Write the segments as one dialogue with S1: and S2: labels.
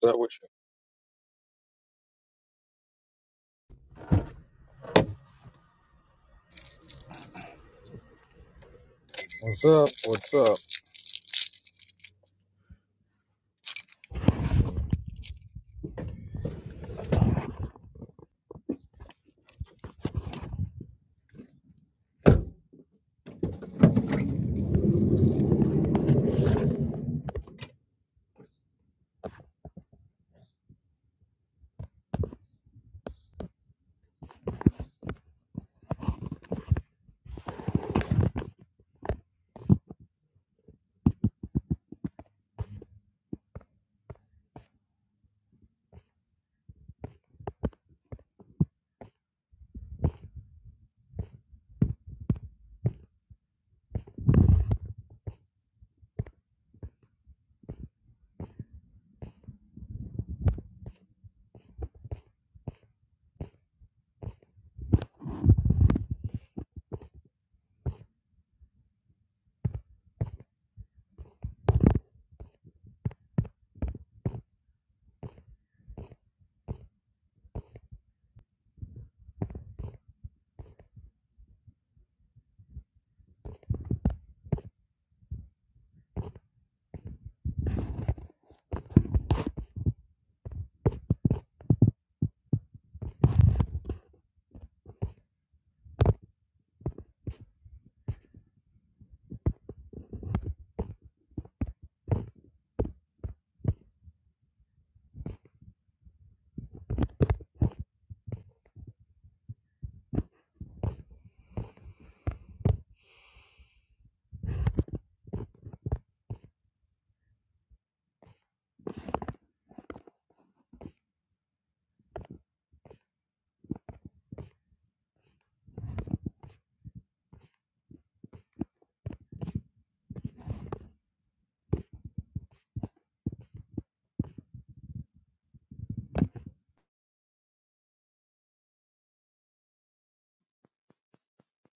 S1: Is that what What's up? What's up?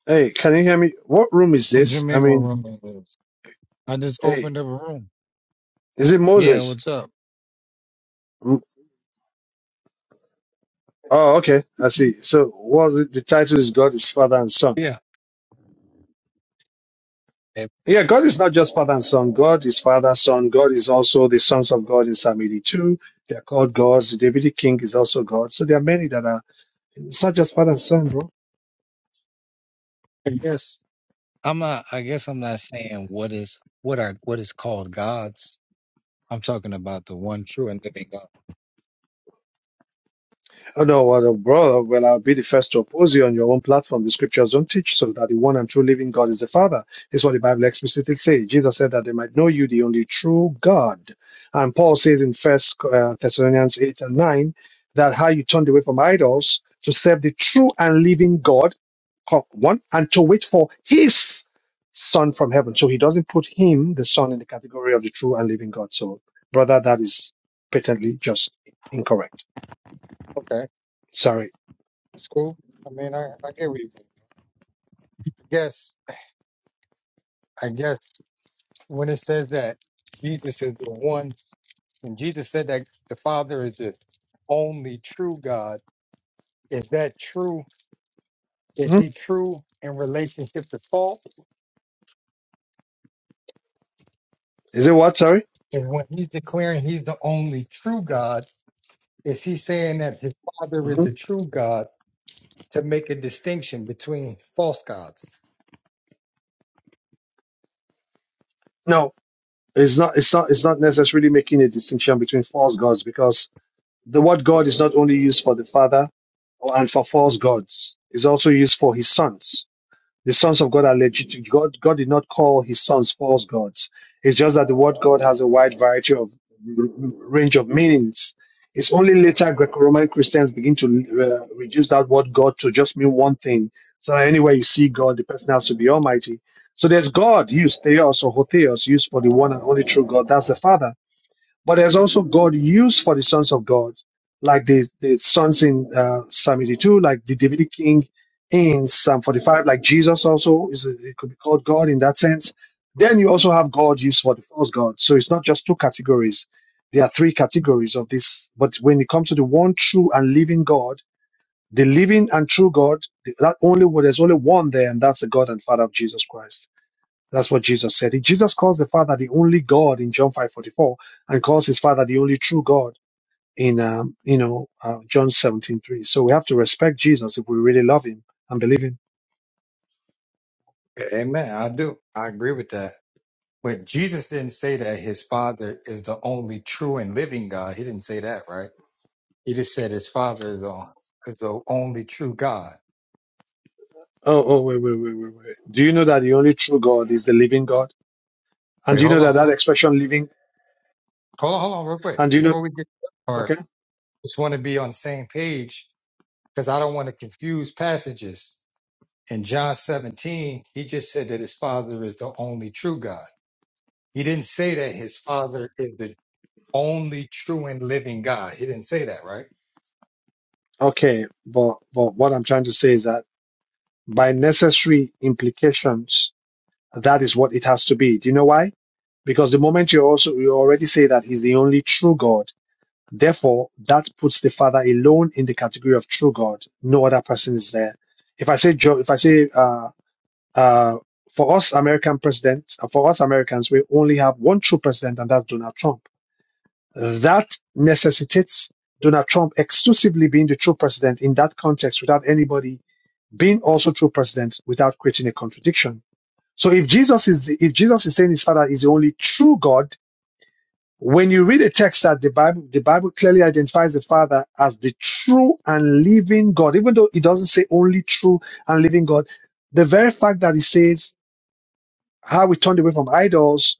S2: Hey, can you hear me? What room is
S1: What do you
S2: this? I
S1: mean what
S2: mean,
S1: room it is? I just
S2: hey,
S1: opened up a room.
S2: is it
S1: Yeah,
S2: Moses?
S1: what's up?
S2: Mm, Oh, okay, I see. So, what the the title is God is Father and Son.
S1: Yeah. I
S2: Yeah, God is not just Father and Son. God is Father, Son. God is also the sons of God in Psalm 82. They are called gods. The Davidic king is also God. So there are many that are. It's not just Father and Son, bro.
S1: I guess I'm not I guess I'm not saying what is what are what is called gods. I'm talking about the one true and living God.
S2: Oh, no, well, no, brother, well, I'll be the first to oppose you on your own platform. The scriptures don't teach so that the one and true living God is the Father. It's what the Bible explicitly says. Jesus said that they might know you, the only true God. And Paul says in First uh, Thessalonians 8 and 9 that how you turned away from idols to serve the true and living God, co- one, and to wait for his Son from heaven. So he doesn't put him, the Son, in the category of the true and living God. So, brother, that is patently just incorrect.
S1: Okay.
S2: Sorry.
S1: That's cool. I mean I, I get what you I guess I guess when it says that Jesus is the one, and Jesus said that the Father is the only true God, is that true?
S2: Mm-hmm.
S1: Is he true in relationship to false?
S2: Is it what? Sorry.
S1: And when he's declaring he's the only true God, is he saying that his Father is
S2: hmm
S1: the true God to make a distinction between false gods?
S2: No, it's not. It's not. It's not necessarily making a distinction between false gods because the word God is not only used for the Father or and for false gods. It's also used for His sons. The sons of God are legitimate. God, God did not call his sons false gods. It's just that the word God has a wide variety of range of meanings. It's only later Greco-Roman Christians begin to uh, reduce that word God to just mean one thing. So anywhere you see God, the person has to be Almighty. So there's God used theos or hotheos used for the one and only true God. That's the Father. But there's also God used for the sons of God, like the, the sons in uh, Psalm 82, like the Davidic king in Psalm 45, like Jesus also is uh, it could be called God in that sense. Then you also have God used for the false God. So it's not just two categories. There are three categories of this. But when it comes to the one true and living God, the living and true God, that only well, there's only one there, and that's the God and Father of Jesus Christ. That's what Jesus said. Jesus calls the Father the only God in John 5:44, and calls his Father the only true God in um, you know uh, John 17:3. So we have to respect Jesus if we really love him and believe him.
S1: Amen. I do. I agree with that. But Jesus didn't say that his Father is the only true and living God. He didn't say that, right? He just said his father is the, is the only true God.
S2: Oh, oh, wait, wait, wait, wait, wait. Do you know that the only true God is the living God? And
S1: Wait,
S2: do you
S1: hold
S2: know
S1: on.
S2: that that
S1: Hold,
S2: expression "living"?
S1: hold on, hold on, real quick.
S2: And do you know?
S1: Before we get to that part,
S2: Okay,
S1: just want to be on the same page because I don't want to confuse passages. In John 17, he just said that his father is the only true God. He didn't say that his father is the only true and living God. He didn't say that, right?
S2: okay. But but what I'm trying to say is that by necessary implications, that is what it has to be. Do you know why? Because the moment you also you already say that he's the only true God Therefore, that puts the Father alone in the category of true God. No other person is there. If I say, Joe, if I say, uh, uh, for us American presidents, uh, for us Americans, we only have one true president, and that's Donald Trump. That necessitates Donald Trump exclusively being the true president in that context, without anybody being also true president, without creating a contradiction. So, if Jesus is the, if Jesus is saying his Father is the only true God, when you read a text that the Bible, the Bible clearly identifies the Father as the true and living God, even though it doesn't say only true and living God. The very fact that it says how we turned away from idols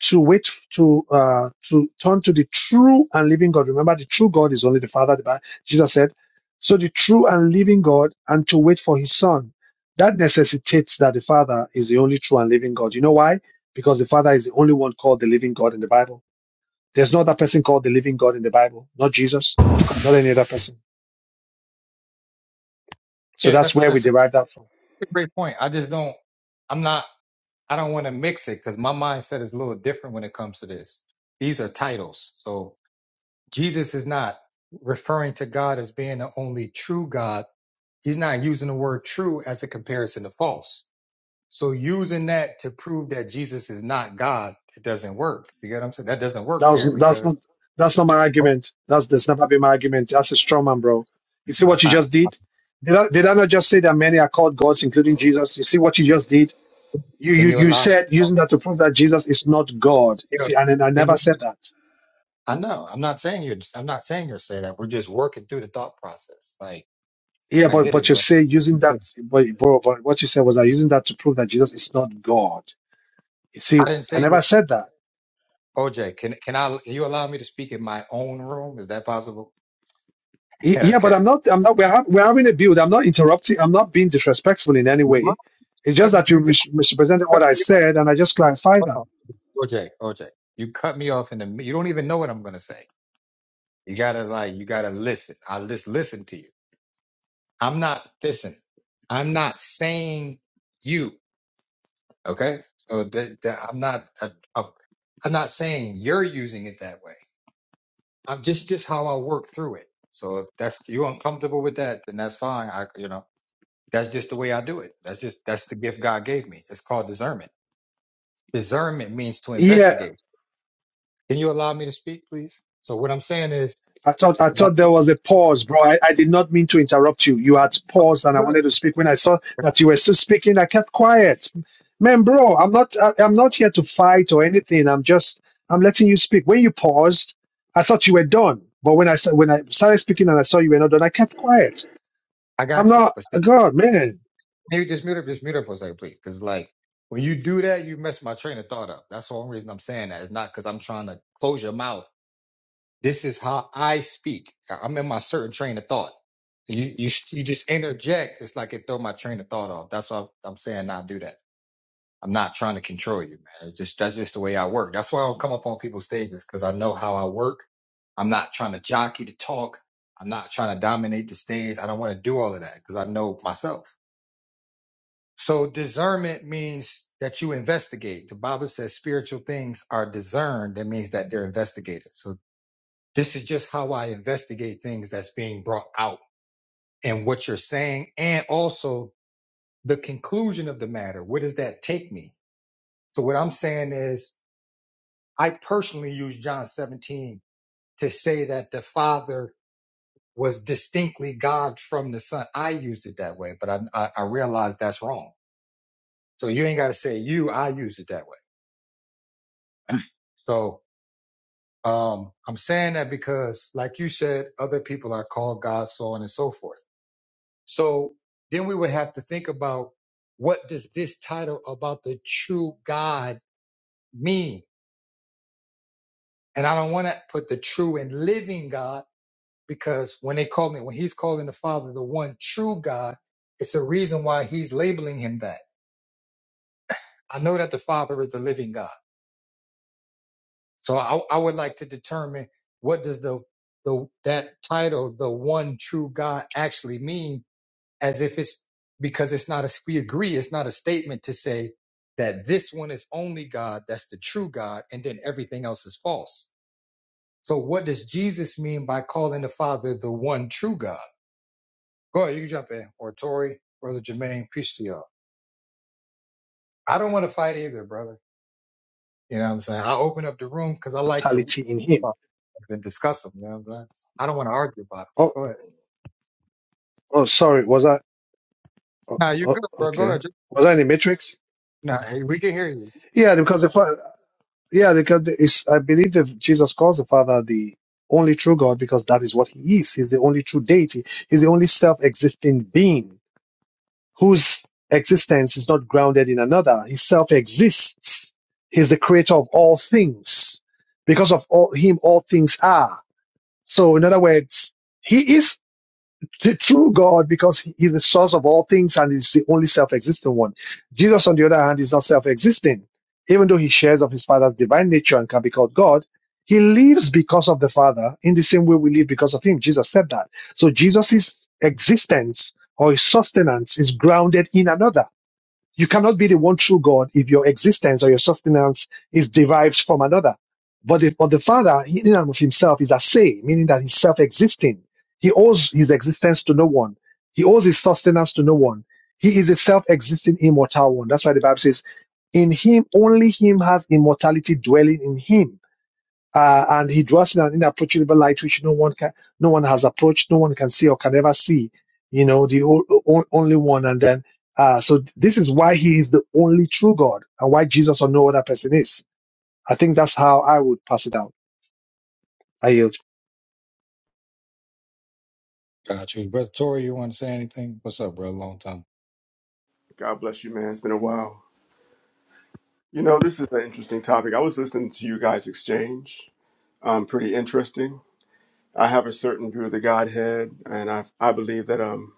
S2: to wait to uh, to turn to the true and living God. Remember, the true God is only the Father. The Bible, Jesus said, so the true and living God, and to wait for His Son. That necessitates that the Father is the only true and living God. You know why? Because the Father is the only one called the living God in the Bible there's no other person called the living God in the Bible, not Jesus, not any other person. So
S1: Yeah,
S2: that's
S1: that's
S2: where we
S1: that's a
S2: derive that from.
S1: great point. I just don't I'm not I don't want to mix it because my mindset is a little different when it comes to this. These are titles. So Jesus is not referring to God as being the only true God. He's not using the word true as a comparison to false. So using that to prove that Jesus is not God, it doesn't work. You get what I'm saying? That doesn't
S2: That
S1: work there
S2: was that's
S1: because
S2: not that's not my
S1: oh,
S2: argument. That's that's never been my argument. That's a straw man, bro. You see what you
S1: I,
S2: just did? Did I, did I not just say that many are called gods, including Jesus? You see what you just did? You
S1: can
S2: you
S1: you
S2: you
S1: allow?
S2: said using that to prove that Jesus is not God. You
S1: You know,
S2: see, and then I
S1: can
S2: never
S1: you?
S2: said that.
S1: I know. I'm not saying you're. I'm not saying you're saying that. We're just working through the thought process. Like
S2: Yeah,
S1: I
S2: but
S1: get it,
S2: but you
S1: bro.
S2: say using that,
S1: I
S2: but, but, but what you said was that using that to prove that Jesus is not God. You see,
S1: didn't
S2: I
S1: say you.
S2: never said that.
S1: OJ, can can I? Can you allow me to speak in my own room? Is that possible?
S2: Y- Yeah, but
S1: Okay.
S2: I'm not. I'm not. We're, hav- we're having a build. I'm not interrupting. I'm not being disrespectful in any
S1: You
S2: way.
S1: must
S2: It's just
S1: cut me.
S2: that you
S1: You
S2: mis- misrepresented what
S1: just.
S2: I said, and I just clarified
S1: Hold
S2: that.
S1: OJ, OJ, you cut me off in the mid- you don't even know what I'm gonna say. You gotta like you gotta listen. I just listen to you. I'm not listen. I'm not saying you. Okay, so th- th- I'm not uh, uh, I'm not saying you're using it that way. I'm just just how I work through it. So if that's you uncomfortable with that, then that's fine. I you know that's just the way I do it. That's just that's the gift God gave me. It's called discernment. Discernment means to
S2: Yeah,
S1: investigate. Can you allow me to speak, please? So what I'm saying is
S2: I thought. I
S1: The
S2: thought
S1: Bible's
S2: there was a pause, bro. I, I did not mean to interrupt you. You had paused, and I
S1: good.
S2: wanted to speak. When I saw that you were still speaking, I kept quiet. Man, bro, I'm not. I, I'm not here to fight or anything. I'm just. I'm letting you speak. When you paused, I thought you were done. But when I sa- when I started speaking and I saw you were not done, I kept quiet.
S1: I
S2: I'm
S1: got you.
S2: not.
S1: But see,
S2: God, man.
S1: can you just mute up, just mute up for a second, please. Because like when you do that, you mess my train of thought up. That's the only reason I'm saying that. It's not because I'm trying to close your mouth. This is how I speak. I- I'm in my certain train of thought. You you sh- you just interject. It's like it throw my train of thought off. That's why I'm saying not do that. I'm not trying to control you, man. It's just that's just the way I work. That's why I don't come up on people's stages because I know how I work. I'm not trying to jockey to talk. I'm not trying to dominate the stage. I don't want to do all of that because I know myself. So discernment means that you investigate. The Bible says spiritual things are discerned. That means that they're investigated. So this is just how I investigate things that's being brought out and what you're saying and also the conclusion of the matter. Where does that take me? So what I'm saying is I personally use John 17 to say that the Father was distinctly God from the Son. I used it that way, but I, I, I realized that's wrong. So you ain't got to say you. I use it that way. So um, I'm saying that because, like you said, other people are called God, so on and so forth. So then we would have to think about what does this title about the true God mean? And I don't want to put the true and living God because when they call him, when he's calling the Father the one true God, it's a reason why he's labeling him that. I know that the Father is the living God, so I, I would like to determine what does the the that title, the one true God, actually mean, as if it's because it's not a we agree it's not a statement to say that this one is only God, that's the true God, and then everything else is false. So what does Jesus mean by calling the Father the one true God? Go ahead, you can jump in. Or Tori, Brother Jermaine, peace to y'all. I don't want to fight either, brother. You know what I'm saying? I open up the room because I like to
S2: Totality in him.
S1: talk and discuss them. You know what I'm saying? I don't want to argue about it.
S2: Oh,
S1: Go ahead.
S2: oh, sorry. Was I? Oh,
S1: Nah, you're
S2: oh,
S1: good, bro. Go
S2: okay.
S1: ahead.
S2: Was I in the Matrix?
S1: Nah, hey, we can hear you.
S2: Yeah, because the father. yeah, because the- it's, I believe that Jesus calls the Father the only true God because that is what He is. He's the only true deity. He's the only self-existing being. whose existence is not grounded in another. He self exists. He's the creator of all things. Because of all, him, all things are. So, in other words, he is t- true God because he is the source of all things and is the only self-existent one. Jesus, on the other hand, is not self-existent. Even though he shares of his father's divine nature and can be called God, he lives because of the Father in the same way we live because of him. Jesus said that. So Jesus' existence or his sustenance is grounded in another. You cannot be the one true God if your existence or your sustenance is derived from another. But the, but the Father, in and of himself, is the same, meaning that he's self-existing. He owes his existence to no one. He owes his sustenance to no one. He is a self-existing immortal one. That's why the Bible says, in him, only him has immortality dwelling in him uh, and he dwells in an inapproachable light which no one can, no one has approached, no one can see or can ever see. You know, the o- o- only one. And then, uh, so th- this is why he is the only true God and why Jesus or no other person is. I think that's how I would pass it out. I yield.
S1: Got you. Brother Tori, you want to say anything? What's up, bro? Long time.
S3: God bless you, man. It's been a while. You know, this is an interesting topic. I was listening to you guys exchange. Um, pretty interesting. I have a certain view of the Godhead, and I I believe that um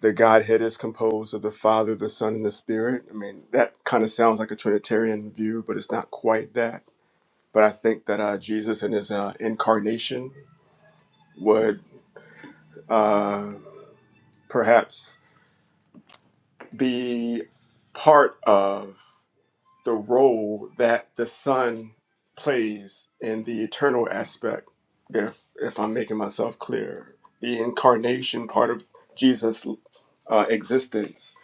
S3: the Godhead is composed of the Father, the Son, and the Spirit. I mean, that kind of sounds like a Trinitarian view, but it's not quite that. But I think that uh, Jesus and his uh, incarnation would uh, perhaps be part of. the role that the Son plays in the eternal aspect, if if I'm making myself clear. The incarnation part of Jesus' uh, existence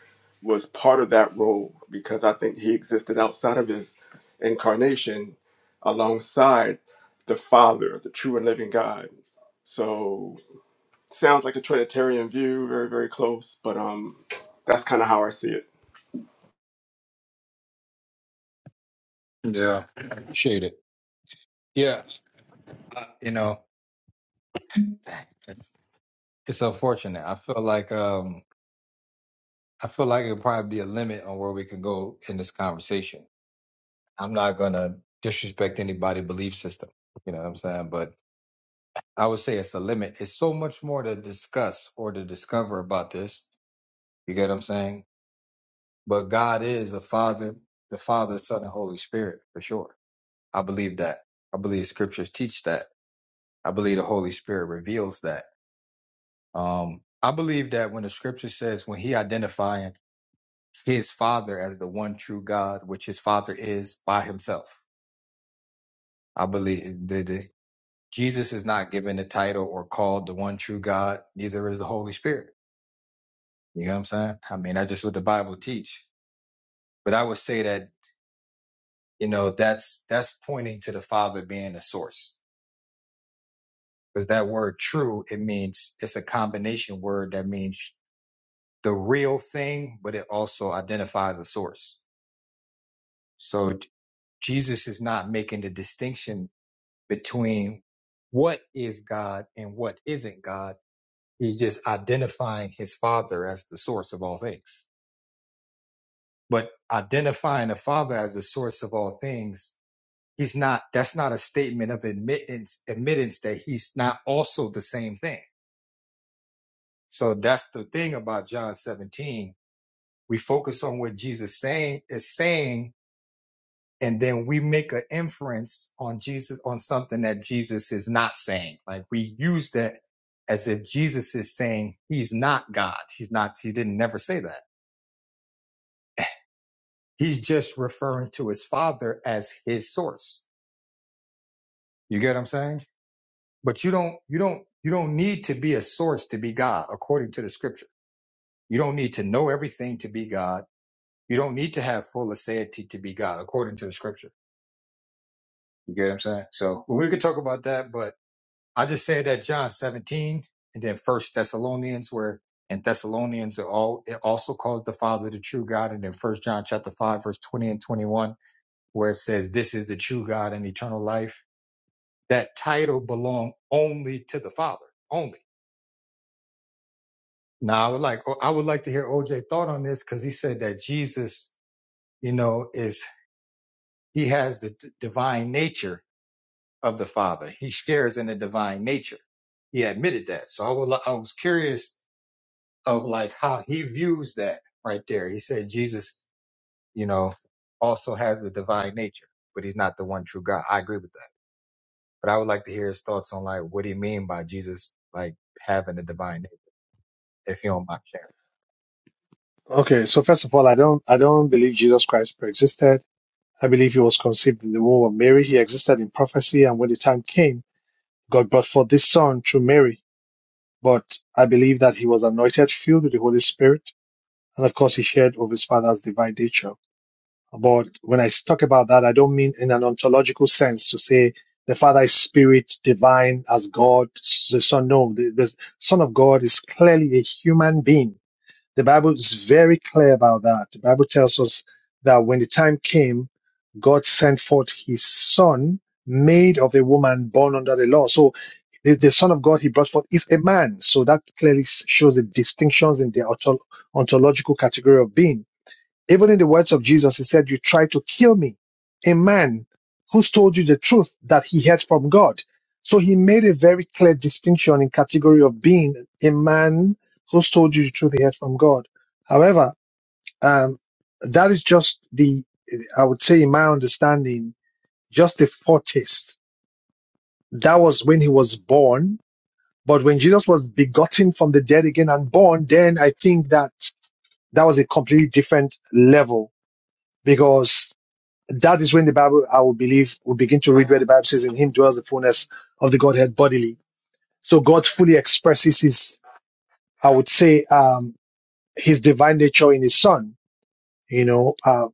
S3: was part of that role because I think he existed outside of his incarnation alongside the Father, the true and living God. So sounds like a Trinitarian view, very, very close, but um that's kind of how I see it.
S1: Yeah. Appreciate it. Yeah. Uh, you know, it's unfortunate. I feel like um I feel like it'll probably be a limit on where we can go in this conversation. I'm not gonna disrespect anybody's belief system. You know what I'm saying? But I would say it's a limit. It's so much more to discuss or to discover about this. You get what I'm saying? But God is a father, the Father, Son, and Holy Spirit for sure. I believe that. I believe scriptures teach that. I believe the Holy Spirit reveals that. Um, I believe that when the scripture says when he identifying his father as the one true God, which his father is by himself. I believe that Jesus is not given the title or called the one true God, neither is the Holy Spirit. You know what I'm saying? I mean, that's just what the Bible teach. But I would say that, you know, that's that's pointing to the Father being the source. Because that word true, it means it's a combination word that means the real thing, but it also identifies a source. So Jesus is not making the distinction between what is God and what isn't God He's just identifying his father as the source of all things. But identifying a father as the source of all things, he's not, that's not a statement of admittance, admittance that he's not also the same thing. So that's the thing about John 17. We focus on what Jesus saying is saying, and then we make an inference on Jesus, on something that Jesus is not saying. Like we use that as if Jesus is saying he's not God. He's not, he didn't never say that He's just referring to his father as his source. You get what I'm saying? But you don't, you don't, you don't need to be a source to be God according to the scripture. You don't need to know everything to be God. You don't need to have full aseity to be God according to the scripture. You get what I'm saying? So we could talk about that, but I just said that John 17 and then first Thessalonians where and Thessalonians are all it also calls the Father the true God. And then first John chapter five, verse 20 and 21, where it says, this is the true God and eternal life that title belonged only to the Father, only. Now I would like oh, I would like to hear OJ thought on this because he said that Jesus, you know, is he has the d- divine nature of the Father. He shares in the divine nature. He admitted that. So I would li- I was curious of like how he views that right there. He said Jesus, you know, also has the divine nature, but he's not the one true God. I agree with that. But I would like to hear his thoughts on like what do you mean by Jesus like having the divine nature, if you don't mind.
S2: Okay. So first of all, I don't, I don't believe Jesus Christ pre-existed. I believe he was conceived in the womb of Mary. He existed in prophecy. And when the time came, God brought forth this son through Mary. But I believe that he was anointed, filled with the Holy Spirit And of course, he shared of his father's divine nature. But when I talk about that, I don't mean in an ontological sense to say the father is spirit, divine as God, the son. No, the, the son of God is clearly a human being the Bible is very clear about that. The Bible tells us that when the time came, God sent forth his son, made of a woman born under the law. So the, the son of God he brought forth is a man. So that clearly shows the distinctions in the ontol- ontological category of being. Even in the words of Jesus, he said, You try to kill me, a man who's told you the truth that he heard from God. So he made a very clear distinction in category of being a man who's told you the truth he heard from God. However, um, that is just the, I would say, in my understanding, just a foretaste. That was when he was born. But when Jesus was begotten from the dead again and born, then I think that that was a completely different level because That is when the Bible, I will believe, will begin to read where the Bible says, in him dwells the fullness of the Godhead bodily. So God fully expresses his, I would say, um, his divine nature in his son, you know, uh,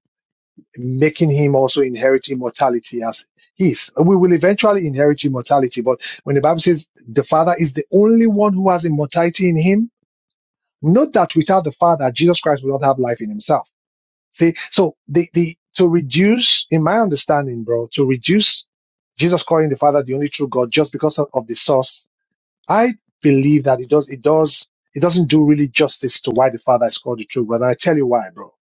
S2: making him also inherit immortality as he is. We will eventually inherit immortality, but when the Bible says the Father is the only one who has immortality in him, note that without the Father, Jesus Christ will not have life in himself See, so the, the to reduce, in my understanding, bro, to reduce Jesus calling the Father the only true God just because of, of the source, I believe that it does it does it doesn't do really justice to why the Father is called the true God. And I tell you why, bro.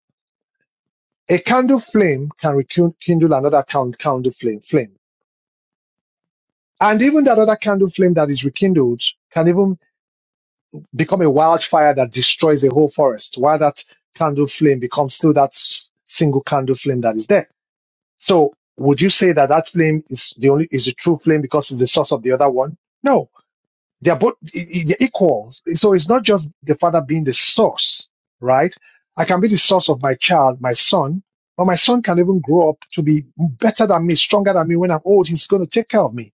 S2: A candle flame can rekindle another can- candle flame flame. And even that other candle flame that is rekindled can even become a wildfire that destroys the whole forest, while that candle flame becomes still that s- single candle flame that is there. So would you say that that flame is the only is the true flame because it's the source of the other one? No, they are both i- i- they're equals. So it's not just the father being the source, right? I can be the source of my child, my son, but my son can even grow up to be better than me, stronger than me. When I'm old, he's going to take care of me,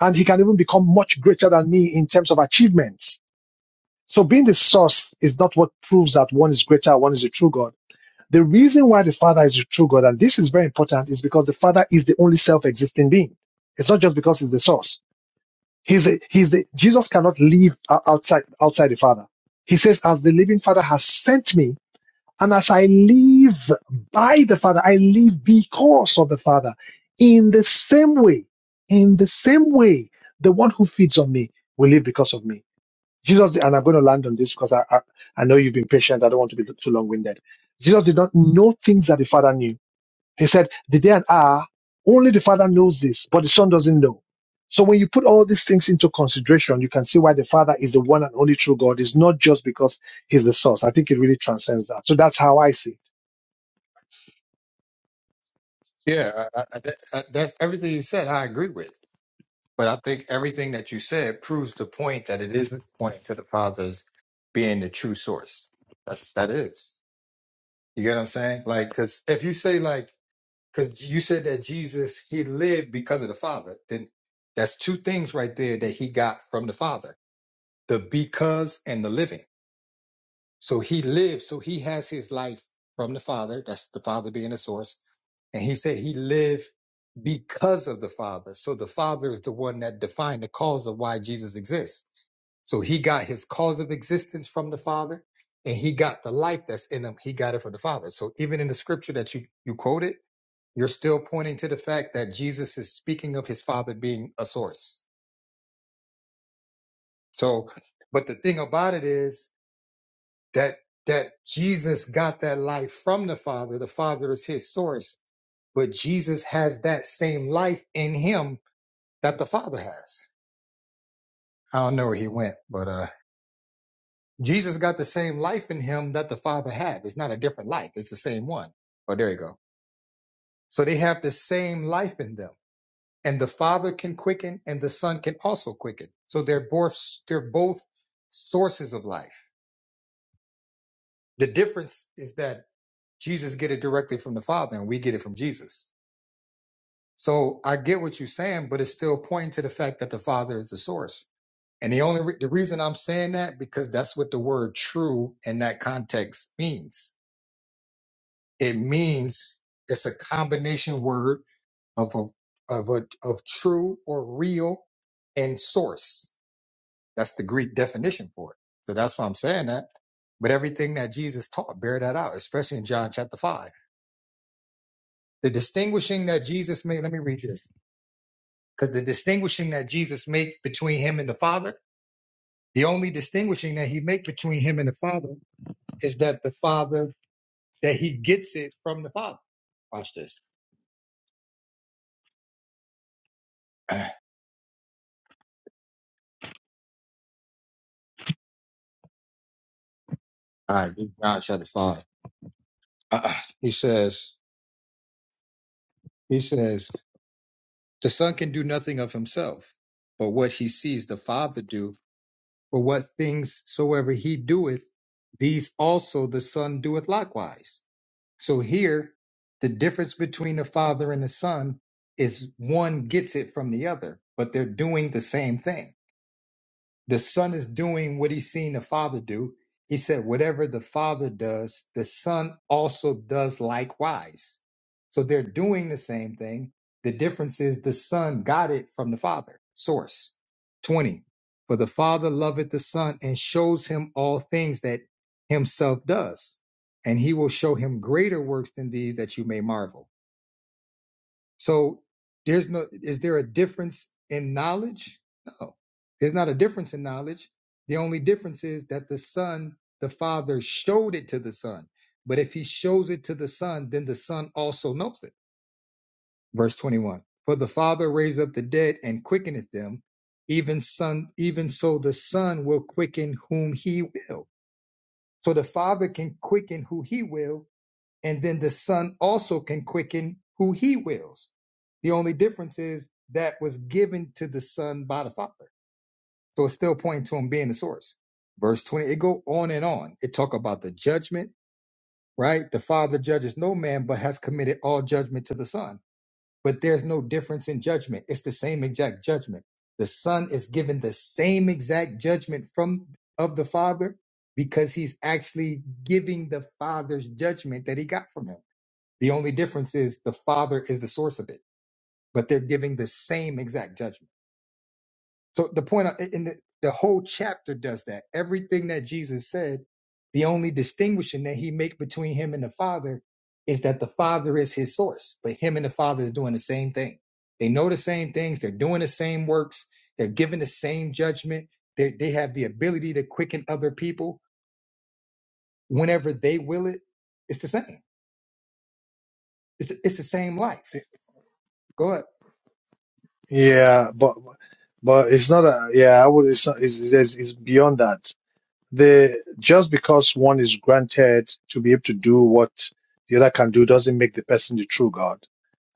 S2: and he can even become much greater than me in terms of achievements. So being the source is not what proves that one is greater, one is the true God the reason why the Father is the true God, and this is very important, is because the Father is the only self-existing being. It's not just because he's the source. He's the, he's the, Jesus cannot live o- outside, outside the Father. He says, as the living Father has sent me, and as I live by the Father, I live because of the Father. In the same way, in the same way, the one who feeds on me will live because of me. Jesus, and I'm going to land on this because I, I, I know you've been patient. I don't want to be too long winded. Jesus did not know things that the Father knew. He said, The day and hour, only the Father knows this, but the Son doesn't know. So when you put all these things into consideration, you can see why the Father is the one and only true God. It's not just because He's the source. I think it really transcends that. So that's how I see
S1: Yeah, I, I, that, that's everything you said. I agree with, but I think everything that you said proves the point that it isn't pointing to the Father's being the true source. That's that is. You get what I'm saying? Like, because if you say like, because you said that Jesus he lived because of the Father, then that's two things right there that he got from the Father: the because and the living. So he lives, so he has his life from the Father. That's the Father being the source. And he said he lived because of the Father. So the Father is the one that defined the cause of why Jesus exists. So he got his cause of existence from the Father, and he got the life that's in him. He got it from the Father. So even in the scripture that you, you quoted, you're still pointing to the fact that Jesus is speaking of his Father being a source. So, but the thing about it is, that that Jesus got that life from the Father. The Father is his source, but Jesus has that same life in him that the Father has. I don't know where he went, but uh Jesus got the same life in him that the Father had. It's not a different life, it's the same one. Oh, there you go. So they have the same life in them. And the Father can quicken and the Son can also quicken. So they're both they're both sources of life. The difference is that Jesus get it directly from the Father and we get it from Jesus So I get what you're saying, but it's still pointing to the fact that the Father is the source. And the only re- the reason I'm saying that because that's what the word true in that context means. It means it's a combination word of a of a of true or real and source. That's the Greek definition for it. So that's why I'm saying that. But everything that Jesus taught, bear that out, especially in John chapter five. The distinguishing that Jesus made, let me read this. Because the distinguishing that Jesus make between him and the Father, the only distinguishing that he make between him and the Father is that the Father that he gets it from the Father. Watch this. All right, read John chapter five. Uh, he says, he says, the Son can do nothing of himself, but what he sees the Father do, for what things soever he doeth, these also the Son doeth likewise. So here, the difference between the Father and the Son is one gets it from the other, but they're doing the same thing. The son is doing what he's seen the father do. He said, whatever the father does, the son also does likewise. So they're doing the same thing. The difference is the son got it from the father. Source 20. For the father loveth the son and shows him all things that himself does. And he will show him greater works than these that you may marvel. So there's no is there a difference in knowledge? No. There's not a difference in knowledge. The only difference is that the son, the father showed it to the son. But if he shows it to the son, then the son also knows it. Verse 21. For the father raised up the dead and quickeneth them, even son, even so the son will quicken whom he will. So the father can quicken who he will, and then the Son also can quicken who he wills. The only difference is that was given to the Son by the Father. So it's still pointing to him being the source. Verse 20, it go on and on. It talk about the judgment, right? The Father judges no man, but has committed all judgment to the Son. But there's no difference in judgment. It's the same exact judgment. The Son is given the same exact judgment from of the Father because he's actually giving the Father's judgment that he got from him. The only difference is the Father is the source of it, but they're giving the same exact judgment. So the point in the, the whole chapter does that. Everything that Jesus said, the only distinguishing that he make between him and the Father is that the Father is his source, but him and the Father is doing the same thing. They know the same things. They're doing the same works. They're giving the same judgment. They, they have the ability to quicken other people whenever they will it. It's the same. It's, it's the same
S2: it.
S1: life. Go ahead.
S2: Yeah, but but it's not a yeah. I would. It's not. It's, it's, it's beyond that. the just because one is granted to be able to do what the other can do doesn't make the person the true God.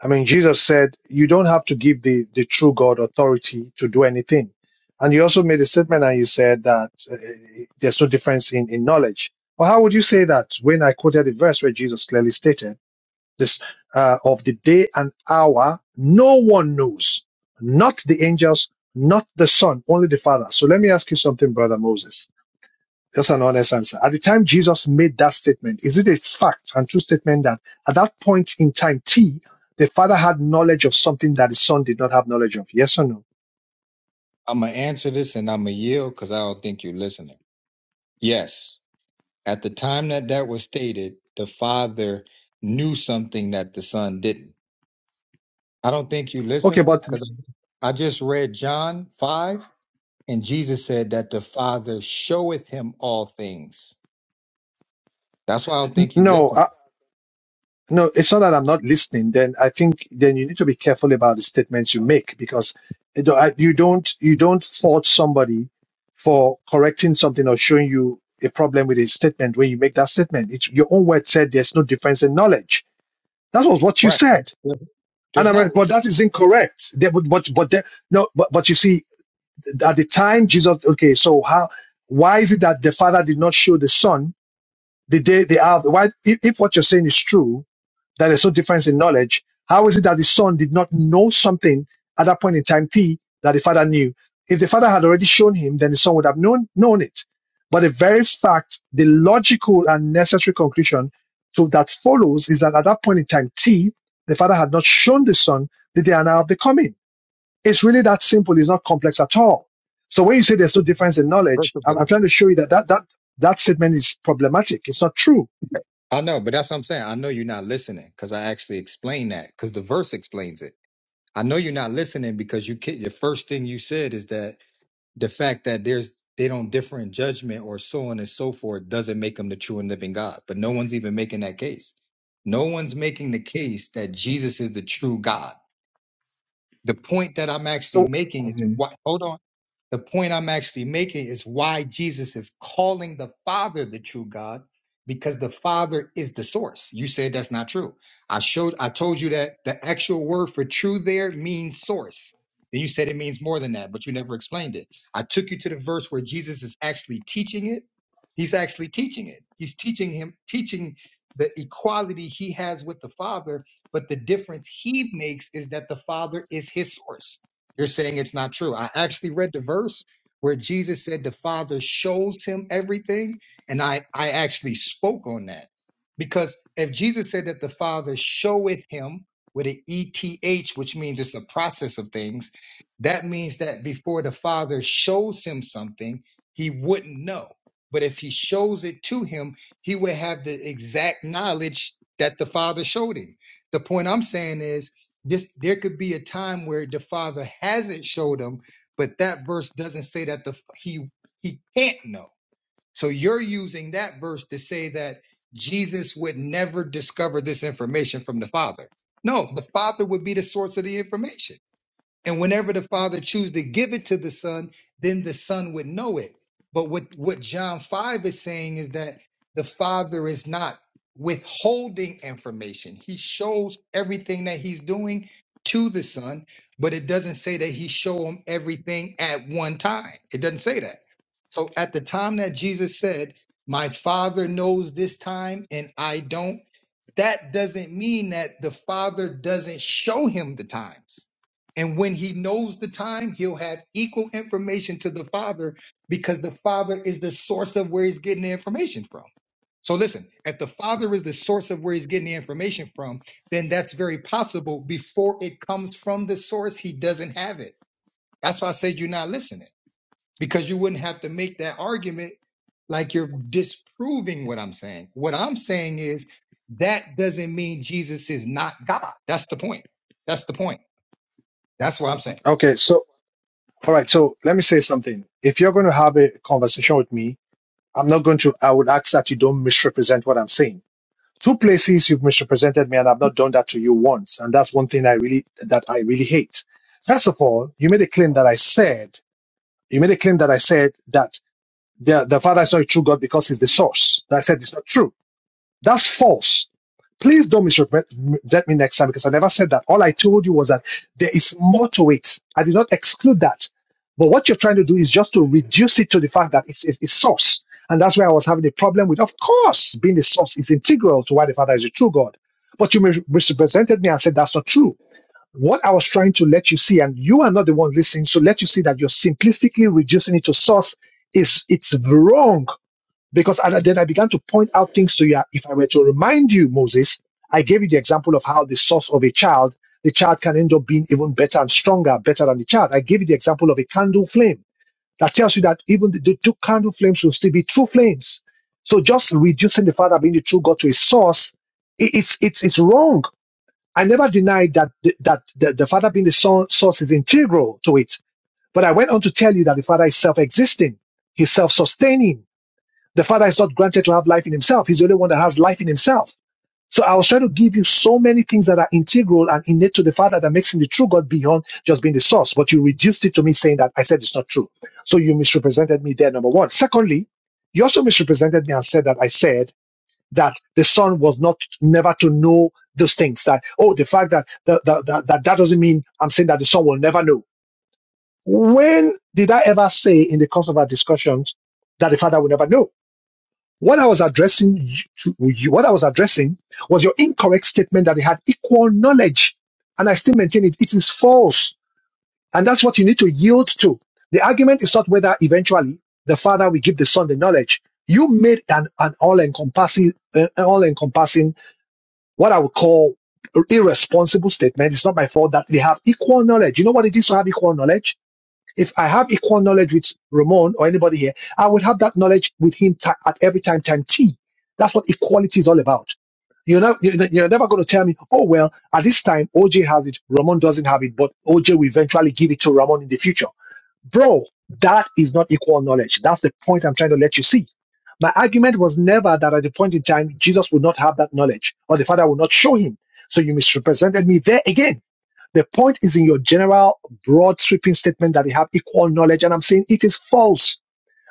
S2: I mean, Jesus said you don't have to give the, the true God authority to do anything. And you also made a statement and you said that uh, there's no difference in, in knowledge. Well, how would you say that when I quoted a verse where Jesus clearly stated this uh, of the day and hour, no one knows, not the angels, not the son, only the father. So let me ask you something, brother Moses that's an honest answer. At the time Jesus made that statement, is it a fact and true statement that at that point in time, T, the father had knowledge of something that the son did not have knowledge of? Yes or no?
S1: I'm gonna answer this and I'm gonna yield because I don't think you're listening. Yes, at the time that that was stated, the father knew something that the son didn't. I don't think you're
S2: Okay,
S1: listening
S2: but
S1: because I just read John five and Jesus said that the father showeth him all things. That's why I don't think you
S2: no,
S1: listen.
S2: uh, no, it's not that I'm not listening. Then I think then you need to be careful about the statements you make because you don't I- you don't you don't fault somebody for correcting something or showing you a problem with a statement when you make that statement. It's your own word said there's no difference in knowledge. That was what you
S1: Right?
S2: said. And
S1: There's
S2: I'm
S1: not.
S2: like, but that is incorrect. They would, but but they, no, but but you see, at the time Jesus, okay, so how? Why is it that the Father did not show the Son the day they have? Why, if, if what you're saying is true, that there's no difference in knowledge, how is it that the son did not know something at that point in time T that the father knew? If the father had already shown him, then the son would have known, known it. But the very fact, the logical and necessary conclusion to that follows is that at that point in time T, the father had not shown the son the day and hour of the coming. It's really that simple. It's not complex at all. So when you say there's no difference in
S1: First
S2: knowledge,
S1: of all,
S2: I'm, I'm trying to show you that that, that that statement is problematic. It's not true.
S1: I know, but that's what I'm saying. I know you're not listening because I actually explained that because the verse explains it. I know you're not listening because you can't, the first thing you said is that the fact that there's they don't differ in judgment or so on and so forth doesn't make them the true and living God. But no one's even making that case. No one's making the case that Jesus is the true God. The point that I'm actually
S2: So,
S1: making is
S2: mhm.
S1: what, hold on. The point I'm actually making is why Jesus is calling the Father the true God, because the Father is the source. You said that's not true. I showed, I told you that the actual word for true there means source. Then you said it means more than that, but you never explained it. I took you to the verse where Jesus is actually teaching it. He's actually teaching it. He's teaching him, teaching the equality he has with the Father but the difference he makes is that the Father is his source. You're saying it's not true. I actually read the verse where Jesus said the Father shows him everything, and I, I actually spoke on that. Because if Jesus said that the Father showeth him with an ETH, which means it's a process of things, that means that before the Father shows him something, he wouldn't know. But if he shows it to him, he would have the exact knowledge that the Father showed him. The point I'm saying is this there could be a time where the father hasn't showed him, but that verse doesn't say that the he he can't know. So you're using that verse to say that Jesus would never discover this information from the father. No, the father would be the source of the information. And whenever the Father chooses to give it to the Son, then the Son would know it. But what, what John 5 is saying is that the Father is not withholding information. He shows everything that he's doing to the Son, but it doesn't say that he show him everything at one time. It doesn't say that. So at the time that Jesus said, My Father knows this time and I don't, that doesn't mean that the father doesn't show him the times. And when he knows the time, he'll have equal information to the father because the father is the source of where he's getting the information from. So listen, if the father is the source of where he's getting the information from, then that's very possible before it comes from the source, he doesn't have it. That's why I said you're not listening because you wouldn't have to make that argument like you're disproving what I'm saying. What I'm saying is that doesn't mean Jesus is not God. That's the point. That's the point. That's what I'm saying.
S2: okay. So All right, so let me say something. If you're going to have a conversation with me, I'm not going to, I would ask that you don't misrepresent what I'm saying. Two places you've misrepresented me and I've not done that to you once. And that's one thing I really, that I really hate. First of all, you made a claim that I said, you made a claim that I said that the, the Father is not a true God because he's the source. That I said it's not true. That's false. Please don't misrepresent me next time because I never said that. All I told you was that there is more to it. I did not exclude that. But what you're trying to do is just to reduce it to the fact that it's, it's source. And that's where I was having a problem with. Of course, being the source is integral to why the Father is the true God. But you misrepresented me and said that's not true. What I was trying to let you see, and you are not the one listening, so let you see that you're simplistically reducing it to source is it's wrong because and then I began to point out things to you. If I were to remind you, Moses, I gave you the example of how the source of a child, the child can end up being even better and stronger, better than the child. I gave you the example of a candle flame that tells you that even the, the two candle flames will still be true flames. So just reducing the Father being the true God to a source, i- it's it's it's wrong. I never denied that the, that the, the Father being the so- source is integral to it, but I went on to tell you that the Father is self-existing, He's self-sustaining the Father is not granted to have life in himself. He's the only one that has life in himself. So I was trying to give you so many things that are integral and innate to the Father that makes him the true God beyond just being the source. But you reduced it to me saying that I said it's not true. So you misrepresented me there, number one. Secondly, you also misrepresented me and said that I said that the Son was not never to know those things. That, oh, the fact that that, that, that, that doesn't mean I'm saying that the Son will never know. When did I ever say in the course of our discussions that the Father will never know? What I was addressing you, to you, what I was addressing was your incorrect statement that they had equal knowledge. And I still maintain it. It is false. And that's what you need to yield to. The argument is not whether eventually the father will give the son the knowledge. You made an, an all-encompassing, an all-encompassing, what I would call irresponsible statement. It's not my fault that they have equal knowledge. You know what it is to have equal knowledge? If I have equal knowledge with Ramon or anybody here, I will have that knowledge with him ti at every time time t. That's what equality is all about. You're not, you're you're never going to tell me, oh well, at this time OJ has it, Ramon doesn't have it, but OJ will eventually give it to Ramon in the future, bro. That is not equal knowledge. That's the point I'm trying to let you see. My argument was never that at the point in time Jesus would not have that knowledge or the Father would not show him. So you misrepresented me there again. The point is in your general, broad, sweeping statement that they have equal knowledge, and I'm saying it is false.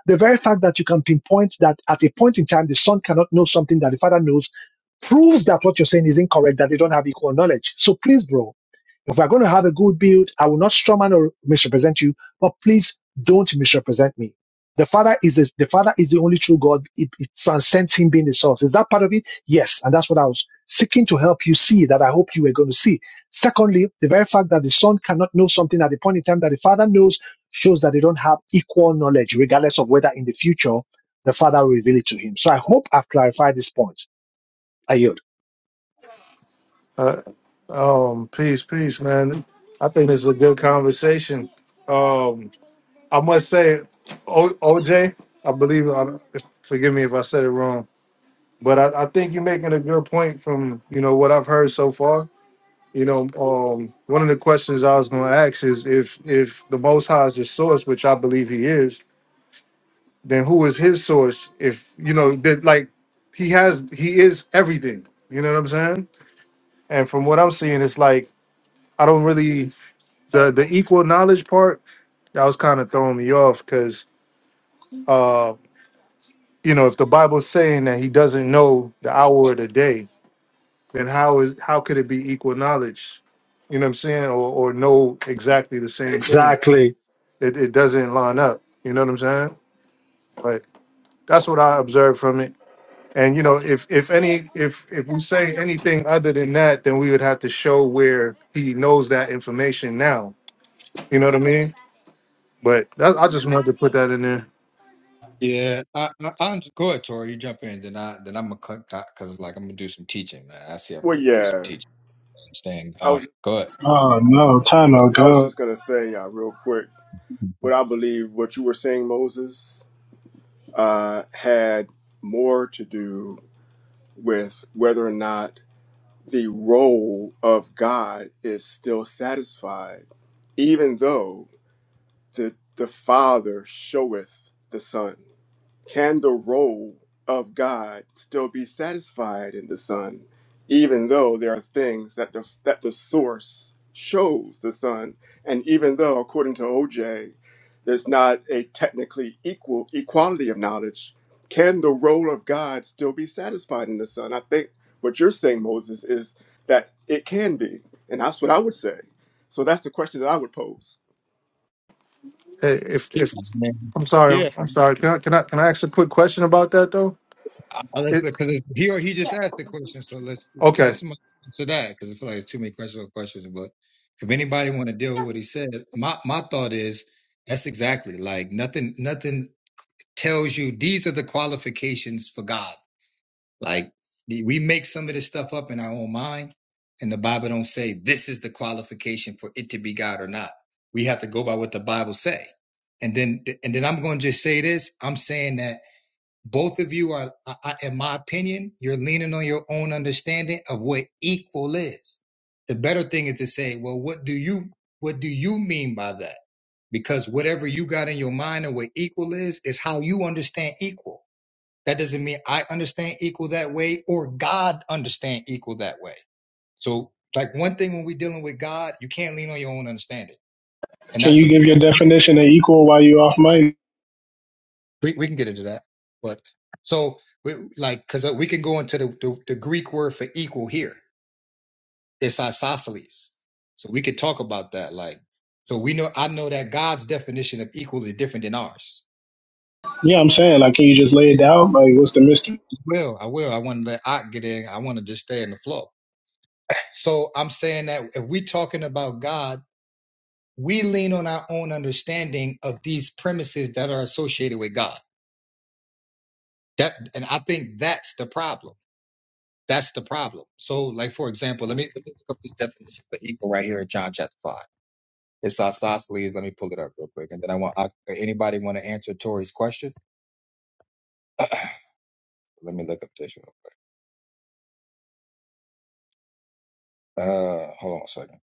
S2: The very fact that you can pinpoint that at a point in time the son cannot know something that the father knows proves that what you're saying is incorrect, that they don't have equal knowledge. So please, bro, if we're going to have a good build, I will not strawman or misrepresent you, but please don't misrepresent me. The Father is the, the Father is the only true God. It, it transcends Him being the source. Is that part of it? Yes, and that's what I was seeking to help you see. That I hope you were going to see. Secondly, the very fact that the Son cannot know something at the point in time that the Father knows shows that they don't have equal knowledge, regardless of whether in the future the Father will reveal it to Him. So I hope I've clarified this point. I yield.
S4: But, um, peace, peace, man. I think this is a good conversation. Um, I must say, o- OJ, I believe. I, don't- forgive me if I said it wrong, but I, I think you're making a good point from you know what I've heard so far. You know, um, one of the questions I was going to ask is if if the Most High is the source, which I believe He is, then who is His source? If you know that, like He has, He is everything. You know what I'm saying? And from what I'm seeing, it's like I don't really. the the equal knowledge part that was kind of throwing me off because uh you know if the bible's saying that he doesn't know the hour of the day then how is how could it be equal knowledge you know what i'm saying or or know exactly the same thing
S2: Exactly.
S4: it, it doesn't line up you know what i'm saying but that's what i observed from it and you know if if any if if we say anything other than that then we would have to show where he knows that information now you know what i mean but that, i just wanted to put that in there
S1: Yeah, I, I, I'm go ahead, Tori. You jump in, then I then I'm gonna cut because like I'm gonna do some teaching. Man. I see I have
S3: Well
S1: to do some
S3: yeah.
S1: teaching. Understand?
S3: I
S1: Uh,
S3: was.
S1: go
S5: Oh no, time out,
S3: I was
S5: go.
S3: just gonna say uh, real quick what I believe what you were saying, Moses, uh, had more to do with whether or not the role of God is still satisfied, even though the the Father showeth the Son. Can the role of God still be satisfied in the Son, even though there are things that the, that the source shows the Son, and even though, according to OJ, there's not a technically equal equality of knowledge? Can the role of God still be satisfied in the Son? I think what you're saying, Moses, is that it can be, and that's what I would say. So that's the question that I would pose.
S4: eh, if if
S1: ahead.
S4: I'm sorry,
S1: yeah,
S4: I'm, I'm sorry. Can I can I can I ask a quick question about that though?
S1: Unless,
S4: It
S1: Because he or he just asked the question, so let's let
S4: okay.
S1: someone answer that because I feel like it's too many questions on questions. But if anybody want to deal with what he said, my my thought is that's exactly like nothing nothing tells you these are the qualifications for God. Like we make some of this stuff up in our own mind, and the Bible don't say this is the qualification for it to be God or not. We have to go by what the Bible say, and then and then I'm going to just say this. I'm saying that both of you are, I, I- in my opinion, you're leaning on your own understanding of what equal is. The better thing is to say, well, what do you, what do you mean by that? Because whatever you got in your mind and what equal is, is how you understand equal. That doesn't mean I understand equal that way or God understand equal that way. So like one thing when we're dealing with God, you can't lean on your own understanding. And
S5: Can
S1: that's
S5: you
S1: the
S5: give your definition of equal while you off mic?
S1: We we can get into that, but so we, like because we can go into the, the the Greek word for equal here. It's isosceles, so we could talk about that. Like, so we know I know that God's definition of equal is different than ours.
S5: Yeah, I'm saying like, can you just lay it out? Like, what's the mystery?
S1: Well, I will. I want to let Ot get in. I want to just stay in the flow. So I'm saying that if we talking about God, we lean on our own understanding of these premises that are associated with God. That and I think that's the problem That's the problem. So, like for example, let me, let me look up this definition for eagle right here in John chapter five. It's isosceles. Let me pull it up real quick, and then I want I, anybody want to answer Tori's question? Let me look up this real. Quick. Uh, hold on a second.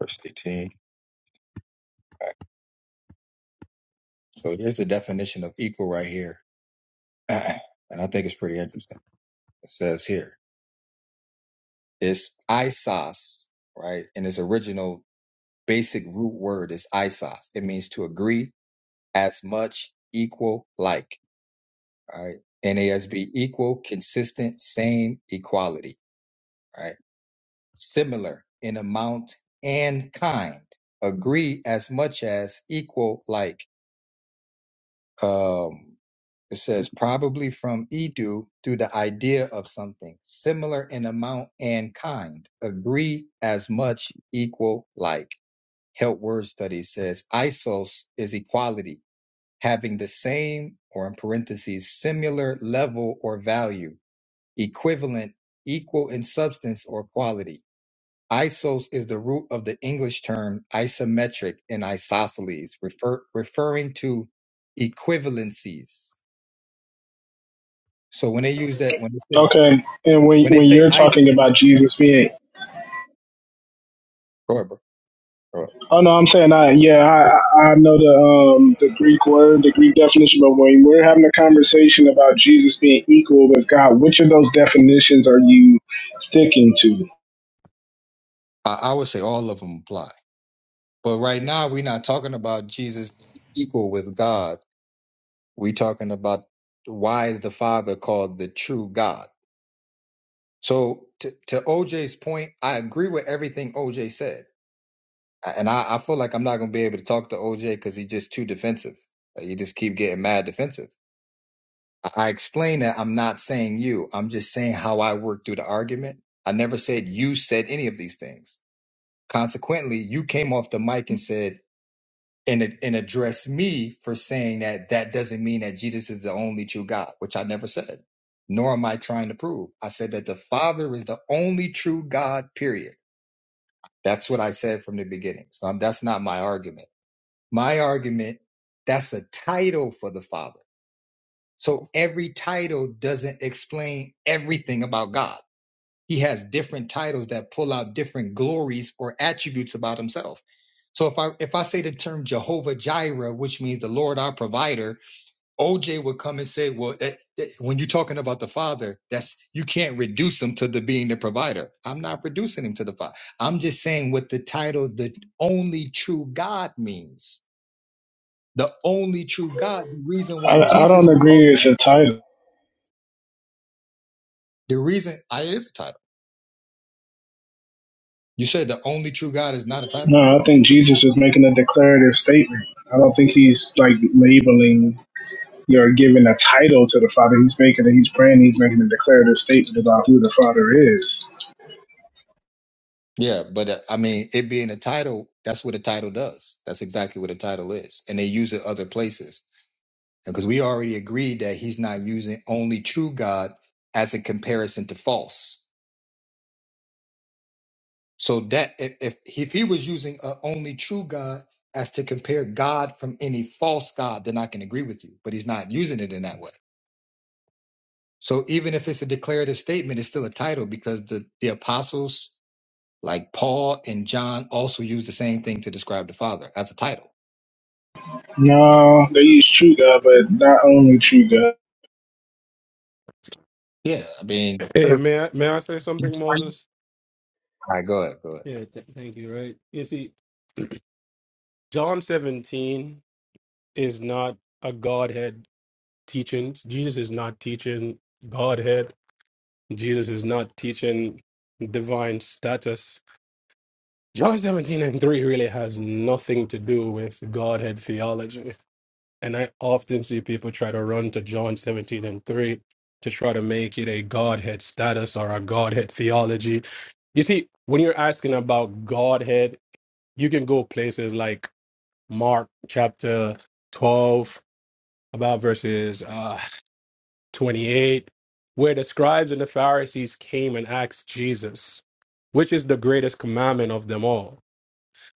S1: Verse eighteen. All right. So here's the definition of equal right here, and I think it's pretty interesting. It says here it's isos, right? And its original basic root word is isos. It means to agree, as much, equal, like. All right. NASB equal, consistent, same, equality. All right. Similar in amount and kind. Agree as much as equal, like um it says probably from Edu through the idea of something. Similar in amount and kind. Agree as much, equal, like. Help word study says isos is equality, having the same or in parentheses, similar level or value equivalent, equal in substance or quality. Isos is the root of the English term isometric and isosceles, refer, referring to equivalencies. So when they use that, when they say,
S5: Okay, and when
S1: when they
S5: when
S1: say
S5: you're
S1: iso,
S5: talking about Jesus being,
S1: go ahead, bro, go ahead.
S5: oh no, I'm saying I yeah I I I know the um the Greek word the Greek definition, but when we're having a conversation about Jesus being equal with God, which of those definitions are you sticking to?
S1: I, I would say all of them apply. But right now, we're not talking about Jesus equal with God. We're talking about why is the Father called the true God. So to, to OJ's point, I agree with everything OJ said and I, I feel like I'm not gonna be able to talk to OJ because he's just too defensive. Like, you just keep getting mad defensive. I, I explain that I'm not saying you. I'm just saying how I worked through the argument. I never said you said any of these things. Consequently, you came off the mic and said and and addressed me for saying that that doesn't mean that Jesus is the only true God, which I never said. Nor am I trying to prove. I said that the Father is the only true God. Period. That's what I said from the beginning. So I'm, that's not my argument. My argument, that's a title for the Father. So every title doesn't explain everything about God. He has different titles that pull out different glories or attributes about himself. So if I if I say the term Jehovah Jireh, which means the Lord our provider, OJ would come and say, "Well, that, that- when you're talking about the Father, that's you can't reduce him to the being the provider. I'm not reducing him to the Father. I'm just saying what the title, the only true God means." the only true God. The reason why
S5: I I
S1: Jesus
S5: don't
S1: is called
S5: agree it's a title.
S1: the reason I it is a title. You said the only true God is not a title.
S5: No, I think Jesus is making a declarative statement. I don't think he's like labeling You're giving a title to the Father. He's making it. He's praying. He's making a declarative statement about who the Father is.
S1: Yeah, but uh, I mean, it being a title, that's what a title does. That's exactly what a title is, and they use it other places because we already agreed that he's not using only true God as a comparison to false. So that if if, if he was using a only true God as to compare God from any false God, then I can agree with you. But he's not using it in that way. So even if it's a declarative statement, it's still a title because the, the apostles like Paul and John also use the same thing to describe the Father as a title.
S5: No, they use true God, but not only true God.
S1: Yeah, Yes. I mean,
S6: Hey,
S4: If,
S6: may I, may I say something, Moses?
S1: all right, go ahead, go ahead.
S6: Yeah, th- thank you. Right? You see, John 17 is not a Godhead teaching. Jesus is not teaching Godhead. Jesus is not teaching divine status. John 17 and 3 really has nothing to do with Godhead theology. And I often see people try to run to John 17 and 3 to try to make it a Godhead status or a Godhead theology. You see, when you're asking about Godhead, you can go places like Mark chapter 12, about verses uh, 28, where the scribes and the Pharisees came and asked Jesus, which is the greatest commandment of them all.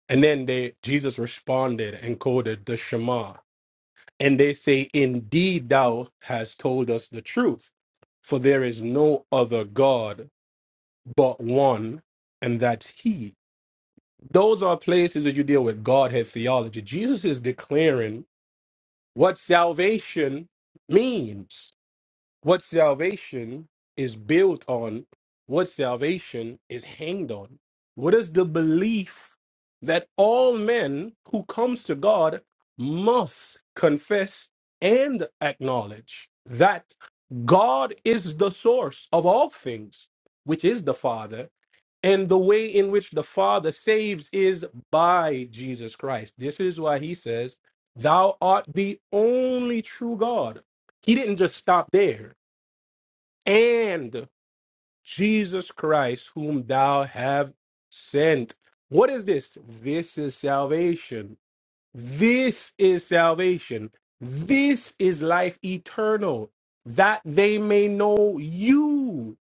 S6: And then they Jesus responded and quoted the Shema. And they say, Indeed, thou hast told us the truth, for there is no other God but one, and that's He. Those are places that you deal with Godhead theology. Jesus is declaring what salvation means, what salvation is built on, what salvation is hanged on. What is the belief that all men who comes to God must confess and acknowledge that God is the source of all things, which is the Father, and the way in which the Father saves is by Jesus Christ. This is why he says, Thou art the only true God. He didn't just stop there. And Jesus Christ, whom thou have sent. What is this? This is salvation. This is salvation. This is life eternal, that they may know you,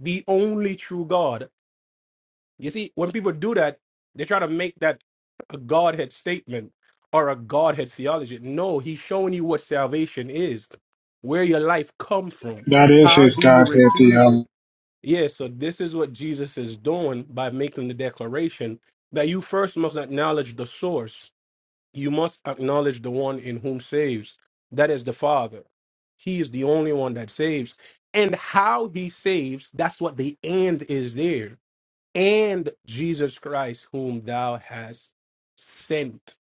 S6: the only true God you see, when people do that, they try to make that a Godhead statement or a Godhead theology. No, he's showing you what salvation is, where your life comes from.
S5: That is
S6: How
S5: his
S6: do you
S5: Godhead
S6: receive it?
S5: theology.
S6: Yeah, so this is what Jesus is doing by making the declaration that you first must acknowledge the source. You must acknowledge the one in whom saves. That is the Father. He is the only one that saves. And how he saves, that's what the end is there and Jesus Christ, whom thou hast sent.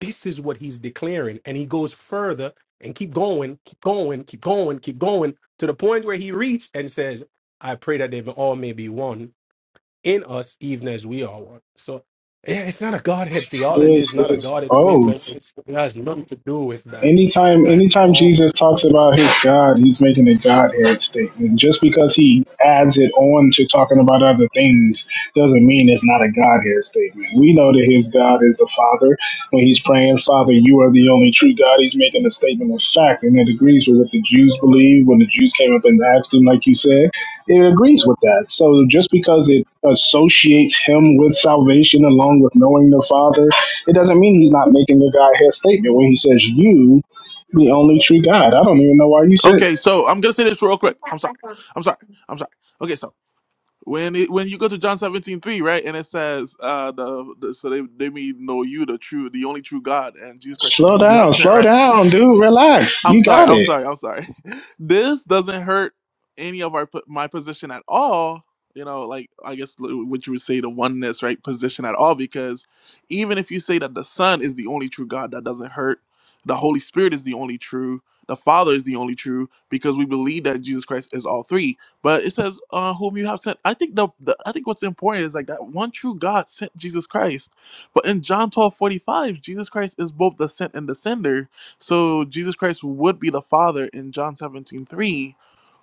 S6: This is what he's declaring. And he goes further and keep going, keep going, keep going, keep going to the point where he reached and says, I pray that they all may be one in us, even as we are one. So yeah, it's not a Godhead
S5: It
S6: theology. It's
S5: is, it
S6: not a
S5: is
S6: Godhead statement.
S5: both.
S6: It's, it has nothing to do with that
S5: Anytime,
S6: at
S5: anytime
S6: all.
S5: Jesus talks about his God, he's making a Godhead statement. Just because he adds it on to talking about other things doesn't mean it's not a Godhead statement. We know that his God is the Father. When he's praying, Father, you are the only true God, he's making a statement of fact, and it agrees with what the Jews believe. When the Jews came up and asked him, like you said, it agrees with that. So just because it associates him with salvation along with knowing the Father it doesn't mean he's not making the Godhead statement when he says, You, the only true God. I don't even know why you said
S7: Okay,
S5: that.
S7: so I'm gonna say this real quick. I'm sorry. I'm sorry. I'm sorry. Okay, so when it, when you go to John 17 3, right, and it says, uh, the, the so they they may know you the true, the only true God, and Jesus Christ
S5: Slow
S7: who you have
S5: down,
S7: sent,
S5: slow
S7: right?
S5: down, dude. Relax.
S7: I'm
S5: You
S7: sorry.
S5: got
S7: I'm
S5: it.
S7: sorry. I'm sorry. This doesn't hurt any of our po- my position at all. You know, like I guess l- what you would say the oneness, right? Position at all, because even if you say that the Son is the only true God, that doesn't hurt. The Holy Spirit is the only true. The Father is the only true, because we believe that Jesus Christ is all three. But it says, uh, "Whom you have sent." I think the, the I think what's important is like that one true God sent Jesus Christ. But in John twelve forty five, Jesus Christ is both the sent and the sender so Jesus Christ would be the Father in John 17 3,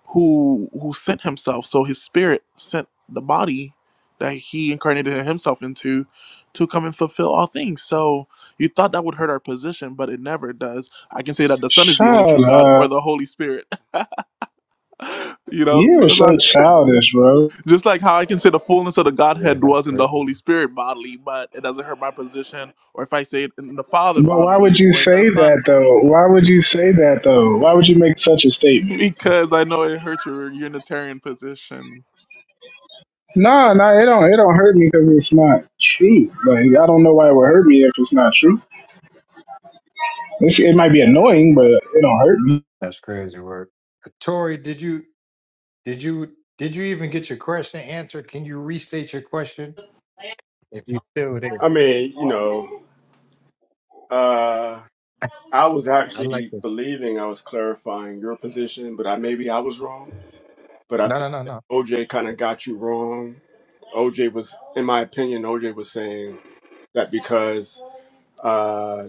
S7: who who sent himself. So his spirit sent the body that he incarnated himself into to come and fulfill all things. So you thought that would hurt our position, but it never does. I can say that the Son is the only true
S5: Shut
S7: God or
S5: up.
S7: the Holy Spirit. You know? So
S5: You're
S7: it's
S5: so
S7: like
S5: childish, bro.
S7: just like how I can say the fullness of the
S1: Yeah,
S7: Godhead
S1: that's
S7: dwells in the
S1: crazy.
S7: Holy Spirit bodily, but it doesn't hurt my position, or if I say it in the Father
S5: But why
S7: bodily
S5: would you
S7: or in the
S5: say
S7: Son
S5: that
S7: bodily.
S5: though? Why
S7: You
S5: would you
S7: know?
S5: say that though? Why would you make such a statement?
S7: because I know it hurt your Unitarian position.
S5: No, no, it don't. It don't hurt me because it's not true. Like I don't know why it would hurt me if it's not true. It's, it might be annoying, but it don't hurt me.
S1: That's crazy work. Tori, did you did you did you even get your question answered? Can you restate your question if you still
S3: I
S1: there?
S3: mean, you know. Uh, I was
S1: I like
S3: actually
S1: it.
S3: believing I was clarifying your position, but I maybe I was wrong. But I
S1: No,
S3: think
S1: no, no,
S3: that
S1: no.
S3: OJ kind of got you wrong. OJ was, in my opinion, OJ was saying that because uh,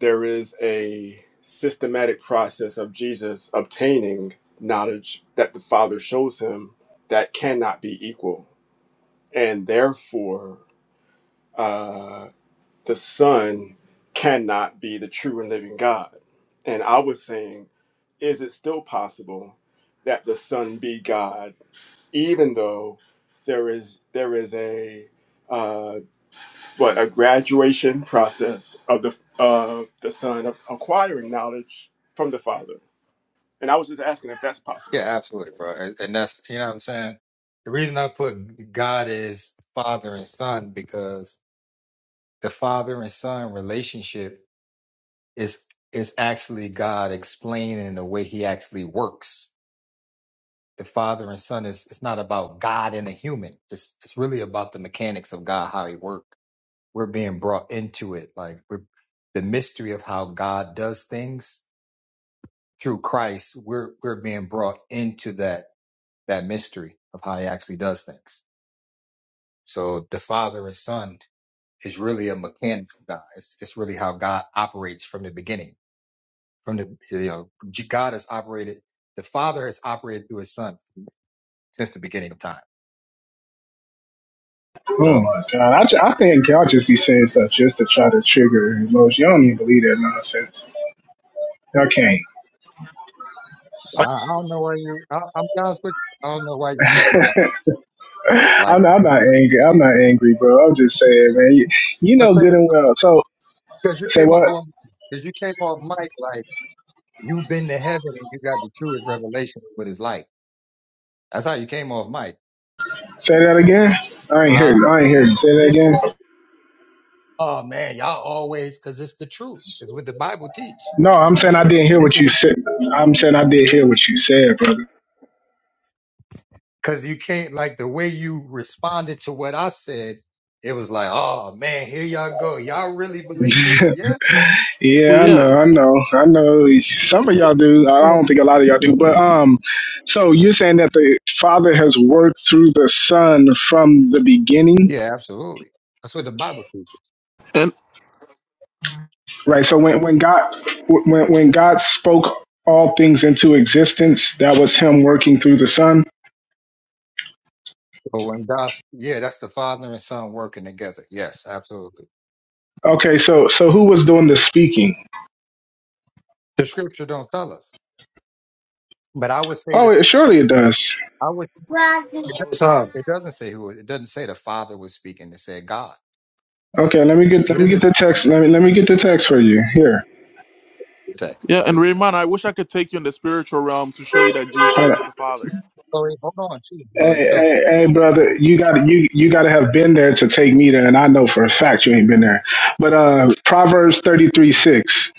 S3: there is a systematic process of Jesus obtaining knowledge that the Father shows him that cannot be equal, and therefore. Uh, the Son cannot be the true and living God. And I was saying, is it still possible that the Son be God, even though there is there is a uh, what a graduation process of the of the Son of acquiring knowledge from the Father? And I was just asking if that's possible.
S1: Yeah, absolutely, bro. And, and that's you know what I'm saying. The reason I put God is Father and Son because The father and son relationship is is actually God explaining the way he actually works. The father and son is it's not about God and a human. It's it's really about the mechanics of God, how he works. We're being brought into it. Like we're the mystery of how God does things through Christ, we're we're being brought into that that mystery of how he actually does things. So the father and son is really a mechanic of God. It's, it's really how God operates from the beginning. From the you know, God has operated, the Father has operated through His Son since the beginning of time.
S5: Oh
S1: So
S5: my god! I, ju- I think y'all just be saying stuff just to try to trigger emotion. Y'all don't even believe that nonsense. Y'all can't.
S1: I, I don't know why you. I, I'm be honest with you. I don't know why you get so angry. like
S5: I'm not, I'm not angry. I'm not angry, bro. I'm just saying, man. You, you
S1: I
S5: know
S1: said,
S5: good and well. So
S1: because you
S5: say
S1: came off.
S5: what?
S1: Hold on, because you came off Mike like you've been to heaven and you got the truest revelation of what it's like. That's how you came off Mike.
S5: Say that again. I ain't
S1: Ah,
S5: hear. I ain't hear you. Say that
S1: yeah.
S5: again.
S1: Oh man, y'all always because it's the truth. It's what the Bible teach.
S5: No, I'm saying I didn't hear
S1: This
S5: what
S1: is
S5: you said. I'm saying I did hear what you said, brother.
S1: Cause you can't like the way you responded to what I said, it was like, oh man, here y'all go. Y'all really believe it? Yeah.
S5: Yeah, I
S7: Yeah,
S5: know. I know. I know. Some of y'all do. I
S1: Yeah,
S5: don't think a lot of y'all do. But um, so you're saying that the Father has worked through the Son from the beginning
S1: Yeah, absolutely. That's what the Bible teaches.
S7: and
S5: right? So when when God when when God spoke all things into existence, that was Him working through the Son.
S1: So when God's yeah, that's the Father and Son working together. Yes, absolutely.
S5: Okay, so so who was doing the speaking?
S1: The scripture don't tell us. But I would say
S5: Oh,
S1: this
S5: it, surely it does.
S1: I would it doesn't
S4: It's hard.
S1: it doesn't say who it doesn't say the Father was speaking, it said God.
S5: Okay, let me get
S1: What
S5: let me
S1: does it
S5: get
S1: say
S5: the text. Let me let me get the text for you here.
S1: in the text?
S7: yeah,
S1: What
S7: and
S1: does it say?
S7: Raymond, I wish I could take you in the spiritual realm to show you that Jesus
S5: Hold
S7: Christ
S5: on.
S7: is the Father.
S1: Sorry, hold on, too. No,
S5: Hey,
S1: it don't-
S5: hey, hey, brother, you got you you got to have been there to take me there, and I know for a fact you ain't been there. But uh, Proverbs thirty three six,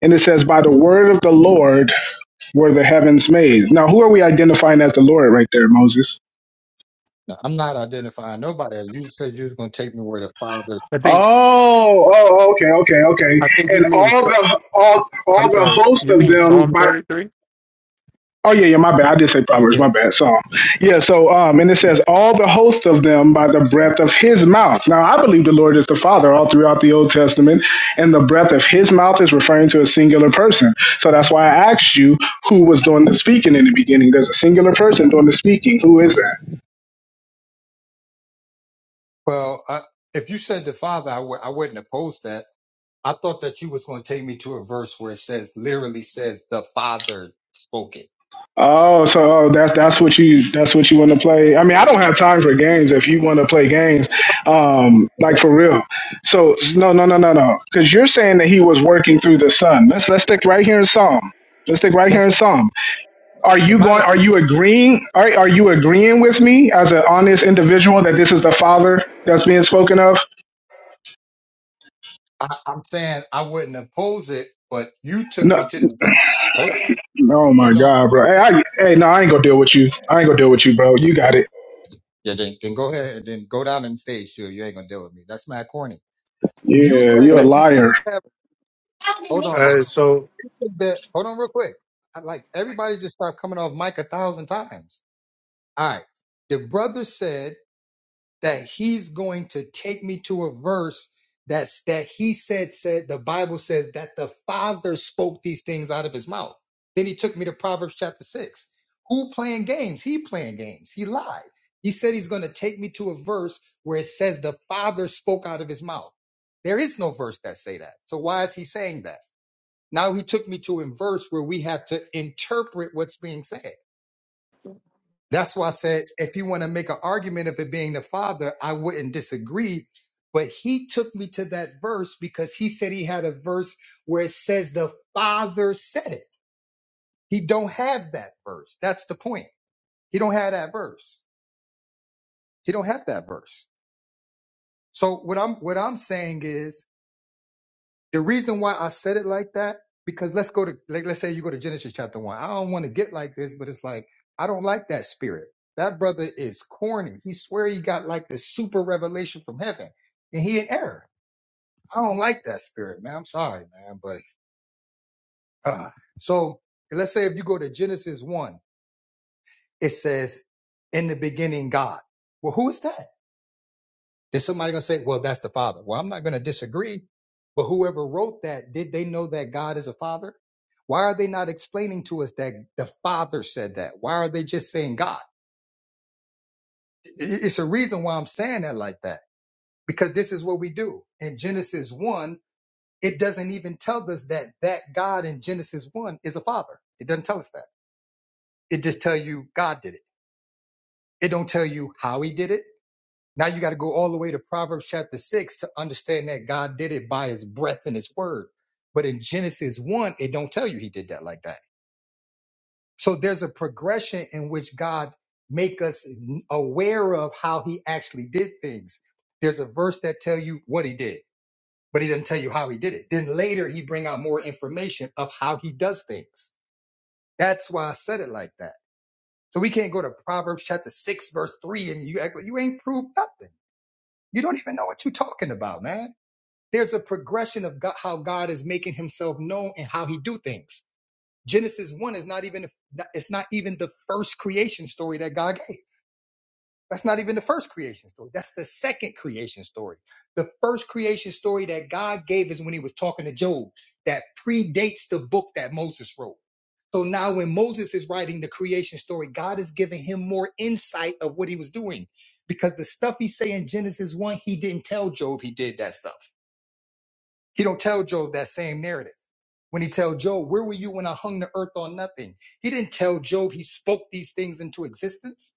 S5: and it says, "By the word of the Lord were the heavens made." Now, who are we identifying as the Lord right there, Moses?
S1: no, I'm not identifying nobody. You said you was gonna take me where the Father
S6: I think,
S5: Oh, oh, okay, okay, okay.
S6: I think you
S5: And
S6: mean,
S5: all
S6: Psa-
S5: the all
S6: I'm
S5: all the
S6: sorry,
S5: host
S6: you
S5: of
S6: mean
S5: them
S6: Psalm
S5: by
S6: 33?
S5: oh yeah, yeah, my bad. I did say Proverbs,
S6: Yeah.
S5: my bad. So yeah, so um and it says all the host of them by the breath of his mouth. Now I believe the Lord is the Father all throughout the Old Testament, and the breath of his mouth is referring to a singular person. So that's why I asked you who was doing the speaking in the beginning. There's a singular person doing the speaking. Who is that?
S1: Well, I, if you said the Father, I w- I wouldn't oppose that. I thought that you was going to take me to a verse where it says, literally says, the Father spoke it.
S5: Oh, so oh, that's that's what you that's what you want to play. I mean, I don't have time for games. If you want to play games, um, like
S1: Okay.
S5: for real. So no, no, no, no, no. Because you're saying that he was working through the sun. Let's let's stick right here in Psalm. Let's stick right here
S1: That's
S5: in
S1: what
S5: Psalm. Are
S1: the
S5: you
S1: Bible
S5: going? Are
S1: says.
S5: you agreeing? Are are you agreeing with me as an honest individual that this is the Father that's being spoken of?
S1: I, I'm saying I wouldn't oppose it, but you took me
S5: No,
S1: to this verse. Hold on,
S5: oh my
S1: hold on.
S5: God, bro. Hey, I, hey, no, I ain't gonna deal with you. I ain't gonna deal with you, bro. You got it.
S1: Yeah, then, then go ahead and then go down on the stage too. You ain't gonna deal with me. That's mad corny. You
S5: Yeah,
S1: said
S5: you're a
S1: that you can
S5: liar.
S1: have. Hold on, You
S4: Uh, so
S1: said that, hold on, real quick. I, like everybody just start coming off mic a thousand times. All right, the brother said that he's going to take me to a verse that's that he said said the Bible says that the Father spoke these things out of his mouth. Then he took me to Proverbs chapter six. Who playing games? He playing games. He lied. He said he's going to take me to a verse where it says the Father spoke out of his mouth. There is no verse that say that. So why is he saying that? Now he took me to a verse where we have to interpret what's being said. That's why I said if you want to make an argument of it being the father, I wouldn't disagree. But he took me to that verse because he said he had a verse where it says the father said it. He don't have that verse. That's the point. He don't have that verse. He don't have that verse. So what I'm what I'm saying is The reason why I said it like that, because let's go to like let's say you go to Genesis chapter one. I don't want to get like this, but it's like I don't like that spirit. That brother is corny. He swear he got like the super revelation from heaven, and he in error. I don't like that spirit, man. I'm sorry, man, but uh, so let's say if you go to Genesis one, it says, "In the beginning, God." Well, who is that? Is somebody going to say, well, that's the Father? Well, I'm not going to disagree, but whoever wrote that, did they know that God is a Father? Why are they not explaining to us that the Father said that? Why are they just saying God? I- It's a reason why I'm saying that like that, because this is what we do. In Genesis 1, it doesn't even tell us that that God in Genesis 1 is a Father. It doesn't tell us that. It just tell you God did it. It don't tell you how he did it. Now you got to go all the way to Proverbs chapter 6 to understand that God did it by his breath and his word. But in Genesis 1, it don't tell you he did that like that. So there's a progression in which God make us n- aware of how he actually did things. There's a verse that tell you what he did, but he doesn't tell you how he did it. Then later he bring out more information of how he does things. That's why I said it like that. So we can't go to Proverbs chapter 6 verse 3 and you act like you ain't proved nothing. You don't even know what you're talking about, man. there's a progression of God, how God is making himself known and how he do things. Genesis 1 is not even it's not even the first creation story that God gave. That's not even the first creation story. That's the second creation story. The first creation story that God gave is when he was talking to Job that predates the book that Moses wrote. So now when Moses is writing the creation story, God is giving him more insight of what he was doing because the stuff he say in Genesis 1, he didn't tell Job he did that stuff. He don't tell Job that same narrative. When he tell Job, where were you when I hung the earth on nothing? He didn't tell Job he spoke these things into existence.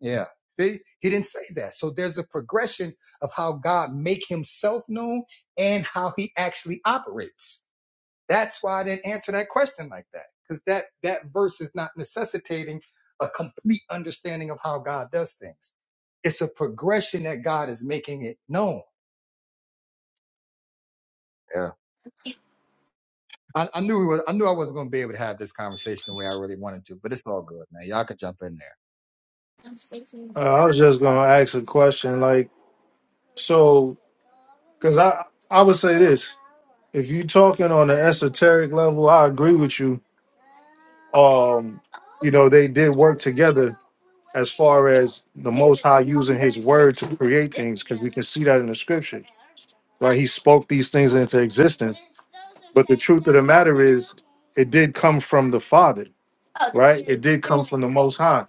S1: Yeah. See, he didn't say that. So there's a progression of how God make himself known and how he actually operates. That's why I didn't answer that question like that. Because that, that verse is not necessitating a complete understanding of how God does things. It's a progression that God is making it known. Yeah. I, I knew we was, I knew I wasn't going to be able to have this conversation the way I really wanted to, but it's all good, man. Y'all can jump in there.
S4: uh, I was just gonna ask a question, like so, because I I would say this: if you talking on an esoteric level, I agree with you. Um, you know, they did work together as far as the Most High using His Word to create things, because we can see that in the Scripture, right? He spoke these things into existence. But the truth of the matter is, it did come from the Father, right? It did come from the Most High.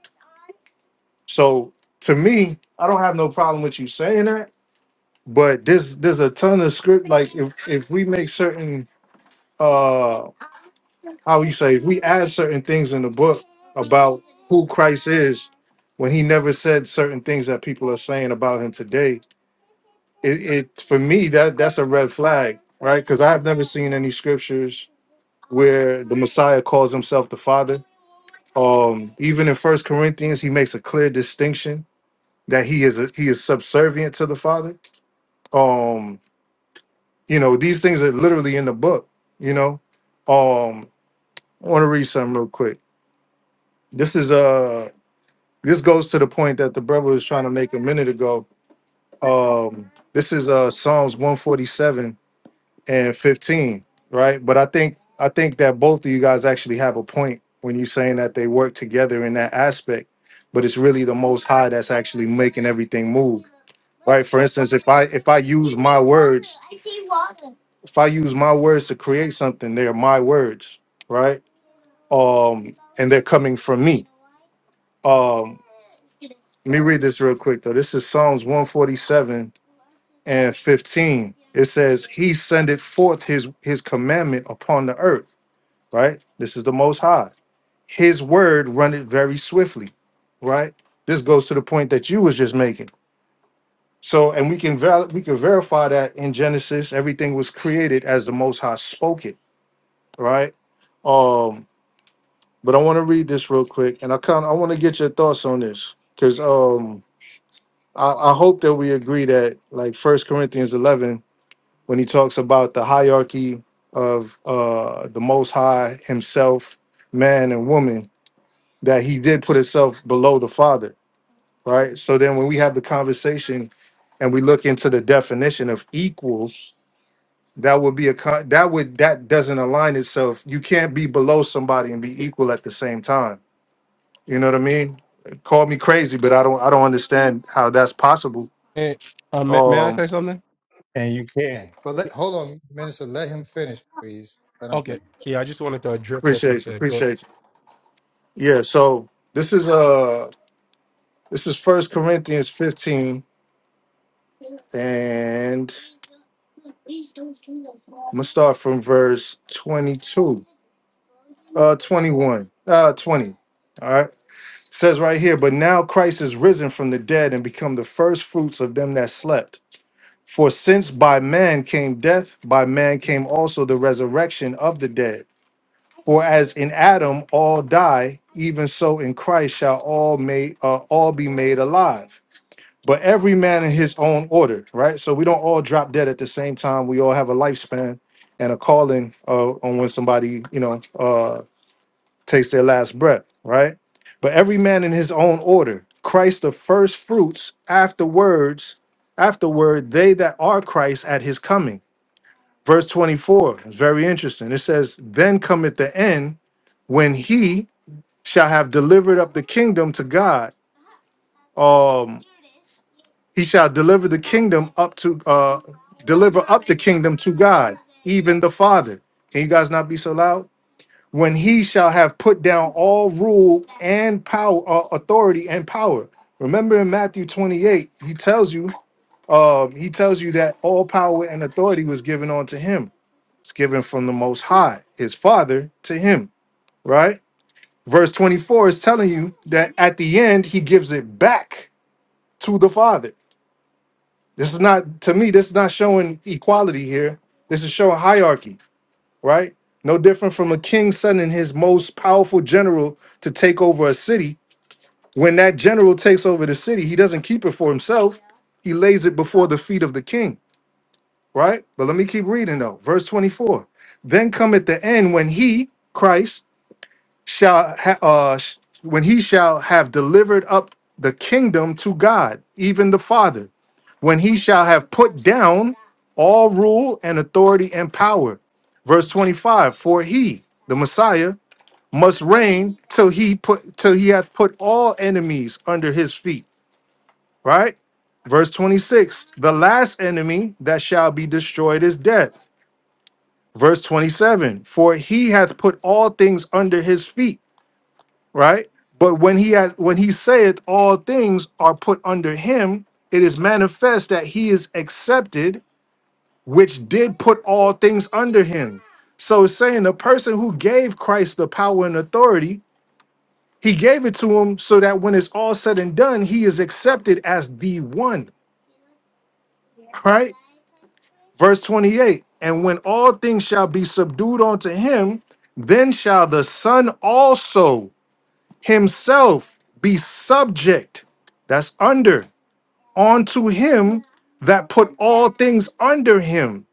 S4: So to me, I don't have no problem with you saying that. But there's there's a ton of script. Like if if we make certain uh how you say if we add certain things in the book about who Christ is, when he never said certain things that people are saying about him today, it, it for me that that's a red flag, right? Because I've never seen any scriptures where the Messiah calls himself the Father. Um, even in First Corinthians, he makes a clear distinction that he is a, he is subservient to the Father. Um, you know, these things are literally in the book. You know, um, I want to read something real quick. This is uh this goes to the point that the brother was trying to make a minute ago. Um, this is uh Psalms 147 and 15, right? But I think I think that both of you guys actually have a point when you're saying that they work together in that aspect, but it's really the most high that's actually making everything move. Right? For instance, if I if I use my words, if I use my words to create something, they're my words, right? Um, and they're coming from me. Um, let me read this real quick though. This is Psalms 147 and 15 it says he sendeth forth his his commandment upon the earth right this is the most high his word runneth very swiftly right this goes to the point that you was just making so and we can val- we can verify that in genesis everything was created as the most high spoke it right um but i want to read this real quick and i kind of i want to get your thoughts on this because um I, I hope that we agree that like first corinthians 11 when he talks about the hierarchy of uh, the Most High Himself, man and woman, that He did put Himself below the Father, right? So then, when we have the conversation and we look into the definition of equal, that would be a con- that would that doesn't align itself. You can't be below somebody and be equal at the same time. You know what I mean? Call me crazy, but I don't I don't understand how that's possible.
S6: Eh, uh, may, may I
S4: Um,
S6: say something?
S1: And you can. But let, hold on, Minister. Let him finish, please. Let him
S6: Okay.
S1: finish.
S6: Yeah, I just wanted to address that he
S4: appreciate you,
S6: said. Go.
S4: appreciate you. Yeah, so this is uh, This is First Corinthians 15, and I'm gonna start from verse 22, uh, 21, uh, 20. All right, says right here, but now Christ is risen from the dead and become the first fruits of them that slept. For since by man came death, by man came also the resurrection of the dead. For as in Adam all die, even so in Christ shall all may uh, all be made alive but every man in his own order, right? So we don't all drop dead at the same time. We all have a lifespan and a calling uh, on when somebody, you know, uh, takes their last breath, right? But every man in his own order. Christ the first fruits, afterwards, afterward, they that are Christ at his coming. Verse 24 is very interesting. It says, Then cometh the end when he shall have delivered up the kingdom to God. Um, He shall deliver the kingdom up to uh deliver up the kingdom to God, even the Father. Can you guys not be so loud? When he shall have put down all rule and power, uh, authority and power. Remember in Matthew 28, he tells you, um, he tells you that all power and authority was given unto him. It's given from the most high, his father, to him, right? Verse 24 is telling you that at the end he gives it back to the father This is not to me. This is not showing equality here. This is showing hierarchy, right? No different from a king sending his most powerful general to take over a city. When that general takes over the city, he doesn't keep it for himself. He lays it before the feet of the king, right? But let me keep reading though. Verse 24. Then come at the end when he, Christ, shall ha- uh sh- when he shall have delivered up the kingdom to God, even the Father when he shall have put down all rule and authority and power. Verse 25, for he, the Messiah, must reign till he put till he hath put all enemies under his feet. Right? Verse 26, the last enemy that shall be destroyed is death. Verse 27, for he hath put all things under his feet, right? But when he hath, when he saith all things are put under him, it is manifest that he is accepted which did put all things under him. So it's saying the person who gave Christ the power and authority, he gave it to him so that when it's all said and done, he is accepted as the one, right? Verse 28 And when all things shall be subdued unto him, then shall the Son also himself be subject, that's under, unto him that put all things under him,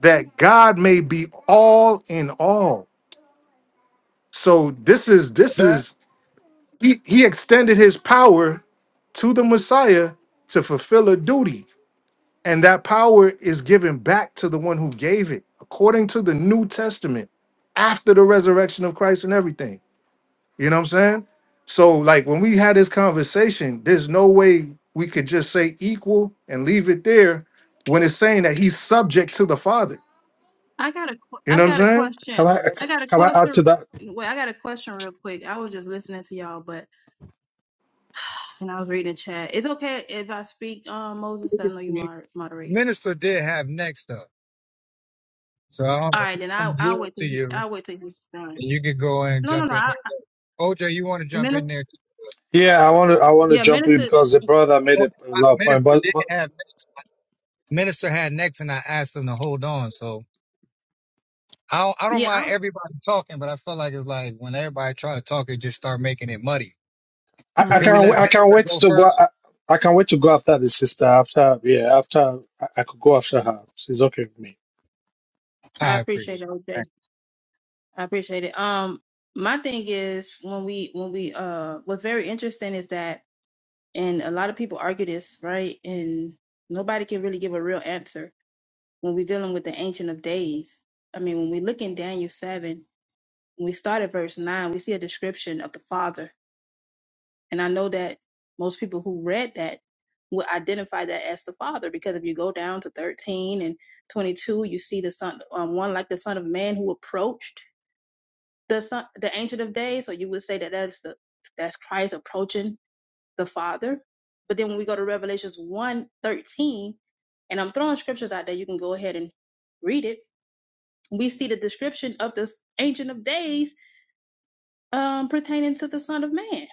S4: that God may be all in all. So this is this
S1: That
S4: is he he extended his power to the Messiah to fulfill a duty, and that power is given back to the one who gave it, according to the New Testament, after the resurrection of Christ and everything. You know what I'm saying? So like when we had this conversation, there's no way we could just say equal and leave it there when it's saying that he's subject to the Father.
S8: I got a, qu-
S4: You
S8: I
S4: know what I'm
S8: got a
S4: saying?
S8: question.
S2: Can I
S8: I got a
S2: can I add to
S8: question.
S2: that?
S8: Wait, I got a question real quick. I was just listening to y'all, but and I was reading the chat. It's okay if I speak, um, Moses, 'cause I know you moder- moderating
S1: minister did have next up. So I don't,
S8: All right, then I,
S1: I'm here
S8: I'll wait
S1: to
S8: till he,
S1: you.
S8: I'll wait till he's done.
S1: You could go and
S8: No, no,
S1: jump
S8: no.
S1: in
S8: I,
S1: there. OJ, you want to
S8: I,
S1: jump in
S8: minister,
S1: there?
S2: Yeah, I want to I want to
S8: yeah,
S2: jump in
S8: minister,
S2: because the brother made a a lot of point,
S1: Minister
S2: but
S1: did
S2: but
S1: have minister had next, and I asked him to hold on. So I don't, I don't
S8: yeah.
S1: mind everybody talking, but I feel like it's like when everybody try to talk, it just start making it muddy.
S2: I,
S1: So
S2: I
S1: can we
S2: can't wa-
S8: Mm-hmm.
S1: let
S2: I can't
S1: minister
S2: wait
S1: go
S2: to go.
S1: first?
S2: I, I can't wait to go after the sister. After yeah, after I, I could go after her. She's okay with me.
S8: I
S1: I appreciate it.
S8: appreciate it, OJ.
S1: Thank
S8: I appreciate it. Um, my thing is when we, when we, uh, what's very interesting is that, and a lot of people argue this, right? And nobody can really give a real answer when we're dealing with the Ancient of Days. I mean, when we look in Daniel 7, when we start at verse 9, we see a description of the Father. And I know that most people who read that would identify that as the Father, because if you go down to 13 and 22, you see the Son, um, one like the Son of Man who approached the Son, the Ancient of Days. So you would say that that's the that's Christ approaching the Father. But then when we go to Revelations one 13, and I'm throwing scriptures out there, you can go ahead and read it we see the description of the Ancient of Days um, pertaining to the Son of Man.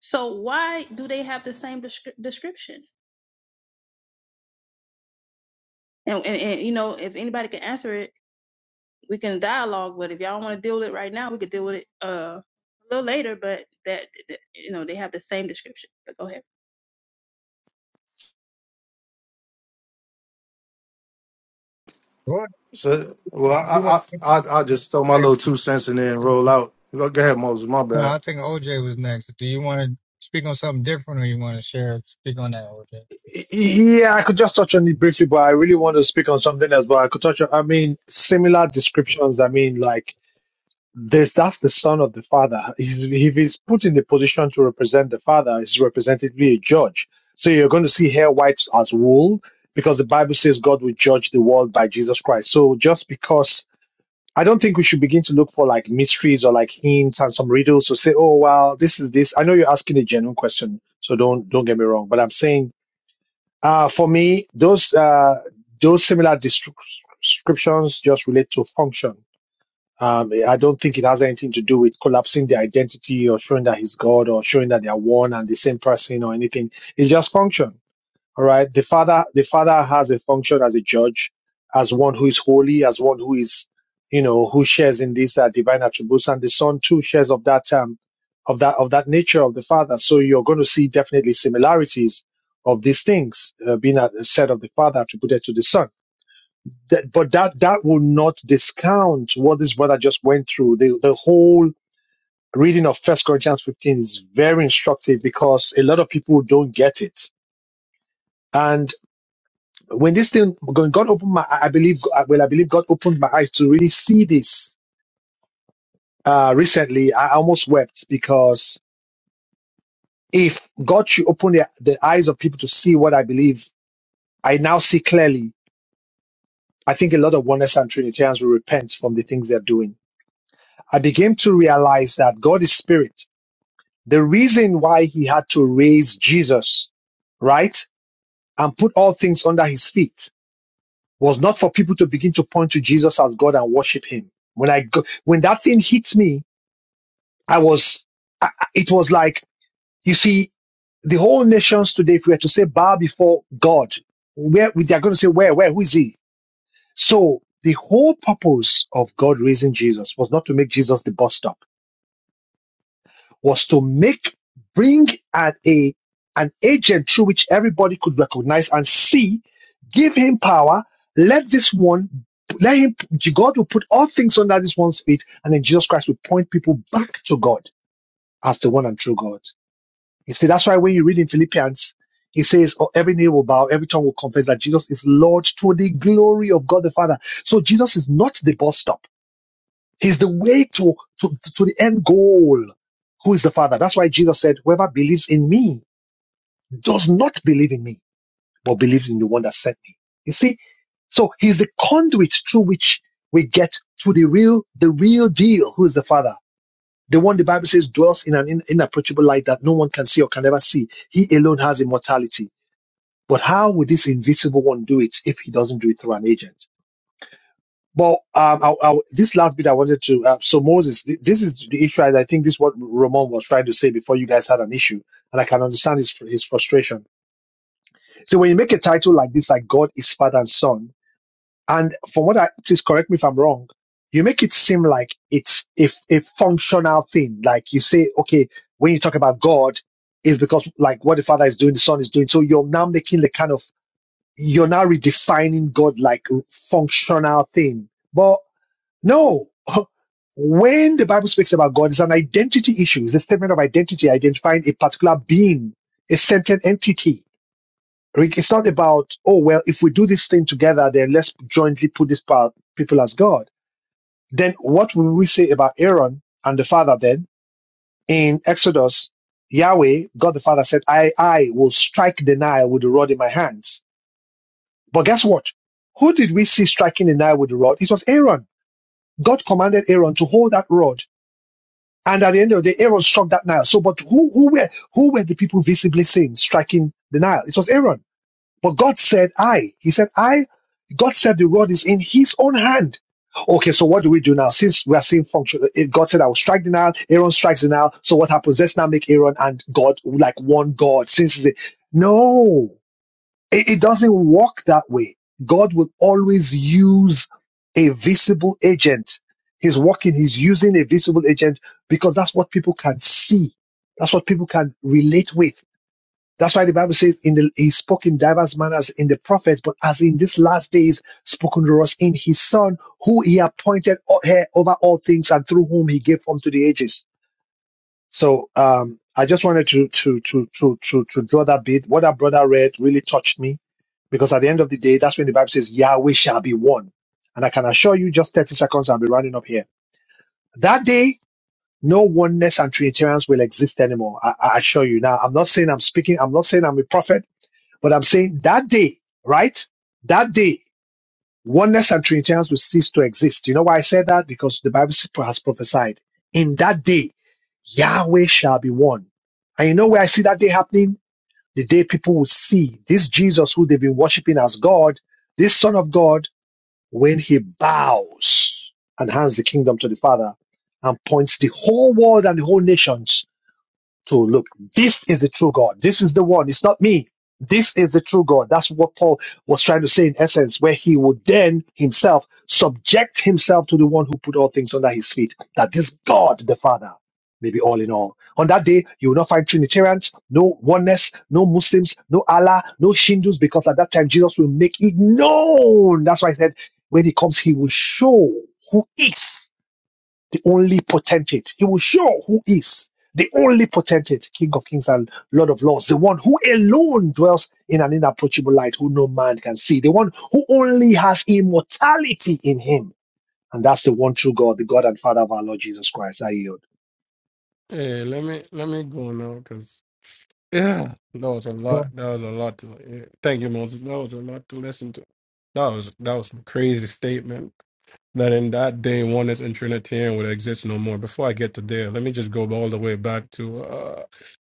S8: So why do they have the same descri- description? And, and, and you know, if anybody can answer it, we can dialogue. But if y'all want to deal with it right now, we could deal with it uh, a little later. But that, that you know, they have the same description. But go ahead.
S1: you. What
S4: So, well,
S1: do you
S4: I,
S1: want?
S4: I, I, I just throw my little
S1: to
S4: two cents in there and roll out. Go go ahead, Moses. My
S1: No,
S4: bad.
S1: I think OJ was next. Do you want to speak on something different, or you want to share? Speak on that, OJ.
S2: Y- Yeah, I could just touch on it briefly, but I really want to speak on something else. But I could touch on. I mean, similar descriptions. I mean, like. this that's the son of the father. He's, if he's put in the position to represent the father, he's representatively a judge. So you're going to see hair white as wool because the Bible says God will judge the world by Jesus Christ. So just because I don't think we should begin to look for like mysteries or like hints and some riddles to say, oh well, this is this. I know you're asking a genuine question, so don't don't get me wrong. But I'm saying, uh, for me, those uh, those similar descriptions just relate to function um, I don't think it has anything to do with collapsing their identity or showing that he's God or showing that they are one and the same person or anything. It's just function. All right. The father, the father has a function as a judge, as one who is holy, as one who is, you know, who shares in these uh, divine attributes, and the son too shares of that um, of that of that nature of the father. So you're going to see definitely similarities of these things uh, being uh, said of the father attributed to the son that, but that that will not discount what this brother just went through. The the whole reading of First Corinthians 15 is very instructive because a lot of people don't get it. And when this thing, when God opened my, I believe, well, I believe God opened my eyes to really see this. Uh, recently, I almost wept because if God should open the, the eyes of people to see what I believe, I now see clearly. I think a lot of oneness and Trinitarians will repent from the things they're doing. I began to realize that God is spirit The reason why he had to raise Jesus, right, and put all things under his feet was not for people to begin to point to Jesus as God and worship him. When I go, when that thing hits me, I was, I, I- it was like, you see, the whole nations today, if we were to say bow before God, where they're going to say, where, where, who is he? So the whole purpose of God raising Jesus was not to make Jesus the bus stop was to make bring an a an agent through which everybody could recognize and see, give him power, let this one let him God will put all things under this one's feet, and then Jesus Christ will point people back to God as the one and true God. You see, that's why when you read in Philippians, he says, oh, every knee will bow, every tongue will confess that Jesus is Lord to the glory of God the Father. So Jesus is not the bus stop. He's the way to, to, to, to the end goal. Who is the Father? That's why Jesus said, Whoever believes in me does not believe in me, but believes in the one that sent me. You see? So he's the conduit through which we get to the real, the real deal. Who is the Father? The one the Bible says dwells in an in- inapproachable light that no one can see or can ever see. He alone has immortality. But how would this invisible one do it if he doesn't do it through an agent? But um, I, I, this last bit I wanted to. Uh, so Moses, th- this is the issue. and I think this is what Ramon was trying to say before you guys had an issue, and I can understand his his frustration. So when you make a title like this, like God is Father and Son, and from what I please correct me if I'm wrong, you make it seem like it's a, a functional thing. Like you say, okay, when you talk about God, is because like what the Father is doing, the Son is doing. So you're now making the kind of you're now redefining God like functional thing. No. When the Bible speaks about God, it's an identity issue. It's the statement of identity, identifying a particular being, a sentient entity. Rick, It's not about, oh, well, if we do this thing together, then let's jointly put this pa- people as God. Then what will we say about Aaron and the father then? In Exodus, Yahweh, God the Father said, I, I will strike the Nile with the rod in my hands. But guess what? Who did we see striking the Nile with the rod? It was Aaron. God commanded Aaron to hold that rod And at the end of the day, Aaron struck that Nile. So, but who, who were, who were the people visibly seen striking the Nile? It was Aaron. But God said, I. He said, I. God said the rod is in his own hand. Okay, so what do we do now? Since we are seeing function, eh, God said, I will strike the Nile. Aaron strikes the Nile. So what happens? Let's now make Aaron and God like one God. Since the, no. It, it doesn't work that way. God will always use a visible agent. He's working, he's using a visible agent because that's what people can see. That's what people can relate with. That's why the Bible says in the, he spoke in diverse manners in the prophets, but as in these last days spoken to us in his son, who he appointed o- heir over all things and through whom he gave form to the ages. So um, I just wanted to to to to to to draw that bit. What that brother read really touched me because at the end of the day, that's when the Bible says Yahweh shall be one. And I can assure you, just 30 seconds, I'll be rounding up here. That day, no oneness and Trinitarians will exist anymore. I, I assure you. Now, I'm not saying I'm speaking, I'm not saying I'm a prophet, but I'm saying that day, right? That day oneness and Trinitarians will cease to exist. You know why I said that? Because the Bible has prophesied in that day, Yahweh shall be one. And you know where I see that day happening? The day people will see this Jesus who they've been worshiping as God, this Son of God, when he bows and hands the kingdom to the Father and points the whole world and the whole nations to look, this is the true God. This is the one. It's not me. This is the true God. That's what Paul was trying to say in essence, where he would then himself subject himself to the one who put all things under his feet, that this God, the Father, may be all in all. On that day, you will not find Trinitarians, no oneness, no Muslims, no Allah, no Hindus, because at that time Jesus will make it known. That's why I said, when he comes, he will show who is the only potentate. He will show who is the only potentate, King of Kings and Lord of Lords, the one who alone dwells in an inapproachable light, who no man can see, the one who only has immortality in him. And that's the one true God, the God and Father of our Lord Jesus Christ. I yield.
S6: Yeah, let me let me go now because yeah, that was a
S1: Go
S6: lot. That was a lot to. Yeah. Thank you, Moses. That was a lot to listen to. That was that was some crazy statement. That in that day, oneness and Trinitarian would exist no more. Before I get to there, let me just go all the way back to uh,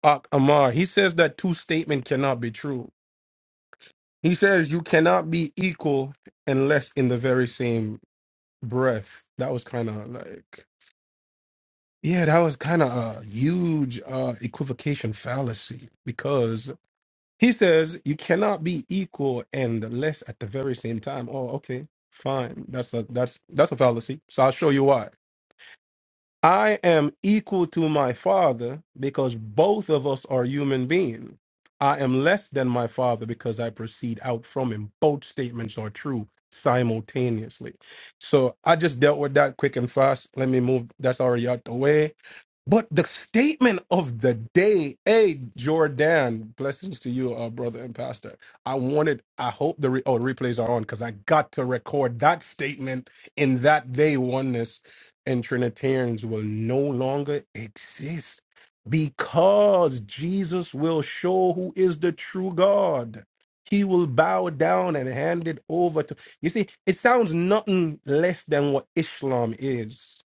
S6: Ak Amar. He says that two statement cannot be true. He says you cannot be equal unless in the very same breath. That was kind of like Yeah, that was kind of a huge uh, equivocation fallacy because he says you cannot be equal and less at the very same time. Oh, okay, fine. That's a that's that's a fallacy. So I'll show you why. I am equal to my father because both of us are human beings. I am less than my father because I proceed out from him. Both statements are true simultaneously. So I just dealt with that quick and fast. Let me move. That's already out the way but the statement of the day, hey Jordan, blessings to you, uh, brother and pastor. I wanted, I hope the re- oh the replays are on because I got to record that statement in that day oneness and Trinitarians will no longer exist because Jesus will show who is the true God. He will bow down and hand it over to you. See, it sounds nothing less than what Islam is.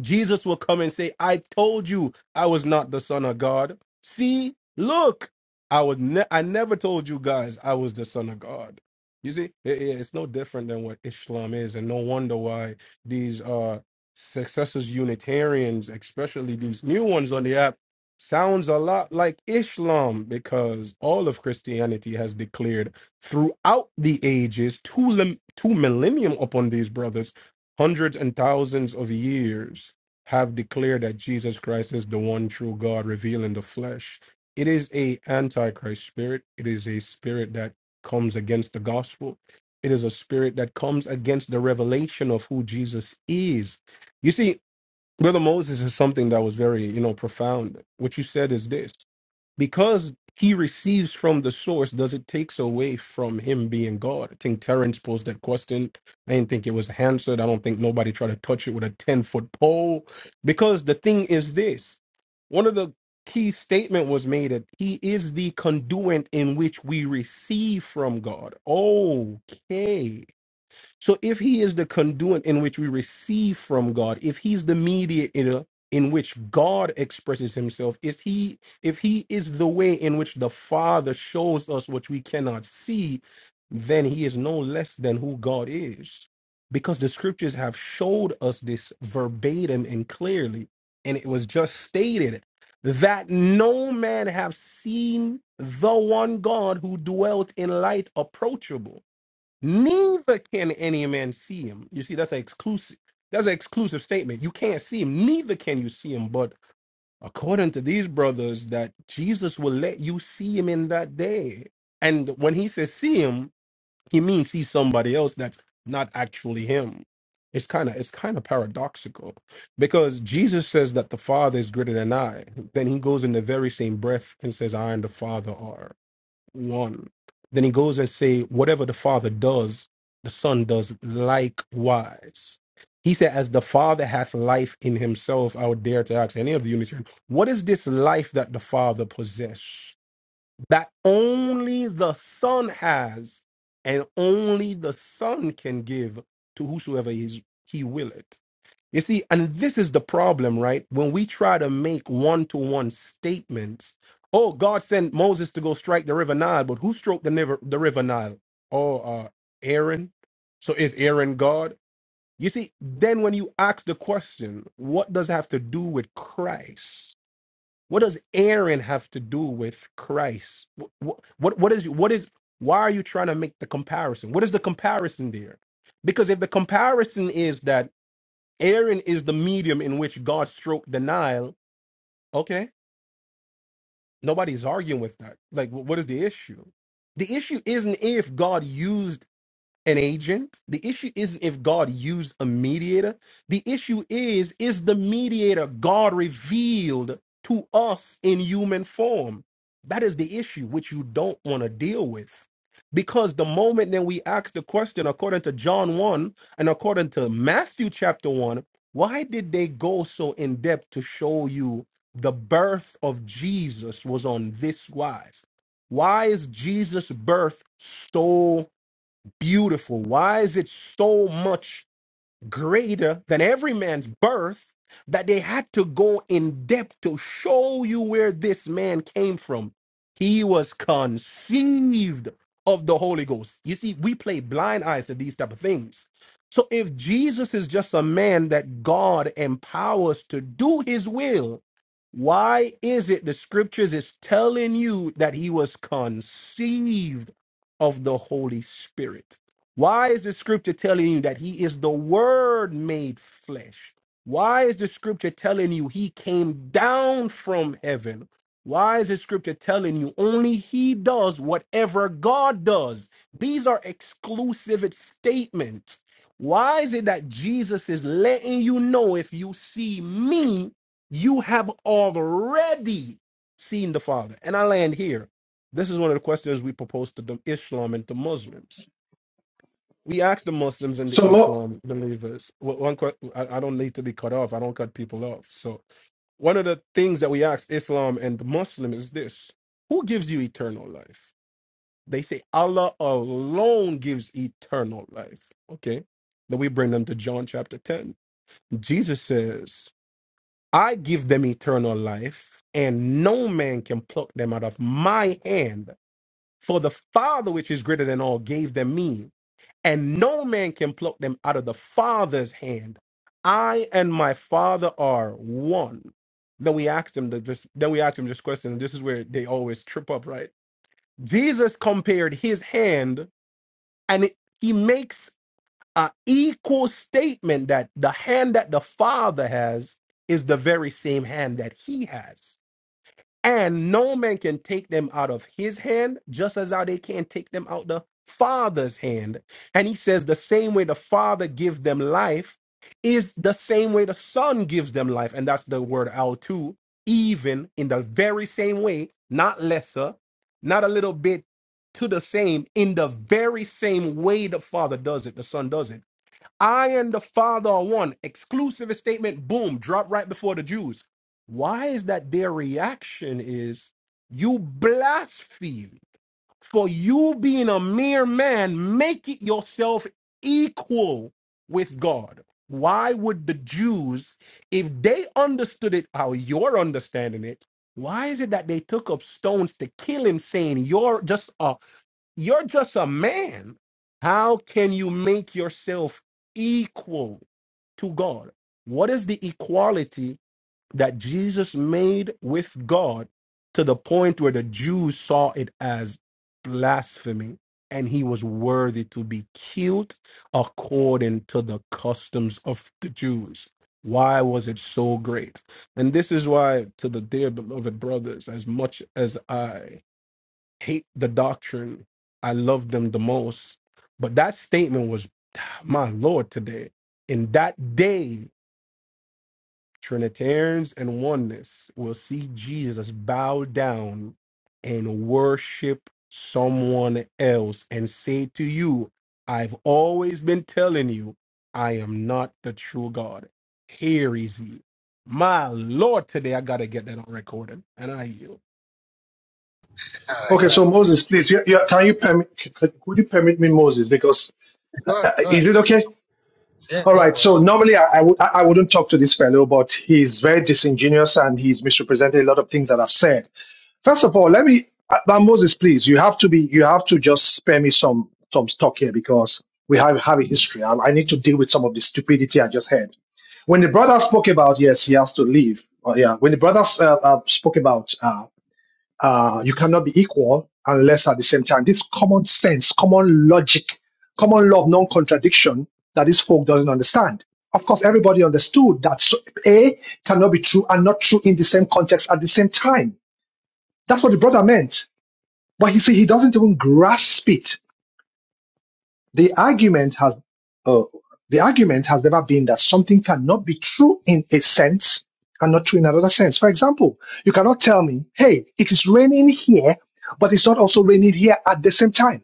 S6: Jesus will come and say, I told you I was not the Son of God. See, look, I was ne- I never told you guys I was the Son of God. You see, It- it- it's no different than what Islam is, and no wonder why these uh successors Unitarians, especially these new ones on the app, sounds a lot like Islam because all of Christianity has declared throughout the ages, two lim- two millennium upon these brothers hundreds and thousands of years have declared that Jesus Christ is the one true God revealed in the flesh. It is a antichrist spirit. It is a spirit that comes against the gospel. It is a spirit that comes against the revelation of who Jesus is. You see, Brother Moses is something that was very, you know, profound. What you said is this because he receives from the source, does it takes away from him being God? I think Terrence posed that question. I didn't think it was answered. I don't think nobody tried to touch it with a 10 foot pole. Because the thing is this one of the key statement was made that he is the conduit in which we receive from God. Okay. So if he is the conduit in which we receive from God, if he's the mediator in which God expresses himself, is he if he is the way in which the Father shows us what we cannot see, then he is no less than who God is. Because the scriptures have showed us this verbatim and clearly, and it was just stated that no man have seen the one God who dwelt in light approachable Neither can any man see him. You see, that's an exclusive. That's an exclusive statement. You can't see him. Neither can you see him. But according to these brothers, that Jesus will let you see him in that day. And when he says see him, he means see somebody else that's not actually him. It's kind of it's kind of paradoxical because Jesus says that the Father is greater than I. Then he goes in the very same breath and says, "I and the Father are." 1. Then he goes and say, whatever the Father does, the Son does likewise. He said, as the Father hath life in himself, I would dare to ask any of the Unitarians, what is this life that the Father possess? That only the Son has, and only the Son can give to whosoever is, he will it. You see, and this is the problem, right? When we try to make one to one statements, oh, God sent Moses to go strike the river Nile, but who stroked the river, the river Nile? Oh, uh, Aaron. So is Aaron God? You see, then when you ask the question, what does it have to do with Christ? What does Aaron have to do with Christ? What, what, what is, what is, why are you trying to make the comparison? What is the comparison there? Because if the comparison is that Aaron is the medium in which God stroked the Nile. Okay, nobody's arguing with that. Like, wh- what is the issue? The issue isn't if God used an agent. The issue isn't if God used a mediator. The issue is, is the mediator God revealed to us in human form? That is the issue which you don't want to deal with. Because the moment that we ask the question, according to John 1 and according to Matthew chapter 1, why did they go so in depth to show you the birth of Jesus was on this wise? Why is Jesus' birth so beautiful? Why is it so much greater than every man's birth that they had to go in depth to show you where this man came from? He was conceived of the Holy Ghost. You see, we play blind eyes to these type of things. So if Jesus is just a man that God empowers to do his will, why is it the scriptures is telling you that he was conceived of the Holy Spirit? Why is the scripture telling you that he is the word made flesh? Why is the scripture telling you he came down from heaven? Why is the scripture telling you only he does whatever God does? These are exclusive statements. Why is it that Jesus is letting you know if you see me, you have already seen the Father? And I land here. This is one of the questions we propose to the Islam and to Muslims we asked the Muslims and the
S2: So, Mo-
S6: Islam believers. wh- One, que- I I don't need to be cut off. I don't cut people off. So one of the things that we asked Islam and the Muslim is this: Who gives you eternal life? They say Allah alone gives eternal life. Okay, then we bring them to John chapter ten. Jesus says, "I give them eternal life, and no man can pluck them out of my hand." For the Father, which is greater than all, gave them me, and no man can pluck them out of the Father's hand. I and my Father are one. Then we asked him the this, then we asked him this question, and this is where they always trip up, right? Jesus compared his hand, and it, he makes an equal statement that the hand that the Father has is the very same hand that he has. And no man can take them out of his hand, just as how they can't take them out the Father's hand. And he says, the same way the Father gives them life is the same way the Son gives them life. And that's the word out too, even in the very same way, not lesser, not a little bit to the same, in the very same way the Father does it, the Son does it. I and the Father are one. Exclusive statement, boom, drop right before the Jews. Why is that their reaction is you blaspheme for you being a mere man, make it yourself equal with God. Why would the Jews, if they understood it how you're understanding it, why is it that they took up stones to kill him, saying you're just a you're just a man. How can you make yourself equal to God? What is the equality that Jesus made with God to the point where the Jews saw it as blasphemy and he was worthy to be killed according to the customs of the Jews? Why was it so great? And this is why, to the dear beloved brothers, as much as I hate the doctrine. I love them the most. But that statement was my Lord today. In that day, Trinitarians and oneness will see Jesus bow down and worship someone else and say to you, I've always been telling you, I am not the true God. Here is he. My Lord, today I gotta get that on recording. And I yield.
S1: ahead.
S2: okay, so Moses, please, you, you, can you permit? Could you permit me, Moses? Because uh,
S1: Go ahead.
S2: uh,
S1: Go ahead.
S2: is it okay?
S1: Yeah,
S2: All
S1: go
S2: right.
S1: for it.
S2: So
S1: Go
S2: normally I I w- I I wouldn't talk to this fellow, but he's very disingenuous and he's misrepresented a lot of things that are said. First of all, let me, uh, uh, Moses, please, you have to be, you have to just spare me some some talk here because we have have a history. I, I need to deal with some of the stupidity I just heard. When the brother spoke about yes, he has to leave. Oh, yeah. When the brothers uh, uh, spoke about uh, uh, you cannot be equal unless at the same time. This common sense, common logic, common law of non contradiction that this folk doesn't understand. Of course, everybody understood that so- A cannot be true and not true in the same context at the same time. That's what the brother meant. But you see, he doesn't even grasp it the argument has uh, the argument has never been that something cannot be true in a sense and not true in another sense. For example, you cannot tell me, hey, it is raining here, but it's not also raining here at the same time.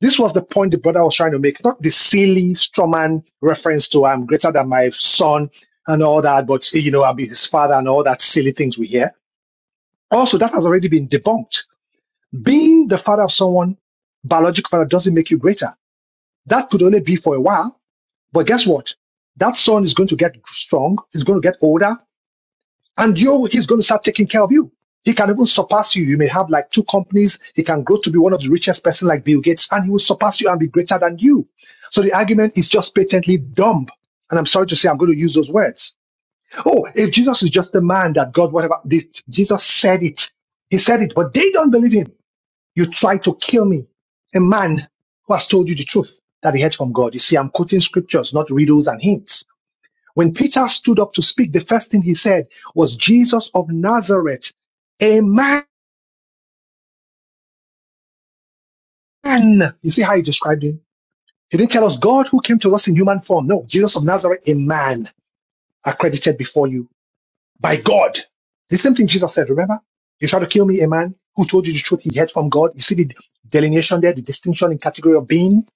S2: This was the point the brother was trying to make, not the silly strawman reference to I'm greater than my son and all that, but you know, I'm his father and all that silly things we hear. Also, that has already been debunked. Being the father of someone, biological father, doesn't make you greater. That could only be for a while but guess what? That son is going to get strong. He's going to get older, and you he's going to start taking care of you. He can even surpass you. You may have like two companies. He can grow to be one of the richest person like Bill Gates, and he will surpass you and be greater than you. So the argument is just patently dumb. And I'm sorry to say, I'm going to use those words. Oh, if Jesus is just a man that God, whatever, did- Jesus said it. He said it, but they don't believe him. You try to kill me, a man who has told you the truth that he heard from God. You see, I'm quoting scriptures, not riddles and hints. When Peter stood up to speak, the first thing he said was, Jesus of Nazareth, a man. You see how he described him? He didn't tell us God who came to us in human form. No, Jesus of Nazareth, a man accredited before you by God. The same thing Jesus said, remember? You tried to kill me, a man who told you the truth he heard from God. You see the delineation there, the distinction in category of being.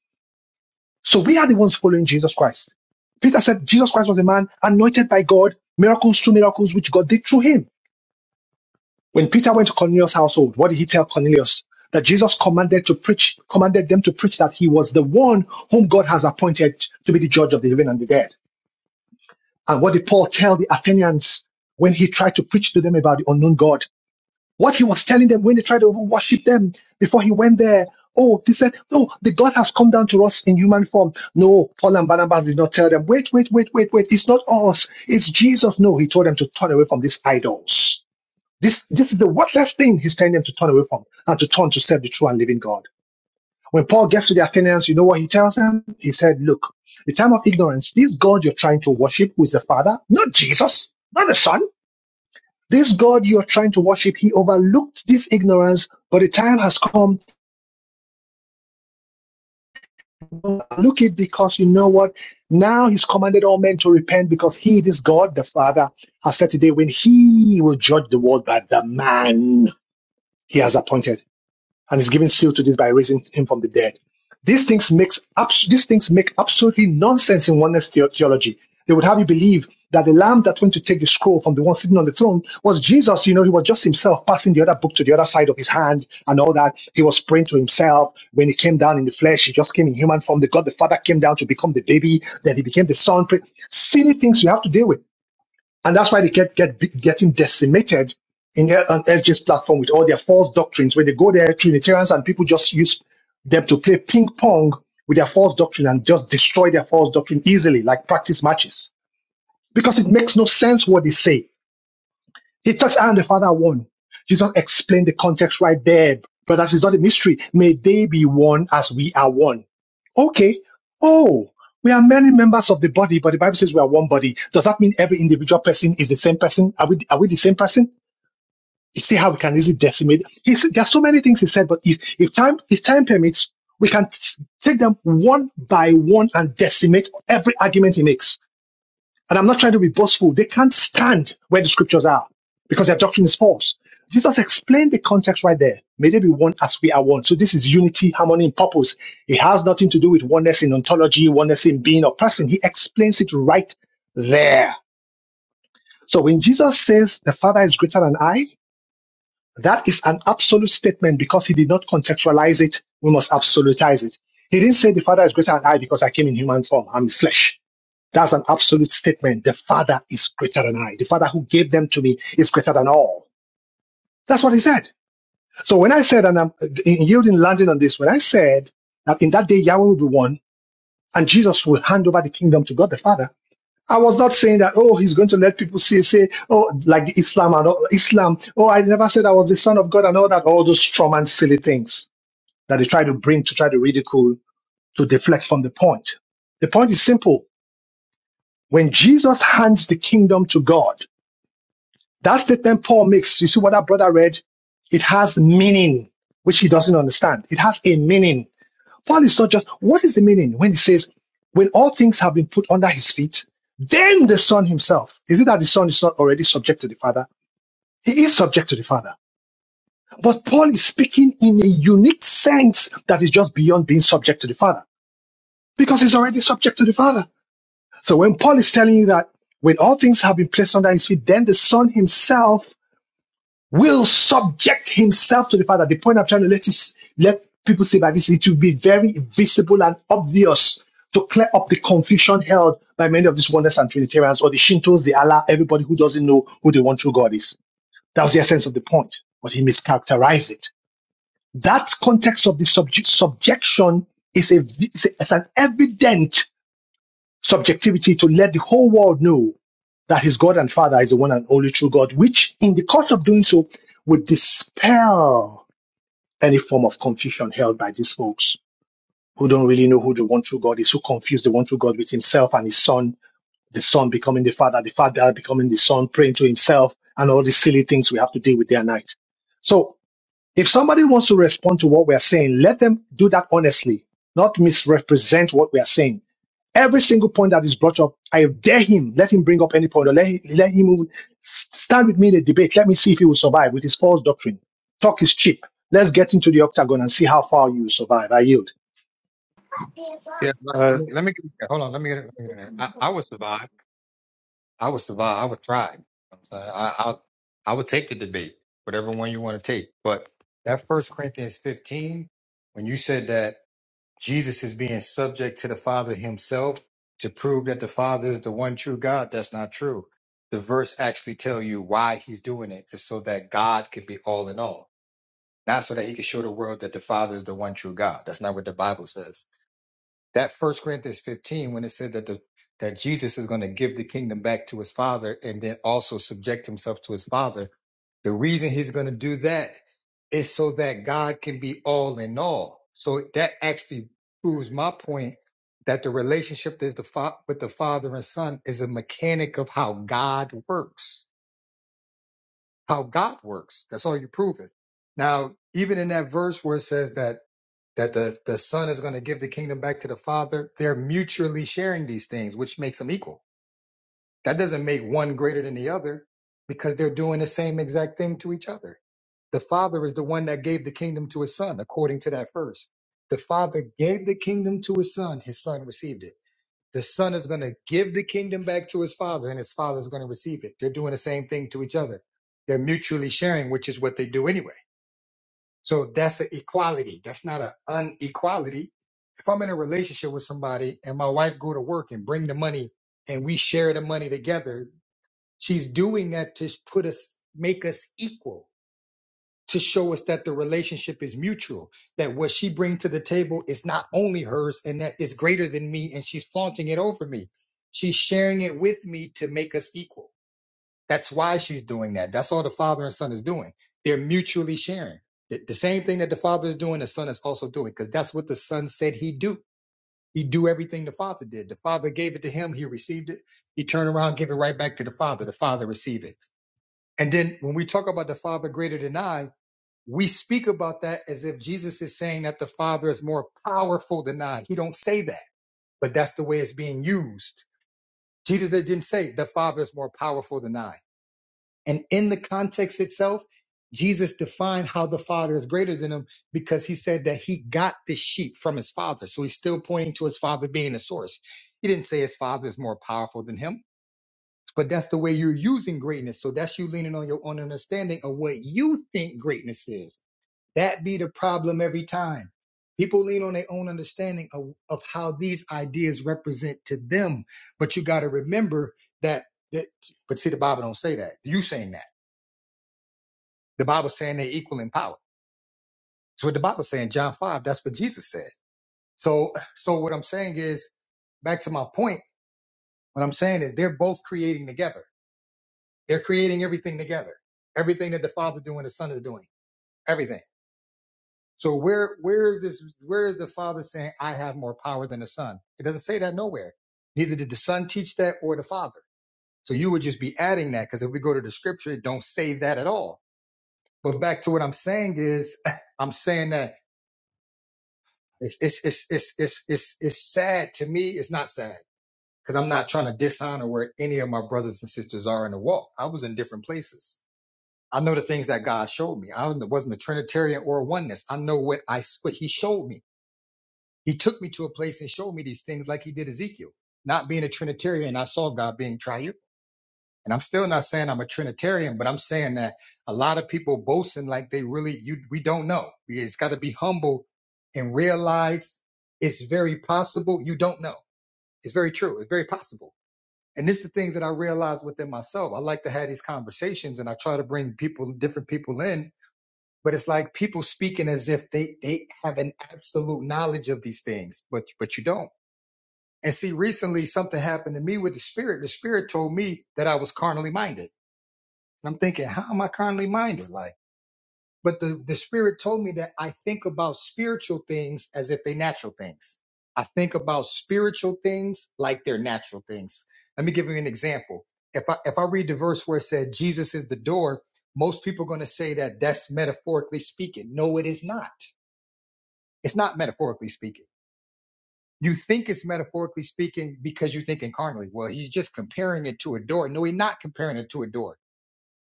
S2: So we are the ones following Jesus Christ. Peter said Jesus Christ was a man anointed by God, miracles, true miracles, which God did through him. When Peter went to Cornelius' household, what did he tell Cornelius? That Jesus commanded to preach, commanded them to preach that he was the one whom God has appointed to be the judge of the living and the dead. And what did Paul tell the Athenians when he tried to preach to them about the unknown God? What he was telling them when they tried to worship them before he went there. Oh, they said, no, the God has come down to us in human form. No, Paul and Barnabas did not tell them, wait, wait, wait, wait, wait. It's not us. It's Jesus. No, he told them to turn away from these idols this, this is the worthless thing he's telling them to turn away from and to turn to serve the true and living God. When Paul gets to the Athenians, you know what he tells them? He said, Look, the time of ignorance, this God you're trying to worship, who is the Father, not Jesus, not the Son, this God you're trying to worship, he overlooked this ignorance, but the time has come to look it because you know what? Now he's commanded all men to repent because he, this God, the Father, has said today when he will judge the world by the man he has appointed. and is giving seal to this by raising him from the dead. These things makes abs- these things make absolutely nonsense in oneness theology. They would have you believe that the lamb that went to take the scroll from the one sitting on the throne was Jesus. You know, he was just himself passing the other book to the other side of his hand and all that. He was praying to himself. When he came down in the flesh, he just came in human form. The God the Father came down to become the baby. Then he became the son. Silly things you have to deal with. And that's why they get, get getting decimated in L- on LG's platform with all their false doctrines. When they go there, Trinitarians and people just use them to play ping pong with their false doctrine and just destroy their false doctrine easily, like practice matches. Because it makes no sense what they say Jesus and the Father are one. Jesus explained the context right there. Brothers, it's not a mystery. May they be one as we are one. Okay. Oh, we are many members of the body, but the Bible says we are one body. Does that mean every individual person is the same person? Are we, are we the same person? You see how we can easily decimate. He's, there are so many things he said, but if, if time, if time permits, we can t- take them one by one and decimate every argument he makes and I'm not trying to be boastful. They can't stand where the scriptures are because their doctrine is false. Jesus explained the context right there. May they be one as we are one. So this is unity, harmony, and purpose. It has nothing to do with oneness in ontology, oneness in being or person. He explains it right there. So when Jesus says the Father is greater than I, that is an absolute statement because he did not contextualize it. We must absolutize it. He didn't say the Father is greater than I because I came in human form. I'm flesh. That's an absolute statement. The Father is greater than I. The Father who gave them to me is greater than all. That's what he said. So when I said, and I'm in yielding, landing on this, when I said that in that day Yahweh will be one and Jesus will hand over the kingdom to God the Father, I was not saying that, oh, he's going to let people see, say, oh, like the Islam and all, Islam. Oh, I never said I was the son of God and all that, all those strong and silly things that they try to bring to try to ridicule, to deflect from the point. The point is simple. When Jesus hands the kingdom to God, That statement Paul makes, you see what that brother read? It has meaning, which he doesn't understand. It has a meaning. Paul is not just, what is the meaning when he says, when all things have been put under his feet, then the son himself. Is it that the son is not already subject to the father? He is subject to the father. But Paul is speaking in a unique sense that is just beyond being subject to the father because he's already subject to the father. So when Paul is telling you that when all things have been placed under his feet, then the son himself will subject himself to the Father. The point I'm trying to let is let people see by this, it will be very visible and obvious to clear up the confusion held by many of these oneness and Trinitarians or the Shintos, the Allah, everybody who doesn't know who the one true God is. That was the essence of the point, but he mischaracterized it. That context of the subject, subjection is a, is a- is an evident subjectivity to let the whole world know that his God and Father is the one and only true God, which in the course of doing so would dispel any form of confusion held by these folks who don't really know who the one true God is, who confuse the one true God with himself and his son, the son becoming the father, the father becoming the son, praying to himself, and all these silly things we have to deal with day and night. So if somebody wants to respond to what we are saying, let them do that honestly, not misrepresent what we are saying Every single point that is brought up, I dare him, let him bring up any point or let, let him even stand with me in a debate. Let me see if he will survive with his false doctrine. Talk is cheap. Let's get into the octagon and see how far you will survive. I yield.
S1: Yeah, let
S4: Uh,
S1: me, let me get in there. Hold on, let me get, in, let me get in there. I, I would survive. I would survive. I would thrive. You know what I'm saying? I, I I would take the debate, whatever one you want to take. But that First Corinthians 15, when you said that. Jesus is being subject to the Father himself to prove that the Father is the one true God. That's not true. The verse actually tell you why he's doing it is so that God could be all in all, not so that he could show the world that the Father is the one true God. That's not what the Bible says. That First Corinthians 15, when it said that the that Jesus is going to give the kingdom back to his Father and then also subject himself to his Father, the reason he's going to do that is so that God can be all in all. So that actually proves my point that the relationship is the fa- with the father and son is a mechanic of how God works. How God works. That's all you're proving. Now, even in that verse where it says that that the, the son is going to give the kingdom back to the father, they're mutually sharing these things, which makes them equal. That doesn't make one greater than the other because they're doing the same exact thing to each other. The father is the one that gave the kingdom to his son, according to that verse. The father gave the kingdom to his son, his son received it. The son is going to give the kingdom back to his father, and his father is going to receive it. They're doing the same thing to each other. They're mutually sharing, which is what they do anyway. So that's an equality. That's not an unequality. If I'm in a relationship with somebody and my wife go to work and bring the money and we share the money together, She's doing that to put us, make us equal, to show us that the relationship is mutual, that what she brings to the table is not only hers and that is greater than me, and she's flaunting it over me. She's sharing it with me to make us equal. That's why she's doing that. That's all the father and son is doing. They're mutually sharing. The, the same thing that the father is doing, the son is also doing, because that's what the son said he'd do. He'd do everything the father did. The father gave it to him, he received it. He turned around, gave it right back to the father. The father received it. And then when we talk about the Father greater than I, we speak about that as if Jesus is saying that the Father is more powerful than I. He don't say that, but that's the way it's being used. Jesus didn't say the Father is more powerful than I. And in the context itself, Jesus defined how the Father is greater than him because he said that he got the sheep from his Father. So he's still pointing to his Father being the source. He didn't say his Father is more powerful than him but that's the way you're using greatness. So that's you leaning on your own understanding of what you think greatness is. That be the problem every time. People lean on their own understanding of, of how these ideas represent to them. But you got to remember that, that, but see, the Bible don't say that. You saying that. The Bible saying they're equal in power. That's what the Bible saying, John 5, that's what Jesus said. So, so what I'm saying is, back to my point, what I'm saying is they're both creating together They're creating everything together. Everything that the Father doing, the Son is doing. Everything. So where where is this where is the Father saying, I have more power than the Son? It doesn't say that nowhere. Neither did the Son teach that or the Father. So you would just be adding that because if we go to the scripture, it don't say that at all. But back to what I'm saying is I'm saying that it's it's it's it's it's it's, it's sad to me, it's not sad. Because I'm not trying to dishonor where any of my brothers and sisters are in the walk. I was in different places. I know the things that God showed me. I wasn't a Trinitarian or a oneness. I know what I what He showed me. He took me to a place and showed me these things, like He did Ezekiel. Not being a Trinitarian, I saw God being triune. And I'm still not saying I'm a Trinitarian, but I'm saying that a lot of people boasting like they really you we don't know. It's got to be humble and realize it's very possible you don't know. It's very true. It's very possible. And it's the things that I realized within myself. I like to have these conversations and I try to bring people, different people in but it's like people speaking as if they they have an absolute knowledge of these things but but you don't and see recently something happened to me with the spirit the spirit told me that i was carnally minded and i'm thinking how am i carnally minded like but the, the spirit told me that i think about spiritual things as if they natural things i think about spiritual things like they're natural things let me give you an example if i if i read the verse where it said jesus is the door most people are going to say that that's metaphorically speaking no it is not it's not metaphorically speaking. You think it's metaphorically speaking because you think incarnately. Well, he's just comparing it to a door. No, he's not comparing it to a door.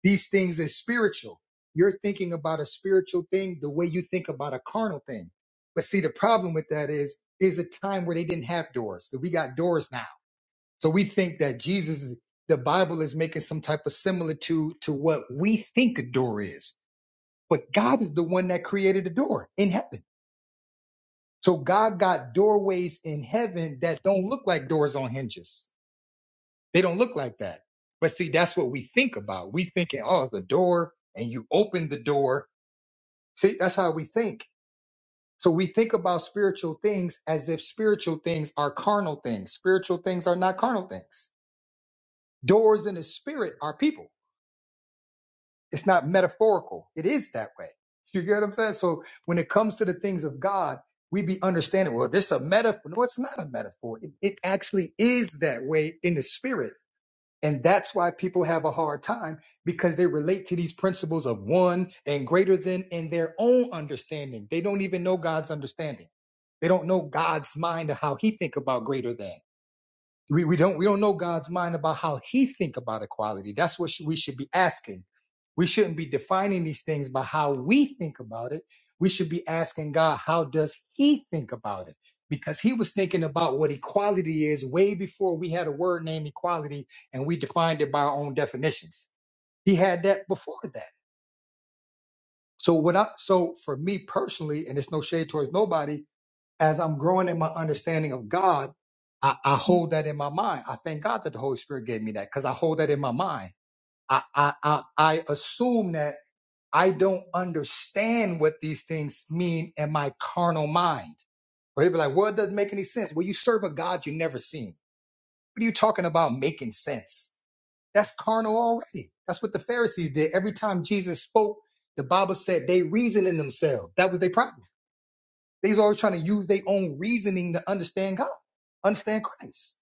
S1: These things are spiritual. You're thinking about a spiritual thing the way you think about a carnal thing. But see, the problem with that is, is a time where they didn't have doors. So we got doors now. So we think that Jesus, the Bible is making some type of similitude to what we think a door is. But God is the one that created a door in heaven. So God got doorways in heaven that don't look like doors on hinges. They don't look like that. But see, that's what we think about. We thinking, oh, it's a door and you open the door. See, that's how we think. So we think about spiritual things as if spiritual things are carnal things. Spiritual things are not carnal things. Doors in the spirit are people. It's not metaphorical. It is that way. You get what I'm saying? So when it comes to the things of God, we be understanding, well, this is a metaphor. No, it's not a metaphor. It, it actually is that way in the spirit. And that's why people have a hard time because they relate to these principles of one and greater than in their own understanding. They don't even know God's understanding. They don't know God's mind of how he think about greater than. We, we don't we don't know God's mind about how He think about equality. That's what sh- we should be asking. We shouldn't be defining these things by how we think about it. We should be asking God, how does He think about it? Because He was thinking about what equality is way before we had a word named equality, and we defined it by our own definitions. He had that before that. So what I so for me personally, and it's no shade towards nobody, as I'm growing in my understanding of God, I, I hold that in my mind. I thank God that the Holy Spirit gave me that because I hold that in my mind. I, I, I, I assume that I don't understand what these things mean in my carnal mind. But it'd be like, well, it doesn't make any sense. Well, you serve a God you never seen. What are you talking about making sense? That's carnal already. That's what the Pharisees did. Every time Jesus spoke, the Bible said they reasoned in themselves. That was their problem They's always trying to use their own reasoning to understand God, understand Christ.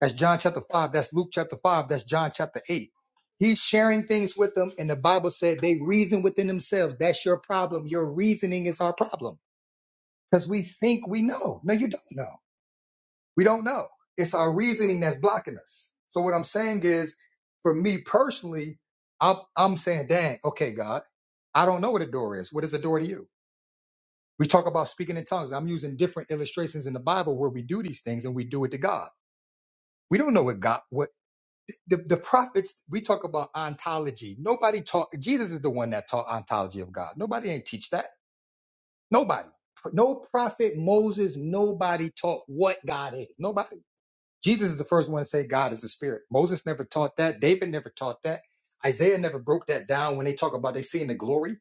S1: That's John chapter five. That's Luke chapter five. That's John chapter eight. He's sharing things with them, and the Bible said they reason within themselves. That's your problem. Your reasoning is our problem because we think we know. No, you don't know. We don't know. It's our reasoning that's blocking us. So what I'm saying is, for me personally, I'm, I'm saying, dang, okay, God, I don't know what a door is. What is a door to you? We talk about speaking in tongues. I'm using different illustrations in the Bible where we do these things and we do it to God. We don't know what God, what the, the prophets, we talk about ontology. Nobody taught, Jesus is the one that taught ontology of God. Nobody ain't teach that. Nobody. No prophet, Moses, nobody taught what God is. Nobody. Jesus is the first one to say God is a spirit. Moses never taught that. David never taught that. Isaiah never broke that down when they talk about they seeing the glory.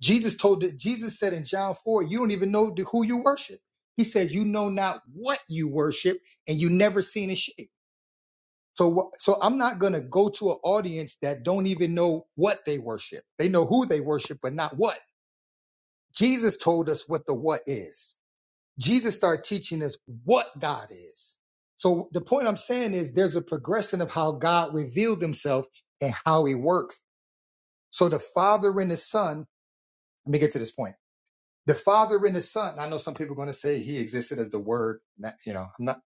S1: Jesus told that Jesus said in John 4, you don't even know who you worship. He said, you know not what you worship and you never seen a shape. So, wh- so I'm not going to go to an audience that don't even know what they worship. They know who they worship, but not what. Jesus told us what the what is. Jesus started teaching us what God is. So the point I'm saying is there's a progression of how God revealed himself and how he works. So the father and the son, let me get to this point the Father and the Son. I know some people are going to say He existed as the Word. that- You know, I'm not.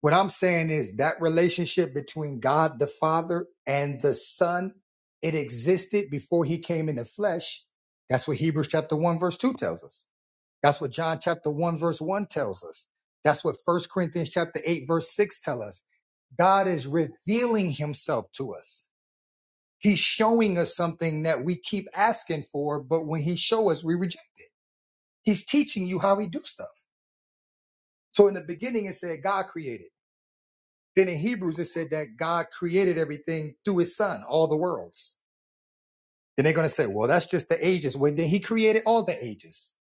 S1: What I'm saying is that relationship between God the Father and the Son, it existed before He came in the flesh. That's what Hebrews chapter one verse two tells us. That's what John chapter one verse one tells us. That's what First Corinthians chapter eight verse six tell us. God is revealing Himself to us. He's showing us something that we keep asking for, but when He show us, we reject. He's teaching you how He do stuff. So in the beginning, it said God created. Then in Hebrews, it said that God created everything through his son, all the worlds. Then they're going to say, well, that's just the ages. Well, then he created all the ages.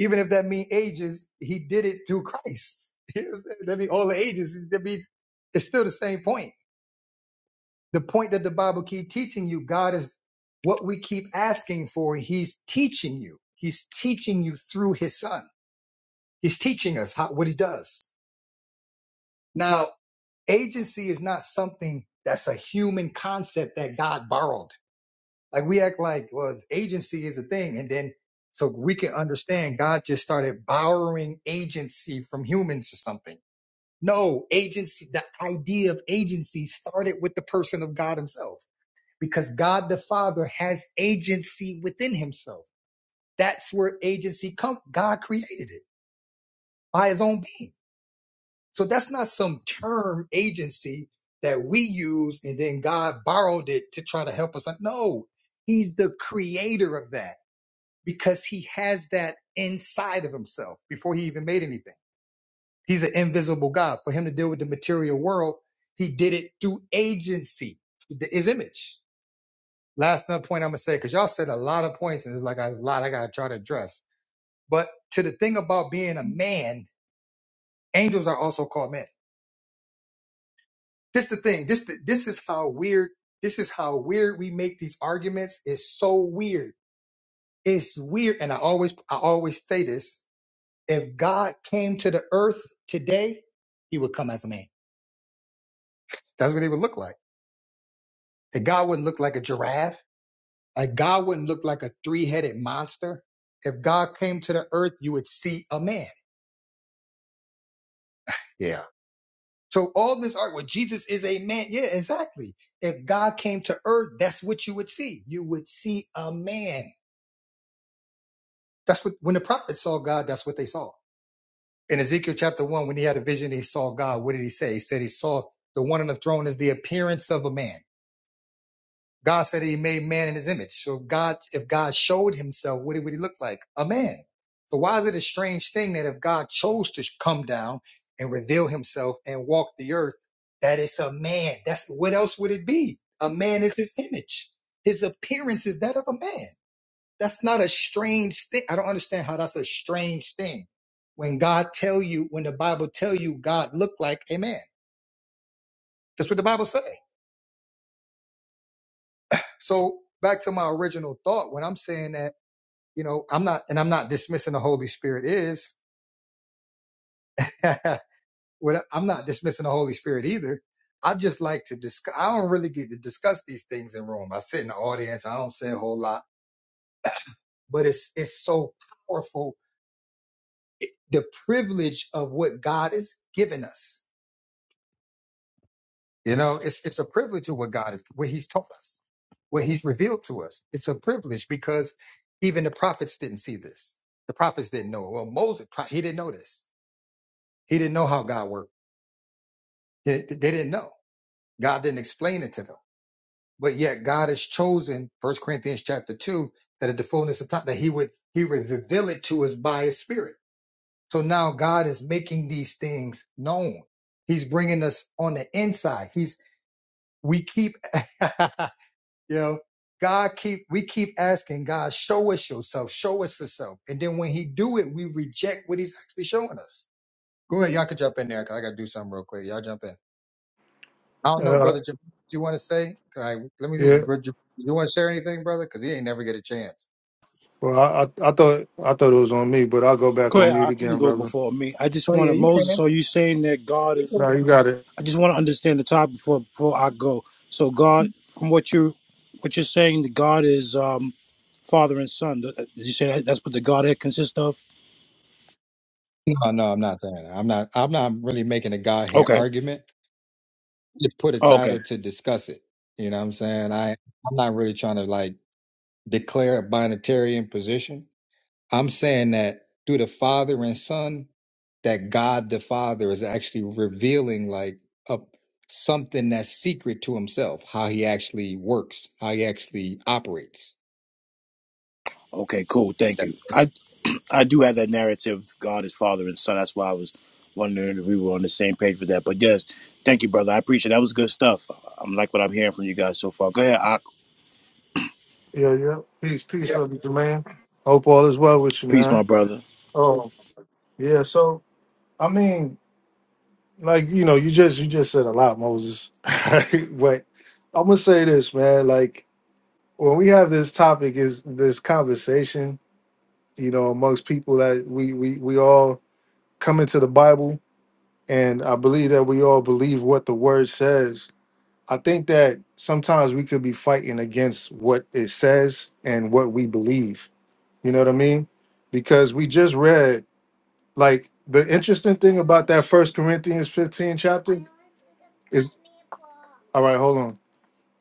S1: Even if that means ages, he did it through Christ. You know what I'm saying? That means all the ages. That means it's still the same point. The point that the Bible keep teaching you, God is what we keep asking for. He's teaching you. He's teaching you through his son. He's teaching us how, what he does. Now, agency is not something that's a human concept that God borrowed. Like we act like well, agency is a thing, and then so we can understand God just started borrowing agency from humans or something. No, agency, the idea of agency started with the person of God Himself because God the Father has agency within Himself. That's where agency comes. God created it by His own being. So that's not some term agency that we use and then God borrowed it to try to help us. No, He's the creator of that because He has that inside of Himself before He even made anything. He's an invisible God. For Him to deal with the material world, He did it through agency, th- His image. Last another point I'm gonna say because y'all said a lot of points and it's like a lot I gotta try to address. But to the thing about being a man, angels are also called men This the thing. This the, this is how weird. This is how weird we make these arguments. It's so weird. It's weird. And I always I always say this. If God came to the earth today, he would come as a man. That's what he would look like. If God wouldn't look like a giraffe. Like God wouldn't look like a three-headed monster. If God came to the earth, you would see a man. Yeah. So all this art, well, Jesus is a man. Yeah, exactly. If God came to earth, that's what you would see. You would see a man That's what when the prophets saw God, that's what they saw. In Ezekiel chapter one, when he had a vision, he saw God. What did he say? He said he saw the one on the throne as the appearance of a man. God said he made man in his image. So if God, if God showed himself, what would he look like? A man. So why is it a strange thing that if God chose to come down and reveal himself and walk the earth, that it's a man? That's what else would it be? A man is his image. His appearance is that of a man. That's not a strange thing. I don't understand how that's a strange thing. When God tell you, when the Bible tell you God look like a man. That's what the Bible say. So back to my original thought, when I'm saying that, you know, I'm not, and I'm not dismissing the Holy Spirit is, what I- I'm not dismissing the Holy Spirit either. I just like to discuss, I don't really get to discuss these things in Rome. I sit in the audience. I don't say a whole lot, but it's, it's so powerful. The privilege of what God has given us You know, it's it's a privilege of what God is, what He's taught us, what He's revealed to us. It's a privilege because even the prophets didn't see this. The prophets didn't know. it. Well, Moses, pro- he didn't know this. He didn't know how God worked. They, they didn't know. God didn't explain it to them. But yet, God has chosen First Corinthians chapter two that at the fullness of time that He would He would reveal it to us by His Spirit. So now God is making these things known. He's bringing us on the inside. He's we keep You know, God keep we keep asking God, show us yourself, show us yourself. And then when he do it, we reject what he's actually showing us. Go ahead, y'all can jump in there. 'cause I gotta do something real quick. Y'all jump in. I don't know,
S4: uh,
S1: brother. Jab- Do you want to say? All right, let me see.
S4: yeah.
S1: Bro, Jab- You want to share anything, brother? Because he ain't never get a chance.
S4: Well, I, I, I thought, I thought it was on me, but I'll go back
S9: Go
S4: on
S9: ahead,
S4: mute
S9: I can
S4: again,
S9: go
S4: brother.
S9: before me. I just
S1: Oh yeah,
S9: want to,
S1: you
S9: Moses,
S1: can.
S9: so you saying that God
S1: You
S9: is,
S1: can.
S4: No, you got it.
S9: I just want to understand the topic before, before I go. So God, from what you, what you're saying, that God is um, father and son. Th- Did you say that, that's what the Godhead consists of?
S1: No, no, I'm not saying that. I'm not. I'm not really making a Godhead
S9: Okay.
S1: argument. Just put a
S9: Oh, okay.
S1: title to discuss it. You know what I'm saying? I I'm not really trying to like declare a binatarian position. I'm saying that through the Father and Son, that God the Father is actually revealing like a, something that's secret to Himself, how He actually works, how He actually operates.
S9: Okay, cool. Thank you. I, I do have that narrative, God is father and son. That's why I was wondering if we were on the same page with that. But yes, thank you, brother. I appreciate it. That was good stuff. I'm like what I'm hearing from you guys so far. Go ahead, Ak.
S4: Yeah, yeah. Peace, peace,
S2: Yeah.
S4: brother Jermaine. Hope all is well with you,
S9: Peace, my
S4: man.
S9: brother.
S4: Oh, yeah. So, I mean, like you know, you just, you just said a lot, Moses. but I'm gonna say this, man. Like when we have this topic, is this conversation? You know, amongst people that we, we, we all come into the Bible, and I believe that we all believe what the word says. I think that sometimes we could be fighting against what it says and what we believe. You know what I mean? Because we just read, like, the interesting thing about that First Corinthians 15 chapter is all right, hold on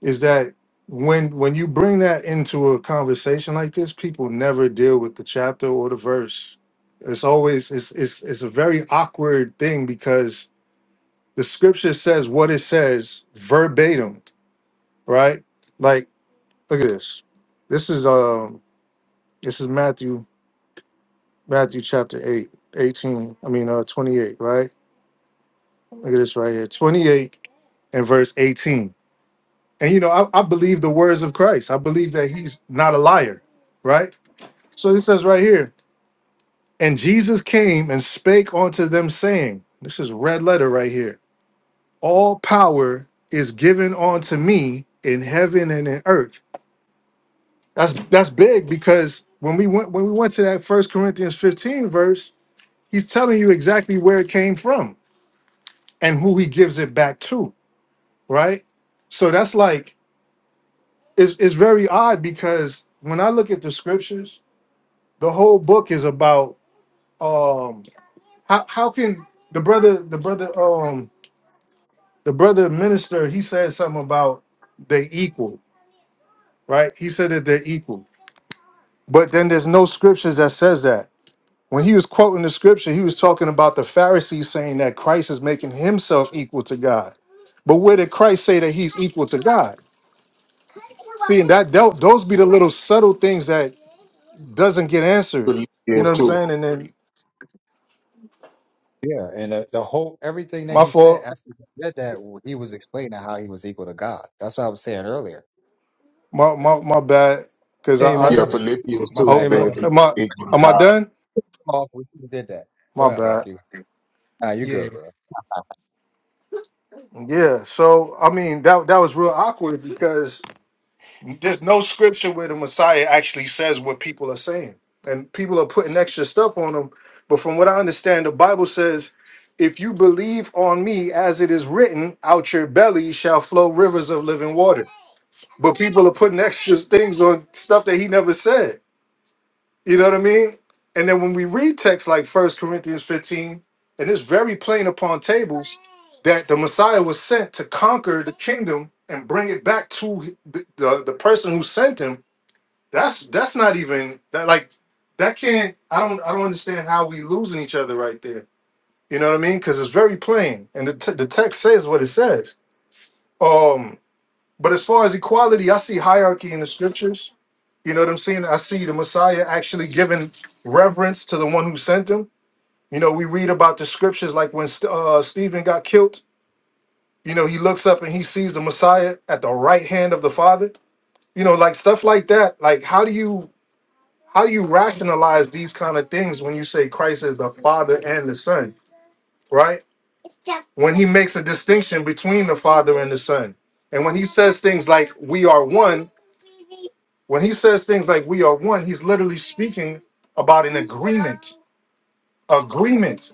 S4: is that when when you bring that into a conversation like this, people never deal with the chapter or the verse. It's always it's it's it's a very awkward thing because the scripture says what it says verbatim, right? Like look at this. This is um this is Matthew Matthew chapter 8 18. I mean uh 28, right? Look at this right here. 28 and verse 18. And you know, I, I believe the words of Christ. I believe that he's not a liar, right? So it says right here, and Jesus came and spake unto them, saying, This is red letter right here. All power is given unto me in heaven and in earth. That's that's big because when we went when we went to that first Corinthians 15 verse, he's telling you exactly where it came from and who he gives it back to, right? So that's like it's, it's very odd because when I look at the scriptures, the whole book is about um How how can the brother the brother um the brother minister he said something about they equal, right? He said that they're equal. But then there's no scriptures that says that. When he was quoting the scripture, he was talking about the Pharisees saying that Christ is making himself equal to God. But where did Christ say that he's equal to God? See, and that dealt those be the little subtle things that doesn't get answered. You know
S10: Philippians
S4: what I'm
S10: 2.
S4: saying? And then
S1: Yeah, and uh, the whole everything that
S4: my
S1: He said
S4: fault,
S1: after He said that, w- He was explaining how He was equal to God. That's what I was saying earlier.
S4: my my my bad, because I,
S6: Hey
S1: Now,
S4: I
S10: Yeah,
S1: jump
S6: Moses.
S10: Philippians
S1: my
S10: 2
S4: oh
S6: Hey
S1: bad. Go ahead. We
S6: Moses.
S10: says
S4: am I
S10: it's
S4: am I
S10: God.
S4: done?
S1: off. We should've did that. Go
S4: My
S1: ahead,
S4: bad.
S1: Aki. Nah, you
S6: Yeah.
S1: good, bro.
S4: Yeah. So I mean that that was real awkward because there's no scripture where the Messiah actually says what people are saying. And people are putting extra stuff on them. But from what I understand, the Bible says, if you believe on me as it is written, out your belly shall flow rivers of living water. But people are putting extra things on stuff that he never said. You know what I mean? And then when we read texts like First Corinthians 15, and it's very plain upon tables that the Messiah was sent to conquer the kingdom and bring it back to the, the, the person who sent him. That's that's not even that like that can't I don't I don't understand how we losing each other right there. You know what I mean? Because it's very plain, and the, t- the text says what it says. Um, but as far as equality, I see hierarchy in the scriptures you know what I'm saying? I see the Messiah actually giving reverence to the one who sent him. You know, we read about the scriptures like when uh, Stephen got killed, you know, he looks up and he sees the Messiah at the right hand of the Father. You know, like stuff like that. Like how do you how do you rationalize these kind of things when you say Christ is the Father and the Son, right? When he makes a distinction between the Father and the Son. And when he says things like we are one, when he says things like we are one, he's literally speaking about an agreement agreement.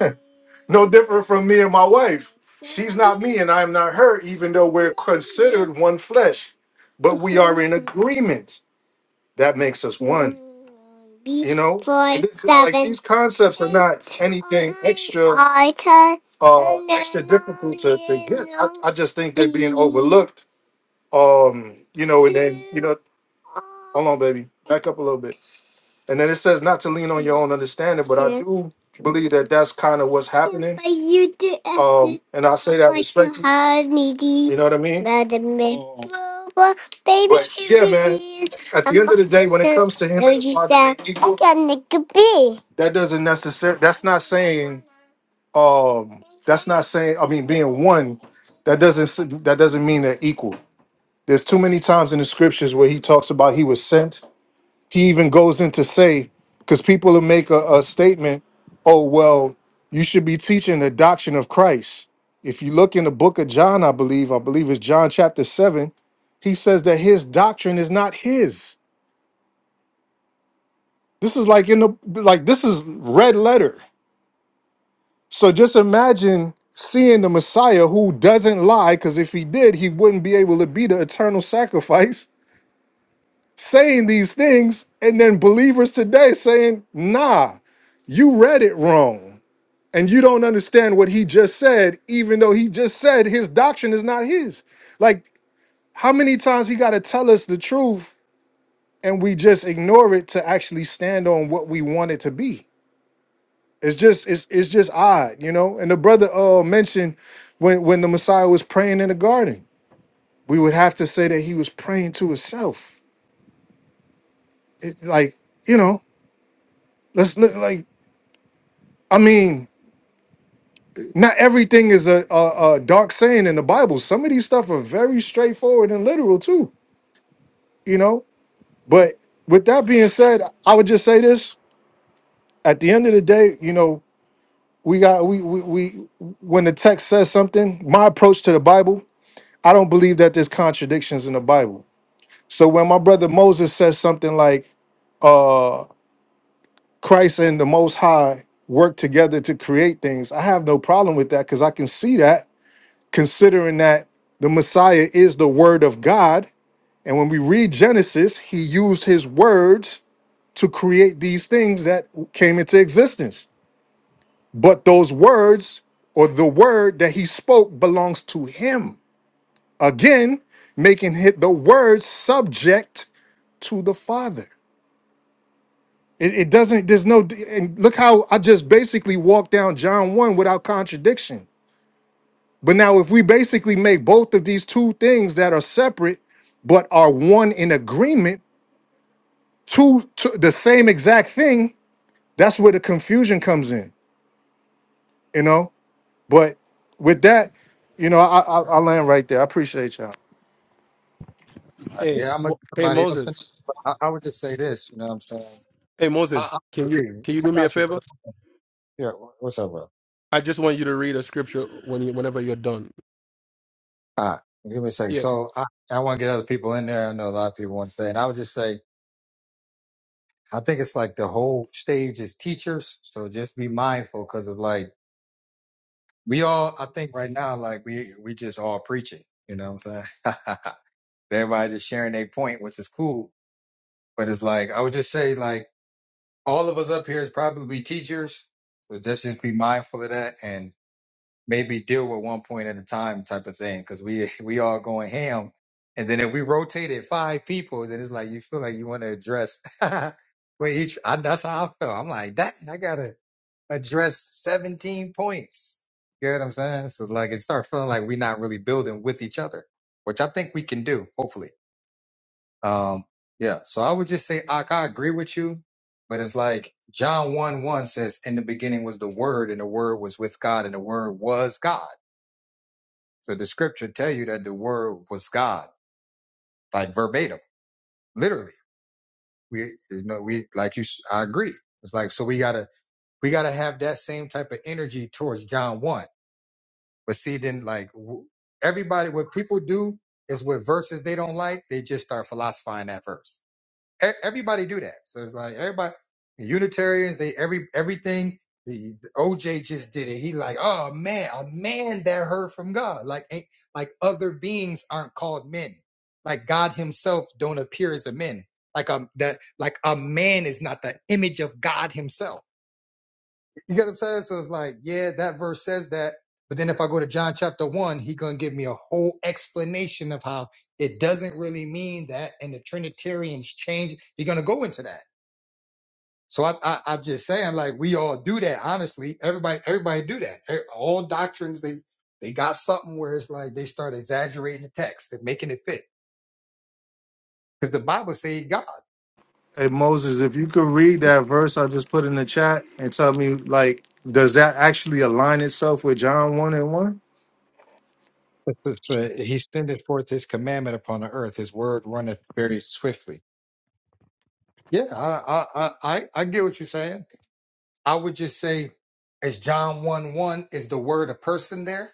S4: no different from me and my wife. She's not me and I am not her, even though we're considered one flesh. But we are in agreement. That makes us one. You know? And this is like these concepts are not anything extra uh extra difficult to, to get. I, I just think they're being overlooked um, you know, and then you know, hold on, baby, back up a little bit. And then it says not to lean on your own understanding, but I do believe that that's kind of what's happening. But you do. Um, and I say that respectfully. You know what I mean? Um, But yeah, man. At the end of the day, when it comes to him, and his wife being equal, that doesn't necessarily. That's not saying. Um, that's not saying. I mean, being one, that doesn't s- that doesn't mean they're equal. There's too many times in the scriptures where he talks about he was sent. He even goes in to say, because people will make a, a statement, oh, well, you should be teaching the doctrine of Christ. If you look in the book of John, I believe, I believe it's John chapter 7, he says that his doctrine is not his. This is like in the like this is red letter. So just imagine seeing the Messiah who doesn't lie, because if he did, he wouldn't be able to be the eternal sacrifice saying these things and then believers today saying, nah, you read it wrong and you don't understand what he just said, even though he just said his doctrine is not his. Like, how many times he got to tell us the truth and we just ignore it to actually stand on what we want it to be? It's just it's it's just odd, you know. And the brother uh mentioned when when the Messiah was praying in the garden, we would have to say that he was praying to himself. It, like you know, let's look like I mean, not everything is a, a, a dark saying in the Bible. Some of these stuff are very straightforward and literal too, you know. But with that being said, I would just say this: at the end of the day, you know, we got we we, we when the text says something, my approach to the Bible, I don't believe that there's contradictions in the Bible. So when my brother Moses says something like, uh Christ and the Most High work together to create things. I have no problem with that because I can see that considering that the Messiah is the Word of God. And when we read Genesis, he used his words to create these things that came into existence. But those words or the word that he spoke belongs to him. Again, making it the word subject to the Father. It, it doesn't, there's no, and look how I just basically walked down John 1 without contradiction But now, if we basically make both of these two things that are separate but are one in agreement to, to the same exact thing, that's where the confusion comes in, you know. But with that, you know, I, I I land right there. I appreciate y'all.
S6: Hey,
S1: Yeah, I'm gonna
S6: wh-
S1: get
S6: hey
S1: somebody else. in.
S6: Moses.
S1: But I, I would just say this. You know what I'm saying?
S6: Hey
S1: I,
S6: Moses,
S1: I,
S6: can you
S1: agree.
S6: can you
S1: I
S6: do me a
S1: got you, brother.
S6: favor?
S1: Yeah, wh- what's up, bro?
S6: I just want you to read a scripture when you whenever you're done.
S1: All right, give me a second.
S6: Yeah.
S1: So I, I want to get other people in there. I know a lot of people want to say, and I would just say, I think it's like the whole stage is teachers. So just be mindful because it's like we all, I think right now, like we we just all preaching. You know what I'm saying? Everybody just sharing their point, which is cool. But it's like I would just say, like all of us up here is probably teachers. So just just be mindful of that and maybe deal with one point at a time type of thing because we we all going ham and then if we rotated five people then it's like you feel like you want to address with each I, that's how i feel i'm like dang, i gotta address 17 points you know what i'm saying so like it start feeling like we're not really building with each other which i think we can do hopefully um yeah so i would just say i, I agree with you but it's like john 1 1 says in the beginning was the word and the word was with god and the word was god so the scripture tell you that the word was God, like verbatim, literally. We, you know, we like you. s- I agree. It's like so we gotta we gotta have that same type of energy towards John one. But see, then like w- everybody, what people do is with verses they don't like, they just start philosophizing that verse. E- Everybody do that. So it's like everybody the Unitarians, they every everything the, the OJ just did it. He like, oh man, a man that heard from God. Like ain't like other beings aren't called men. Like God Himself don't appear as a man. Like um that like a man is not the image of God Himself you get what I'm saying? So it's like, yeah, that verse says that. But then if I go to John chapter one, he gonna give me a whole explanation of how it doesn't really mean that, and the Trinitarians change. You're gonna go into that. So I, I, I'm just saying, like we all do that. Honestly, everybody, everybody do that. E- All doctrines, they, they got something where it's like they start exaggerating the text and making it fit, because the Bible say God.
S4: Hey Moses, if you could read
S1: It-
S4: that verse I just put in the chat and tell me, like, does that actually align itself with John one and one?
S1: it's- it's, uh, He sendeth forth his commandment upon the earth. His word runneth very swiftly. Yeah, I, I, I, I I get what you're saying. I would just say, is John 1 1, is the word a person there?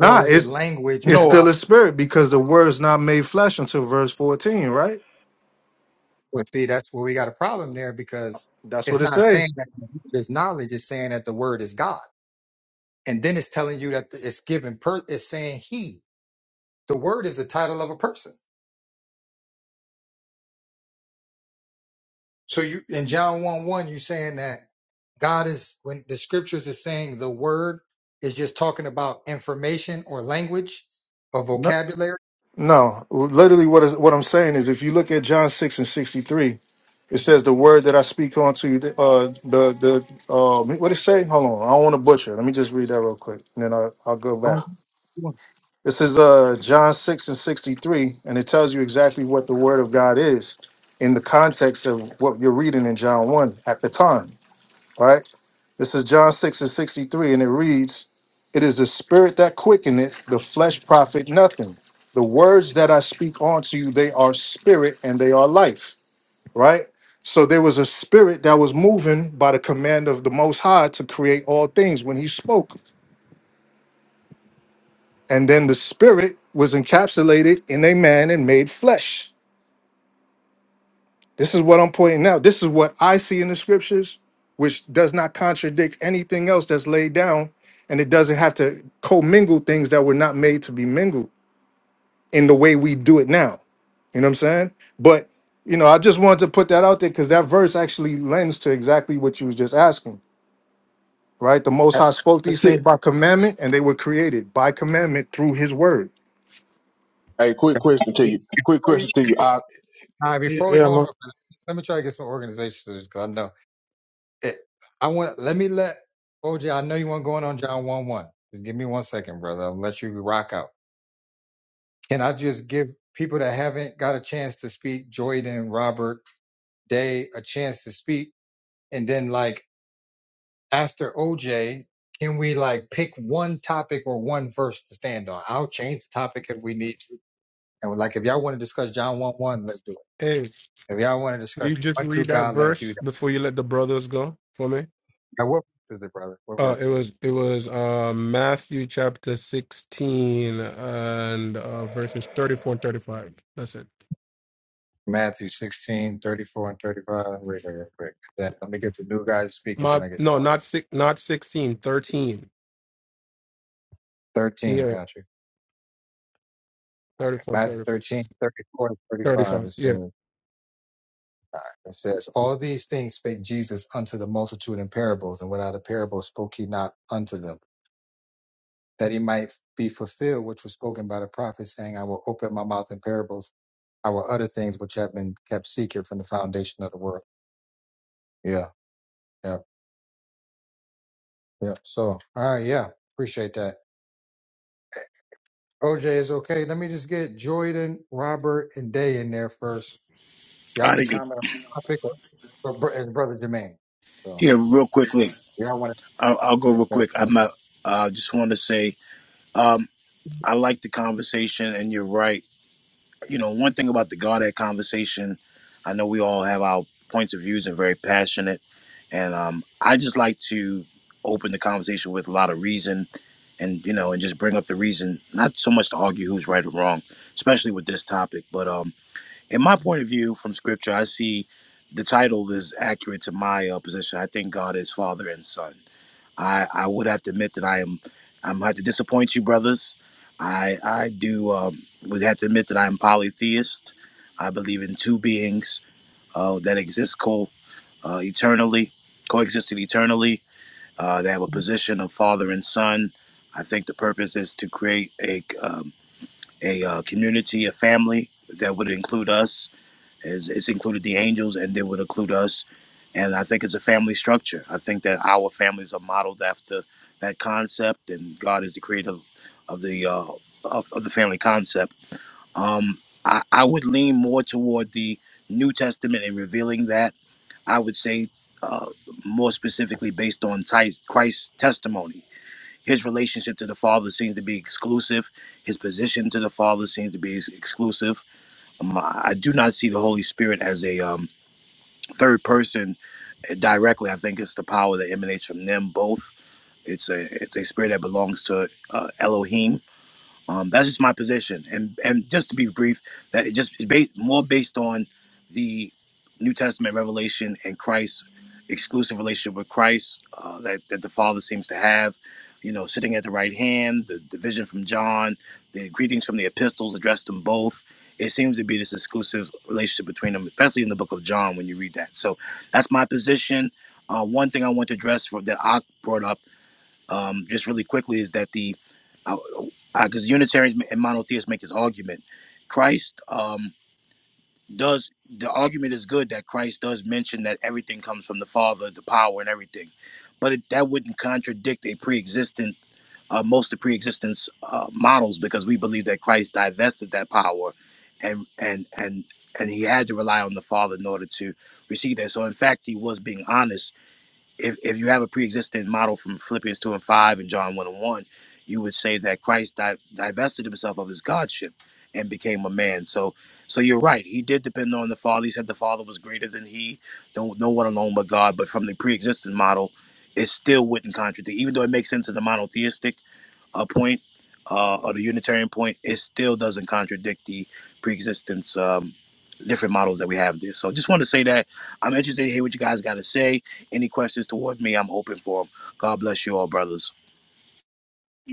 S1: Or is it
S4: it's
S1: language or
S4: it's
S2: No.
S4: still
S1: not?
S4: a spirit because the word's not made flesh until verse fourteen, right?
S1: Well, see, that's where we got a problem there because
S4: That's what
S1: it's
S4: it
S1: not
S4: say.
S1: saying that this knowledge It's saying that the word is God. And then it's telling you that it's given, per, it's saying he. The word is the title of a person. So you, in John 1 1, you're saying that God is, when the scriptures is saying the word is just talking about information or language or vocabulary
S4: No, literally, what is what I'm saying is, if you look at John six and sixty three, it says the word that I speak unto you, the uh, the the uh, what did it say? Hold on, I don't want to butcher. it. Let me just read that real quick, and then I, I'll go back.
S1: Oh, you want-
S4: This is uh, John six and sixty three, and it tells you exactly what the word of God is in the context of what you're reading in John one at the time right? This is John 6 and 63, and it reads, It is the spirit that quickeneth, the flesh profit nothing. The words that I speak unto you, they are spirit and they are life, right? So there was a spirit that was moving by the command of the Most High to create all things when he spoke. And then the spirit was encapsulated in a man and made flesh This is what I'm pointing out. This is what I see in the scriptures, which does not contradict anything else that's laid down, and it doesn't have to commingle things that were not made to be mingled in the way we do it now. You know what I'm saying? But you know, I just wanted to put that out there because that verse actually lends to exactly what you was just asking, right? The Most High spoke these
S2: See.
S4: things by commandment, and they were created by commandment through His word.
S10: Hey, quick question to you. Quick
S1: Before we,
S10: question to you. I,
S1: all right,
S2: Yeah.
S1: before we
S2: yeah,
S1: hold on,
S2: man.
S1: real quick, let me try to get some organization because I know it. I want. Let me let OJ. I know you want going on John one one. Just give me one second, brother. I'll let you rock out. Can I just give people that haven't got a chance to speak, Jordan, Robert, Day, a chance to speak, and then like after OJ, can we like pick one topic or one verse to stand on? I'll change the topic if we need to. And like if y'all want to discuss John one one, let's do it.
S6: Hey,
S1: If y'all want to
S6: will
S1: discuss
S6: you just
S1: what true
S6: read that
S1: God, let's do
S6: verse
S1: that.
S6: before you let the brothers go for me?
S1: Now, what verse is it, brother? What
S6: Uh
S1: verse?
S6: it was it was uh Matthew chapter 16 and uh verses 34 and 35. That's it.
S1: Matthew 16 34 and 35. Read that real quick. Then let me get the new guys speaking,
S6: My
S1: then I get the
S6: no,
S1: audio.
S6: not six not sixteen, thirteen.
S1: 13,
S6: Yeah,
S1: got you. All right.
S6: 34 and
S1: Matthew 13 34 and 35. It
S6: 35.
S1: says, it says, All these things spake Jesus unto the multitude in parables, and without a parable spoke he not unto them, that he might be fulfilled which was spoken by the prophet, saying, I will open my mouth in parables, I will utter things which have been kept secret from the foundation of the world. Yeah, Yeah. Yeah. So, ah, yeah, appreciate that. OJ is okay. Let me just get Jordan, Robert, and Day in there first. Y'all
S9: I
S1: can
S9: didn't get
S1: comment on the topic or, or br- and brother Jermaine. So,
S9: here real quickly.
S1: y'all want
S9: I'll, I'll go real
S1: to
S9: quick. I'm not,
S1: That's
S9: uh, just want to say, um, I like the conversation, and you're right. You know, one thing about the Godhead conversation, I know we all have our points of views and very passionate, and um, I just like to open the conversation with a lot of reason, and you know, and just bring up the reason, not so much to argue who's right or wrong, especially with this topic. But um, in my point of view from Scripture, I see the title is accurate to my uh, position. I think God is Father and Son I, I would have to admit that I am I'm gonna have to disappoint you, brothers. I I do um, would have to admit that I'm polytheist. I believe in two beings uh, that exist co uh, eternally, coexisting eternally. Uh, they have a position of father and son. I think the purpose is to create a um, a uh, community, a family that would include us it's, it's included the angels and it would include us. And I think it's a family structure. I think that our families are modeled after that concept, and God is the creator of the uh, of, of the family concept. Um, I, I would lean more toward the New Testament and revealing that. I would say uh, more specifically based on Ti- Christ's testimony. His relationship to the Father seems to be exclusive. His position to the Father seems to be ex- exclusive. Um, I I do not see the Holy Spirit as a um, third person directly. I think it's the power that emanates from them both. It's a it's a spirit that belongs to uh, Elohim, um, that's just my position, and and just to be brief, that it just is based more based on the New Testament revelation and Christ's exclusive relationship with Christ uh, that that the Father seems to have. You know, sitting at the right hand, the, the vision from John, the greetings from the epistles addressed to them both. It seems to be this exclusive relationship between them, especially in the book of John when you read that. So that's my position. Uh, one thing I want to address for, that I brought up um, just really quickly is that the uh, because Unitarians and monotheists make this argument. Christ um, does the argument is good that Christ does mention that everything comes from the Father, the power, and everything, but it, that wouldn't contradict a pre-existent uh, most of pre-existence uh, models because we believe that Christ divested that power, and and and and he had to rely on the Father in order to receive that. So in fact, he was being honest if, if you have a pre-existing model from Philippians 2 and 5 and John 1 and 1, you would say that Christ di- divested himself of his godship and became a man. So so you're right. He did depend on the Father. He said the Father was greater than he. Don't no no one alone but God. But from the pre-existing model, it still wouldn't contradict, even though it makes sense in the monotheistic a point uh, or the Unitarian point, it still doesn't contradict the pre-existence um, different models that we have there. So just want to say that I'm interested to hear what you guys got to say. Any questions toward me, I'm open for them. God bless you all, brothers.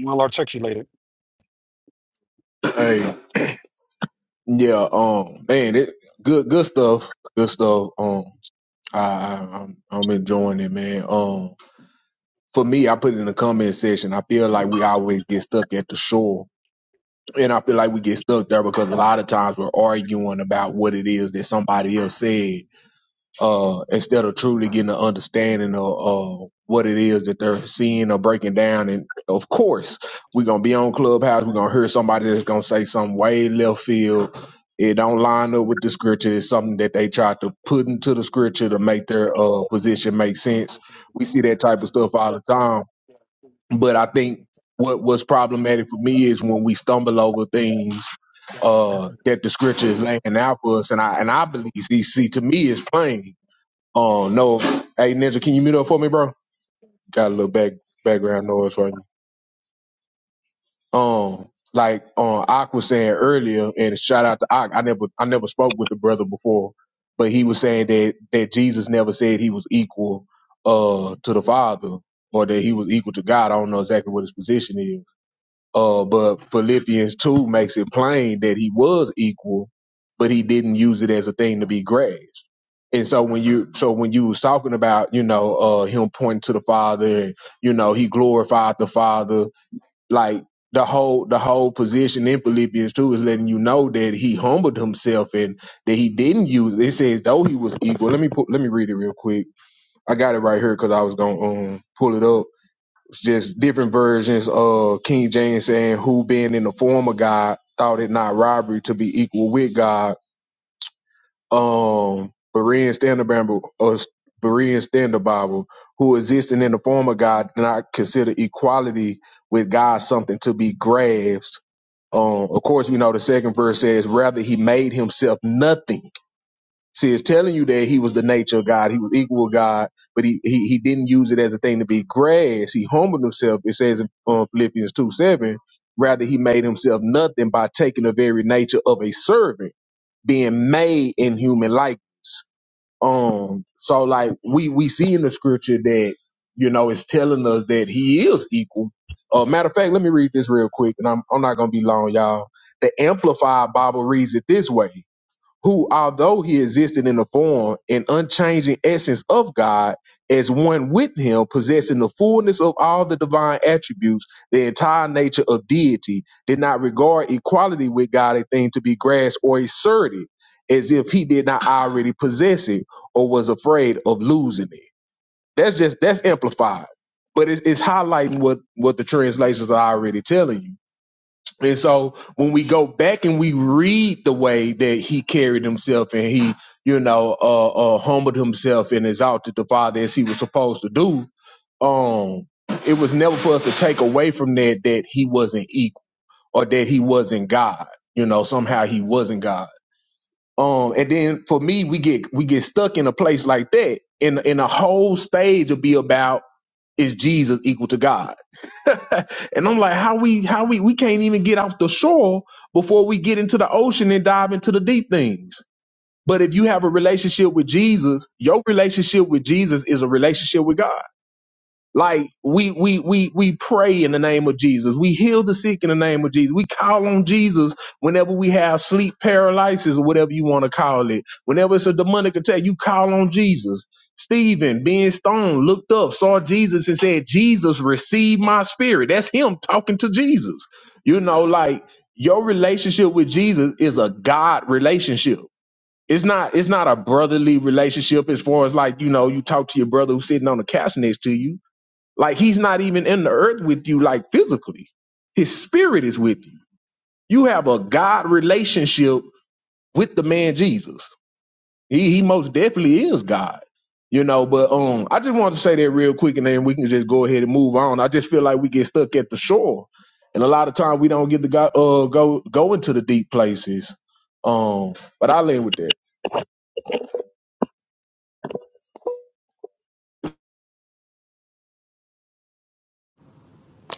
S11: Well articulated.
S10: hey, yeah, um, man, it good, good stuff. Good stuff. Um, I, I, I'm, I'm enjoying it, man. Um, for me, I put it in the comment section. I feel like we always get stuck at the shore. And I feel like we get stuck there because a lot of times we're arguing about what it is that somebody else said uh, instead of truly getting an understanding of uh, what it is that they're seeing or breaking down. And of course, we're gonna be on Clubhouse. We're gonna hear somebody that's gonna say something way left field. It don't line up with the scripture. It's something that they try to put into the scripture to make their uh, position make sense. We see that type of stuff all the time. But I think what was problematic for me is when we stumble over things uh, that the scripture is laying out for us, and I and I believe CC to me is plain Oh no, hey Ninja, can you mute up for me, bro? Got a little back background noise right now. Um, like um, Ak was saying earlier, and shout out to Ak. I never, I never spoke with the brother before, but he was saying that that Jesus never said he was equal uh to the Father or that he was equal to God. I don't know exactly what his position is, uh, but Philippians 2 makes it plain that he was equal, but he didn't use it as a thing to be grasped. And so when you so when you was talking about, you know, uh him pointing to the Father and, you know, he glorified the Father, like the whole the whole position in Philippians 2 is letting you know that he humbled himself and that he didn't use it. It says though he was equal. Let me put let me read it real quick. I got it right here because I was gonna um pull it up just different versions of King James saying who being in the form of God thought it not robbery to be equal with God. Um Berean Standard Bible or Berean Standard Bible, who existing in the form of God did not consider equality with God something to be grasped. Um, of course, you know the second verse says, rather he made himself nothing See, it's telling you that he was the nature of God. He was equal with God, but he, he, he didn't use it as a thing to be grass. He humbled himself. It says in uh, Philippians 2 7, rather he made himself nothing by taking the very nature of a servant, being made in human likeness. Um, so like we, we see in the scripture that, you know, it's telling us that he is equal. Uh, matter of fact, let me read this real quick and I'm, I'm not going to be long, y'all. The Amplified Bible reads it this way who, although he existed in the form and unchanging essence of God, as one with him, possessing the fullness of all the divine attributes, the entire nature of deity, did not regard equality with God a thing to be grasped or asserted, as if he did not already possess it or was afraid of losing it. That's just that's amplified, but it's, it's highlighting what what the translations are already telling you and so when we go back and we read the way that he carried himself and he, you know, uh, uh humbled himself and exalted the Father as he was supposed to do, um, it was never for us to take away from that that he wasn't equal or that he wasn't God. You know, somehow he wasn't God. Um, and then for me, we get we get stuck in a place like that, and and the whole stage will be about is Jesus equal to God And I'm like, how we how we we can't even get off the shore before we get into the ocean and dive into the deep things. But if you have a relationship with Jesus, your relationship with Jesus is a relationship with God. Like we we we we pray in the name of Jesus. We heal the sick in the name of Jesus. We call on Jesus whenever we have sleep paralysis or whatever you want to call it. Whenever it's a demonic attack, you call on Jesus. Stephen, being stoned, looked up, saw Jesus and said, Jesus, receive my spirit. That's him talking to Jesus. You know, like your relationship with Jesus is a God relationship it's not it's not a brotherly relationship as far as like you know you talk to your brother who's sitting on the couch next to you like he's not even in the earth with you, like physically. His spirit is with you. You have a God relationship with the man Jesus. He he most definitely is God. You know, but um I just wanted to say that real quick and then we can just go ahead and move on. I just feel like we get stuck at the shore. And a lot of time we don't get to go uh go go into the deep places. Um but I land with that.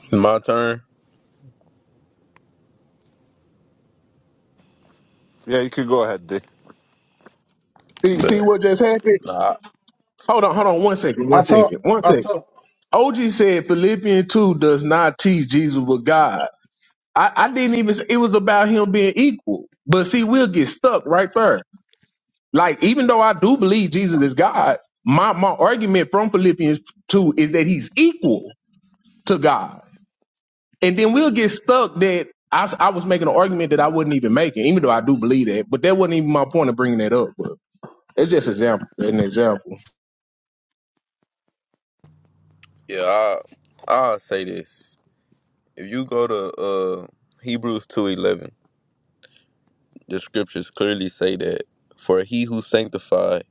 S12: It's my turn,
S13: Yeah, you could go ahead, day.
S10: See see
S12: but
S10: what just happened?
S12: nah,
S10: Hold on, hold on one second,
S2: I
S10: one
S2: thought.
S10: second, one
S2: I
S10: second.
S2: thought.
S10: OG said Philippians 2 does not teach Jesus was God. I, I didn't even say it was about him being equal. But see, we'll get stuck right there. Like, even though I do believe Jesus is God, my, my argument from Philippians 2 is that he's equal to God. And then we'll get stuck that I, s- I was making an argument that I wasn't even making, even though I do believe that. But that wasn't even my point of bringing that up. But it's just example, an example.
S12: yeah, I I'll say this. If you go to uh Hebrews two eleven, the scriptures clearly say that for he who sanctified,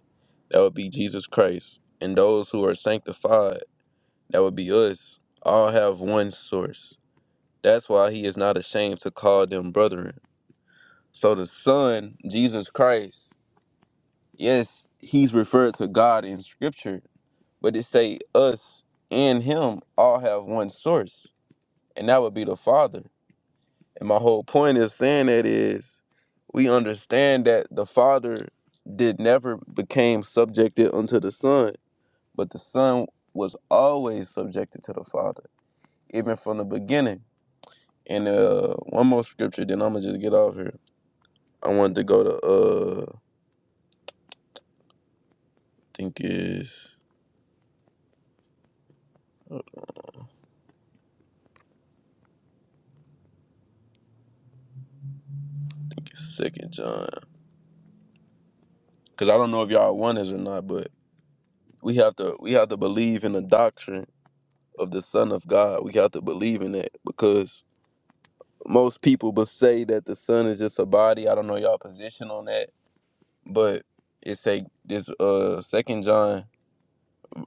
S12: that would be Jesus Christ, and those who are sanctified, that would be us, all have one source. That's why he is not ashamed to call them brethren. So the Son, Jesus Christ, yes, he's referred to God in scripture, but it say us and him all have one source and that would be the Father. And my whole point is saying that is we understand that the Father did never became subjected unto the Son, but the Son was always subjected to the Father, even from the beginning. And uh, one more scripture, then I'm gonna just get off here. I wanted to go to uh, I think is Second John, because I don't know if y'all want this or not, but we have to we have to believe in the doctrine of the Son of God. We have to believe in it because most people but say that the sun is just a body. I don't know y'all position on that, but it's a this uh second John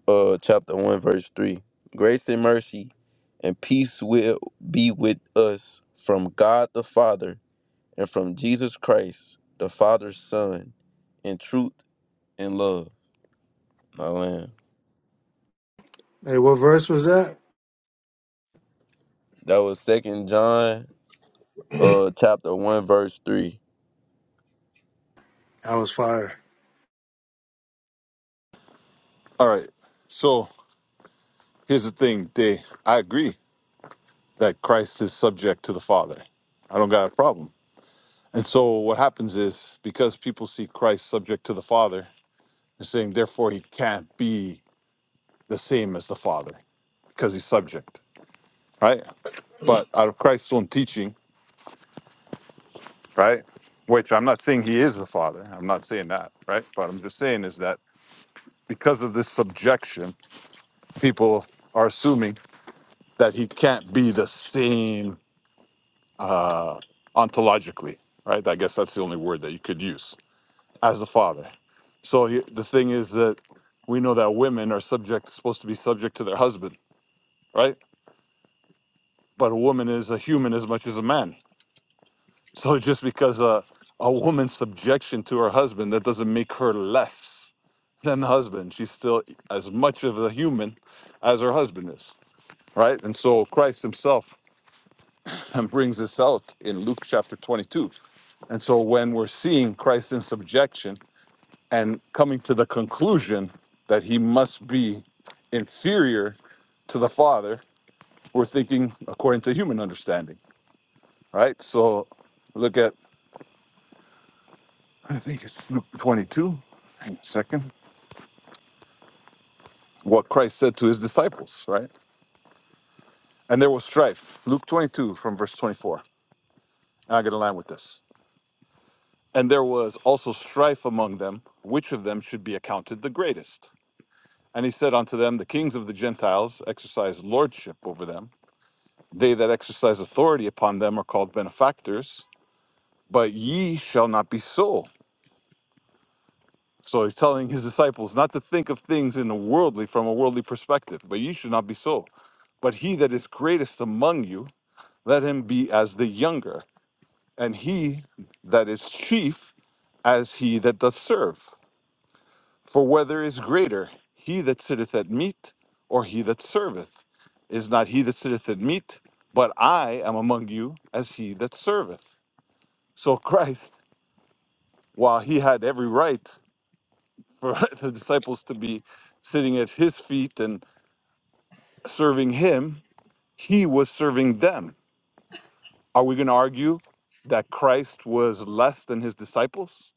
S12: uh chapter one verse three. Grace and mercy and peace will be with us from God the Father and from Jesus Christ, the Father's Son, in truth and love. My land.
S4: Hey, what verse was that?
S12: That was second John uh chapter one verse three.
S4: I was fire.
S13: All right. So here's the thing, day. I agree that Christ is subject to the Father. I don't got a problem. And so what happens is because people see Christ subject to the Father, they're saying therefore he can't be the same as the Father because he's subject, right? But out of Christ's own teaching, right? Which I'm not saying he is the Father. I'm not saying that, right? But I'm just saying is that because of this subjection, people are assuming that he can't be the same uh, ontologically, right? I guess that's the only word that you could use as the father. So he, the thing is that we know that women are subject, supposed to be subject to their husband, right? But a woman is a human as much as a man. So just because a, a woman's subjection to her husband, that doesn't make her less than the husband. She's still as much of a human as her husband is, right? And so Christ himself and brings this out in Luke chapter 22. And so when we're seeing Christ in subjection and coming to the conclusion that he must be inferior to the Father, we're thinking according to human understanding, right? So look at, I think it's Luke 22, hang on a second, what Christ said to his disciples, right? And there was strife. Luke 22 from verse 24. And I get a line with this. And there was also strife among them, which of them should be accounted the greatest. And he said unto them, The kings of the Gentiles exercise lordship over them. They that exercise authority upon them are called benefactors, but ye shall not be so. So he's telling his disciples not to think of things in a worldly, from a worldly perspective, but ye should not be so. But he that is greatest among you, let him be as the younger, and he that is chief as he that doth serve. For whether is greater, he that sitteth at meat or he that serveth? Is not he that sitteth at meat, but I am among you as he that serveth. So Christ, while he had every right for the disciples to be sitting at his feet and serving him, he was serving them. Are we going to argue that Christ was less than his disciples?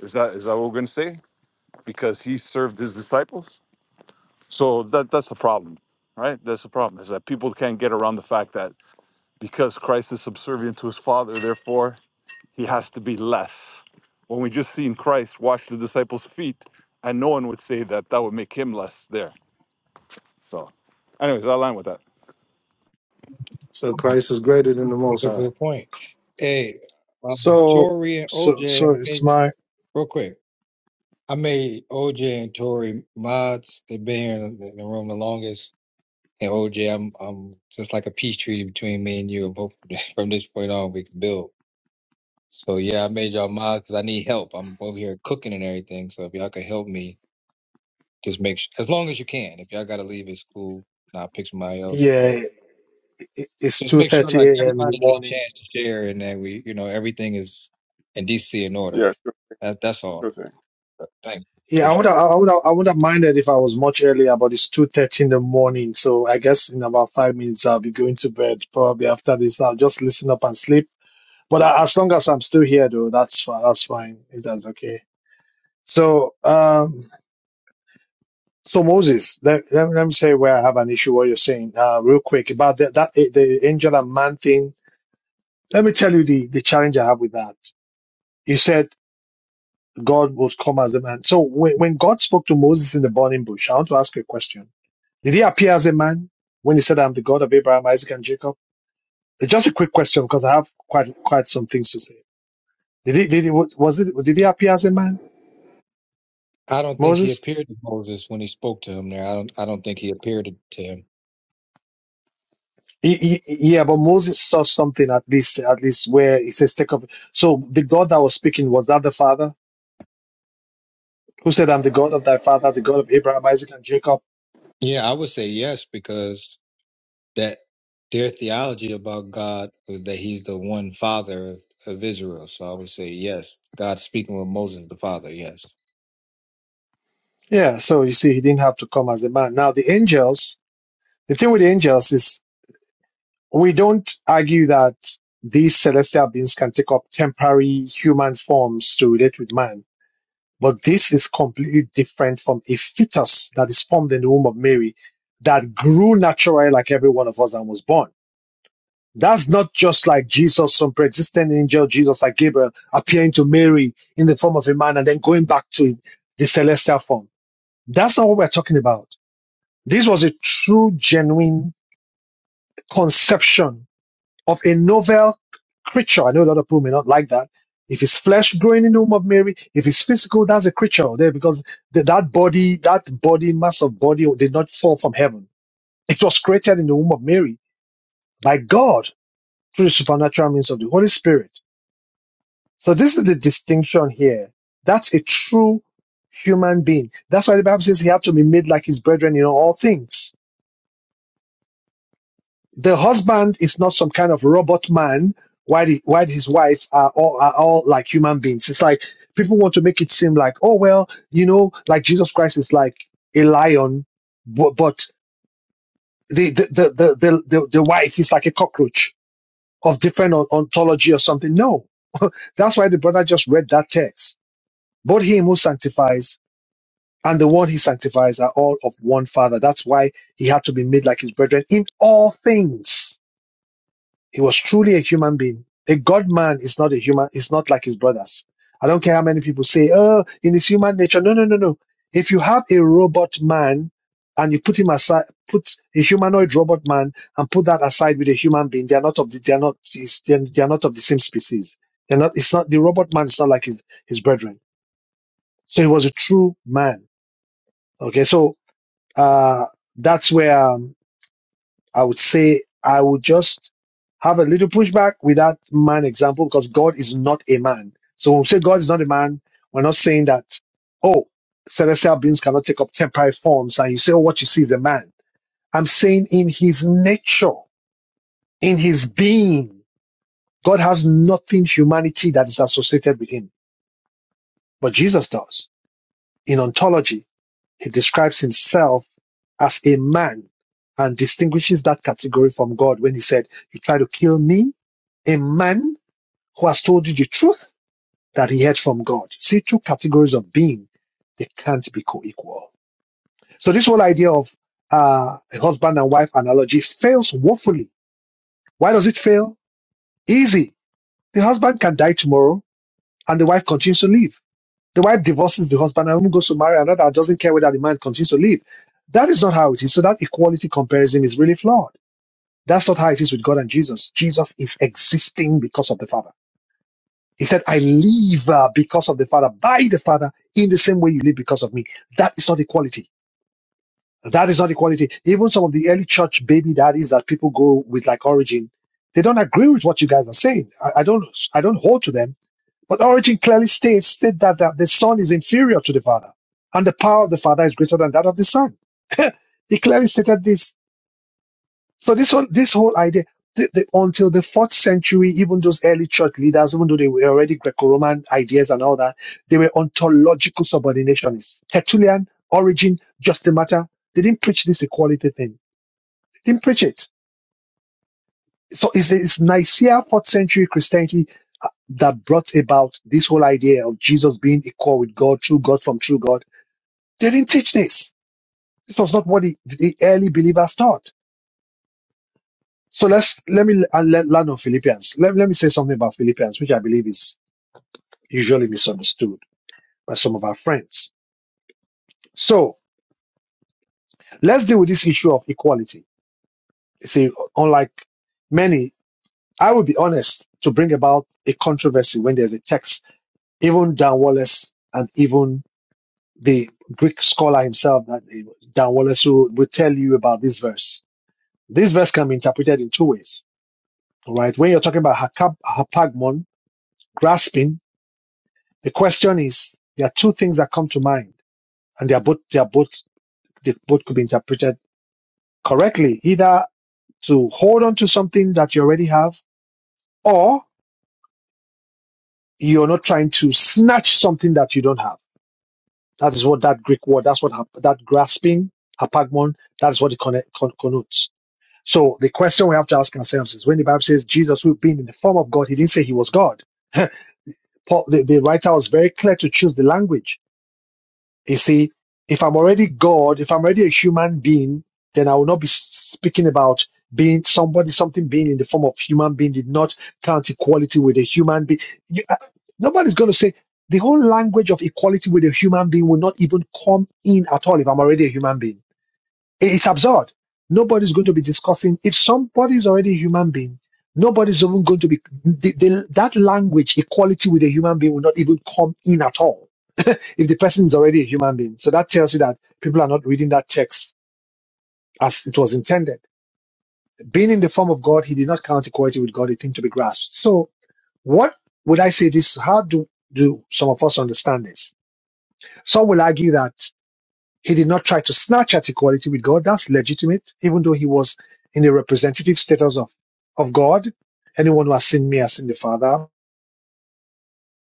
S13: Is that is that what we're going to say? Because he served his disciples? So that that's the problem, right? That's the problem is that people can't get around the fact that because Christ is subservient to his Father, therefore he has to be less. When we just seen Christ wash the disciples' feet, and no one would say that that would make him less there. So, anyways, I line with that.
S4: So Christ is greater than the Most
S1: a
S4: High.
S1: good point. Hey, um,
S2: So.
S1: Tori and
S2: So.
S1: OJ,
S2: So it's
S1: made,
S2: my.
S1: real quick, I made OJ and Tori mods. They've been here in the, in the room the longest. And OJ, I'm, I'm just like a peace treaty between me and you. And both from this point on, we can build. So yeah, I made y'all mod because I need help. I'm over here cooking and everything. So if y'all could help me, just make sure as long as you can. If y'all gotta leave, it's cool, and I'll pick somebody else. But
S2: Yeah. it- It's
S1: just
S2: two
S1: make sure
S2: thirty
S1: like
S2: a.m. in the
S1: everybody get a
S2: morning.
S1: chance to share, and that we, you know, everything is in DC in order.
S3: Yeah, sure,
S1: That that's all.
S3: sure thing.
S1: But Thanks,
S2: Yeah, I would
S1: appreciate it.
S2: have, I would have, I would have minded if I was much earlier, but it's 2:30 in the morning, so I guess in about five minutes I'll be going to bed. Probably after this, I'll just listen up and sleep. But a- as long as I'm still here, though, that's fi- that's fine if that's okay. So, um, so Moses, let, let, me- let me say where I have an issue. What you're saying, uh, real quick about that, that the angel and man thing. Let me tell you the the challenge I have with that. You said. God will come as a man. So when, when God spoke to Moses in the burning bush, I want to ask you a question. Did he appear as a man when he said, I'm the God of Abraham, Isaac, and Jacob? It's just a quick question because I have quite, quite some things to say. Did he, did he, was it, did he appear as a man,
S1: I don't think he
S2: Moses?
S1: appeared to Moses when he spoke to him there. I don't. I don't think he appeared to to him.
S2: He, he, yeah, but Moses saw something at least, at least where he says, take up. So the God that was speaking, was that the father who said, I'm the God of thy father, the God of Abraham, Isaac, and Jacob?
S1: Yeah, I would say yes because that their theology about God was that He's the one Father of Israel. So I would say yes, God speaking with Moses the Father. Yes.
S2: Yeah. So you see, he didn't have to come as a man. Now the angels, the thing with the angels is We don't argue that these celestial beings can take up temporary human forms to relate with man, but this is completely different from a fetus that is formed in the womb of Mary that grew naturally like every one of us that was born. That's not just like Jesus, some pre existent angel, Jesus like Gabriel, appearing to Mary in the form of a man and then going back to the celestial form. That's not what we're talking about. This was a true, genuine conception of a novel creature. I know a lot of people may not like that. If it's flesh growing in the womb of Mary, if it's physical, that's a creature out there because the, that body, that body, mass of body did not fall from heaven. It was created in the womb of Mary by God through the supernatural means of the Holy Spirit. So this is the distinction here. That's a true human being. That's why the Bible says he had to be made like his brethren in all things the husband is not some kind of robot man while, he, while his wife are all, are all like human beings. It's like people want to make it seem like, oh, well, you know, like Jesus Christ is like a lion, but, but the, the, the, the, the, the, the wife is like a cockroach of different on- ontology or something. No, that's why the brother just read that text. Both him who sanctifies and the one he sanctifies are all of one father. That's why he had to be made like his brethren in all things He was truly a human being. A God man is not a human, is not like his brothers. I don't care how many people say, oh, in his human nature. No, no, no, no. If you have a robot man and you put him aside, put a humanoid robot man and put that aside with a human being, they are not of the, they are not, is- they are they are not of the same species. They're not, it's not, the robot man is not like his, his brethren. So he was a true man. Okay. So, uh, that's where, um, I would say I would just have a little pushback with that man example because God is not a man. So when we say God is not a man, we're not saying that, oh, celestial beings cannot take up temporary forms and you say, oh, what you see is a man. I'm saying in his nature, in his being, God has nothing humanity that is associated with him. But Jesus does. In ontology, he describes himself as a man and distinguishes that category from God when he said, you try to kill me, a man who has told you the truth that he heard from God. See, two categories of being, they can't be co-equal. So this whole idea of uh, a husband and wife analogy fails woefully. Why does it fail? Easy. The husband can die tomorrow and the wife continues to live. The wife divorces the husband and goes to marry another and doesn't care whether the man continues to live. That is not how it is. So that equality comparison is really flawed. That's not how it is with God and Jesus. Jesus is existing because of the Father. He said, I live uh, because of the Father, by the Father, in the same way you live because of me. That is not equality. That is not equality. Even some of the early church baby daddies that people go with, like Origin, they don't agree with what you guys are saying. I, I don't, I don't hold to them. But Origin clearly states, states that, that the Son is inferior to the Father, and the power of the Father is greater than that of the Son. he clearly stated this so this one, this whole idea, the, the, until the fourth century, even those early church leaders, even though they were already Greco-Roman ideas and all that, they were ontological subordinationists. Tertullian, Origin, Justin Martyr, they didn't preach this equality thing. They didn't preach it. So it's, the- it's Nicaea fourth century Christianity uh, that brought about this whole idea of Jesus being equal with God, true God from true God. They didn't teach this. This was not what the, the early believers taught. So let's let me I'll let land on Philippians. Let, let me say something about Philippians, which I believe is usually misunderstood by some of our friends. So let's deal with this issue of equality. You see, unlike many, I would be honest to bring about a controversy when there's a text, even Dan Wallace and even the Greek scholar himself, that eh, Dan Wallace, who will tell you about this verse. This verse can be interpreted in two ways. All right. When you're talking about hakap- hapagmon, grasping, The question is, there are two things that come to mind, and they are both they are both they both could be interpreted correctly, either to hold on to something that you already have, or you're not trying to snatch something that you don't have. That is what that Greek word, that's what hap- that grasping, apagmon, that's what it conne- con- connotes. So the question we have to ask ourselves is when the Bible says Jesus, who being in the form of God, he didn't say he was God. Paul, the, the writer was very clear to choose the language You see, if I'm already God, if I'm already a human being, then I will not be s- speaking about being somebody, something being in the form of human being did not count equality with a human being. You, uh, nobody's going to say the whole language of equality with a human being will not even come in at all if I'm already a human being. I- It's absurd. Nobody's going to be discussing if somebody's already a human being. Nobody's even going to be the, the, that language equality with a human being will not even come in at all if the person is already a human being. So that tells you that people are not reading that text as it was intended. Being in the form of God, he did not count equality with God a thing to be grasped. So what would I say this? How do, do some of us understand this? Some will argue that he did not try to snatch at equality with God. That's legitimate, even though he was in the representative status of, of God. Anyone who has seen me has seen the Father.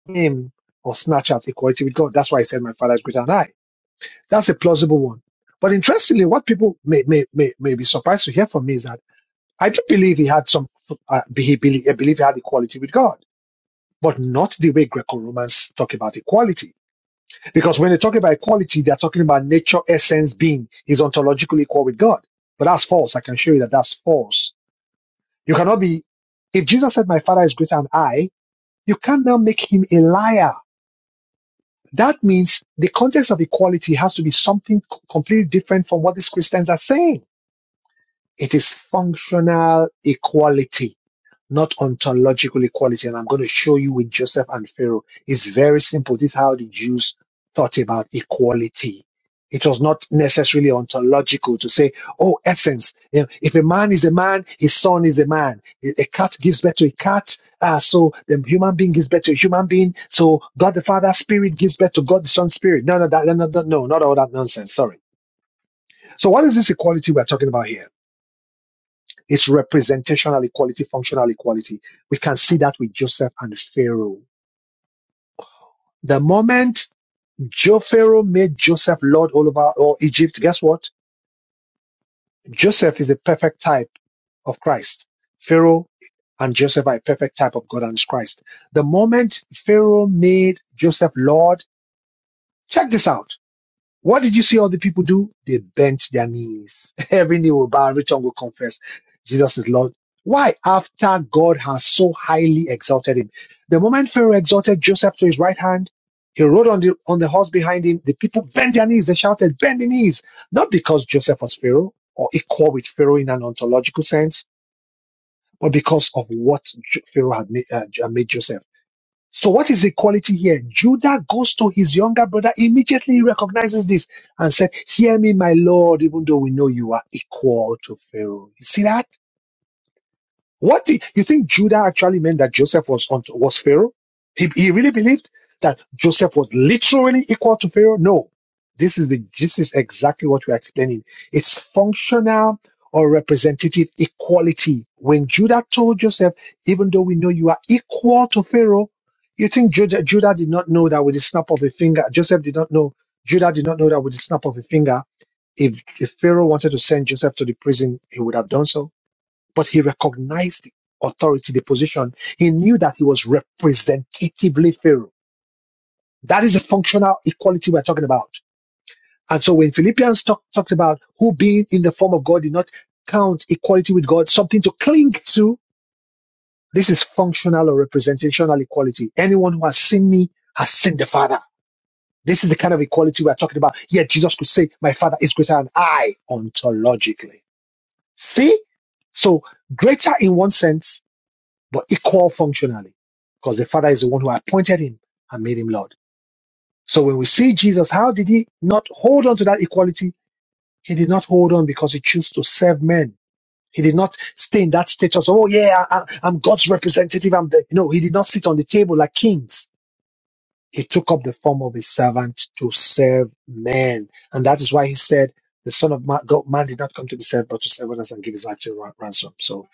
S2: Him or snatch at equality with God. That's why he said, My Father is greater than I That's a plausible one. But interestingly, what people may, may, may, may be surprised to hear from me is that I do believe he had some, uh, he believe, I believe he had equality with God, but not the way Greco-Romans talk about equality. Because when they talk about equality, they're talking about nature, essence, being. He's ontologically equal with God. But that's false. I can show you that that's false. You cannot be, if Jesus said, my father is greater than I, you can't now make him a liar. That means the context of equality has to be something completely different from what these Christians are saying It is functional equality, not ontological equality. And I'm going to show you with Joseph and Pharaoh. It's very simple. This is how the Jews thought about equality. It was not necessarily ontological to say, oh, essence. You know, if a man is the man, his son is the man. A a cat gives birth to a cat. Ah, so the human being gives birth to a human being. So God the Father Spirit gives birth to God the Son Spirit. No, no, that, no, no, no, no, not all that nonsense. Sorry. So what is this equality we're talking about here? It's representational equality, functional equality. We can see that with Joseph and Pharaoh. The moment Jo Pharaoh made Joseph Lord all over all Egypt, guess what? Joseph is the perfect type of Christ. Pharaoh and Joseph are a perfect type of God and Christ. The moment Pharaoh made Joseph Lord, check this out. What did you see all the people do? They bent their knees. Every knee will bow, every tongue will confess Jesus is Lord. Why? After God has so highly exalted him. The moment Pharaoh exalted Joseph to his right hand, he rode on the, on the horse behind him. The people bent their knees. They shouted, bend the knees. Not because Joseph was Pharaoh or equal with Pharaoh in an ontological sense, but because of what J- Pharaoh had made, uh, had made Joseph. So what is the quality here? Judah goes to his younger brother, immediately he recognizes this and said, hear me, my Lord, even though we know you are equal to Pharaoh. You see that? What did you think Judah actually meant that Joseph was on, was Pharaoh? He, he really believed that Joseph was literally equal to Pharaoh? No. This is the this is exactly what we're explaining. It's functional or representative equality. When Judah told Joseph, even though we know you are equal to Pharaoh, you think Judah, Judah did not know that with the snap of a finger, Joseph did not know, Judah did not know that with the snap of a finger, if, if Pharaoh wanted to send Joseph to the prison, he would have done so but he recognized the authority, the position. He knew that he was representatively Pharaoh. That is the functional equality we're talking about. And so when Philippians talk, talks about who being in the form of God did not count equality with God something to cling to, this is functional or representational equality. Anyone who has seen me has seen the Father. This is the kind of equality we're talking about. Yet Jesus could say, My Father is greater than I ontologically. See? So greater in one sense but equal functionally because the Father is the one who appointed him and made him Lord. So when we see Jesus, how did he not hold on to that equality? He did not hold on because he chose to serve men. He did not stay in that status. Oh yeah, I, I- am God's representative. I'm the no. He did not sit on the table like kings. He took up the form of a servant to serve men, and that is why he said, "The Son of Man, God, man did not come to be served, but to serve others and give his life to a ransom." So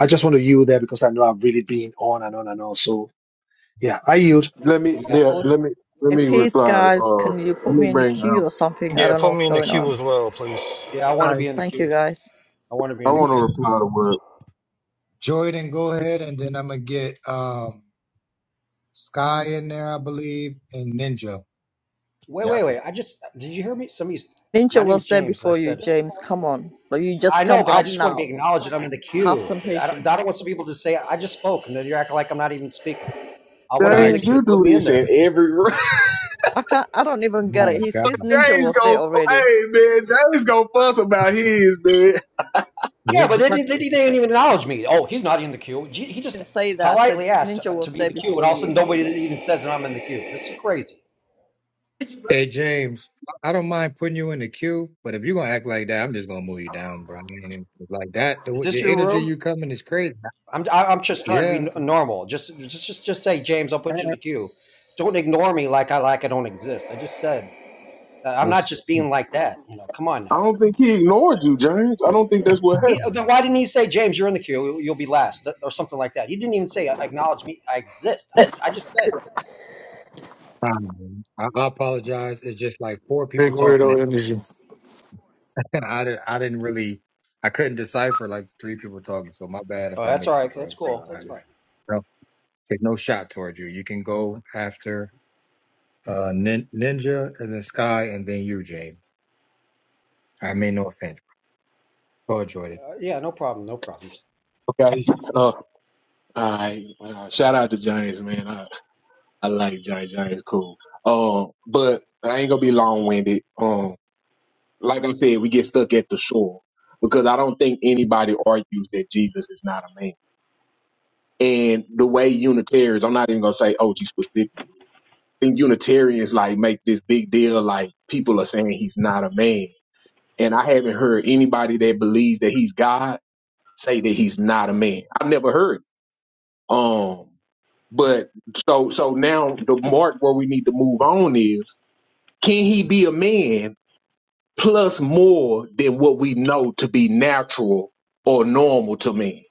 S2: I just want to yield there because I know I've really been on and on and on. So Yeah, I use.
S10: Let me
S14: Yeah,
S10: yeah,
S14: fully.
S10: let me let
S15: Hey,
S10: me
S15: peace,
S10: reply.
S15: guys.
S10: Uh,
S15: Can you
S10: let
S15: put
S10: me
S15: me in the
S10: bring. up
S15: queue or something? I
S11: Yeah,
S15: don't know
S11: put
S15: what's
S11: me in the
S15: going
S11: queue
S15: on.
S11: as well, please.
S14: Yeah,
S1: All
S14: I want to
S1: right.
S14: be in the
S15: Thank you,
S14: queue.
S15: guys.
S14: I want to be
S10: I
S14: in the
S10: want to
S14: queue.
S10: reply to what
S1: Jordan, go ahead, and then I'm gonna get um Sky in there, I believe, and Ninja.
S14: Wait,
S1: Yeah.
S14: wait, wait. I just did you hear me? Somebody's. My
S15: Ninja
S14: name's
S15: was there
S14: James, and I
S15: before you,
S14: said
S15: James. Come on. Like, you
S14: I
S15: just
S14: know,
S15: come
S14: but I
S15: up
S14: just want to be
S15: now.
S14: acknowledged that I'm in the
S15: Have
S14: queue.
S15: some
S14: I don't, I
S15: patience.
S14: don't want some people to say I just spoke, and then you're acting like I'm not even speaking. I want to
S1: All
S14: be in
S1: right,
S14: the
S10: James,
S14: queue.
S10: you
S1: Jordan.
S14: Put
S10: do
S14: me in
S10: this in
S14: there.
S10: every room.
S15: I can't, I don't even get it.
S1: Oh
S15: He
S1: God.
S15: says Ninja
S10: James
S15: was there
S10: go,
S15: already.
S10: hey man, James go fuss about his man.
S1: We
S14: Yeah, but they
S1: got
S14: didn't. They didn't even acknowledge me. Oh, he's not in the queue. He just
S15: Didn't say that. I said
S14: politely asked
S15: Ninja
S14: to
S15: was
S14: be in
S15: there
S14: the queue, and
S15: before
S14: all of a sudden
S15: you.
S14: nobody even says that I'm in the queue. This is crazy.
S1: Hey James, I don't mind putting you in the queue, but if you're gonna act like that, I'm just gonna move you down, bro. I ain't even- Like that,
S14: Is
S1: the,
S14: this
S1: the
S14: your
S1: energy
S14: room?
S1: you coming is crazy.
S14: I'm I- am i am just trying to be
S1: Yeah.
S14: normal. Just just just just say, James, I'll put you in the queue. Don't ignore me like I like I don't exist. I just said uh, I'm not just being like that. You know, come on now.
S10: I don't think he ignored you, James. I don't think that's what
S14: He, uh, then why didn't he say, James, you're in the queue, you'll be last, or something like that? He didn't even say, acknowledge me, I exist. I I just said,
S1: Um, I, I apologize. It's just like four
S4: Big
S1: people talking.
S4: weirdo energy.
S1: And I, di- I didn't really, I couldn't decipher like three people talking. So my bad
S14: oh,
S1: if I
S14: that's
S1: missed
S14: all
S1: you,
S14: right,
S1: bro.
S14: that's cool,
S1: Uh,
S14: that's
S1: I just,
S14: fine.
S1: no, there's no shot towards you. You can go after uh, nin- Ninja and then Sky and then you, James. I mean, no offense. Go enjoy it.
S14: Uh, yeah, no problem, no problems.
S10: happened. Okay. Uh, I uh, shout out to James, man. I, I like James. James cool. Um, but I ain't gonna be long winded. Um, like I said, we get stuck at the shore because I don't think anybody argues that Jesus is not a man. And the way Unitarians, I'm not even gonna say OG specific think Unitarians like make this big deal like people are saying he's not a man. And I haven't heard anybody that believes that he's God say that he's not a man. I've never heard. it. Um but so so now the mark where we need to move on is can he be a man plus more than what we know to be natural or normal to men?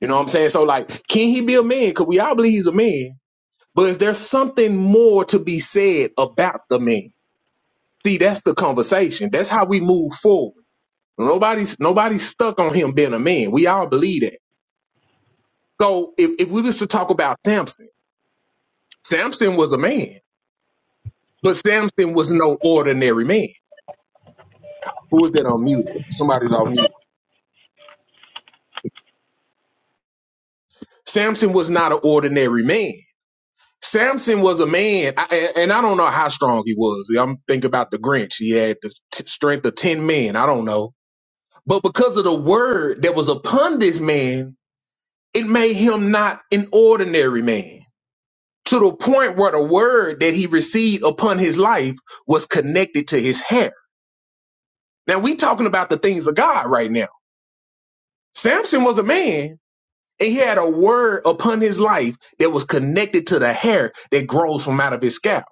S10: You know what I'm saying? So like can he be a man? Cause we all believe he's a man. But is there something more to be said about the man? See, that's the conversation. That's how we move forward. Nobody's nobody's stuck on him being a man. We all believe that. So if, if we was to talk about Samson, Samson was a man, but Samson was no ordinary man. Who is that on mute? Somebody's on mute. Samson was not an ordinary man. Samson was a man, I, and and I don't know how strong he was. Yeah, I'm thinking about the Grinch. He had the t- strength of 10 men. I don't know. But because of the word that was upon this man, it made him not an ordinary man. to the point where the word that he received upon his life was connected to his hair. Now we talking about the things of God right now. Samson was a man and he had a word upon his life that was connected to the hair that grows from out of his scalp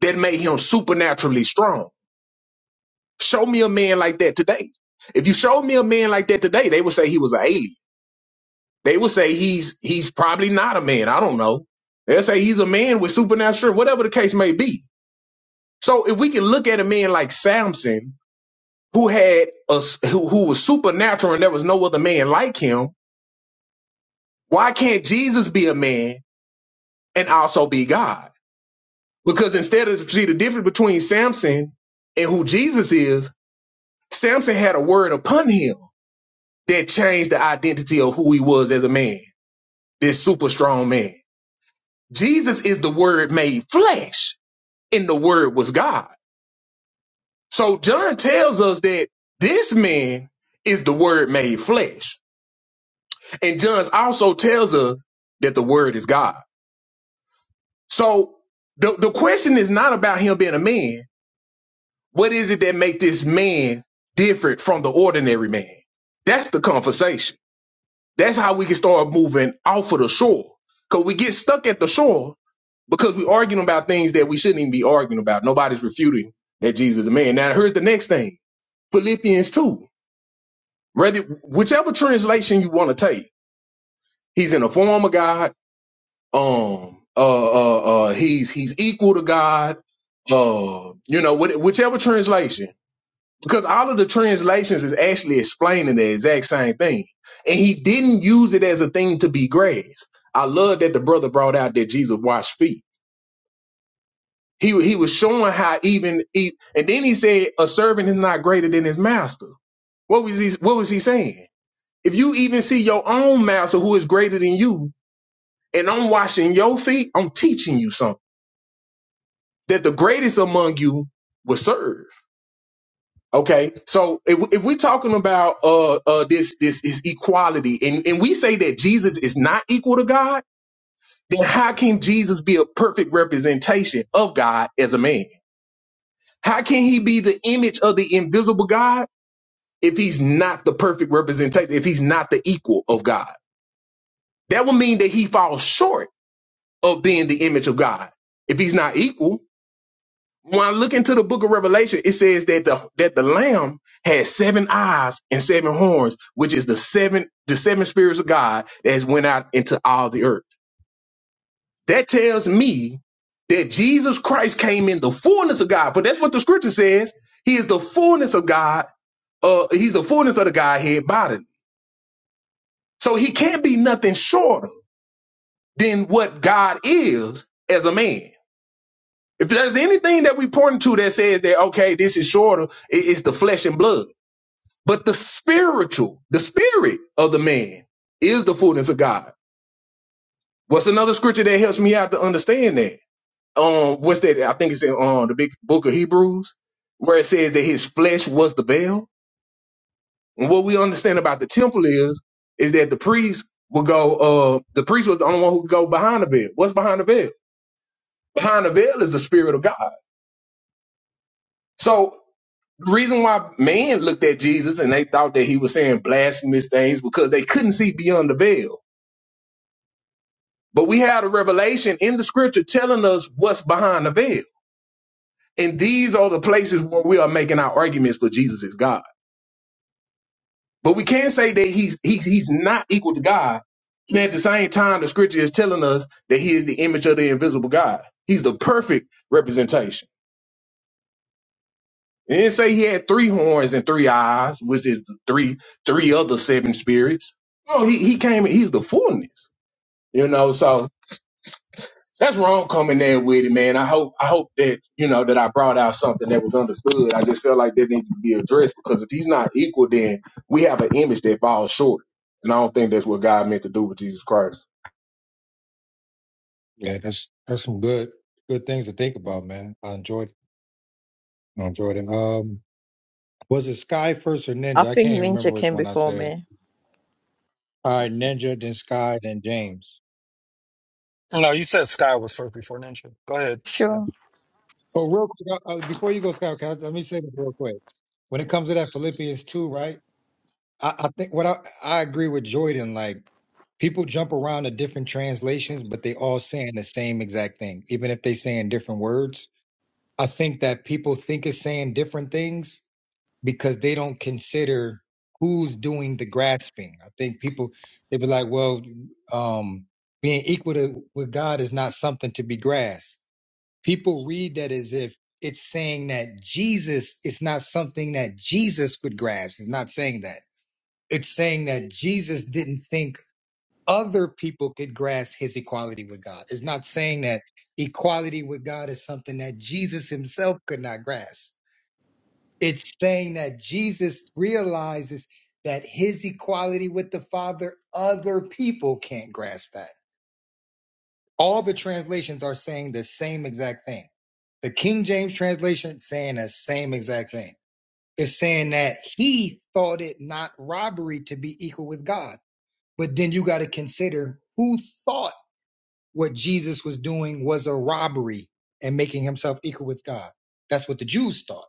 S10: that made him supernaturally strong. Show me a man like that today. If you showed me a man like that today, they would say he was an alien. They would say he's he's probably not a man. I don't know. They'll say he's a man with supernatural, whatever the case may be So if we can look at a man like Samson, who had a who, who was supernatural and there was no other man like him, why can't Jesus be a man and also be God? Because instead of see the difference between Samson and who Jesus is, Samson had a word upon him that changed the identity of who he was as a man, this super strong man. Jesus is the word made flesh, and the word was God. So John tells us that this man is the word made flesh. And John's also tells us that the word is God. So the, the question is not about him being a man. What is it that make this man different from the ordinary man? That's the conversation. That's how we can start moving off of the shore. Cause we get stuck at the shore because we're arguing about things that we shouldn't even be arguing about. Nobody's refuting that Jesus is a man. Now here's the next thing. Philippians 2. Whether whichever translation you want to take, he's in the form of God. um uh uh uh he's he's equal to god uh you know what, whichever translation because all of the translations is actually explaining the exact same thing and he didn't use it as a thing to be grasped i love that the brother brought out that jesus washed feet he wa- he was showing how even he, and then he said a servant is not greater than his master what was he what was he saying if you even see your own master who is greater than you and i'm washing your feet i'm teaching you something that the greatest among you will serve. Okay, so if if we're talking about uh uh this this is equality, and and we say that Jesus is not equal to God, then how can Jesus be a perfect representation of God as a man? How can he be the image of the invisible God if he's not the perfect representation? If he's not the equal of God, that would mean that he falls short of being the image of God if he's not equal. when I look into the book of Revelation, it says that the that the Lamb had seven eyes and seven horns, which is the seven the seven spirits of God that has went out into all the earth. That tells me that Jesus Christ came in the fullness of God, but that's what the scripture says. He is the fullness of God. Uh, he's the fullness of the Godhead bodily. So he can't be nothing shorter than what God is as a man. If there's anything that we point to that says that okay, this is shorter, it- it's the flesh and blood. But the spiritual, the spirit of the man is the fullness of God. What's another scripture that helps me out to understand that? Um, what's that? I think it's in um the big book of Hebrews, where it says that his flesh was the veil. And what we understand about the temple is, is that the priest would go, uh, the priest was the only one who could go behind the veil. What's behind the veil? Behind the veil is the spirit of God. So the reason why man looked at Jesus and they thought that he was saying blasphemous things because they couldn't see beyond the veil But we had a revelation in the scripture telling us what's behind the veil. And these are the places where we are making our arguments for Jesus is God. But we can't say that he's he's he's not equal to God. And at the same time, the scripture is telling us that he is the image of the invisible God. He's the perfect representation. And didn't say he had three horns and three eyes, which is the three three other seven spirits. No, he, he came he's the fullness. You know, so that's wrong coming there with it, man. I hope I hope that you know that I brought out something that was understood. I just felt like that needed to be addressed because if he's not equal, then we have an image that falls short, and I don't think that's what God meant to do with Jesus Christ.
S1: Yeah, that's that's some good good things to think about, man. I enjoyed it. I enjoyed it. Um, was it Sky first or
S15: I
S1: Ninja? I can't
S15: think
S1: even remember
S15: Ninja
S1: which
S15: came
S1: one I
S15: before
S1: said.
S15: me.
S1: All right, Ninja, then Sky, then James.
S11: No, you said Sky was first before Ninja. Go ahead, Sky.
S15: Sure.
S1: Well, real quick, uh, uh, before you go, Scott, can I, let me say this real quick. When it comes to that Philippians 2, right? I, I think what I, I agree with Jordan, like people jump around to different translations, but they all saying the same exact thing, even if they saying different words. I think that people think it's saying different things because they don't consider who's doing the grasping. I think people they be like, well, um, being equal to with God is not something to be grasped people read that as if it's saying that Jesus is not something that Jesus could grasp. It's not saying that. It's saying that Jesus didn't think other people could grasp his equality with God. It's not saying that equality with God is something that Jesus himself could not grasp. It's saying that Jesus realizes that his equality with the Father, other people can't grasp that. All the translations are saying the same exact thing. The King James translation saying the same exact thing. It's saying that he thought it not robbery to be equal with God. But then you got to consider who thought what Jesus was doing was a robbery and making himself equal with God. That's what the Jews thought.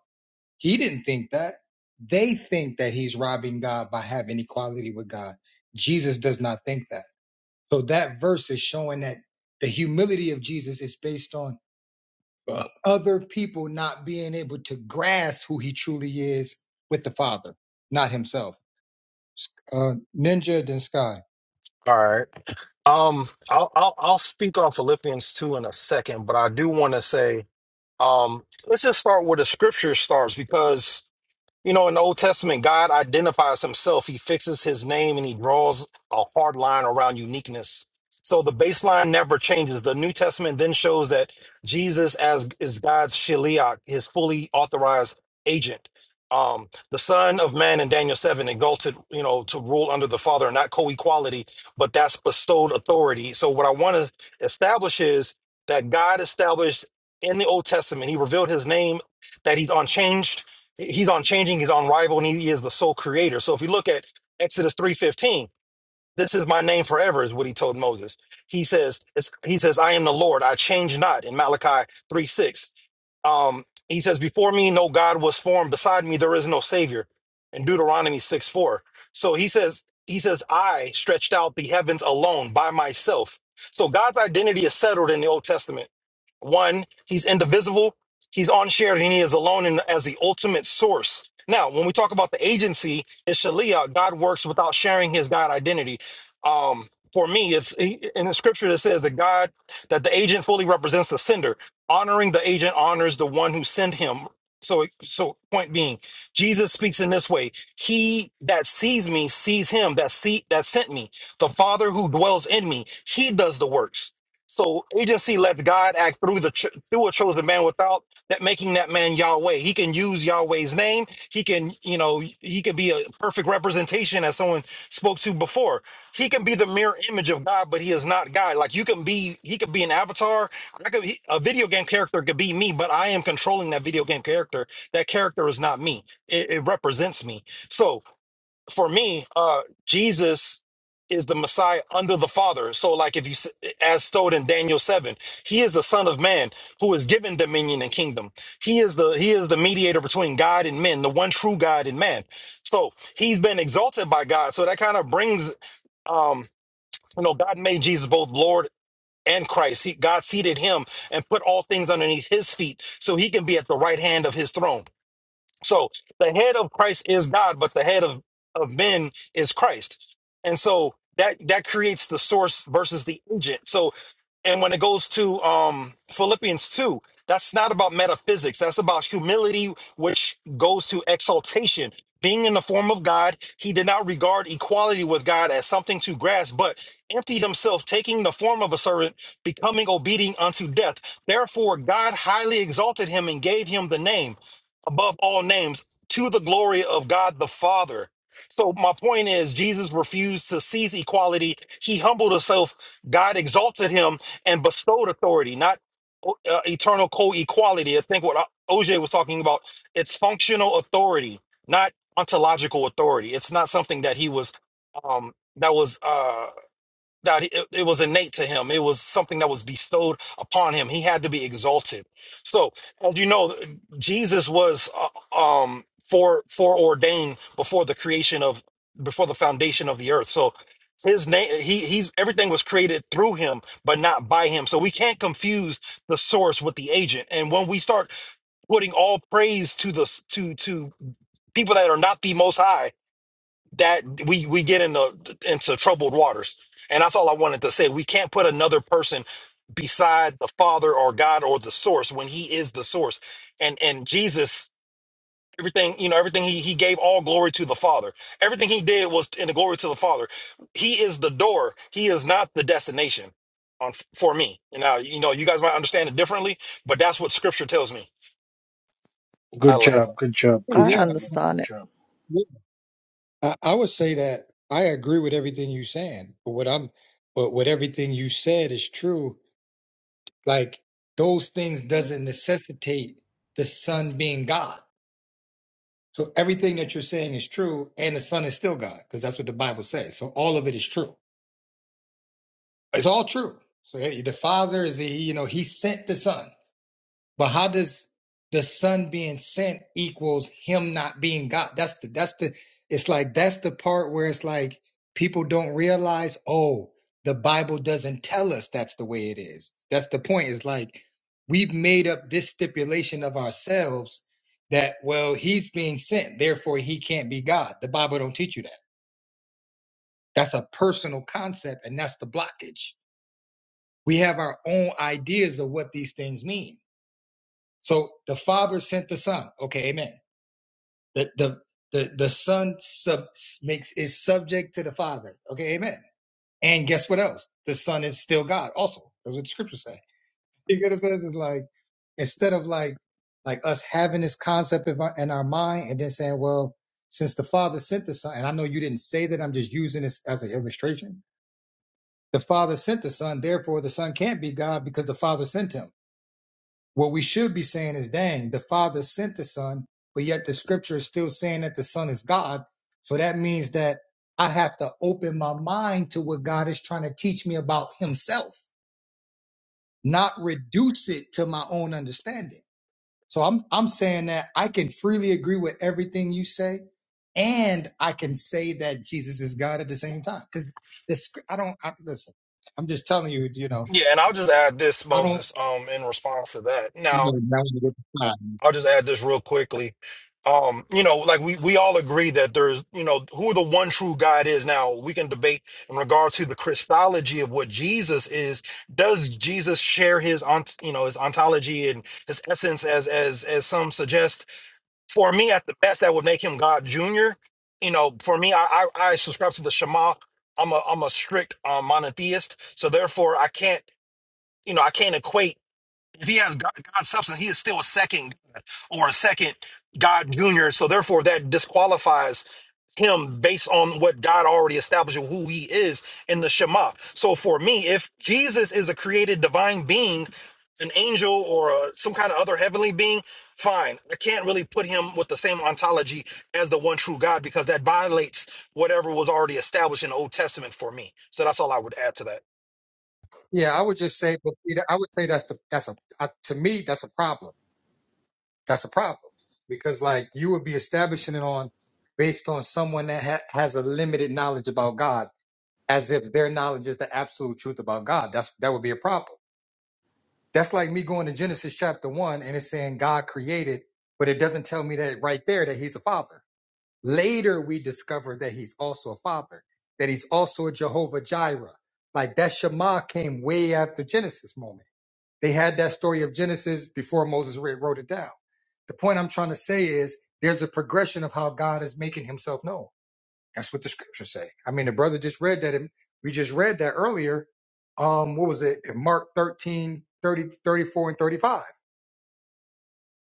S1: He didn't think that. They think that he's robbing God by having equality with God. Jesus does not think that. So that verse is showing that the humility of Jesus is based on uh, other people not being able to grasp who he truly is with the Father, not himself. Uh, Ninja then Sky.
S11: All right. Um, I'll I'll, I'll speak on Philippians two in a second, but I do want to say, um, let's just start where the scripture starts because You know, in the Old Testament, God identifies himself. He fixes his name and he draws a hard line around uniqueness. So the baseline never changes. The New Testament then shows that Jesus as is God's Shiliach, his fully authorized agent. Um, the son of man in Daniel 7 exalted, you know, to rule under the father, not co-equality, but that's bestowed authority. So what I want to establish is that God established in the Old Testament, he revealed his name that he's unchanged he's unchanging, he's unrivaled, and he is the sole creator. So if you look at Exodus 3:15, this is my name forever, is what he told Moses. He says, it's, he says, I am the Lord, I change not in Malachi three six. Um, he says, Before me, no God was formed. Beside me, there is no Savior. In Deuteronomy 6 4. So he says, He says, I stretched out the heavens alone by myself. So God's identity is settled in the Old Testament. One, he's indivisible, he's unshared, and he is alone in, as the ultimate source. Now, when we talk about the agency, it's Shalia. God works without sharing his God identity. Um, for me, it's in the scripture that says that God, that the agent fully represents the sender honoring the agent honors the one who sent him so so point being jesus speaks in this way he that sees me sees him that see that sent me the father who dwells in me he does the works so agency lets god act through the ch- through a chosen man without that making that man Yahweh. He can use Yahweh's name. He can, you know, he can be a perfect representation as someone spoke to before. He can be the mirror image of God, but he is not God. Like you can be, he could be an avatar. I could he, a video game character could be me, but I am controlling that video game character. That character is not me. It, it represents me. So for me, uh, Jesus is the Messiah under the Father. So, like if you, s- as stowed in Daniel seven, he is the Son of Man who is given dominion and kingdom. He is the he is the mediator between God and men, the one true God and man. So he's been exalted by God. So that kind of brings, um, you know, God made Jesus both Lord and Christ. He, God seated him and put all things underneath his feet, so he can be at the right hand of his throne. So the head of Christ is God, but the head of, of men is Christ. And so that that creates the source versus the agent. So and when it goes to um Philippians 2, that's not about metaphysics. That's about humility, which goes to exaltation. Being in the form of God, he did not regard equality with God as something to grasp, but emptied himself, taking the form of a servant, becoming obedient unto death. Therefore, God highly exalted him and gave him the name above all names to the glory of God the Father. So my point is Jesus refused to seize equality. He humbled himself. God exalted him and bestowed authority, not uh, eternal co-equality. I think what O- OJ was talking about, it's functional authority, not ontological authority. It's not something that he was um that was uh, that it, it was innate to him. It was something that was bestowed upon him. He had to be exalted. So, as you know, Jesus was uh, um, fore foreordained before the creation of before the foundation of the earth. So, his name he he's everything was created through him, but not by him. So we can't confuse the source with the agent. And when we start putting all praise to the s- to to people that are not the most high that we we get into into troubled waters and that's all i wanted to say we can't put another person beside the father or god or the source when he is the source and and jesus everything you know everything he he gave all glory to the father everything he did was in the glory to the father he is the door he is not the destination on for me now you know you guys might understand it differently but that's what scripture tells me i
S2: Good
S11: land
S2: job. Good job. Good
S15: I
S1: Yeah,
S2: job, man. Good
S15: understand it.
S2: job.
S1: I, I would say that I agree with everything you're saying, but what I'm, but what everything you said is true. Like those things doesn't necessitate the Son being God. So everything that you're saying is true, and the Son is still God because that's what the Bible says. So all of it is true. It's all true. So hey, the Father is he, you know, he sent the Son. But how does the Son being sent equals him not being God? That's the that's the it's like that's the part where it's like people don't realize, oh, the Bible doesn't tell us that's the way it is. That's the point. It's like we've made up this stipulation of ourselves that well, he's being sent, therefore he can't be God. The Bible don't teach you that. That's a personal concept, and that's the blockage we have our own ideas of what these things mean. So the Father sent the Son. Okay, amen. The the the, the Son sub, makes is subject to the Father. Okay, amen. And guess what else? The Son is still God. Also, that's what the Scriptures say. You get what I'm saying? It's like instead of like like us having this concept of our, in our mind and then saying, well, since the Father sent the Son, and I know you didn't say that, I'm just using this as an illustration. The Father sent the Son, therefore the Son can't be God because the Father sent him What we should be saying is, dang, the Father sent the Son, but yet the Scripture is still saying that the Son is God. So that means that I have to open my mind to what God is trying to teach me about Himself, not reduce it to my own understanding. So I'm I'm saying that I can freely agree with everything you say, and I can say that Jesus is God at the same time. Because the I don't I, listen. I'm just telling you, you know,
S11: yeah, and I'll just add this,
S1: I don't.
S11: Moses, um, in response to that.
S1: you
S11: now.
S1: know, now you get the
S11: I'll just add this real quickly. Um, you know, like we we all agree that there's, you know, who the one true God is. Now we can debate in regard to the Christology of what Jesus is. Does Jesus share his ont, you know, his ontology and his essence as as as some suggest? For me, at the best, that would make him God Junior. You know, for me, I I, I subscribe to the Shema. I'm a I'm a strict um, monotheist, so therefore I can't, you know, I can't equate if he has God, God's substance, he is still a second God or a second God junior. So therefore, that disqualifies him based on what God already established of who he is in the Shema. So for me, if Jesus is a created divine being, an angel or a, some kind of other heavenly being, fine. I can't really put him with the same ontology as the one true God because that violates whatever was already established in the Old Testament for me. So that's all I would add to that.
S1: Yeah, I would just say, but you I would say that's the that's a uh, to me that's a problem. That's a problem because like you would be establishing it on based on someone that ha- has a limited knowledge about God, as if their knowledge is the absolute truth about God. That's that would be a problem. That's like me going to Genesis chapter one and it's saying God created, but it doesn't tell me that right there that He's a father. Later we discover that He's also a father, that He's also a Jehovah Jireh. Like that Shema came way after Genesis moment they had that story of Genesis before Moses re- wrote it down. The point I'm trying to say is there's a progression of how God is making himself known. That's what the scriptures say. I mean, the brother just read that. And we just read that earlier. Um, what was it? In Mark 13 30 34 and 35.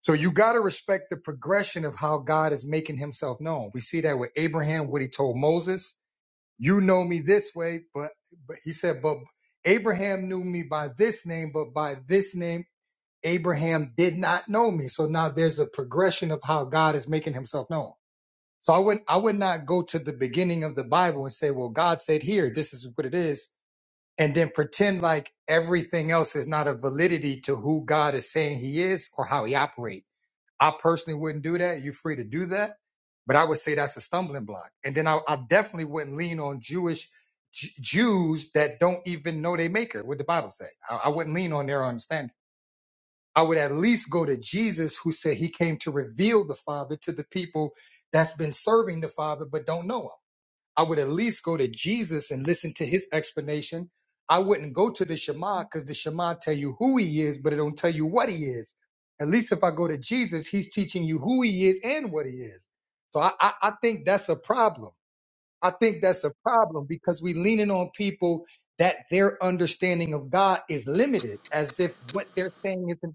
S1: So you got to respect the progression of how God is making himself known. We see that with Abraham, what he told Moses, you know me this way, but, but he said, but Abraham knew me by this name, but by this name Abraham did not know me. So now there's a progression of how God is making himself known. So I would I would not go to the beginning of the Bible and say, well, God said here, this is what it is, and then pretend like everything else is not a validity to who God is saying he is or how he operates. I personally wouldn't do that. You're free to do that. But I would say that's a stumbling block. And then I, I definitely wouldn't lean on Jewish J- Jews that don't even know they maker, what the Bible said, I, I wouldn't lean on their understanding. I would at least go to Jesus, who said he came to reveal the Father to the people that's been serving the Father but don't know him. I would at least go to Jesus and listen to his explanation. I wouldn't go to the Shema because the Shema tell you who he is, but it don't tell you what he is. At least if I go to Jesus, he's teaching you who he is and what he is. So I, I, I think that's a problem I think that's a problem because we leaning on people that their understanding of God is limited, as if what they're saying is,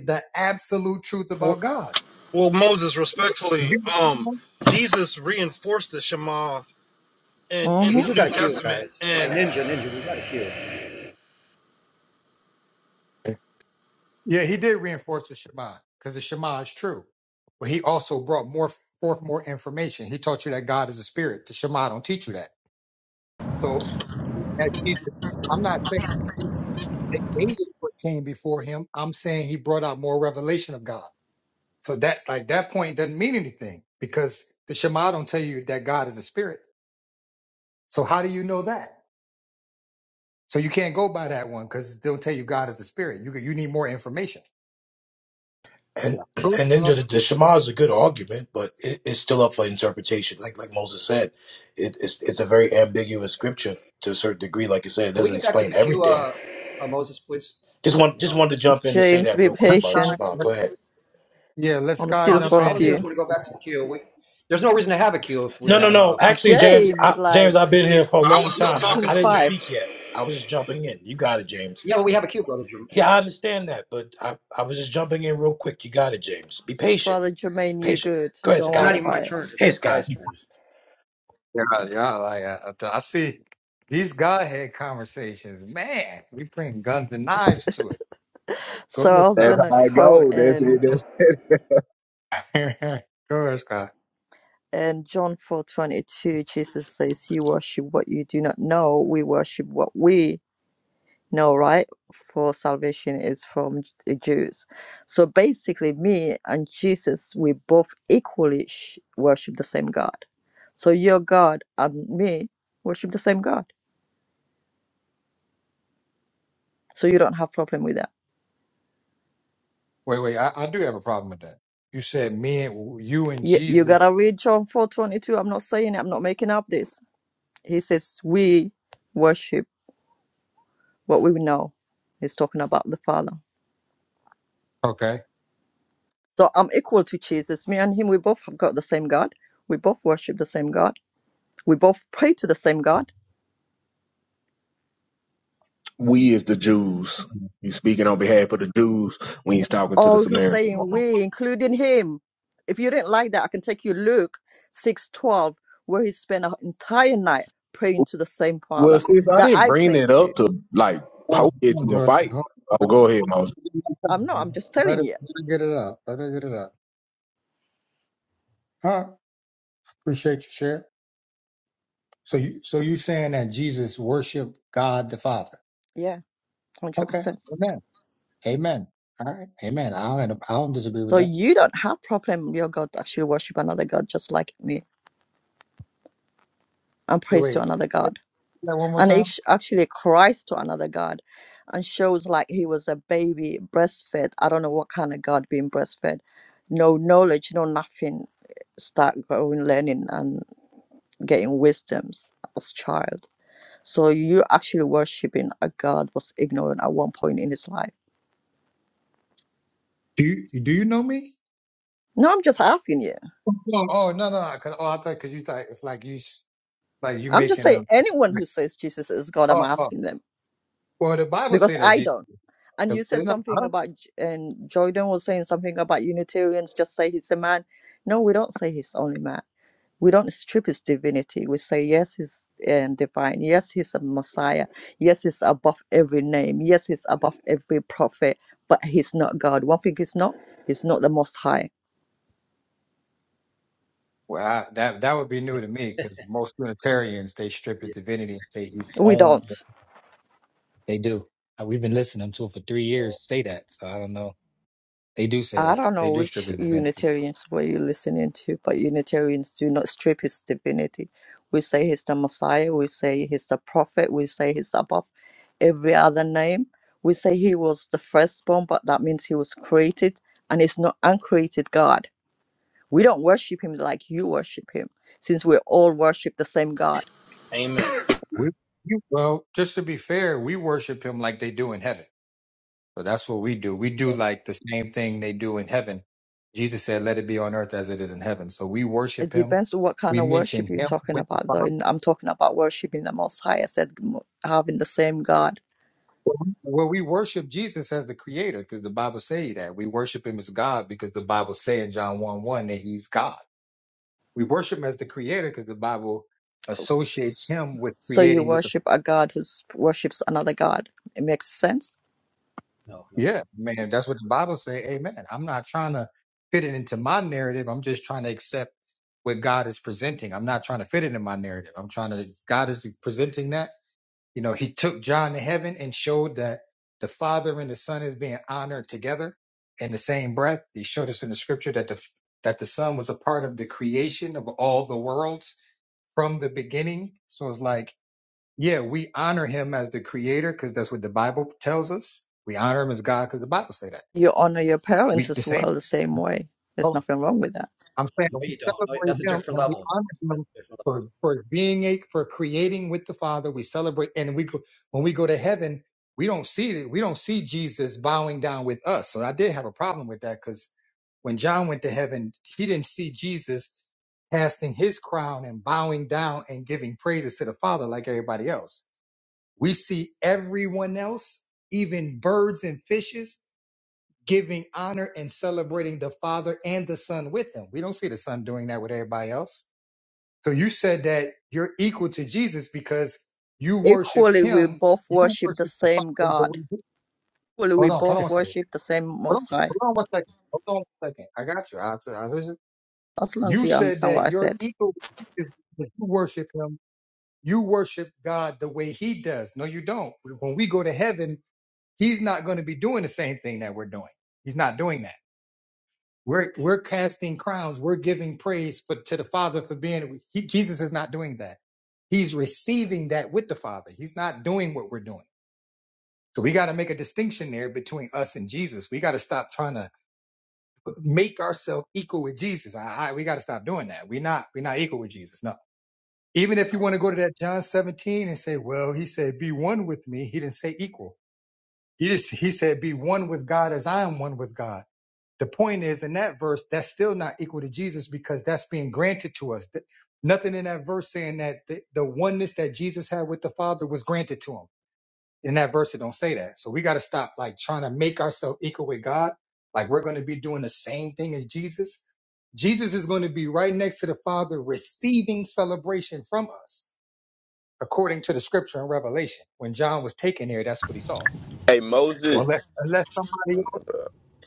S1: is the absolute truth about God.
S11: Well, Moses, respectfully, um, Jesus reinforced the Shema in, in
S14: We
S15: Mm-hmm.
S11: the
S14: do
S11: New
S14: got a queue,
S11: Testament
S14: guys. Hey,
S11: and
S14: Ninja, Ninja, we got a queue.
S1: Yeah, he did reinforce the Shema because the Shema is true, but he also brought more forth more information. He taught you that God is a spirit. The Shema don't teach you that. So that Jesus, I'm not saying that Jesus negated what came before him. I'm saying he brought out more revelation of God. So that like that point doesn't mean anything because the Shema don't tell you that God is a spirit. So how do you know that? So you can't go by that one because it don't tell you God is a spirit. You you need more information. Yeah.
S9: And
S1: Go,
S9: and then
S1: uh,
S9: the, the Shema is a good argument, but it, it's still up for interpretation. Like like Moses said, it, it's it's a very ambiguous scripture to a certain degree. Like I said, it
S14: Can we
S9: doesn't
S14: get back to
S9: explain
S14: the queue,
S9: everything.
S14: uh, uh, Moses, please?
S9: Just want
S14: You
S9: just
S14: know,
S9: wanted to jump in and say
S15: James,
S9: that
S15: be
S9: real quick about the
S1: Sky,
S15: patient.
S9: Shema. Go ahead.
S1: yeah, let
S15: I'm
S1: Sky
S14: No,
S15: still in
S14: I'm just,
S1: jump
S15: front
S1: in.
S14: all
S15: of
S14: I
S1: Then
S14: do is
S15: you.
S14: want to go back to the queue. We, there's no reason to have a queue if we
S9: No,
S14: were
S9: no,
S14: having a,
S9: no.
S14: a
S9: Actually,
S14: popcorn stall.
S9: James,
S15: James,
S9: I, James,
S15: like,
S9: I've been here for a long
S15: you're
S9: time. I,
S15: acting
S9: I didn't
S15: five.
S9: speak
S11: James.
S9: yet. I was just jumping in. You got it, James.
S14: Yeah, but we have a queue, brother Jim.
S9: Yeah, I understand that, but I, I was just jumping in real quick. You got it, James. Be patient.
S15: Brother Jermaine, you
S9: Patient.
S15: good.
S9: Go ahead,
S15: Don't
S14: It's not
S15: worry
S9: Scott.
S14: even my
S15: about it.
S14: turn.
S9: Hey,
S14: It's the
S9: Scott.
S14: guy's turn.
S1: yeah, yeah, like I, I see these Godhead conversations. Man, we bring guns and knives to it. Go
S15: So I was
S1: ahead,
S10: That's
S15: gonna
S10: how I
S15: go
S10: go. That's it.
S15: in
S10: That's it.
S1: Sky. go ahead, Sky.
S15: in John four twenty two, Jesus says, You worship what you do not know, we worship what we know, right? For salvation is from the Jews. So basically me and Jesus, we both equally sh- worship the same God. So your God and me worship the same God. So you don't have problem with that.
S1: Wait, wait, I, I do have a problem with that. You said me and you and
S15: You,
S1: Jesus.
S15: you gotta read John four twenty two. I'm not saying it, I'm not making up this. He says we worship what we know is talking about the Father.
S1: Okay.
S15: So I'm equal to Jesus. Me and him, we both have got the same God. We both worship the same God. We both pray to the same God.
S10: We as the Jews, he's speaking on behalf of the Jews when he's talking to the
S15: Oh, he's
S10: Samaritan
S15: saying
S10: woman.
S15: we, including him. If you didn't like that, I can take you Luke 6 12, where he spent an entire night praying to the same
S10: Well,
S15: Father
S10: sis, I
S15: that
S10: didn't
S15: I
S10: bring
S15: pray
S10: it
S15: to.
S10: up to like
S1: Oh, come
S10: poke it
S1: on,
S10: to a
S1: Jordan.
S10: fight. Oh, go ahead, Moses.
S15: I'm not, I'm just
S1: Let her, let
S15: telling
S1: her
S15: you.
S1: get it out. Let her get it out. Huh? Appreciate you share. So you so you saying that Jesus worshiped God the Father?
S15: Yeah,
S1: Okay.
S15: 100%.
S1: Amen. Amen. All right. Amen. I don't I don't disagree with
S15: So
S1: that.
S15: you don't have problem with your God to actually worship another God just like me and
S1: Wait,
S15: praise to
S1: wait.
S15: another God.
S1: Wait, say that one more
S15: and
S1: time.
S15: act- actually cries to another god and shows like he was a baby breastfed i don't know what kind of god being breastfed no knowledge no nothing eh, start growing learning and getting wisdoms as child so you actually worshiping a god was ignorant at one point in his life
S1: Do you do you know me?
S15: no i'm just asking you
S1: No. Oh no no. Cause, oh I thought because you thought it's like you s- like you
S15: i'm just
S1: making
S15: saying
S1: a
S15: anyone who says jesus is god i'm
S1: oh, oh.
S15: asking them
S1: well the Bible say
S15: because
S1: that
S15: i
S1: Jesus.
S15: don't and
S1: The,
S15: you
S1: it's
S15: said
S1: not us.
S15: something about and jordan was saying something about unitarians just say he's a man no we don't say he's only man we don't strip his divinity we say yes he's and divine yes he's a messiah yes he's above every name yes he's above every prophet but he's not god one thing he's not he's not the most high
S1: Well, I, that that would be new to me because most Unitarians they strip his
S14: yeah.
S1: divinity and say he's
S15: we
S1: only.
S15: don't
S1: They do. Uh, We've been listening to it for three years. Say that. So I don't know. They do say
S15: I
S1: that.
S15: don't
S1: They
S15: know
S1: do strip
S15: which
S1: his divinity.
S15: Unitarians were you listening to, but Unitarians do not strip his divinity. We say he's the Messiah, we say he's the prophet, we say he's above every other name. We say he was the firstborn, but that means he was created and he's not uncreated God. We don't worship him like you worship him, since we all worship the same God.
S11: Amen.
S1: We- you- Well, just to be fair, we worship him like they do in heaven. So that's what we do. We do like the same thing they do in heaven. Jesus said, "Let it be on earth as it is in heaven." So we worship
S15: It
S1: him.
S15: depends on what kind
S1: We
S15: of
S1: mention
S15: worship you're
S1: him
S15: talking
S1: with the
S15: about, though. And I'm talking about worshiping the Most High. I said m- having the same God
S1: Well, we worship Jesus as the creator because the Bible say that. We worship him as God because the Bible say in John 1 1 that he's God. We worship him as the creator because the Bible associates him with
S15: So you
S1: creating with the
S15: worship a god who s- worships another god. It makes sense.
S14: No, no.
S1: Yeah, man, that's what the Bible say. Amen. I'm not trying to fit it into my narrative. I'm just trying to accept what God is presenting. I'm not trying to fit it in my narrative. I'm trying to God is presenting that. You know, he took John to heaven and showed that the Father and the Son is being honored together in the same breath. He showed us in the scripture that the that the Son was a part of the creation of all the worlds from the beginning. So it's like, yeah, we honor him as the creator because that's what the Bible tells us. We honor him as God because the Bible say that.
S15: You honor your
S14: Yeah.
S15: parents
S1: We the
S15: as
S1: same.
S15: well the same way. There's nothing wrong with that.
S1: I'm saying
S14: No,
S1: we
S14: you don't. No,
S1: celebrate
S14: that's a
S1: him
S14: different
S1: and we
S14: level.
S1: honor
S14: That's
S1: him
S14: a different level.
S1: for, for being a for creating with the Father. We celebrate and we go when we go to heaven, we don't see it. We don't see Jesus bowing down with us. So I did have a problem with that because when John went to heaven, he didn't see Jesus casting his crown and bowing down and giving praises to the Father like everybody else. We see everyone else, even birds and fishes, giving honor and celebrating the Father and the Son with them. We don't see the Son doing that with everybody else. So you said that you're equal to Jesus because you worship
S15: Equally, we
S1: Him.
S15: both
S1: You
S15: worship the
S1: worship the
S15: same
S1: Father the
S15: God.
S1: way. He,
S15: Equally, we
S1: hold on, hold on
S15: both
S1: one second.
S15: worship the same
S1: Hold
S15: Most
S1: on,
S15: High.
S1: hold on one second. Hold on one second. I got you. I'll, t- I'll listen.
S15: As long as
S1: You
S15: you
S1: said
S15: understand what
S1: that
S15: I
S1: you're
S15: said.
S1: equal with Jesus because you worship Him. You worship God the way He does. No, you don't. When we go to heaven, He's not going to be doing the same thing that we're doing. He's not doing that. We're we're casting crowns. We're giving praise for, to the Father for being. He, Jesus is not doing that. He's receiving that with the Father. He's not doing what we're doing. So we got to make a distinction there between us and Jesus. We got to stop trying to make ourselves equal with Jesus. I, I, we got to stop doing that. We're not we're not equal with Jesus. No. Even if you
S14: Oh,
S1: want to go to that John 17 and say, well, he said, be one with me. He didn't say equal. He just he said, be one with God as I am one with God. The point is, in that verse, that's still not equal to Jesus because that's being granted to us. Th- Nothing in that verse saying that the, the oneness that Jesus had with the Father was granted to him. In that verse, it don't say that. So we got to stop like trying to make ourselves equal with God. Like we're going to be doing the same thing as Jesus. Jesus is going to be right next to the Father receiving celebration from us, according to the scripture in Revelation. When John was taken there, that's what he saw.
S12: Hey
S1: So
S12: Moses.
S1: unless, unless somebody else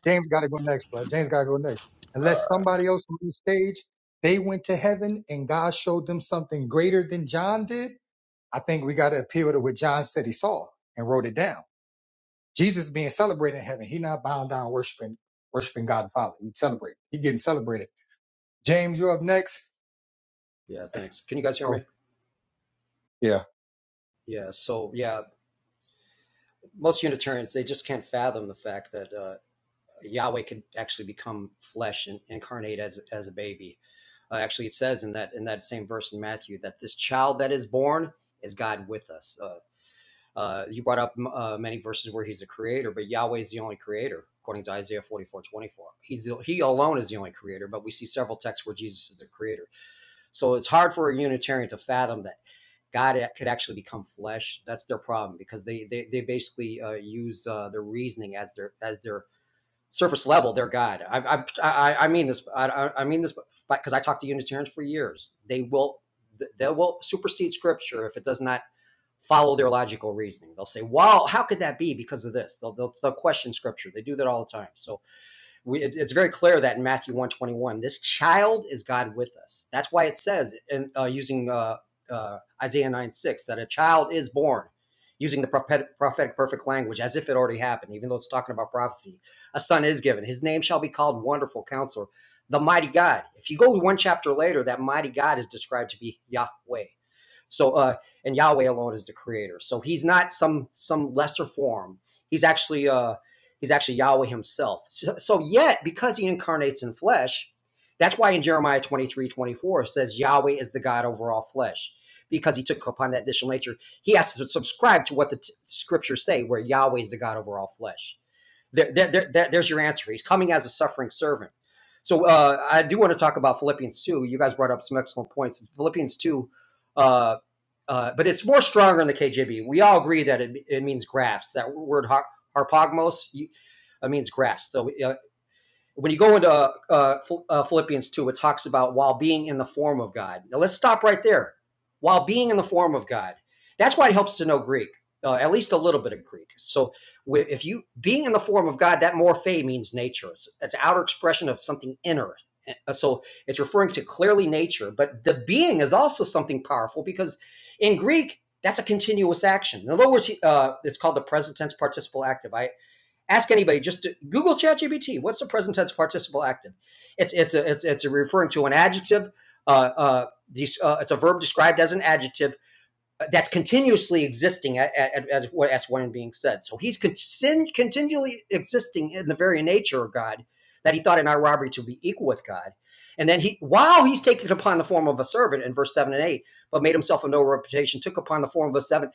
S1: James got to go next, bro. James got to go next. Unless somebody else on the stage, they went to heaven and God showed them something greater than John did. I think we got to appeal to what John said he saw and wrote it down. Jesus being celebrated in heaven. He not bowing down worshiping, worshiping God the Father. He celebrate. He getting celebrated. James, you up next?
S14: yeah, thanks. Can you guys hear
S1: Oh,
S14: me?
S1: yeah.
S14: Yeah. So, yeah, most Unitarians, they just can't fathom the fact that uh, Yahweh could actually become flesh and incarnate as, as a baby. Uh, actually, it says in that in that same verse in Matthew that this child that is born is God with us. Uh, Uh, you brought up uh, many verses where he's the creator, but Yahweh is the only creator, according to Isaiah 44 24. He's the, he alone is the only creator, but we see several texts where Jesus is the creator. So it's hard for a Unitarian to fathom that God could actually become flesh. That's their problem because they they, they basically uh, use uh, their reasoning as their as their surface level, their God. I I, I mean this. I, I mean this because I talked to Unitarians for years. They will they will supersede Scripture if it does not follow their logical reasoning. They'll say, "Wow, how could that be? Because of this." They'll they'll, they'll question Scripture. They do that all the time. So we, it, it's very clear that in Matthew one twenty one, this child is God with us. That's why it says, in, uh, using uh, uh, Isaiah nine six, that a child is born. Using the prophetic perfect language as if it already happened, even though it's talking about prophecy, a son is given. His name shall be called Wonderful Counselor, the Mighty God. If you go one chapter later, that Mighty God is described to be Yahweh. So, uh, and Yahweh alone is the creator. So he's not some some lesser form. He's actually uh, he's actually Yahweh himself. So, so yet, because he incarnates in flesh, that's why in Jeremiah 23 24 it says Yahweh is the God over all flesh. Because he took upon that additional nature, he has to subscribe to what the t- scriptures say, where Yahweh is the God over all flesh. There, there, there, there's your answer. He's coming as a suffering servant. So uh, I do want to talk about Philippians 2. You guys brought up some excellent points. It's Philippians 2, uh, uh, but it's more stronger in the KJV. We all agree that it, it means grass. That word har- harpagmos it means grass. So uh, when you go into uh, uh, uh, Philippians 2, it talks about while being in the form of God. Now let's stop right there. While being in the form of God, that's why it helps to know Greek, uh, at least a little bit of Greek. So if you being in the form of God, that morphe means nature. It's, it's an outer expression of something inner. Uh, So it's referring to clearly nature, but the being is also something powerful because in Greek, that's a continuous action. In other words, uh, it's called the present tense participle active. I Ask anybody. Just Google ChatGPT. What's the present tense participle active? It's it's a it's it's a referring to an adjective. Uh, uh, these, uh, it's a verb described as an adjective that's continuously existing at, at, as, what- as what is being said. So he's contin- continually existing in the very nature of God that he thought in our robbery to be equal with God. And then he, while he's taken upon the form of a servant in verse seven and eight, but made himself of no reputation, took upon the form of a seven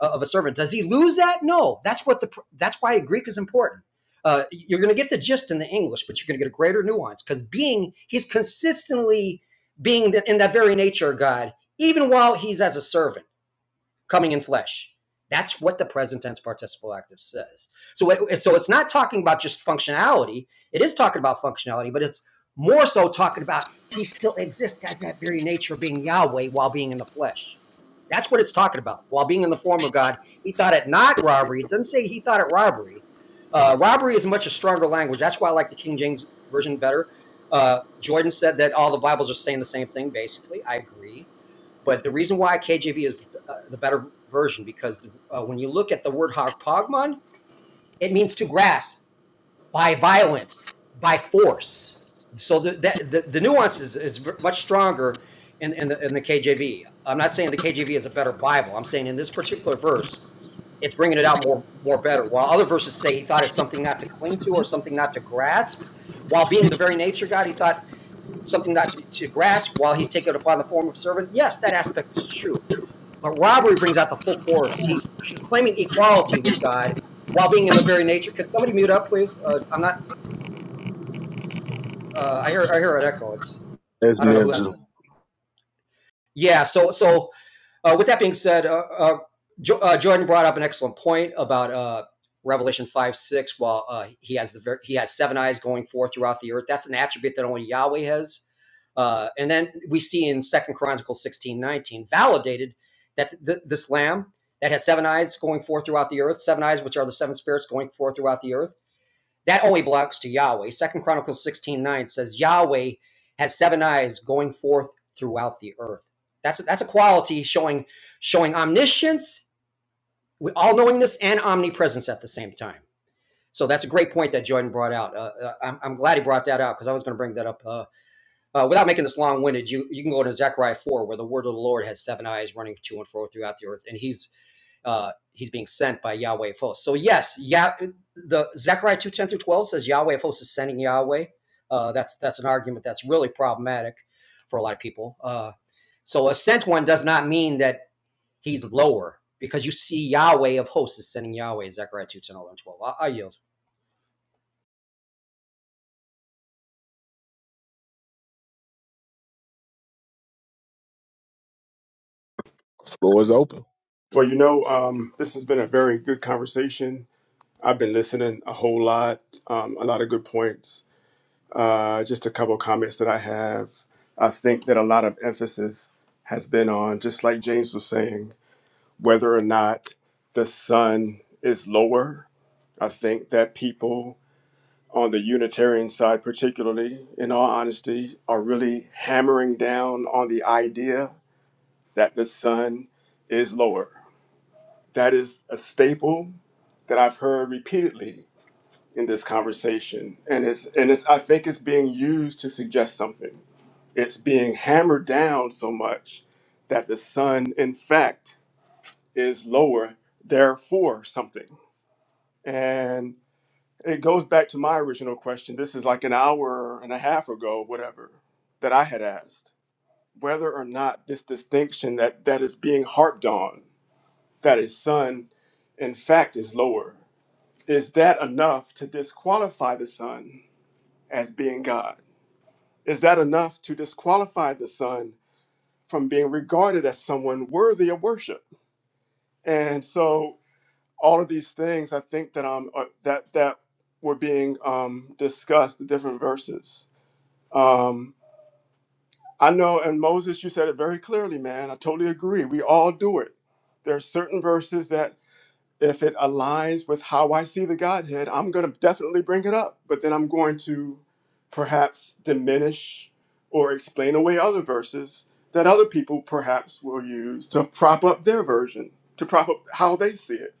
S14: uh, of a servant. Does he lose that? No. That's what the that's why Greek is important. Uh, you're going to get the gist in the English, but you're going to get a greater nuance because being he's consistently being in that very nature of God, even while he's as a servant coming in flesh. That's what the present tense participle active says. So, it, so it's not talking about just functionality. It is talking about functionality, but it's more so talking about he still exists as that very nature of being Yahweh while being in the flesh. That's what it's talking about. While being in the form of God, he thought it not robbery. It doesn't say he thought it robbery. Uh, robbery is much a stronger language. That's why I like the King James version better. Uh, Jordan said that all the Bibles are saying the same thing. Basically, I agree. But the reason why KJV is uh, the better version because the, uh, when you look at the word harpagmon, it means to grasp by violence, by force. So the the, the, nuance is, is much stronger in, in, the, in the KJV. I'm not saying the KJV is a better Bible. I'm saying in this particular verse, it's bringing it out more more better. While other verses say he thought it's something not to cling to or something not to grasp, while being the very nature God, he thought something not to, to grasp while he's taken upon the form of servant. Yes, that aspect is true but robbery brings out the full force. He's claiming equality with God while being in the very nature. Could somebody mute up, please? Uh, I'm not. Uh, I hear. I hear an echo. It's.
S10: That's
S14: I don't know who has
S10: ninja.
S14: it. Yeah. So. So. Uh, with that being said, uh, uh, jo- uh, Jordan brought up an excellent point about uh, Revelation five six. While uh, he has the ver- he has seven eyes going forth throughout the earth. That's an attribute that only Yahweh has. Uh, and then we see in Second Chronicles 16:19 validated that the this lamb that has seven eyes going forth throughout the earth, seven eyes, which are the seven spirits going forth throughout the earth, that only belongs to Yahweh. Second Chronicles 16:9 says Yahweh has seven eyes going forth throughout the earth. That's a, that's a quality showing showing omniscience, all knowingness, and omnipresence at the same time. So that's a great point that Jordan brought out. Uh, uh, I'm, I'm glad he brought that out because I was going to bring that up. Uh, uh, without making this long-winded, you, you can go to Zechariah four, where the word of the Lord has seven eyes, running to and fro throughout the earth, and he's uh, he's being sent by Yahweh of hosts. So yes, yeah, the Zechariah two ten through twelve says Yahweh of hosts is sending Yahweh. Uh, that's that's an argument that's really problematic for a lot of people. Uh, so a sent one does not mean that he's lower because you see Yahweh of hosts is sending Yahweh. Zechariah two ten eleven twelve. I, I yield.
S10: Floor is open.
S3: Well, you know, um, this has been a very good conversation. I've been listening a whole lot, um, a lot of good points Uh, just a couple of comments that I have. I think that a lot of emphasis has been on, just like James was saying, whether or not the sun is lower. I think that people on the Unitarian side, particularly, in all honesty, are really hammering down on the idea that the sun is lower. That is a staple that I've heard repeatedly in this conversation, and it's and it's I think it's being used to suggest something. It's being hammered down so much that the sun, in fact, is lower, therefore something. And it goes back to my original question. This is like an hour and a half ago, whatever, that I had asked whether or not this distinction that, that is being harped on, that his son, in fact, is lower, is that enough to disqualify the son as being God. Is that enough to disqualify the Son from being regarded as someone worthy of worship? And so, all of these things, I think that um are- that that were being um, discussed, the different verses. Um, I know, and Moses, you said it very clearly, man. I totally agree. We all do it. There are certain verses that if it aligns with how I see the Godhead, I'm going to definitely bring it up. But then I'm going to perhaps diminish or explain away other verses that other people perhaps will use to prop up their version, to prop up how they see it.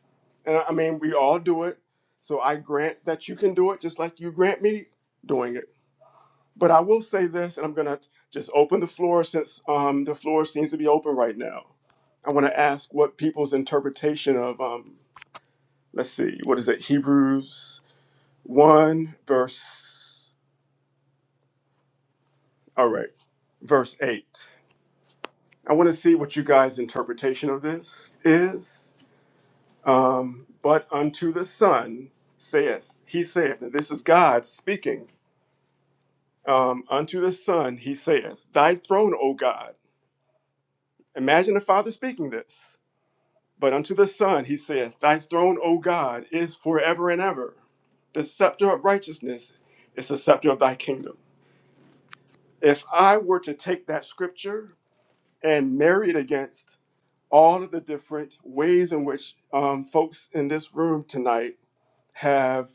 S3: And I I mean, we all do it. So I grant that you can do it just like you grant me doing it. But I will say this, and I'm going to just open the floor since um, the floor seems to be open right now. I want to ask what people's interpretation of um, let's see, what is it? Hebrews 1, verse, all right, verse 8. I want to see what you guys' interpretation of this is. Um, but unto the Son saith, He saith, and this is God speaking. Um, unto the Son he saith, Thy throne, O God. Imagine the Father speaking this. But unto the Son he saith, Thy throne, O God, is forever and ever. The scepter of righteousness is the scepter of thy kingdom. If I were to take that scripture and marry it against all of the different ways in which um, folks in this room tonight have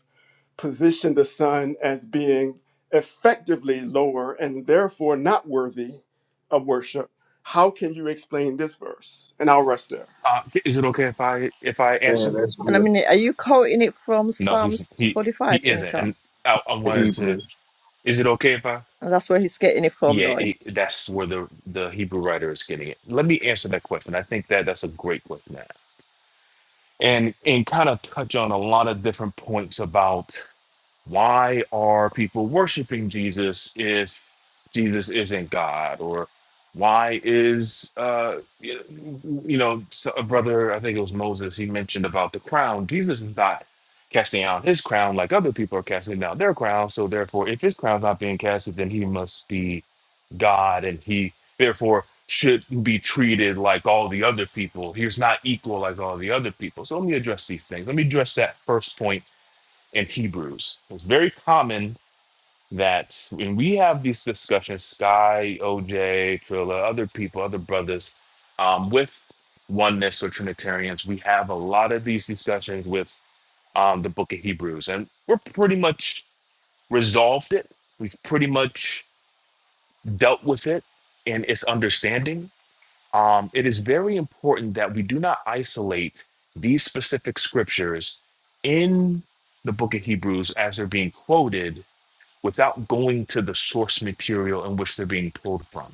S3: positioned the Son as being effectively lower and therefore not worthy of worship, how can you explain this verse? And I'll rest there.
S16: Uh, is it okay if I if I
S10: man.
S16: answer?
S10: That's
S15: And I
S10: good.
S15: mean, are you quoting it from
S16: No, he's
S15: Psalms
S16: he he
S15: 45, any
S16: isn't, and
S15: chance?
S16: I, I
S10: The
S16: wanted to.
S10: Hebrew.
S16: Is it okay if I?
S15: And that's where he's getting it from,
S16: Yeah,
S15: though.
S16: it, that's where the the Hebrew writer is getting it. Let me answer that question. I think that that's a great question, to ask. and and kind of touch on a lot of different points about why are people worshiping Jesus if Jesus isn't God? Or why is, uh, you you know, so- a brother, I think it was Moses, he mentioned about the crown. Jesus is not casting out his crown like other people are casting down their crown. So therefore, if his crown's not being casted, then he must be God and he therefore should be treated like all the other people. He's not equal like all the other people. So let me address these things. Let me address that first point and Hebrews. It's very common that when we have these discussions, Sky, OJ, Trilla, other people, other brothers, um, with oneness or Trinitarians, we have a lot of these discussions with um, the book of Hebrews. And we're pretty much resolved it. We've pretty much dealt with it and its understanding. Um, it is very important that we do not isolate these specific scriptures in the book of Hebrews as they're being quoted without going to the source material in which they're being pulled from.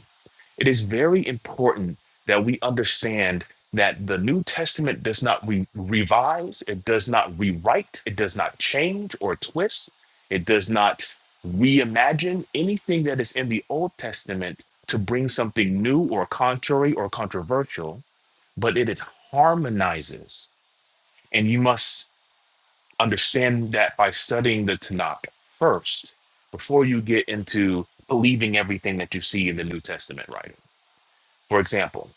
S16: It is very important that we understand that the New Testament does not re- revise, it does not rewrite, it does not change or twist, it does not reimagine anything that is in the Old Testament to bring something new or contrary or controversial, but it, it harmonizes. And you must understand that by studying the Tanakh first before you get into believing everything that you see in the New Testament writing. For example,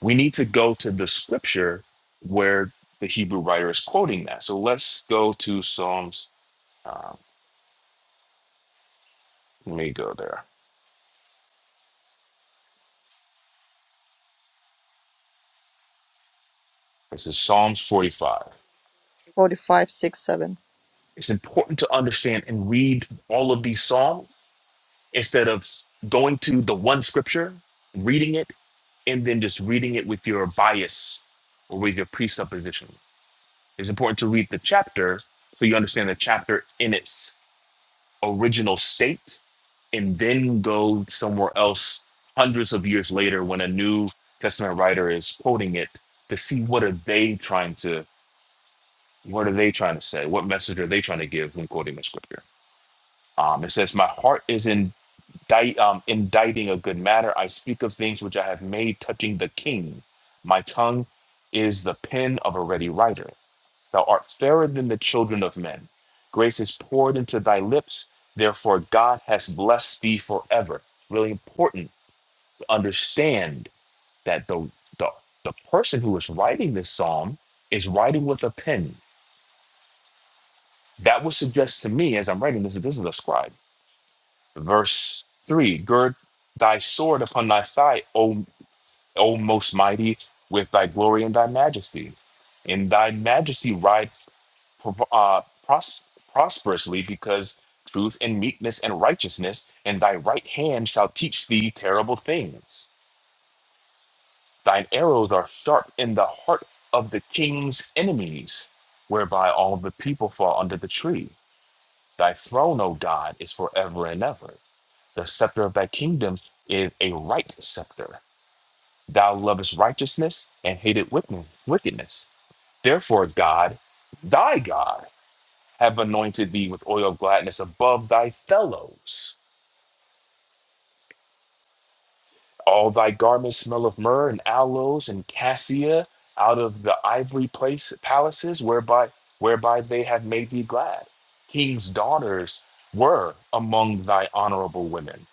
S16: we need to go to the scripture where the Hebrew writer is quoting that. So let's go to Psalms. Uh, let me go there. This is Psalms 45.
S15: 45, 6, 7.
S16: It's important to understand and read all of these Psalms instead of going to the one scripture, reading it, and then just reading it with your bias or with your presupposition. It's important to read the chapter so you understand the chapter in its original state and then go somewhere else hundreds of years later when a new testament writer is quoting it to see what are they trying to what are they trying to say what message are they trying to give when quoting the scripture um, it says my heart is indict, um, indicting a good matter i speak of things which i have made touching the king my tongue is the pen of a ready writer Thou art fairer than the children of men. Grace is poured into thy lips. Therefore, God has blessed thee forever. Really important to understand that the, the, the person who is writing this psalm is writing with a pen. That would suggest to me, as I'm writing this, that this is a scribe. Verse 3 Gird thy sword upon thy thigh, O, o most mighty, with thy glory and thy majesty. In thy majesty ride prov- uh, pros- prosperously because truth and meekness and righteousness and thy right hand shall teach thee terrible things thine arrows are sharp in the heart of the king's enemies whereby all the people fall under the tree thy throne o god is forever and ever the scepter of thy kingdom is a right scepter thou lovest righteousness and hated wicked- wickedness therefore god thy god have anointed thee with oil of gladness above thy fellows. All thy garments smell of myrrh and aloes and cassia out of the ivory place palaces whereby whereby they have made thee glad. King's daughters were among thy honorable women.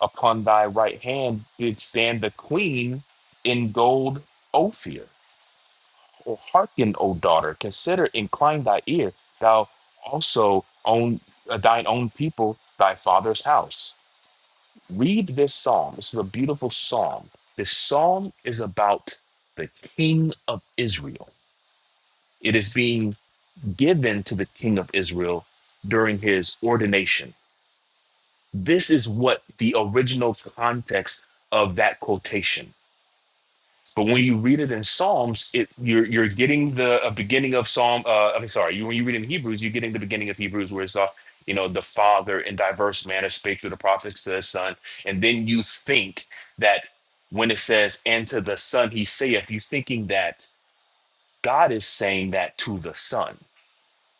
S16: Upon thy right hand did stand the queen in gold Ophir. Oh, hearken, O daughter, consider, incline thy ear, thou also own uh, thine own people, thy father's house. Read this psalm. This is a beautiful psalm. This psalm is about the king of Israel. It is being given to the king of Israel during his ordination. This is what the original context of that quotation. But when you read it in Psalms, it you're you're getting the uh, beginning of Psalm. Uh, I'm sorry, you, when you read in Hebrews, you're getting the beginning of Hebrews, where it's uh, you know the Father in diverse manner spake through the prophets to the Son, and then you think that when it says and to the Son he saith, you thinking that God is saying that to the Son,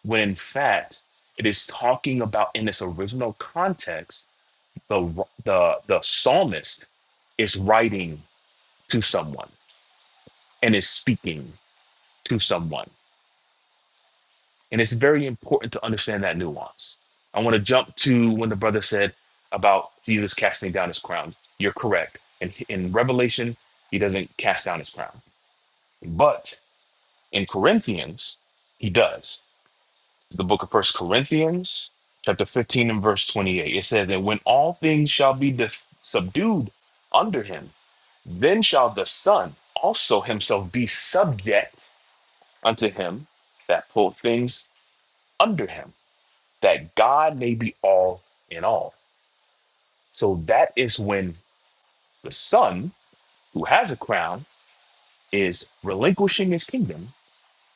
S16: when in fact it is talking about in its original context the the the psalmist is writing to someone and is speaking to someone. And it's very important to understand that nuance. I want to jump to when the brother said about Jesus casting down his crown. You're correct. And in in Revelation, he doesn't cast down his crown. But in Corinthians, he does. The book of First Corinthians, chapter 15 and verse 28, it says that when all things shall be def- subdued under him, then shall the Son also himself be subject unto him that pulled things under him that God may be all in all. So that is when the son who has a crown is relinquishing his kingdom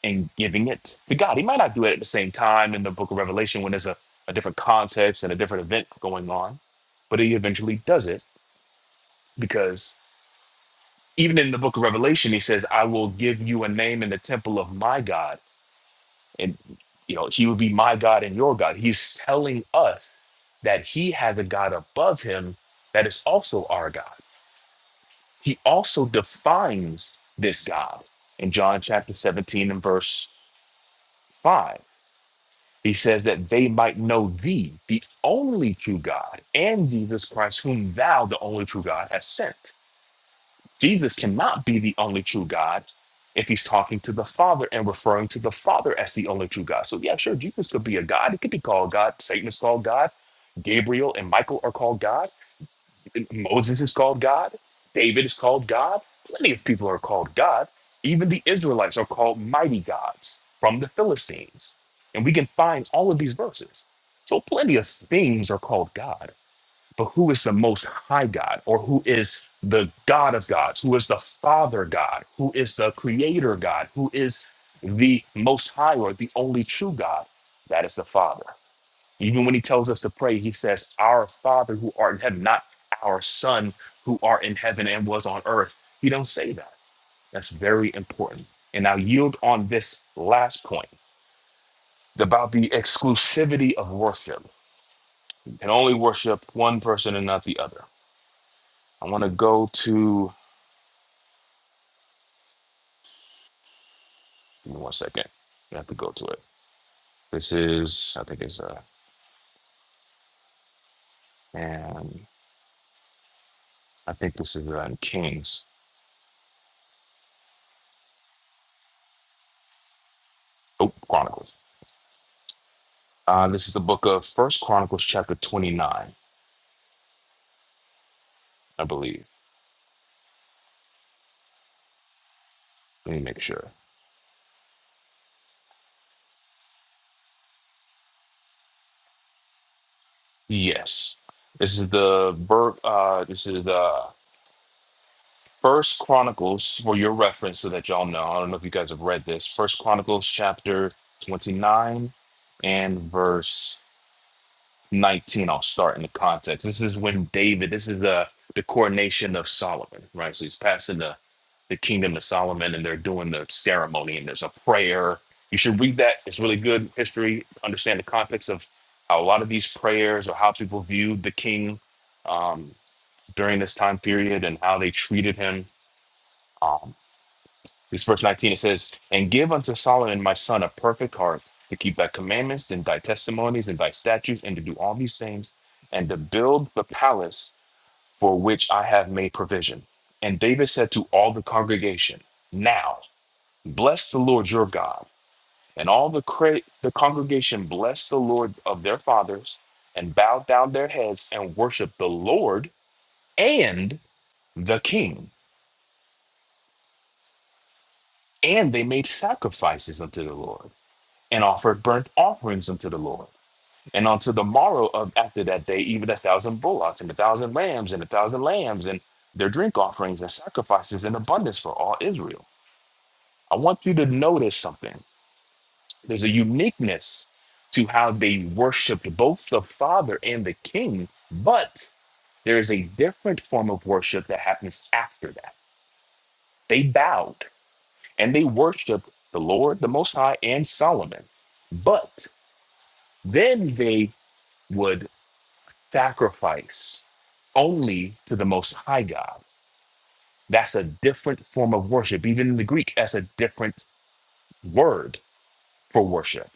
S16: and giving it to God. He might not do it at the same time in the book of Revelation when there's a, a different context and a different event going on, but he eventually does it because even in the book of Revelation, he says, I will give you a name in the temple of my God. and you know he would be my god and your god he's telling us that he has a god above him that is also our god he also defines this god in john chapter 17 and verse 5 he says that they might know thee the only true god and jesus christ whom thou the only true god has sent Jesus cannot be the only true God if he's talking to the Father and referring to the Father as the only true God. So, yeah, sure, Jesus could be a God. He could be called God. Satan is called God. Gabriel and Michael are called God. Moses is called God. David is called God. Plenty of people are called God. Even the Israelites are called mighty gods from the Philistines. And we can find all of these verses. So, plenty of things are called God but who is the most high God or who is the God of gods, who is the Father God, who is the Creator God, who is the most high or the only true God, that is the Father. Even when he tells us to pray, he says, Our Father who art in heaven, not our Son who art in heaven and was on earth. He don't say that. That's very important. And I'll yield on this last point about the exclusivity of worship. You can only worship one person and not the other I want to go to. Give me one second. I have to go to it. This is. I think it's uh and I think this is uh, in Kings. Oh, Chronicles. Uh, this is the book of First Chronicles, chapter twenty-nine, I believe. Let me make sure. Yes, this is the ver- uh This is the First Chronicles for your reference, so that y'all know. I don't know if you guys have read this. First Chronicles, chapter twenty-nine, and verse. 19 i'll start in the context this is when david this is the the coronation of solomon right so he's passing the the kingdom to solomon and they're doing the ceremony and there's a prayer you should read that it's really good history understand the context of how a lot of these prayers or how people viewed the king um, during this time period and how they treated him Um, this verse 19 it says, And give unto Solomon my son a perfect heart to keep thy commandments and thy testimonies and thy statutes and to do all these things and to build the palace for which I have made provision. And David said to all the congregation, Now bless the Lord your God. And all the, cra- the congregation blessed the Lord of their fathers and bowed down their heads and worshiped the Lord and the king. And they made sacrifices unto the Lord. and offered burnt offerings unto the Lord. And unto the morrow of after that day, even a thousand bullocks and a thousand rams and a thousand lambs and their drink offerings and sacrifices in abundance for all Israel. I want you to notice something. There's a uniqueness to how they worshiped both the Father and the King, but there is a different form of worship that happens after that. They bowed and they worshiped the Lord, the Most High, and Solomon. But then they would sacrifice only to the most high God. That's a different form of worship. Even in the Greek, that's a different word for worship.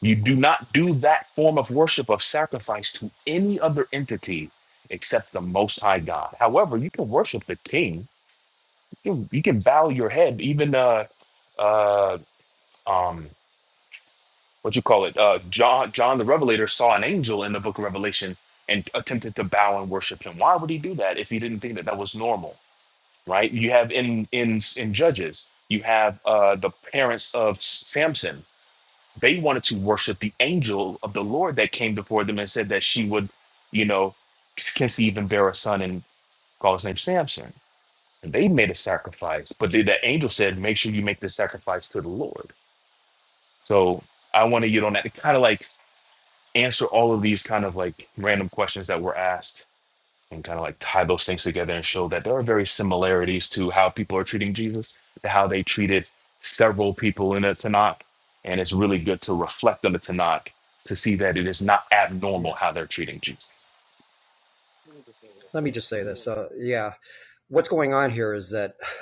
S16: You do not do that form of worship of sacrifice to any other entity except the most high God. However, you can worship the king. You can, you can bow your head. Even uh uh um what you call it? Uh John John the Revelator saw an angel in the book of Revelation and attempted to bow and worship him. Why would he do that if he didn't think that that was normal? right? You have in in in Judges, you have uh, the parents of S- Samson. They wanted to worship the angel of the Lord that came before them and said that she would, you know, conceive and bear a son and call his name Samson. And they made a sacrifice, but the, the angel said, "Make sure you make this sacrifice to the Lord." So I want to get on that to kind of like answer all of these kind of like random questions that were asked and kind of like tie those things together and show that
S14: Yeah,
S16: there are very similarities to how people are treating Jesus, to how they treated several people in the Tanakh. And it's really good to reflect on the Tanakh to see that it is not abnormal
S14: yeah.
S16: how they're treating Jesus.
S14: Let me just say this. Uh, yeah, what's going on here is that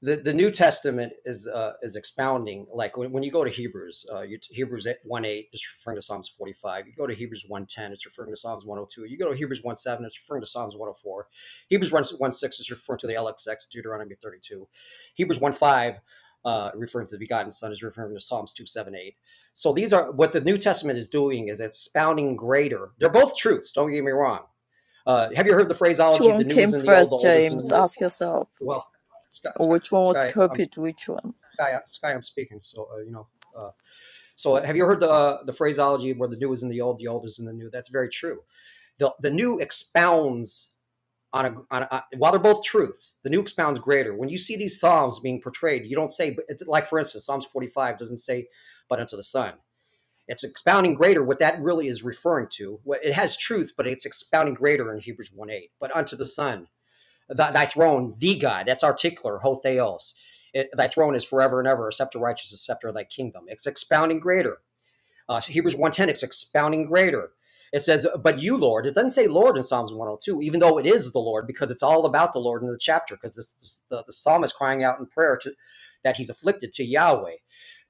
S14: the, the New Testament is uh, is expounding. Like when, when you go to Hebrews, uh, you, Hebrews one eight is referring to Psalms forty five. You go to Hebrews one ten, it's referring to Psalms one hundred two. You go to Hebrews one seven, it's referring to Psalms one hundred four. Hebrews one six is referring to the LXX, Deuteronomy thirty two. Hebrews one five. Uh, referring to the begotten son is referring to psalms 278 so these are what the new testament is doing is expounding greater they're both truths don't get me wrong uh, have you heard the
S15: Which
S14: phraseology the
S15: one
S14: new is
S15: came
S14: in the old the
S15: first,
S14: old is in the
S15: James?
S14: new
S15: Ask yourself.
S14: well scott, scott,
S15: Which one was
S14: sky i'm
S15: copied? Which one?
S14: Sky, Sky, I'm speaking. So uh, you know, uh, so uh, have you heard the uh, the phraseology where the new is in the old, the old is in the new? That's very true. The the new expounds on a, on a uh, while they're both truth. The new expounds greater. When you see these psalms being portrayed, you don't say, but it's like for instance, Psalms 45 doesn't say, but unto the Son. It's expounding greater what that really is referring to. well, It has truth, but it's expounding greater in Hebrews 1 8. But unto the Son, Th- thy throne, the God, that's our tickler, Ho Theos. It, thy throne is forever and ever, a scepter righteous, a scepter of thy kingdom. It's expounding greater. Uh, so Hebrews one ten, it's expounding greater. It says, but you, Lord. It doesn't say Lord in Psalms 102, even though it is the Lord, because it's all about the Lord in the chapter, because this, the, the psalmist crying out in prayer to, that he's afflicted to Yahweh.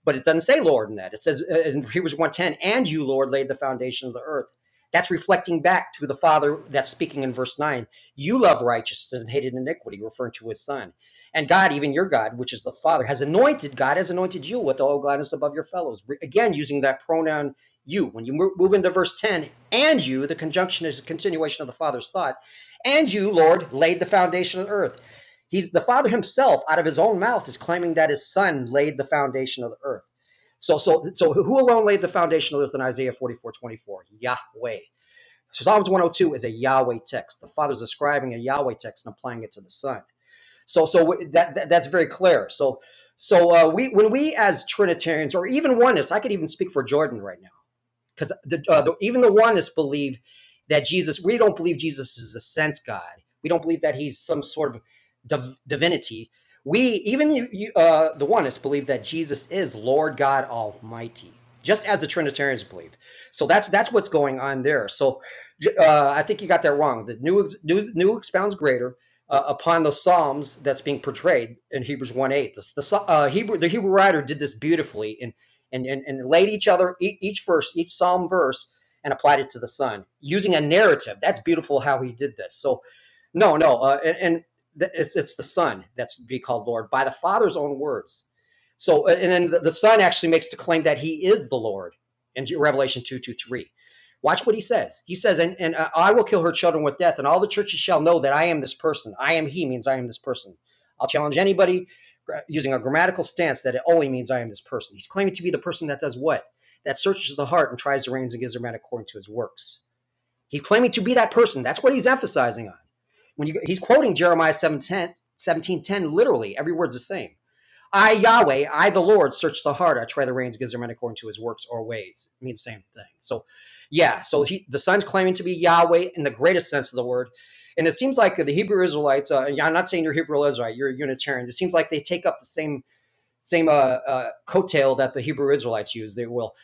S14: But it doesn't say Lord in that. It says uh, in Hebrews one ten, and you, Lord, laid the foundation of the earth. That's reflecting back to the Father that's speaking in verse 9. You love righteousness and hated iniquity, referring to his son. And God, even your God, which is the Father, has anointed God has anointed you with all gladness above your fellows. Again, using that pronoun you. When you move into verse 10, and you, the conjunction is a continuation of the Father's thought. And you, Lord, laid the foundation of the earth. He's the Father himself, out of his own mouth, is claiming that his Son laid the foundation of the earth. So, so, so who alone laid the foundation of the earth in Isaiah 44:24? Yahweh. So Psalms 102 is a Yahweh text. The Father's describing a Yahweh text and applying it to the Son. So so that, that that's very clear. So so uh, we when we as Trinitarians or even oneness, I could even speak for Jordan right now because the, uh, the, even the oneness believe that Jesus. We don't believe Jesus is a sense God. We don't believe that he's some sort of div- divinity. We even you, you, uh, the oneness believe that Jesus is Lord God Almighty, just as the Trinitarians believe. So that's that's what's going on there. So uh, I think you got that wrong. The new new, new expounds greater. Uh, upon the Psalms that's being portrayed in Hebrews 1 8. The, the, uh, Hebrew, the Hebrew writer did this beautifully in and, and, and laid each other, e, each, verse, each psalm verse, and applied it to the sun using a narrative. That's beautiful how he did this. So, no, no, uh, and, and th- it's it's the Son that's to be called Lord by the Father's own words. So, uh, and then the, the Son actually makes the claim that He is the Lord in Revelation two two three. Watch what He says. He says, "And and uh, I will kill her children with death, and all the churches shall know that I am this person. I am He means I am this person." I'll challenge anybody using a grammatical stance that it only means I am this person. He's claiming to be the person that does what? That searches the heart and tries the reins and gives their man according to his works. He's claiming to be that person. That's what he's emphasizing on. When you, he's quoting Jeremiah 17, 17, literally, every word's the same. I, Yahweh, I, the Lord, search the heart. I try the reins, gives their man according to his works or ways. It means the same thing. So, yeah, so he, the son's claiming to be Yahweh in the greatest sense of the word. And it seems like the Hebrew Israelites, uh, yeah, I'm not saying you're Hebrew Israelite, you're a Unitarian. It seems like they take up the same same uh, uh, coattail that the Hebrew Israelites use. They will,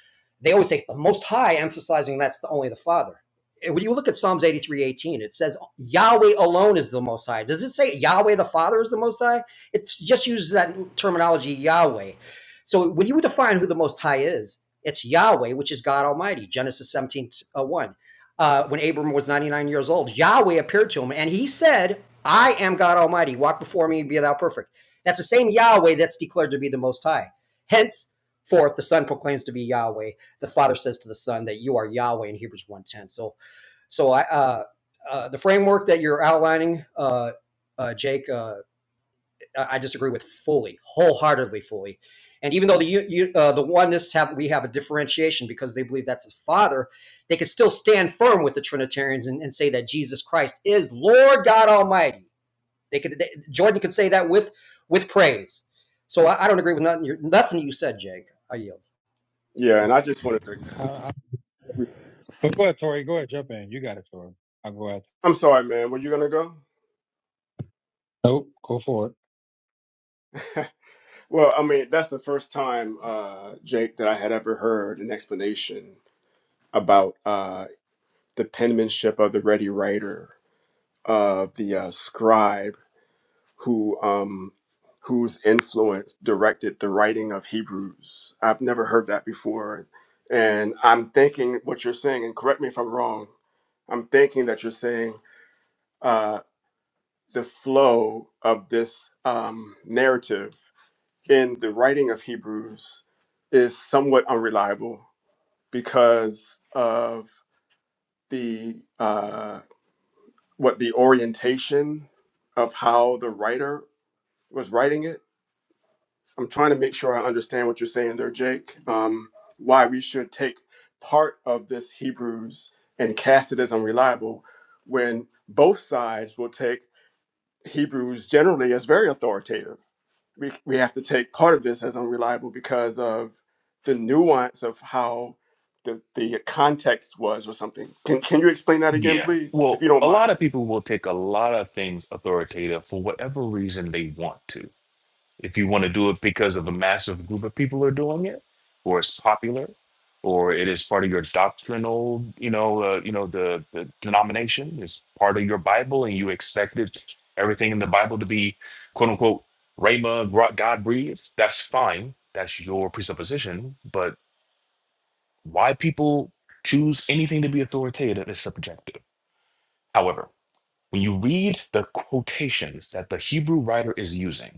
S14: they always say the Most High, emphasizing that's the, only the Father. When you look at Psalms 83, 18, it says Yahweh alone is the Most High. Does it say Yahweh the Father is the Most High? It just uses that terminology Yahweh. So when you define who the Most High is, it's Yahweh, which is God Almighty, Genesis 17 uh, one, Uh, when Abram was 99 years old, Yahweh appeared to him and he said, I am God Almighty. Walk before me and be thou perfect. That's the same Yahweh that's declared to be the Most High. Henceforth, the Son proclaims to be Yahweh. The Father says to the Son that you are Yahweh in Hebrews one ten. So, so I, uh, uh, the framework that you're outlining, uh, uh, Jake, uh, I disagree with fully, wholeheartedly, fully. And even though the u- uh, the oneness have we have a differentiation because they believe that's the Father, they can still stand firm with the Trinitarians and, and say that Jesus Christ is Lord God Almighty they could they, Jordan could say that with with praise. So I, I don't agree with nothing you nothing you said, Jake. I yield.
S3: Yeah, and I just wanted to.
S1: I, I, but go ahead, Tori. Go ahead, jump in. You got it, Tori. I'll go ahead.
S3: I'm sorry, man. Were you going to go?
S1: Nope, go for it.
S3: Well, I mean, that's the first time, uh, Jake, that I had ever heard an explanation about. uh, the penmanship of the ready writer, of uh, the uh, scribe who um, whose influence directed the writing of Hebrews. I've never heard that before, and I'm thinking what you're saying, and correct me if I'm wrong. I'm thinking that you're saying uh, the flow of this um, narrative in the writing of Hebrews is somewhat unreliable because of the uh, what the orientation of how the writer was writing it. I'm trying to make sure I understand what you're saying there, Jake. Um, why we should take part of this Hebrews and cast it as unreliable when both sides will take Hebrews generally as very authoritative. We, we have to take part of this as unreliable because of the nuance of how the, the context was or something. Can, can you explain that again,
S16: Yeah.
S3: please, if
S16: Well,
S3: you don't
S16: a lot
S3: mind?
S16: of people will take a lot of things authoritative for whatever reason they want to If you want to do it because of a massive group of people are doing it, or it's popular, or it is part of your doctrinal, you know, uh, you know, the, the denomination is part of your Bible, and you expected everything in the Bible to be quote unquote Rhema, gro- God breathes. That's fine. That's your presupposition. But why people choose anything to be authoritative is subjective. However, when you read the quotations that the Hebrew writer is using.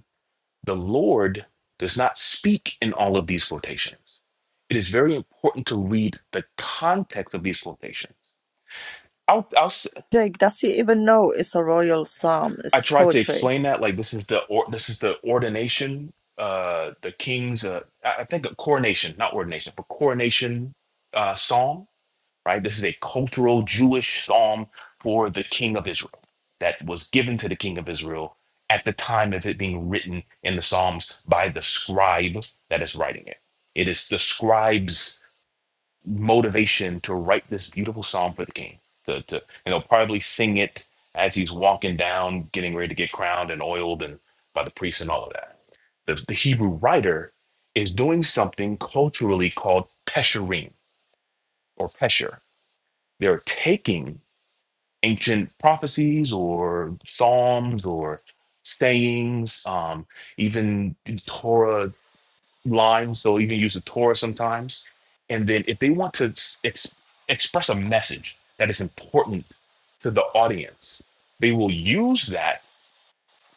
S16: The Lord does not speak in all of these quotations. It is very important to read the context of these quotations. I'll, I'll s-
S15: Jake, does he even know it's a royal psalm?
S16: I
S15: It's
S16: tried to
S15: poetry.
S16: explain that like this is the or, this is the ordination, uh, the king's uh, I I think a coronation, not ordination, but coronation uh, psalm right? This is a cultural Jewish psalm for the king of Israel that was given to the king of Israel at the time of it being written in the Psalms by the scribe that is writing it. It is the scribe's motivation to write this beautiful psalm for the king. To, to, and he'll probably sing it as he's walking down, getting ready to get crowned and oiled and by the priests and all of that. The, the Hebrew writer is doing something culturally called pesherim or pesher they're taking ancient prophecies or psalms or sayings, um, even Torah lines. They'll even use the Torah sometimes. And then if they want to s- ex- express a message that is important to the audience, they will use that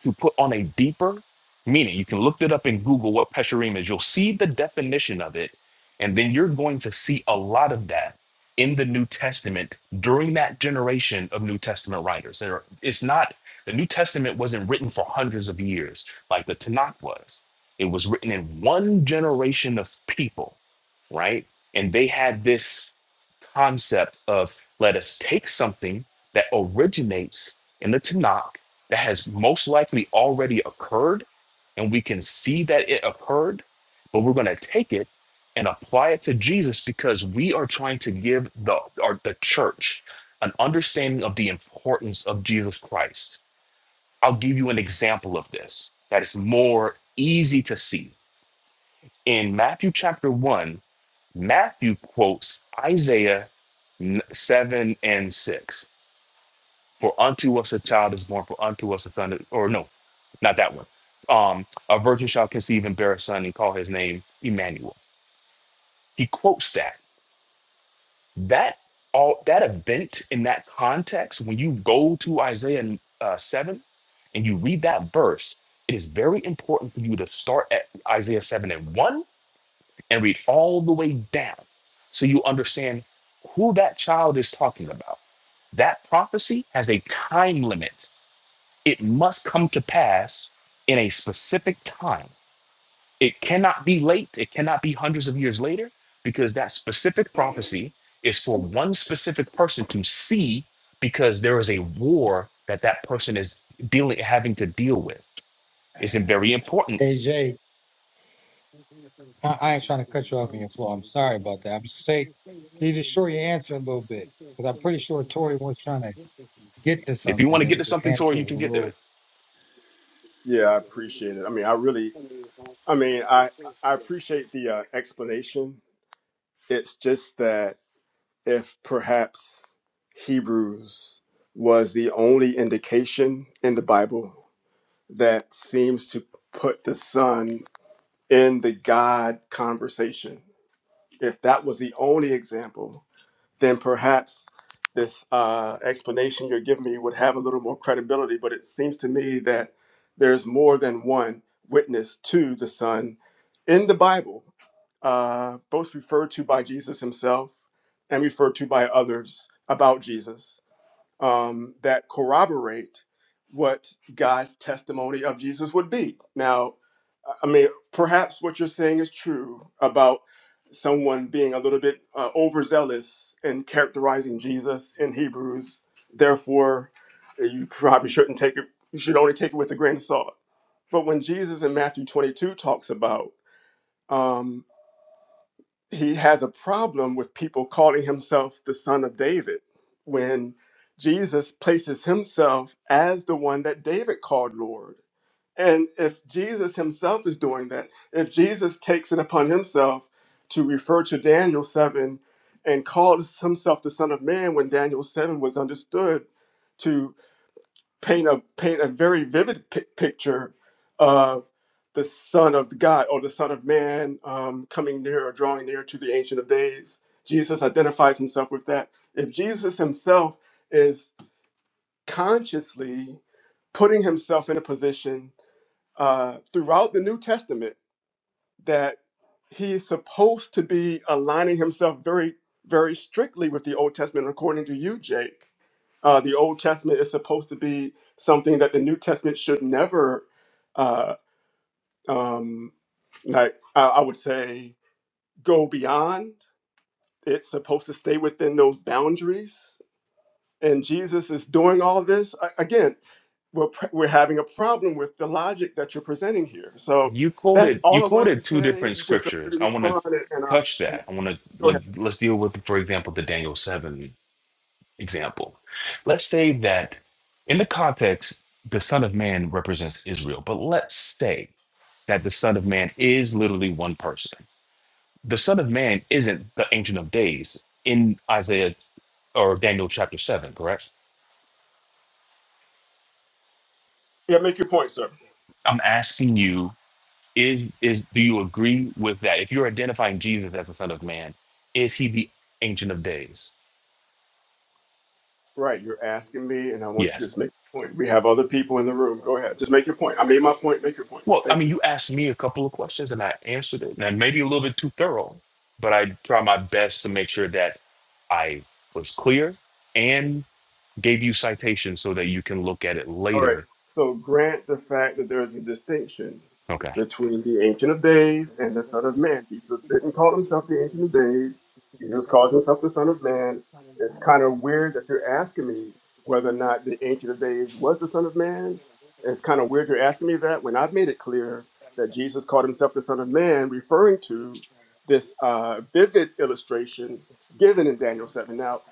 S16: to put on a deeper meaning. You can look it up in Google what pesherim is. You'll see the definition of it, and then you're going to see a lot of that in the New Testament during that generation of New Testament writers. There, it's not the New Testament wasn't written for hundreds of years like the Tanakh was. It was written in one generation of people right? And they had this concept of let us take something that originates in the Tanakh that has most likely already occurred, and we can see that it occurred, but we're going to take it and apply it to Jesus because we are trying to give the or the church an understanding of the importance of Jesus Christ. I'll give you an example of this that is more easy to see. In Matthew chapter 1, Matthew quotes Isaiah n- 7 and 6. For unto us a child is born, for unto us a son, is-" or no, not that one. Um, a virgin shall conceive and bear a son and call his name Emmanuel. He quotes that. That all that event in that context, when you go to Isaiah uh, 7 and you read that verse, it is very important for you to start at Isaiah 7 and 1 and read all the way down so you understand who that child is talking about. That prophecy has a time limit. It must come to pass in a specific time. It cannot be late, it cannot be hundreds of years later, because that specific prophecy is for one specific person to see because there is a war that that person is dealing having to deal with. It's very important.
S1: Aj. I, I ain't trying to cut you off on your floor. I'm sorry about that. I'm just saying, can you just short your answer a little bit? Because I'm pretty sure Tori was trying to get to
S16: If you
S1: something.
S16: want to
S1: Your,
S16: get to
S1: your
S16: something,
S1: answer
S16: Tori, you
S1: is
S16: can
S1: a
S16: get there.
S1: little.
S3: Yeah, I appreciate it. I mean, I really I mean, I I appreciate the uh, explanation. It's just that if perhaps Hebrews was the only indication in the Bible that seems to put the Son in the God conversation, if that was the only example, then perhaps this uh, explanation you're giving me would have a little more credibility. But it seems to me that there's more than one witness to the Son in the Bible, uh, both referred to by Jesus himself and referred to by others about Jesus, um, that corroborate what God's testimony of Jesus would be. Now, I mean, perhaps what you're saying is true about someone being a little bit uh, overzealous in characterizing Jesus in Hebrews. Therefore, you probably shouldn't take it, you should only take it with a grain of salt. But when Jesus in Matthew 22 talks about, um, he has a problem with people calling himself the son of David when Jesus places himself as the one that David called Lord and if Jesus himself is doing that, if Jesus takes it upon himself to refer to Daniel 7 and calls himself the Son of Man when Daniel 7 was understood to paint a, paint a very vivid pi- picture of the Son of God or the Son of Man um, coming near or drawing near to the Ancient of Days, Jesus identifies himself with that. If Jesus himself is consciously putting himself in a position uh, throughout the New Testament that he's supposed to be aligning himself very, very strictly with the Old Testament. According to you, Jake, uh, the Old Testament is supposed to be something that the New Testament should never, uh, um, like I, I would say, go beyond. It's supposed to stay within those boundaries. And Jesus is doing all this I, again. we're, pr- we're having a problem with the logic that you're presenting here. So
S16: You
S3: that's
S16: quoted you
S3: all I wanted to
S16: quoted two
S3: say.
S16: different
S3: You can feel free to
S16: scriptures. I want to
S3: respond and, and, um,
S16: touch
S3: and
S16: that. I want to
S3: go
S16: like
S3: ahead.
S16: let's deal with, for example, the Daniel seven example. Let's say that in the context, the Son of Man represents Israel, but let's say that the Son of Man is literally one person. The Son of Man isn't the Ancient of Days in Isaiah or Daniel chapter seven, correct?
S3: Yeah, make your point, sir.
S16: I'm asking you is is do you agree with that if you're identifying jesus as the son of man is he the ancient of days
S3: Right, you're asking me, and I want you to
S16: yes
S3: just make your point. We have other people in the room. Go ahead. Just make your point. I made my point. Make your point.
S16: well i
S3: Thank
S16: mean
S3: you.
S16: you asked me a couple of questions and i answered it and maybe a little bit too thorough but i try my best to make sure that i was clear and gave you citations so that you can look at it
S3: All right.
S16: later
S3: So grant the fact that there is a distinction
S16: okay
S3: between the Ancient of Days and the Son of Man. Jesus didn't call himself the Ancient of Days. Jesus calls himself the Son of Man. It's kind of weird that you're asking me whether or not the Ancient of Days was the Son of Man. It's kind of weird you're asking me that when I've made it clear that Jesus called himself the Son of Man, referring to this uh, vivid illustration given in Daniel 7. Now,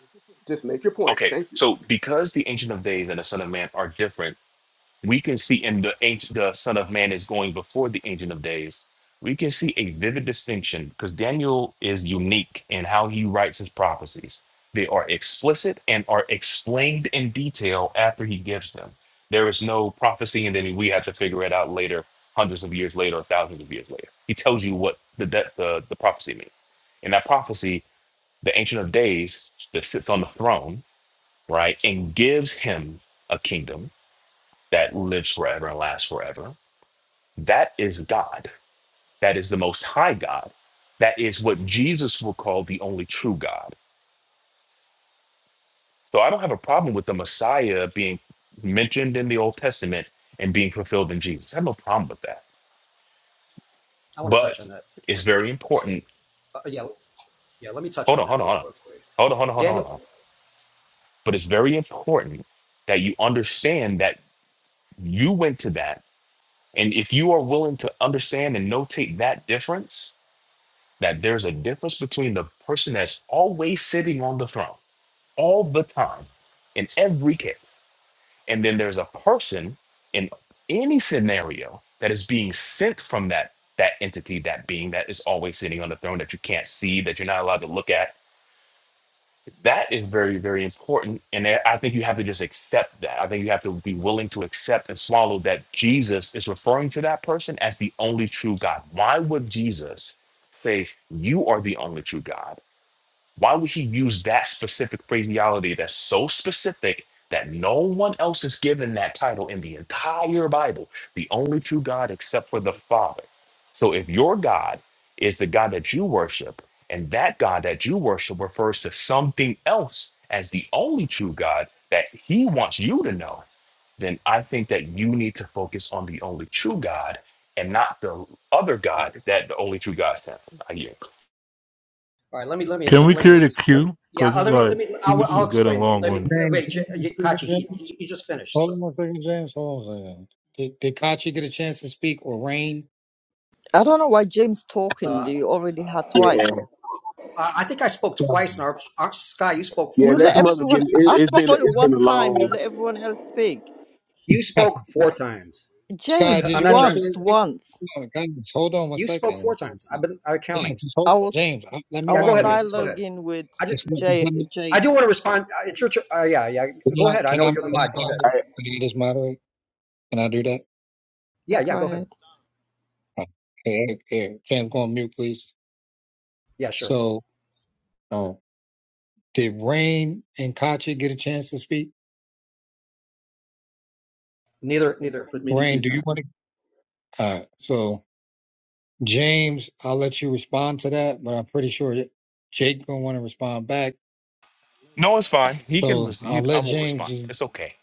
S3: just make your point.
S16: okay
S3: Thank you.
S16: so because the ancient of days and the son of man are different we can see and the ancient the son of man is going before the ancient of days we can see a vivid distinction because daniel is unique in how he writes his prophecies they are explicit and are explained in detail after he gives them there is no prophecy and then we have to figure it out later hundreds of years later or thousands of years later he tells you what the de- the, the prophecy means in that prophecy the ancient of days that sits on the throne right and gives him a kingdom that lives forever and lasts forever. That is God. That is the most high God. That is what Jesus will call the only true God. So I don't have a problem with the Messiah being mentioned in the Old Testament and being fulfilled in Jesus. I have no problem with that.
S14: I want to touch
S16: But
S14: on that. I
S16: it's
S14: want to touch
S16: very
S14: on that. So
S16: important.
S14: uh, yeah, yeah. Let me touch
S16: Hold
S14: on
S16: on,
S14: that
S16: hold on,
S14: real
S16: hold on.
S14: quickly.
S16: Hold on, hold on, hold on. hold
S14: Daniel,
S16: on.
S14: all
S16: But it's very important that you understand that you went to that. And if you are willing to understand and notate that difference, that there's a difference between the person that's always sitting on the throne all the time in every case and then there's a person in any scenario that is being sent from that that entity that being that is always sitting on the throne that you can't see that you're not allowed to look at that is very very important and i I think you have to just accept that i think you have to be willing to accept and swallow that jesus is referring to that person as the only true god why would jesus say you are the only true god why would he use that specific phraseology that's so specific that no one else is given that title in the entire Bible? The only true God except for the Father. So if your God is the God that you worship, and that God that you worship refers to something else as the only true God that he wants you to know, then I think that you need to focus on the only true God and not the other
S14: right.
S16: God that the only true God is. having. I hear.
S14: All right let me let me
S17: Can we
S14: let
S17: clear
S14: me
S17: the
S14: let me.
S17: queue?
S14: Yeah,
S17: Cause
S14: uh,
S17: it's
S14: let me let
S17: like
S14: me. I'll,
S17: this
S14: I'll
S17: is
S1: James,
S17: getting
S14: explain.
S17: long
S14: Let me
S17: winded.
S14: uh, wait. J- Kachi, he, he just finished.
S1: hold
S14: So
S1: on one second, James. Hold on a second. Did, did Kachi get a chance to speak or Rain?
S15: I don't know why James
S18: put,
S15: talking.
S14: uh,
S15: You already had
S10: Yeah.
S15: twice.
S14: I think I spoke
S1: Yeah.
S14: twice, and our, our Sky, you spoke
S10: Yeah,
S14: four
S15: You let
S10: let's
S14: times.
S10: mother
S14: So
S15: everyone.
S10: get. It,
S15: I
S10: it's
S15: spoke
S10: been
S15: only
S10: it's been
S15: one
S10: a
S15: time. You
S10: long.
S15: let everyone else speak.
S14: You spoke four times.
S1: Scott,
S15: James,
S1: did
S14: I'm
S1: you
S14: not.
S1: want to
S14: dr-
S1: share?
S15: once, once.
S1: Hold on, guys, hold on one
S14: You spoke
S1: second.
S14: four times. I've been I'm counting.
S1: James, just hold,
S15: I
S14: So
S15: was
S1: James, I, let me
S15: I
S14: yeah, go
S15: was
S14: ahead,
S1: moderate.
S14: Moses. Go ahead.
S15: dialoguing with
S14: I just.
S1: Just let me-
S15: Jay,
S1: let me-
S14: I
S15: Jake.
S14: do want to respond. Uh, It's your turn. Uh, yeah, yeah.
S1: Can
S14: Go
S1: I,
S14: ahead. I
S1: can I,
S14: know
S1: can
S14: you're the
S1: I
S14: mod. Go ahead.
S1: moderate?
S10: I,
S1: Can I just moderate? Can I do that?
S15: Yeah,
S14: Yeah, yeah.
S15: go
S14: Go ahead.
S15: ahead.
S1: Uh, Eric, Eric, Tam, go on mute, please.
S14: Yeah, sure.
S1: So, um, did Rain and Katya get a chance to speak?
S14: Neither, neither.
S18: put me in the
S1: Rain,
S18: queue
S1: do you
S18: time.
S1: want to? Uh, so, James, I'll let you respond to that, but I'm pretty sure that Jake gonna want to respond back.
S16: No, it's fine. He can.
S1: So
S16: Res-
S1: I'll
S16: you, I
S1: let
S16: won't
S1: James.
S16: respond.
S1: Just,
S16: It's okay.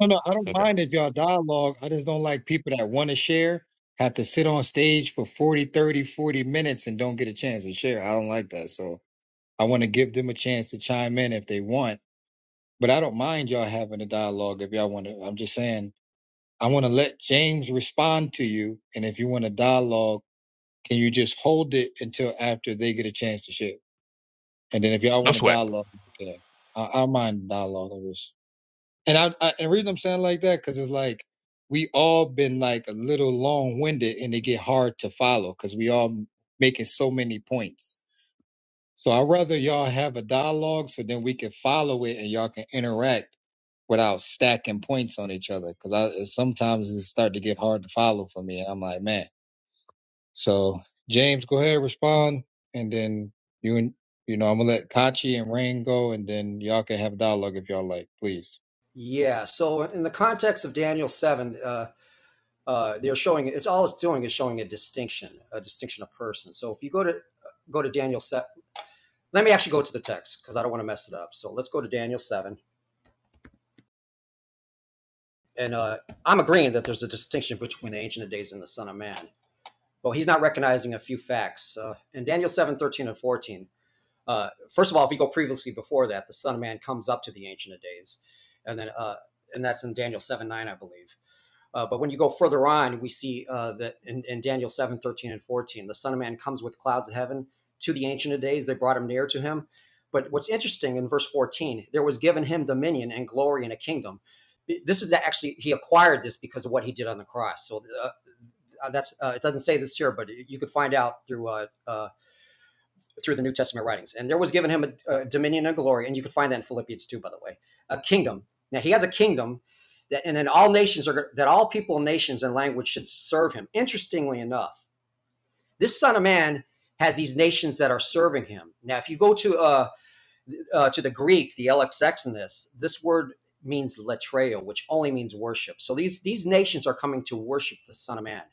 S1: no, no, I don't
S16: Okay.
S1: mind if y'all dialogue. I just don't like people that want to share have to sit on stage for 40, 30, 40 minutes and don't get a chance to share. I don't like that. So I want to give them a chance to chime in if they want But I don't mind y'all having a dialogue if y'all want to. I'm just saying, I want to let James respond to you. And if you want a dialogue, can you just hold it until after they get a chance to share? And then if y'all
S16: No
S1: want a
S16: sweat.
S1: dialogue, okay. I, I don't mind dialogue. I just, and I, I, and the reason I'm saying like that, because it's like, we all been like a little long winded and it get hard to follow because we all making so many points. So I'd rather y'all have a dialogue so then we can follow it and y'all can interact without stacking points on each other. Cause I sometimes it start to get hard to follow for me. And I'm like, man. So James, go ahead, respond. And then you and you know, I'm gonna let Kachi and Rain go and then y'all can have a dialogue if y'all like, please.
S14: Yeah. So in the context of Daniel seven, uh, uh, they're showing it's all it's doing is showing a distinction, a distinction of person. So if you go to uh, go to Daniel seven, let me actually go to the text because I don't want to mess it up. So let's go to Daniel seven, and uh, I'm agreeing that there's a distinction between the Ancient of Days and the Son of Man. Well, he's not recognizing a few facts uh, in Daniel seven, thirteen, and fourteen. Uh, first of all, if we go previously before that, the Son of Man comes up to the Ancient of Days, and then uh, and that's in Daniel seven nine, I believe. Uh, but when you go further on, we see uh, that in, in Daniel 7 13 and 14, the Son of Man comes with clouds of heaven to the Ancient of Days. They brought him near to him. But what's interesting in verse 14, there was given him dominion and glory and a kingdom. This is actually, he acquired this because of what he did on the cross. So uh, uh, that's, uh, it doesn't say this here, but you could find out through uh, uh, through the New Testament writings. And there was given him a, a dominion and glory, and you can find that in Philippians 2, by the way, a kingdom. Now he has a kingdom that, and then all nations are that all people, nations, and language should serve him. Interestingly enough, this Son of Man has these nations that are serving him. Now, if you go to uh, uh, to the Greek, the LXX in this, this word means latreo, which only means worship. So these these nations are coming to worship the Son of Man,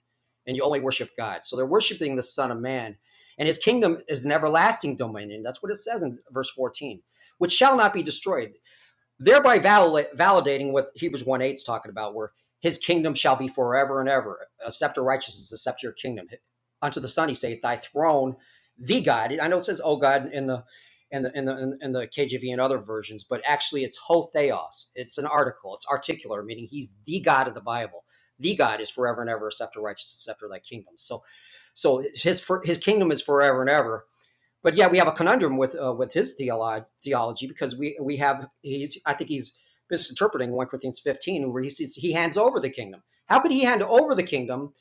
S14: and you only worship God. So they're worshiping the Son of Man, and His kingdom is an everlasting dominion. That's what it says in verse fourteen, which shall not be destroyed thereby valid- validating what Hebrews 1 8 is talking about, where his kingdom shall be forever and ever. A scepter of righteousness is a scepter of kingdom. Unto the Son, he saith, Thy throne, the God. I know it says, Oh God, in the in the, in the in the KJV and other versions, but actually it's ho theos. It's an article. It's articular, meaning he's the God of the Bible. The God is forever and ever, a scepter of righteousness, a scepter of thy kingdom. So, so his his kingdom is forever and ever but yeah, we have a conundrum with uh, with his theolo- theology because we we have he's I think he's misinterpreting one Corinthians fifteen where he says he hands over the kingdom. How could he hand over the kingdom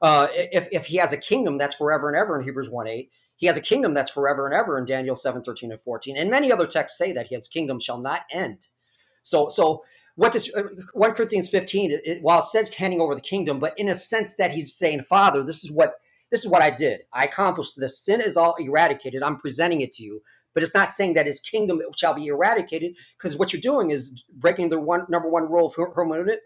S14: uh, if if he has a kingdom that's forever and ever in Hebrews one eight? He has a kingdom that's forever and ever in Daniel seven thirteen and fourteen, and many other texts say that his kingdom shall not end. So, so what does uh, 1 Corinthians 15, it, it- while it says handing over the kingdom, but in a sense that he's saying, Father, this is what this is what I did. I accomplished this. Sin is all eradicated. I'm presenting it to you. But it's not saying that his kingdom shall be eradicated, because what you're doing is breaking the one number one rule of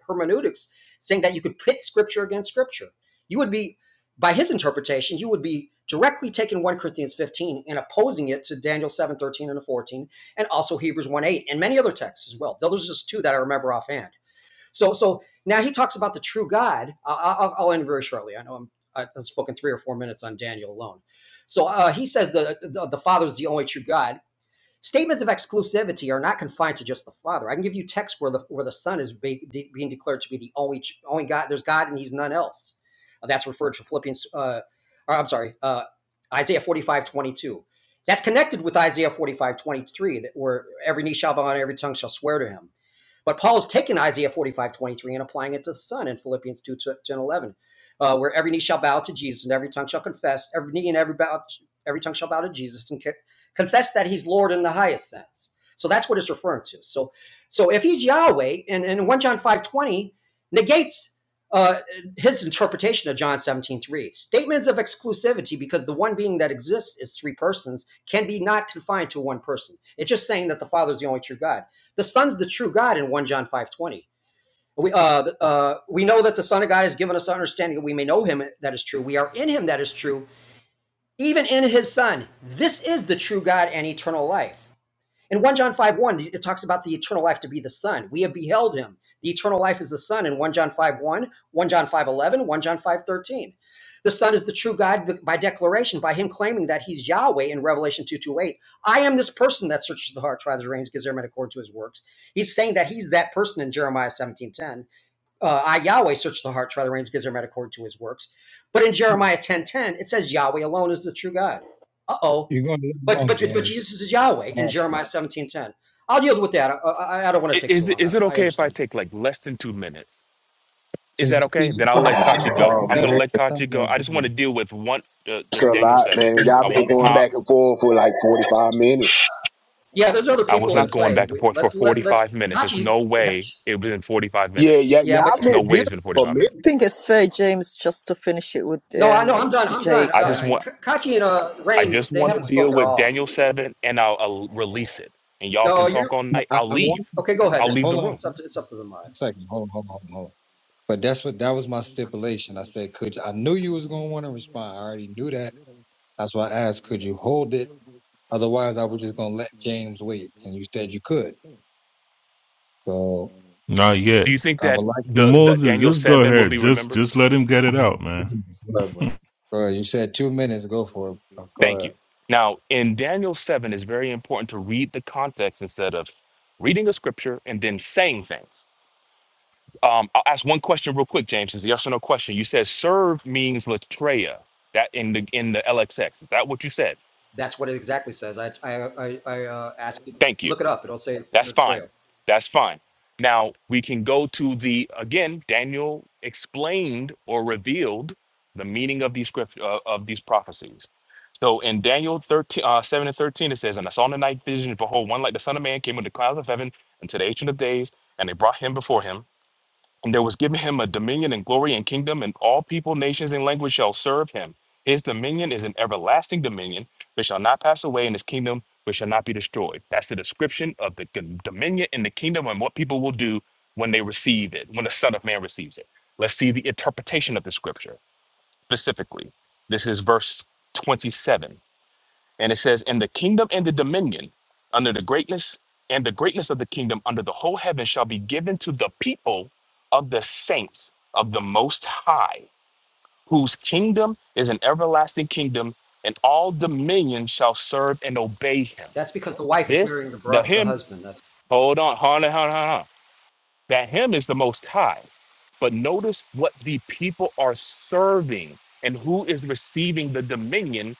S14: hermeneutics, saying that you could pit scripture against scripture. You would be, by his interpretation, you would be directly taking 1 Corinthians 15 and opposing it to Daniel 7 13 and 14, and also Hebrews 1 8 and many other texts as well. Those are just two that I remember offhand. So, so now he talks about the true God. I- will I'll end very shortly. I know I'm, I've spoken three or four minutes on Daniel alone. So uh, he says the, the the Father is the only true God, Statements of exclusivity are not confined to just the Father. I can give you texts where the where the Son is be, de- being declared to be the only only God. There's God and He's none else. Uh, that's referred to Philippians. Uh, or I'm sorry, uh, Isaiah 45:22. That's connected with Isaiah 45:23, that where every knee shall bow and every tongue shall swear to Him but Paul is taking Isaiah 45 23 and applying it to the Son in Philippians 2 10 11, uh, where every knee shall bow to Jesus and every tongue shall confess, every knee and every bow, every tongue shall bow to Jesus and confess that he's Lord in the highest sense. So that's what it's referring to. So, so if he's Yahweh, and, and 1 John 5 20 negates uh, his interpretation of John 17 3 Statements of exclusivity, because the one being that exists is three persons, can be not confined to one person. It's just saying that the Father is the only true God. The Son's the true God in 1 John 5.20. We, uh, uh, we know that the Son of God has given us understanding that we may know him that is true. We are in him that is true, even in his Son. This is the true God and eternal life. In 1 John 5 1, it talks about the eternal life to be the Son. We have beheld him. The eternal life is the Son in 1 John 5 1, First John 5 eleven, First John 5 13, The Son is the true God by declaration, by him claiming that he's Yahweh in Revelation 2 2 8. I am this person that searches the heart, tries the reins, gives every man according to his works. He's saying that he's that person in Jeremiah seventeen ten uh, I Yahweh search the heart, try the reins, gives their men according to his works. But in Jeremiah 10 10 it says Yahweh alone is the true God. Uh oh.
S1: You're going to live
S14: But,
S1: long,
S14: but but
S1: James.
S14: Jesus is Yahweh
S1: Yeah.
S14: in Jeremiah seventeen ten. I'll yield with that. I, I, I don't want
S16: I-
S14: to take too
S16: Is it-
S14: long.
S16: is
S14: I,
S16: it
S14: I
S16: okay if I
S14: understand.
S16: take like less than two minutes? Is
S1: Since
S16: that okay?
S1: you see this
S16: Then I'll
S1: thing,
S16: let
S1: you
S16: Kachi
S1: think
S16: go.
S1: you
S10: oh
S16: I'm
S1: got
S16: gonna
S10: man,
S16: let Kachi
S1: something
S16: go.
S1: else,
S16: I just want
S1: bro.
S16: to deal with one, uh,
S10: it's
S16: just
S10: a
S16: Daniel
S10: lot,
S16: seven.
S10: man.
S16: I
S10: Y'all been
S16: won't
S10: going
S1: Yeah.
S10: back
S16: hop.
S10: and forth for like forty five minutes.
S14: Yeah, there's other
S16: I was
S14: people
S1: Yeah.
S14: in
S16: not going
S14: play.
S16: back and
S14: We,
S16: forth for
S14: let, let, let,
S16: 45 minutes. There's
S14: Kachi,
S16: no way it was in 45
S10: Yeah,
S16: minutes.
S10: yeah,
S14: yeah, but
S10: y'all
S16: There's
S10: been
S16: no way it's
S10: beautiful
S16: been
S10: for a
S16: 45
S10: minute.
S16: minutes.
S15: I think it's fair, James, just to finish it with
S14: no, I know.
S15: um,
S14: I'm done. I'm done.
S15: Jake
S16: I just
S14: Uh,
S16: want.
S15: and
S14: Kachi and uh,
S16: I
S14: Rain,
S16: just
S14: they
S16: want to
S14: haven't
S16: deal
S14: spoke at
S16: with
S14: all.
S16: Daniel seven, and I'll, I'll release it, and y'all
S14: No,
S16: can talk
S14: you're
S16: all night.
S1: I,
S16: I'll
S1: I want
S16: leave.
S14: okay. Go ahead.
S16: I'll leave the
S1: hold
S14: Well,
S1: on
S16: room.
S14: it's
S1: for
S14: up to it's up to the mod.
S1: a second. Hold on, hold on, hold on. But that's what that was my stipulation. I said, could I knew you was gonna want to respond. I already knew that. That's why I asked, could you hold it? Otherwise, I was just gonna let James wait. And you said you could. So
S17: Not
S16: Do
S17: yet.
S16: you think
S1: I would
S16: that
S1: like
S16: the, the
S17: Moses,
S16: Daniel
S17: just go
S16: 7 will
S17: ahead.
S16: be
S17: Just
S16: remembered?
S17: just let him get it out,
S1: to
S17: man.
S1: hear whatever. bro. Go ahead. You said two minutes. Go for it. Bro. Go
S16: Thank you.
S1: ahead.
S16: Now, in Daniel 7, it's very important to read the context instead of reading a scripture and then saying things. Um, I'll ask one question real quick, James. It's a yes or no question. You said serve means latreia. That in the in the LXX. Is that what you said?
S14: That's what it exactly says. I I I, I uh, asked you
S16: Thank you.
S14: look it up. It'll say
S16: That's
S14: the
S16: fine.
S14: trail.
S16: That's fine. Now we can go to the again. Daniel explained or revealed the meaning of these script uh, of these prophecies. So in Daniel 13, uh, 7 and 13, it says, And I saw in the night vision, behold, one like the Son of Man came with the clouds of heaven unto the Ancient of Days, and they brought him before him. And there was given him a dominion and glory and kingdom, and all people, nations, and languages shall serve him. His dominion is an everlasting dominion which shall not pass away, and his kingdom which shall not be destroyed. That's the description of the g- dominion and the kingdom and what people will do when they receive it, when the Son of Man receives it. Let's see the interpretation of the scripture specifically. This is verse 27. And it says, And the kingdom and the dominion under the greatness, and the greatness of the kingdom under the whole heaven shall be given to the people of the saints of the Most High, whose kingdom is an everlasting kingdom, and all dominion shall serve and obey him.
S14: That's because the wife is
S16: This,
S14: marrying the
S16: the
S14: bro- the
S16: him,
S14: husband. That's
S16: hold on, hold on, hold on, hold on. That him is the Most High. But notice what the people are serving and who is receiving the dominion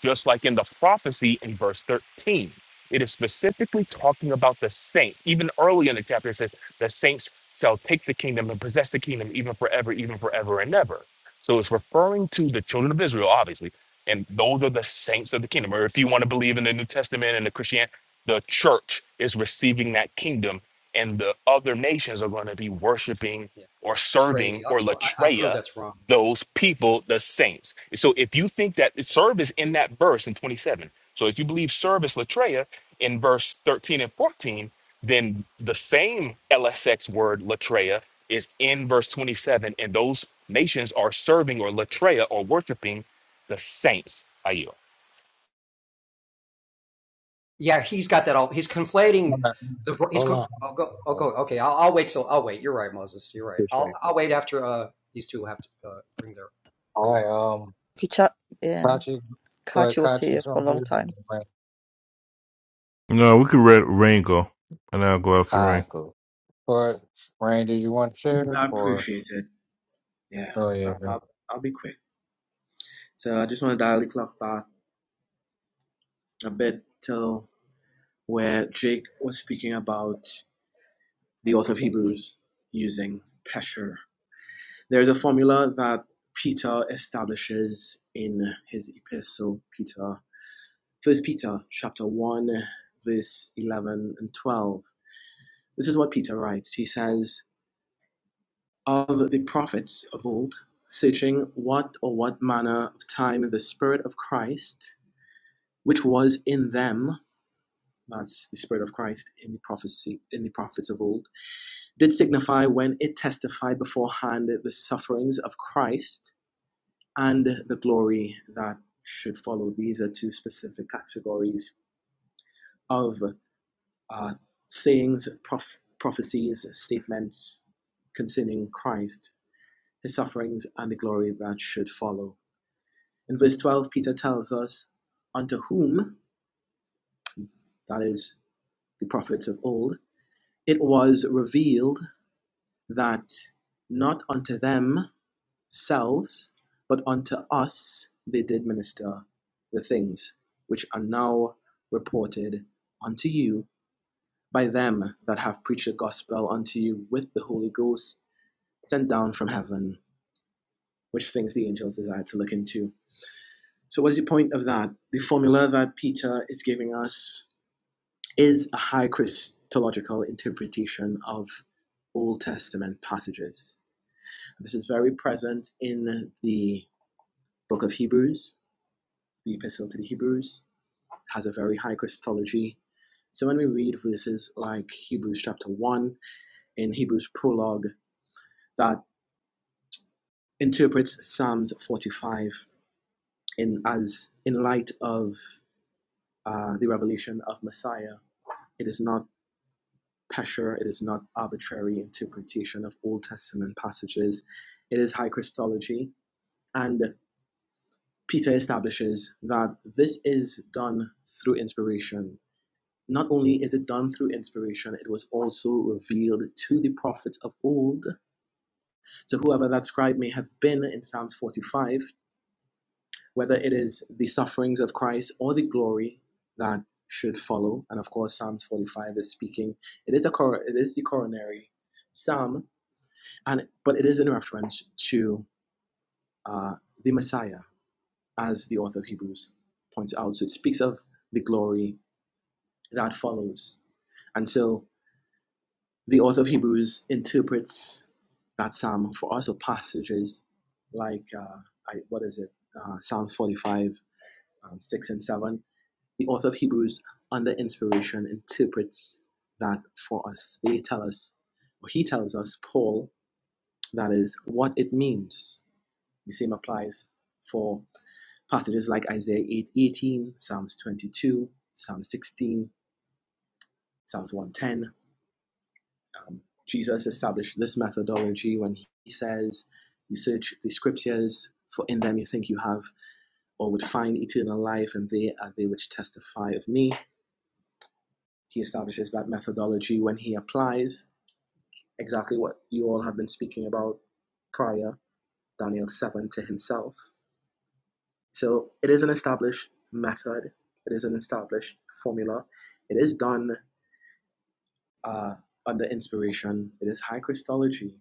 S16: just like in the prophecy in verse 13. It is specifically talking about the saint. Even early in the chapter, it says, the saints shall take the kingdom and possess the kingdom even forever, even forever and ever. So it's referring to the children of Israel, obviously. And those are the saints of the kingdom. Or if you want to believe in the New Testament and the Christian, the church is receiving that kingdom, and the other nations are going to be worshiping
S14: yeah,
S16: or
S14: it's
S16: serving
S14: crazy. I'll
S16: or
S14: expl- I, I prove
S16: latreia
S14: that's wrong.
S16: those people the saints. So if you think that service in that verse in 27, so if you believe service latreia in verse 13 and 14, then the same LSX word latreia is in verse 27, and those nations are serving or latreia or worshiping the saints. Ayo.
S14: Yeah, he's got that all. He's conflating
S1: I'm not-
S14: the. He's.
S1: Hold on.
S14: I'll go. I'll
S1: Hold on.
S14: go. Okay, I'll, I'll wait. So I'll wait. You're right, Moses. You're right. I'll
S1: Appreciate it.
S14: I'll wait after uh these two have to uh, bring their
S1: All
S14: bring
S1: right.
S14: their argument.
S1: Um,
S15: Kicha. Yeah,
S1: Kachi, go ahead.
S15: Kachi was here
S1: Kachi's on
S15: for a long
S1: you.
S15: time.
S1: All
S17: no, we could let Rain go, and I'll go after Rain.
S1: right, cool. Go ahead. Rain, did you want to share
S18: I
S1: or?
S18: appreciate it. Yeah,
S1: Oh yeah,
S18: I-
S1: bro.
S18: will I'll be quick. So I just want to dial the clock back a bit till where Jake was speaking about the author of Hebrews using Pesher. There's a formula that Peter establishes in his epistle, Peter, First Peter, chapter one, verse eleven and twelve. This is what Peter writes. He says, of the prophets of old, searching what or what manner of time the Spirit of Christ, which was in them, that's the Spirit of Christ in the prophecy in the prophets of old, did signify when it testified beforehand the sufferings of Christ and the glory that should follow. These are two specific categories of uh, sayings, prof- prophecies, statements concerning Christ, his sufferings, and the glory that should follow In verse 12, Peter tells us, Unto whom, that is, the prophets of old, it was revealed that not unto themselves, but unto us they did minister the things which are now reported unto you by them that have preached the gospel unto you with the Holy Ghost sent down from heaven, which things the angels desire to look into. So, what is the point of that? The formula that Peter is giving us is a high Christological interpretation of Old Testament passages. This is very present in the book of Hebrews, the Epistle to the Hebrews has a very high Christology. So when we read verses like Hebrews chapter 1 in Hebrews prologue that interprets Psalms 45 in as in light of uh, the revelation of Messiah, it is not Pesher. It is not arbitrary interpretation of Old Testament passages. It is high Christology. And Peter establishes that this is done through inspiration. Not only is it done through inspiration, it was also revealed to the prophets of old. So, whoever that scribe may have been in Psalms 45, whether it is the sufferings of Christ or the glory that should follow, and of course, Psalms 45 is speaking, it is, a cor- it is the coronary psalm and but it is in reference to uh, the Messiah, as the author of Hebrews points out. So it speaks of the glory that follows, and so the author of Hebrews interprets that psalm for us, or passages like uh, I, what is it, uh, Psalm forty-five, um, six and seven. The author of Hebrews, under inspiration, interprets that for us. They tell us, or he tells us, Paul, that is what it means. The same applies for passages like Isaiah 8 18, Psalms 22, Psalm 16, Psalms 110. Um, Jesus established this methodology when he says, You search the scriptures, for in them you think you have or would find eternal life, and they are they which testify of me. He establishes that methodology when he applies exactly what you all have been speaking about prior, Daniel 7, to himself. So it is an established method, it is an established formula. It is done uh, under inspiration, it is high Christology.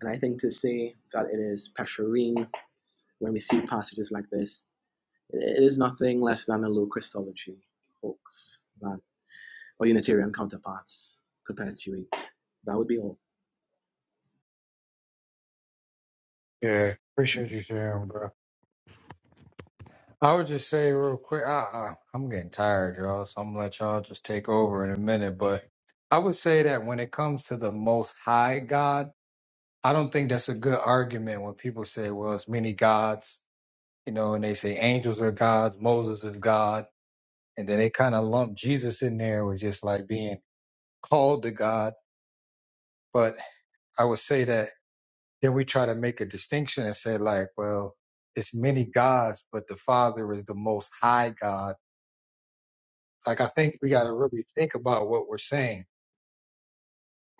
S18: And I think to say that it is pastorine when we see passages like this, it is nothing less than a low Christology hoax that our Unitarian counterparts perpetuate. That would be all.
S1: Yeah. Appreciate you sharing, bro. I would just say real quick, I, I, I'm getting tired, y'all, so I'm gonna let y'all just take over in a minute. But I would say that when it comes to the Most High God, I don't think that's a good argument when people say, well, it's many gods, you know, and they say angels are gods, Moses is God, and then they kind of lump Jesus in there with just like being called to God. But I would say that then we try to make a distinction and say, like, well, it's many gods, but the Father is the Most High God Like I think we got to really think about what we're saying.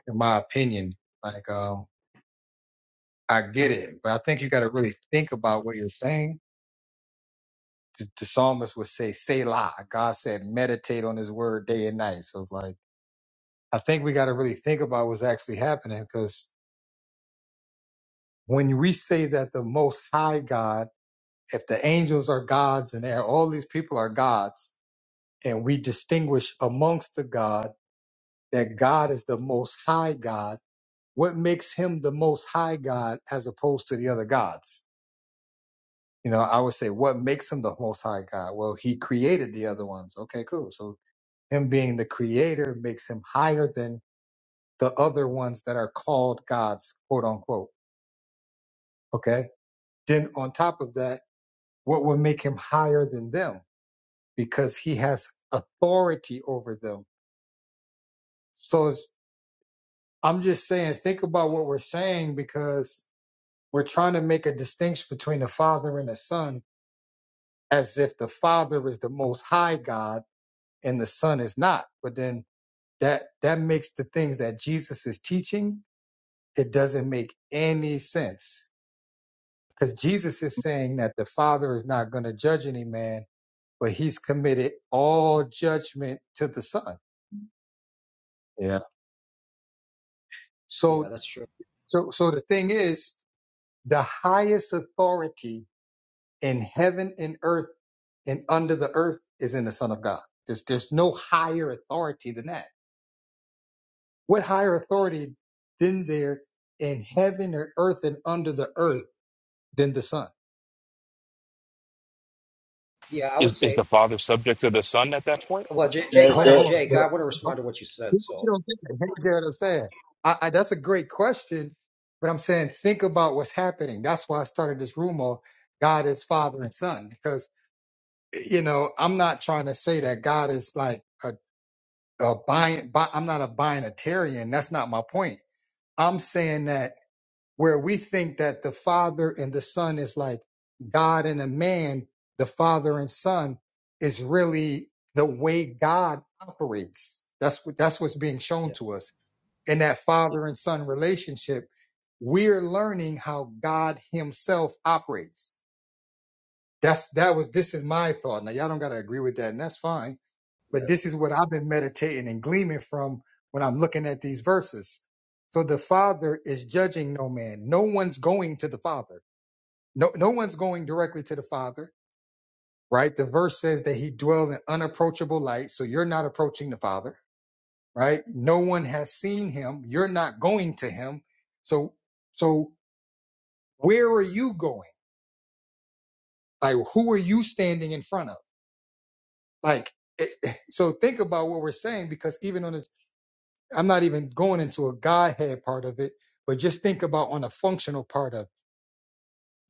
S1: In my opinion, like um, I get it, but I think you got to really think about what you're saying. The, the psalmist would say "Selah." God said, "Meditate on His word day and night." So like I think we got to really think about what's actually happening because when we say that the Most High God, if the angels are gods and they're- all these people are gods, and we distinguish amongst the God that God is the Most High God what makes him the most high God as opposed to the other gods? You know, I would say what makes him the most high God? Well, he created the other ones. Okay, cool. So him being the creator makes him higher than the other ones that are called gods, quote unquote. Okay. Then on top of that, what would make him higher than them? Because he has authority over them. So it's, I'm just saying, think about what we're saying because we're trying to make a distinction between the father and the son as if the Father is the most high God and the Son is not. But then that that makes the things that Jesus is teaching, it doesn't make any sense. Because Jesus is saying that the Father is not going to judge any man, but he's committed all judgment to the Son. Yeah.
S14: Yeah,
S1: So
S14: that's true.
S1: so so the thing is, the highest authority in heaven and earth and under the earth is in the Son of God. There's there's no higher authority than that. What higher authority than there in heaven or earth and under the earth than the Son?
S14: Yeah, I would
S16: Is, is the
S14: say.
S16: father subject to the son at that point?
S14: Well, Jake, Jake,
S10: That
S1: Hold on,
S10: that,
S1: hold
S14: Jake, I want to
S1: on.
S14: respond to what you said.
S1: You
S14: So
S1: don't think that. Here's what I'm saying. I, I, that's a great question, but I'm saying think about what's happening. That's why I started this room on God is Father and Son because you know I'm not trying to say that God is like a, a bi bi- I'm not a binatarian. That's not my point. I'm saying that where we think that the father and the son is like God and a man, the father and son is really the way God operates. That's what that's what's being shown
S14: yeah,
S1: to us in that
S14: yeah,
S1: father and son relationship. We're learning how God Himself operates. That's that was this is my thought. Now y'all don't gotta agree with that, and that's fine but
S14: yeah,
S1: this is what I've been meditating and gleaming from when I'm looking at these verses. So the Father is judging no man. No one's going to the Father. No, no one's going directly to the Father, right? The verse says that he dwells in unapproachable light. So you're not approaching the Father, right? No one has seen him. You're not going to him. So, so where are you going? Like, who are you standing in front of? Like, it, so think about what we're saying because even on this I'm not even going into a Godhead part of it, but just think about on a functional part of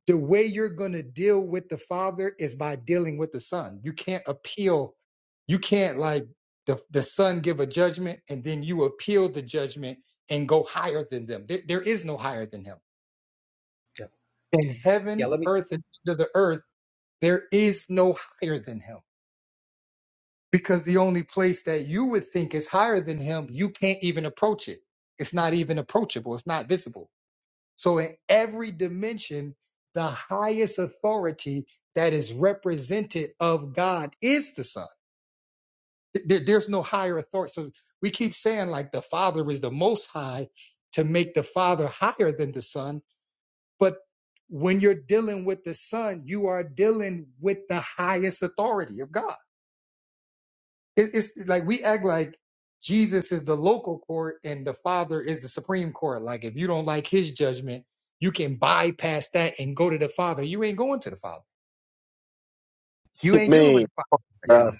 S1: the way you're going to deal with the Father is by dealing with the Son. You can't appeal. You can't like the, the Son give a judgment and then you appeal the judgment and go higher than them. There, there is no higher than Him. In
S14: yeah.
S1: heaven,
S14: Let me.
S1: earth, and under the earth, there is no higher than Him because the only place that you would think is higher than Him, you can't even approach it. It's not even approachable. It's not visible. So, in every dimension, the highest authority that is represented of God is the Son. There- there's no higher authority. So, we keep saying like the Father is the most high to make the Father higher than the Son. But when you're dealing with the Son, you are dealing with the highest authority of God. It, it's like we act like Jesus is the local court and the Father is the supreme court. Like if you don't like His judgment, you can bypass that and go to the Father. You ain't going to the Father. You
S10: that
S1: ain't dealing with
S10: man,
S1: the Father directly.
S14: Yeah,
S10: bro.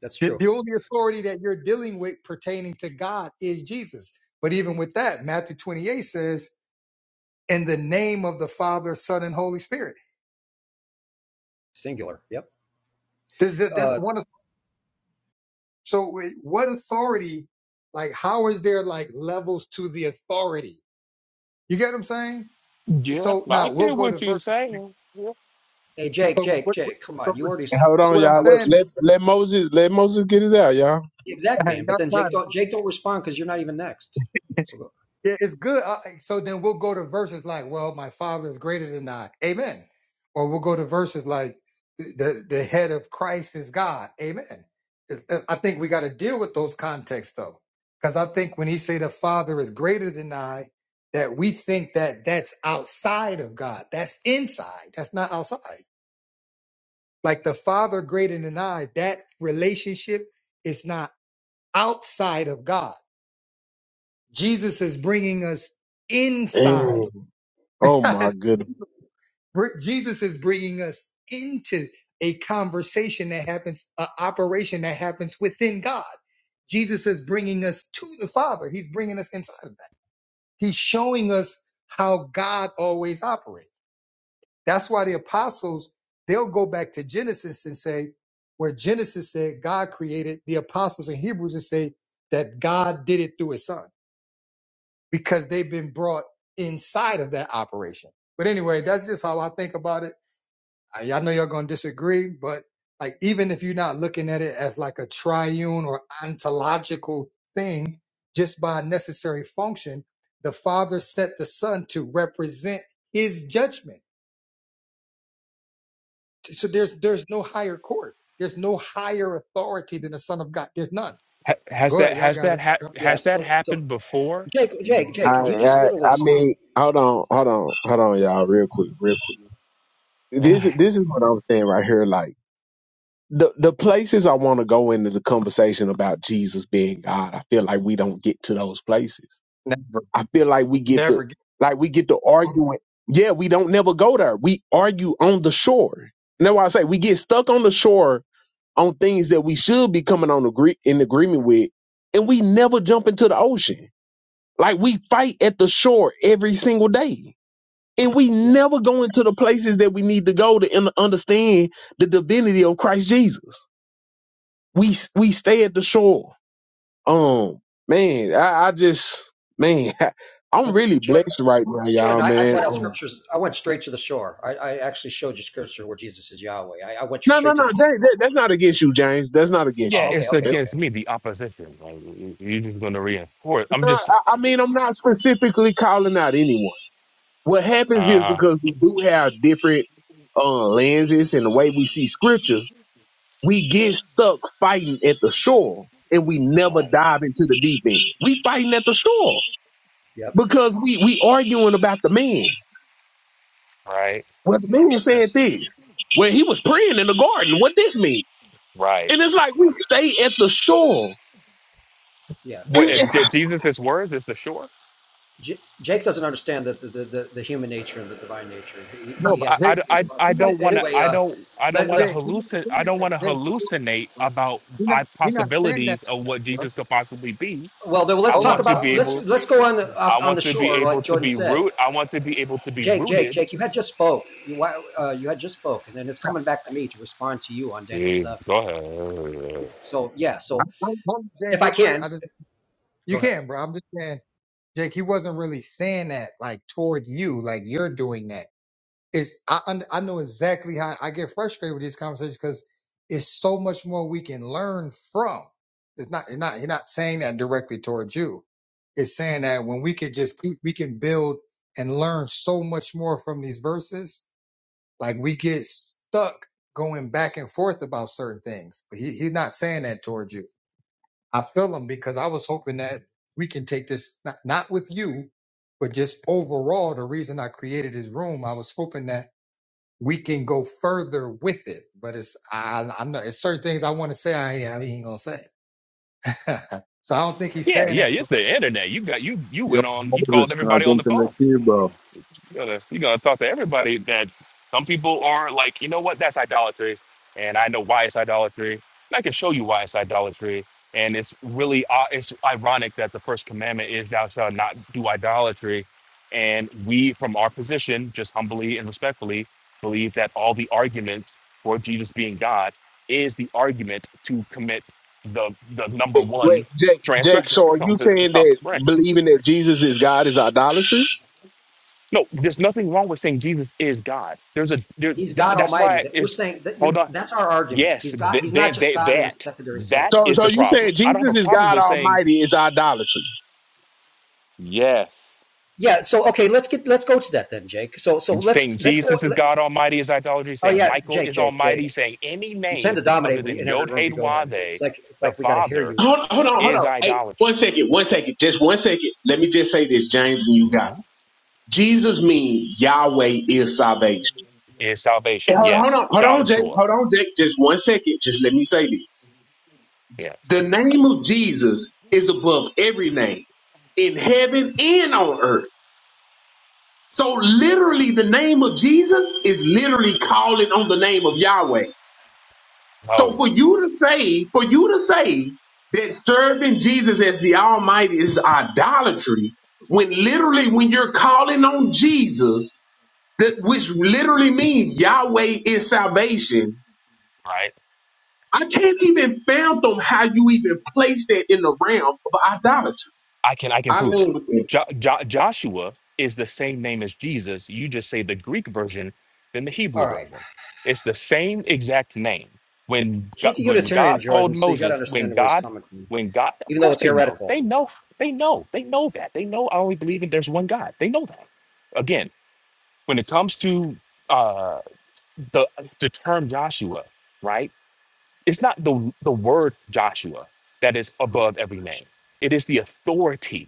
S14: that's
S1: The,
S14: true.
S1: the only authority that you're dealing with pertaining to God is Jesus. But even with that, Matthew 28 says, "In the name of the Father, Son, and Holy Spirit."
S14: Singular. Yep.
S1: Does that, that's
S14: Uh,
S1: one. Of, so wait, what authority? Like, how is there like levels to the authority? You get what I'm saying?
S16: Yeah,
S1: so
S16: I
S1: now we'll
S16: get
S1: go to
S16: what you're
S1: verse.
S16: saying. Yeah.
S14: Hey, Jake,
S1: So
S14: Jake,
S1: what, what-
S14: Jake, come
S1: so
S14: on. You
S1: what
S14: already,
S1: what I'm
S14: I want to,
S1: saying,
S10: Yeah,
S14: exactly.
S1: hey,
S14: And, but
S1: y'all
S14: then
S1: got
S14: Jake
S1: it.
S14: don't, Jake don't respond because you're not even next. So,
S1: Yeah, it's good. Uh, so then we'll go to verses like, well, my father is greater than I. Amen. Or we'll go to verses like, the, the head of Christ is God. Amen. It's- uh, I think we got to deal with those contexts though. Because I think when he say the father is greater than I, that we think that that's outside of God. That's inside. That's not outside. Like the father greater than I, that relationship is not outside of God. Jesus is bringing us inside.
S10: man. Oh my goodness.
S1: Br- Jesus is bringing us into a conversation that happens, an operation that happens within God. Jesus is bringing us to the Father. He's bringing us inside of that. He's showing us how God always operates. That's why the apostles, they'll go back to Genesis and say, where Genesis said God created the apostles in Hebrews and say that God did it through his son because they've been brought inside of that operation. But anyway, that's just how I think about it. I, I know y'all gonna disagree, but like even if you're not looking at it as like a triune or ontological thing, just by necessary function, the Father set the Son to represent His judgment. So there's there's no higher court. There's no higher authority than the Son of God. There's none.
S16: Ha- has
S1: Go ahead,
S16: that
S1: y'all
S16: has
S1: got it.
S16: that ha-
S14: yeah.
S16: has that
S14: So, so
S16: happened before?
S14: Jake, Jake,
S10: I,
S14: Jake, you just
S10: I
S14: literally,
S10: I mean, hold on, hold on, hold on, y'all, real quick, real quick. This this is what I'm saying right here. Like the the places I want to go into the conversation about Jesus being God, I feel like we don't get to those places
S1: Never,
S10: I feel like we get to
S1: never. Get,
S10: like we get to arguing. Yeah, we don't never go there. We argue on the shore. And that's why I say we get stuck on the shore on things that we should be coming on agree in agreement with, and we never jump into the ocean. Like we fight at the shore every single day. And we
S14: yeah.
S10: never go into the places that we need to go to un- understand the divinity of Christ Jesus. We we stay at the shore um, man, I, I just, man, I'm
S14: But
S10: really
S14: Jordan,
S10: blessed right now,
S14: Jordan
S10: y'all,
S14: I, I
S10: man.
S14: brought out
S10: Um,
S14: scriptures. I went straight to the shore. I, I actually showed you scripture where Jesus is Yahweh. I, I went
S10: no, no,
S14: straight to
S10: no,
S14: the,
S10: James, that, that's not against you, James. That's not against
S16: Yeah,
S14: oh,
S10: you.
S14: okay,
S16: it's
S14: okay,
S10: That's
S14: okay.
S16: against me, the opposition. Like you- you're just going to reinforce. I'm
S10: not-
S16: just
S10: I, I mean, I'm not specifically calling out anyone. What happens is
S16: uh
S10: because we do have different uh, lenses and the way we see scripture, we get stuck fighting at the shore and we never
S16: right,
S10: dive into the deep end. We fighting at the shore
S14: Yep.
S10: because we we arguing about the man.
S16: right,
S10: Well, the man
S14: Yeah.
S10: said
S14: So,
S10: this. when he was praying in the garden. What this mean?
S16: right.
S10: And it's like we stay at the shore.
S14: yeah.
S10: And
S16: What uh,
S14: So
S16: Je- Jesus' words is the shore.
S14: J- Jake doesn't understand the, the, the, the human nature and the divine nature. He,
S16: No,
S14: he
S16: but
S14: has,
S16: I,
S1: Jake,
S14: he
S16: I,
S14: has,
S16: I, I
S1: Jake,
S14: but
S16: don't want
S1: Jake,
S16: to.
S14: anyway,
S16: I
S14: uh,
S16: don't. I don't
S14: let, let,
S16: want to
S1: Jake, he didn't
S16: hallucinate.
S1: say
S16: I don't
S1: that,
S16: want to
S1: Jake,
S16: hallucinate about
S1: He not,
S16: I
S1: he not saying that,
S16: possibilities of what
S1: bro.
S16: Jesus could possibly be.
S14: Well, then well,
S16: I
S14: let's
S1: Hold
S14: talk
S16: want
S1: on,
S16: to
S14: about Well,
S16: be
S14: let's
S16: able.
S14: let's go on the
S16: I
S14: off, on the
S16: want to be
S14: shore,
S16: able
S14: like
S16: to
S14: Jordan
S16: be
S14: said.
S16: root. I want to be able to be
S14: Jake, Jake,
S16: rooted.
S14: Jake, you had just spoke. You uh, you had just spoke, and then it's coming back to me to respond to you on Daniel
S16: Jeez,
S14: seven.
S16: go ahead.
S14: So yeah, so
S1: hold, hold on, James,
S14: if I
S1: real quick. I
S14: can,
S1: just
S14: go
S1: you
S14: ahead.
S1: can, bro. I'm just saying, Jake. He wasn't really saying that like toward you, like you're doing that. It's I un- I know exactly how I get frustrated with these conversations because it's so much more we can learn from. It's not you're not you're not saying that directly towards you. It's saying that when we could just keep, we can build and learn so much more from these verses Like we get stuck going back and forth about certain things. But he, he's not saying that towards you. I feel him because I was hoping that we can take this not, not with you, but just overall. The reason I created this room, I was hoping that we can go further with it. But it's I I know it's certain things I want to say I ain't, I ain't gonna say. so I don't think he's
S16: Yeah,
S1: saying
S16: yeah.
S1: that.
S16: It's the internet. You got you. You
S19: Yo,
S16: went on. You called
S19: Moses, can I
S16: everybody on
S19: jump
S16: the
S19: in the
S16: phone.
S19: queue, bro?
S16: You're gonna, you're gonna talk to everybody that some people are like, you know what, that's idolatry. And I know why it's idolatry. And I can show you why it's idolatry. And it's really, uh, it's ironic that the first commandment is thou shalt not do idolatry. And we, from our position, just humbly and respectfully, believe that all the arguments for Jesus being God is the argument to commit the the number
S10: it- Wait,
S16: one
S10: Jake, Jake.
S16: transgression
S10: So are
S16: on
S10: you
S16: the, the
S10: saying
S16: top
S10: that
S16: of the branch.
S10: believing that Jesus is?
S16: No, there's nothing wrong with saying Jesus is God. There's a there,
S14: He's
S16: th-
S14: God
S16: that's
S14: Almighty.
S16: why
S14: That we're
S16: it's
S14: saying that
S16: hold
S14: you're,
S16: on.
S14: that's our argument.
S16: Yes,
S14: He's God.
S16: th-
S14: He's not
S16: then
S14: just
S16: they,
S14: God in a
S16: that
S14: secondary
S16: that
S14: sense.
S16: is the problem. I don't have a problem with saying yes.
S14: Yeah. So okay, let's get let's go to that then, Jake. So so
S16: Saying
S14: let's let's go.
S16: Jesus is
S14: let-
S16: God Almighty is idolatry.
S14: oh
S16: Saying
S14: yeah,
S16: Michael
S14: Jake,
S16: is
S14: Jake, Jake.
S16: Almighty. Saying any
S14: You tend
S16: name
S14: to dominate
S16: other
S14: when you,
S16: than
S14: in every
S16: Yod
S14: room
S16: Hey
S14: you go in. It's
S16: Wade,
S14: like it's
S16: the
S14: like we got to hear
S16: Father,
S14: you.
S10: Hold, hold on, hold
S16: is
S10: on. Hey, one
S16: idolatry.
S10: second, one second, just one second. Let me just say this, James, and you got
S16: Mhm.
S10: it. Jesus means Yahweh is salvation.
S16: Is
S10: Hey,
S16: salvation?
S10: Hold, hold
S16: Yes.
S10: on, hold on, Jake.
S16: Joshua.
S10: Hold on, Jake. Just one second. Just let me say this.
S16: Yes.
S10: The name of Jesus is above every name in heaven and on earth. So literally the name of Jesus is literally calling on the name of Yahweh. So
S16: No.
S10: for you to say, for you to say that serving Jesus as the Almighty is idolatry, when literally when you're calling on Jesus, that which literally means Yahweh is salvation,
S16: Right.
S10: I can't even fathom how you even place that in the realm of idolatry.
S16: I can I can
S10: I
S16: prove it.
S10: lean with it.
S16: Jo- Jo- Joshua is the same name as Jesus. You just say the Greek version than the Hebrew
S14: All right.
S16: version. It's the same exact name. When God,
S14: he's a
S16: when
S14: Unitarian,
S16: God told
S14: Jordan, so you got to
S16: Moses, when
S14: understand where he's
S16: God,
S14: coming from,
S16: when God, of
S14: even though
S16: course
S14: it's
S16: they know.
S14: heretical.
S16: They know. They know. They know that. They know. I only believe in there's one God. They know that. Again, when it comes to uh, the the term Joshua, right? It's not the the word Joshua that is
S14: Um,
S16: above every name. It is the authority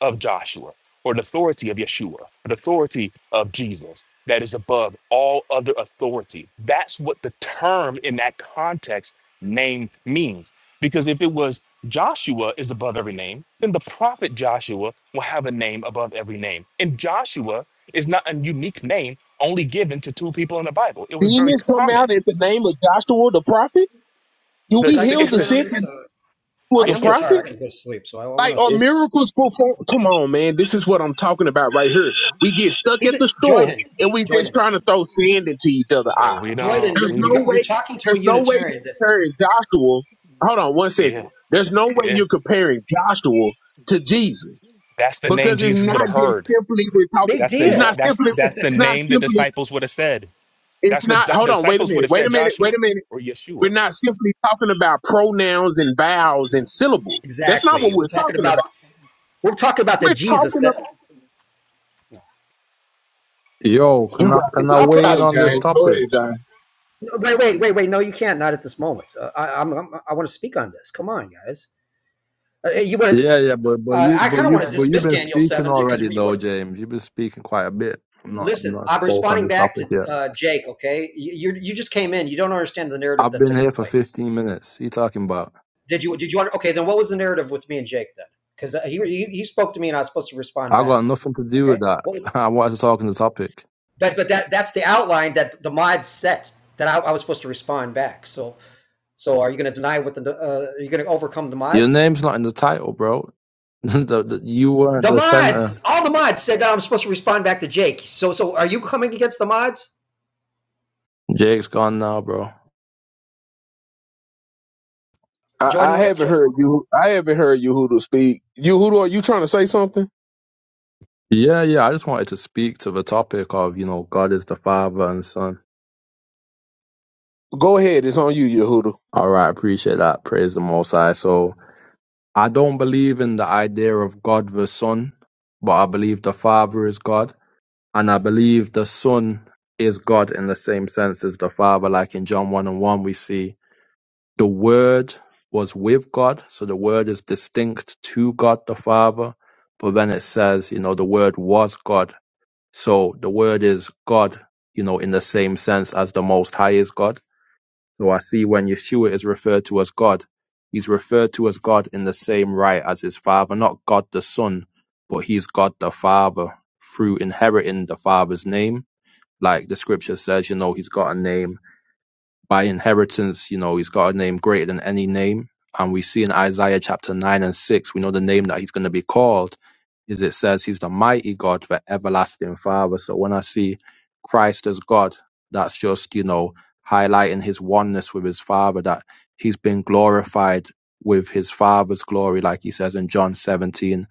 S16: of Joshua or an authority of Yeshua, an authority of Jesus that is above all other authority. That's what the term in that context name means. Because if it was Joshua is above every name, then the prophet Joshua will have a name above every name. And Joshua is not a unique name only given to two people in the Bible. It was very
S10: Demons come out
S16: common.
S10: in the name of Joshua the prophet. Do
S16: The,
S14: Could
S10: we
S14: I
S16: s-
S14: could I
S10: heal
S16: it's
S14: get
S10: the
S14: in on
S16: this,
S10: sick
S14: this? Uh,
S10: and
S14: I,
S10: for the
S14: I'm
S16: it's
S14: getting
S16: this,
S10: prophet?
S14: tired. I got to go to sleep, so I, I want
S10: Like,
S14: to
S10: are
S14: say
S16: it's
S10: miracles performed? Come on, man. This is what I'm talking about right here. We get stuck
S14: he's
S10: at
S14: a
S10: the shore
S14: Jordan,
S10: and we just
S14: Jordan,
S10: trying to throw sand into each other's
S16: okay.
S10: eye.
S16: We
S14: Jordan.
S16: don't,
S10: There's
S14: You're
S16: we,
S14: you
S10: no
S14: got, you're
S10: way.
S14: talking to a
S10: There's no way you
S14: Unitarian. That
S10: are comparing Joshua. Hold on one
S16: yeah,
S10: second. There's no way
S16: yeah.
S10: you're comparing Joshua to Jesus
S16: That's the name
S10: because it's
S16: Jesus would
S10: not
S16: have
S10: just
S16: heard.
S10: simply we're talking.
S14: big
S16: That's the
S10: It's
S16: na-
S10: not
S14: deal.
S16: that's
S10: simply.
S16: that's the
S10: It's not
S16: name the
S10: simply.
S16: disciples would have said.
S10: It's
S16: That's what
S10: not.
S16: di-
S10: Hold on. Wait a
S16: disciples would
S10: minute.
S16: have
S10: Wait a
S16: said,
S10: minute. Wait
S16: Joshua
S10: a minute.
S16: or Yeshua.
S10: We're not simply talking about pronouns and vowels and syllables. That's not what
S14: Exactly. We're
S10: we're
S14: talking
S10: talking about.
S14: about we're talking about the
S10: We're
S14: Jesus
S10: talking
S14: that
S10: about
S19: Yo,
S10: You
S19: can
S10: got
S19: I
S10: it.
S19: can I
S10: You
S14: I'll,
S19: weigh in
S10: Got it,
S19: on
S14: I'll
S19: this
S10: James. Go
S19: topic?
S10: ahead, James.
S14: no, wait wait wait wait. No, you can't. Not at this moment. Uh, I, I'm, I'm I want to speak on this. Come on, guys. Uh, you want to?
S19: Yeah, yeah, but but
S14: Uh,
S19: you
S14: I
S19: but
S14: kind of
S19: you
S14: want to
S19: but you've
S14: dismiss
S19: been
S14: Daniel
S19: speaking
S14: seven because
S19: already
S14: we
S19: though,
S14: would.
S19: James. You've been speaking quite a bit. I'm not I'm
S14: Listen,
S19: not
S14: I'm
S19: spoke on
S14: responding
S19: this
S14: back
S19: topic
S14: to
S19: yet.
S14: uh, Jake. Okay, you, you you just came in. You don't understand the narrative
S19: I've
S14: that
S19: been
S14: took in
S19: here for
S14: place.
S19: 15 minutes. You talking about?
S14: Did you? Did you Okay, then what was the narrative with me and Jake then? Because he, he he spoke to me and I was supposed to respond
S19: I
S14: back.
S19: got nothing to do with
S14: Okay,
S19: that.
S14: what was it?
S19: I wanted to talk on the topic.
S14: But but that that's the outline that the mod set that I, I was supposed to respond back. So so are you going to deny what the uh, are you going to overcome the
S19: Your
S14: mods?
S19: name's not in the title, bro. the, the, you weren't
S14: The
S19: the center.
S14: mods, all the mods said that I'm supposed to respond back to Jake. So so are you coming against the mods?
S19: Jake's gone now, bro.
S10: I,
S14: Jordan
S10: I
S14: left.
S10: haven't heard you. I haven't heard Yehuda speak. Yehuda, are you trying to say something?
S19: Yeah, yeah. I just wanted to speak to the topic of you know God is the Father and Son
S10: Go ahead. It's on you, Yehuda.
S19: All right, appreciate that. Praise the Most High. So I don't believe in the idea of God the Son, but I believe the Father is God, and I believe the Son is God in the same sense as the Father. Like in John one and one, we see the Word was with God, so the Word is distinct to God the Father. But then it says, you know, the Word was God, so the Word is God, you know, in the same sense as the Most High is God. So I see when Yeshua is referred to as God, he's referred to as God in the same right as his Father, not God the Son, but he's God the Father through inheriting the Father's name. Like the scripture says, you know, he's got a name by inheritance, you know, he's got a name greater than any name. And we see in Isaiah chapter 9 and 6, we know the name that he's going to be called is it says he's the mighty God, the everlasting Father. So when I see Christ as God, that's just, you know, highlighting his oneness with his Father, that he's been glorified with his Father's glory, like he says in John 17,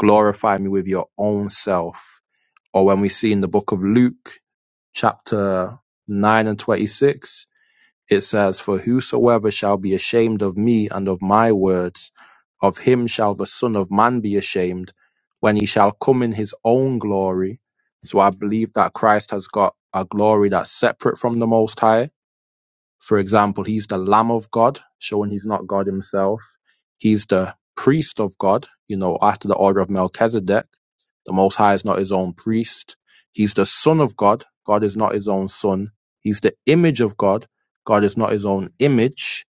S19: glorify me with your own self. Or when we see in the book of Luke, chapter 9 and 26, it says, For whosoever shall be ashamed of me and of my words, of him shall the Son of Man be ashamed when he shall come in his own glory. So I believe that Christ has got a glory that's separate from the Most High. For example, he's the Lamb of God, showing he's not God himself. He's the priest of God, you know, after the order of Melchizedek the Most High is not his own priest. He's the Son of God. God is not his own Son. He's the image of God. God is not his own image.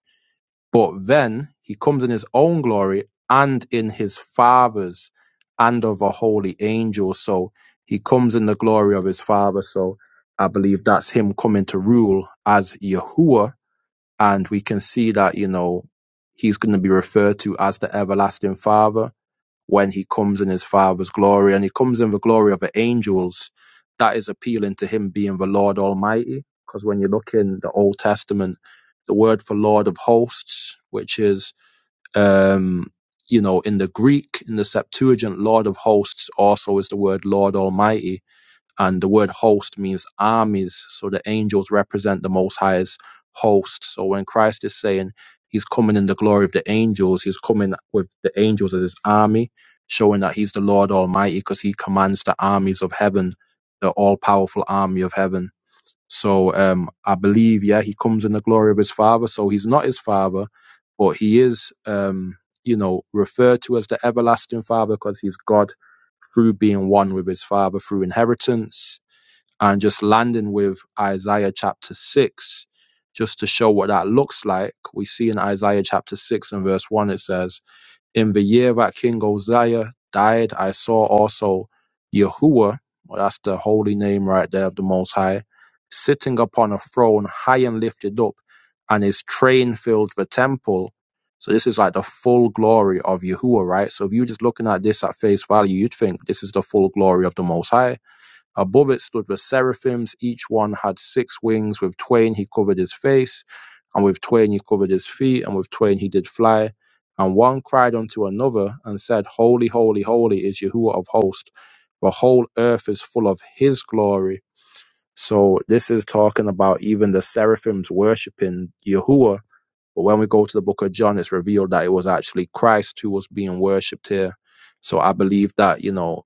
S19: But then he comes in his own glory and in his Father's and of a holy angel. So he comes in the glory of his Father. So I believe that's him coming to rule as Yahuwah. And we can see that, you know, he's going to be referred to as the everlasting Father when he comes in his father's glory and he comes in the glory of the angels, that is appealing to him being the Lord Almighty. Because when you look in the Old Testament, the word for Lord of hosts, which is, um, you know, in the Greek, in the Septuagint, Lord of hosts also is the word Lord Almighty and the word host means armies so the angels represent the most high's host so when christ is saying he's coming in the glory of the angels he's coming with the angels as his army showing that he's the lord almighty because he commands the armies of heaven the all-powerful army of heaven so um, I believe, yeah, he comes in the glory of his father. So he's not his father, but he is, um, you know, referred to as the everlasting father because he's God through being one with his father through inheritance and just landing with Isaiah chapter six, just to show what that looks like. We see in Isaiah chapter six and verse one, it says, in the year that King Uzziah died, I saw also Yahuwah, well, that's the holy name right there of the Most High, sitting upon a throne high and lifted up, and his train filled the temple. So this is like the full glory of Yahuwah, right? So if you're just looking at this at face value, you'd think this is the full glory of the Most High Above it stood the seraphims. Each one had six wings. With twain he covered his face, and with twain he covered his feet, and with twain he did fly. And one cried unto another and said, Holy, holy, holy is Yahuwah of hosts. The whole earth is full of his glory. So this is talking about even the seraphims worshipping Yahuwah. But when we go to the book of John, it's revealed that it was actually Christ who was being worshipped here. So I believe that, you know,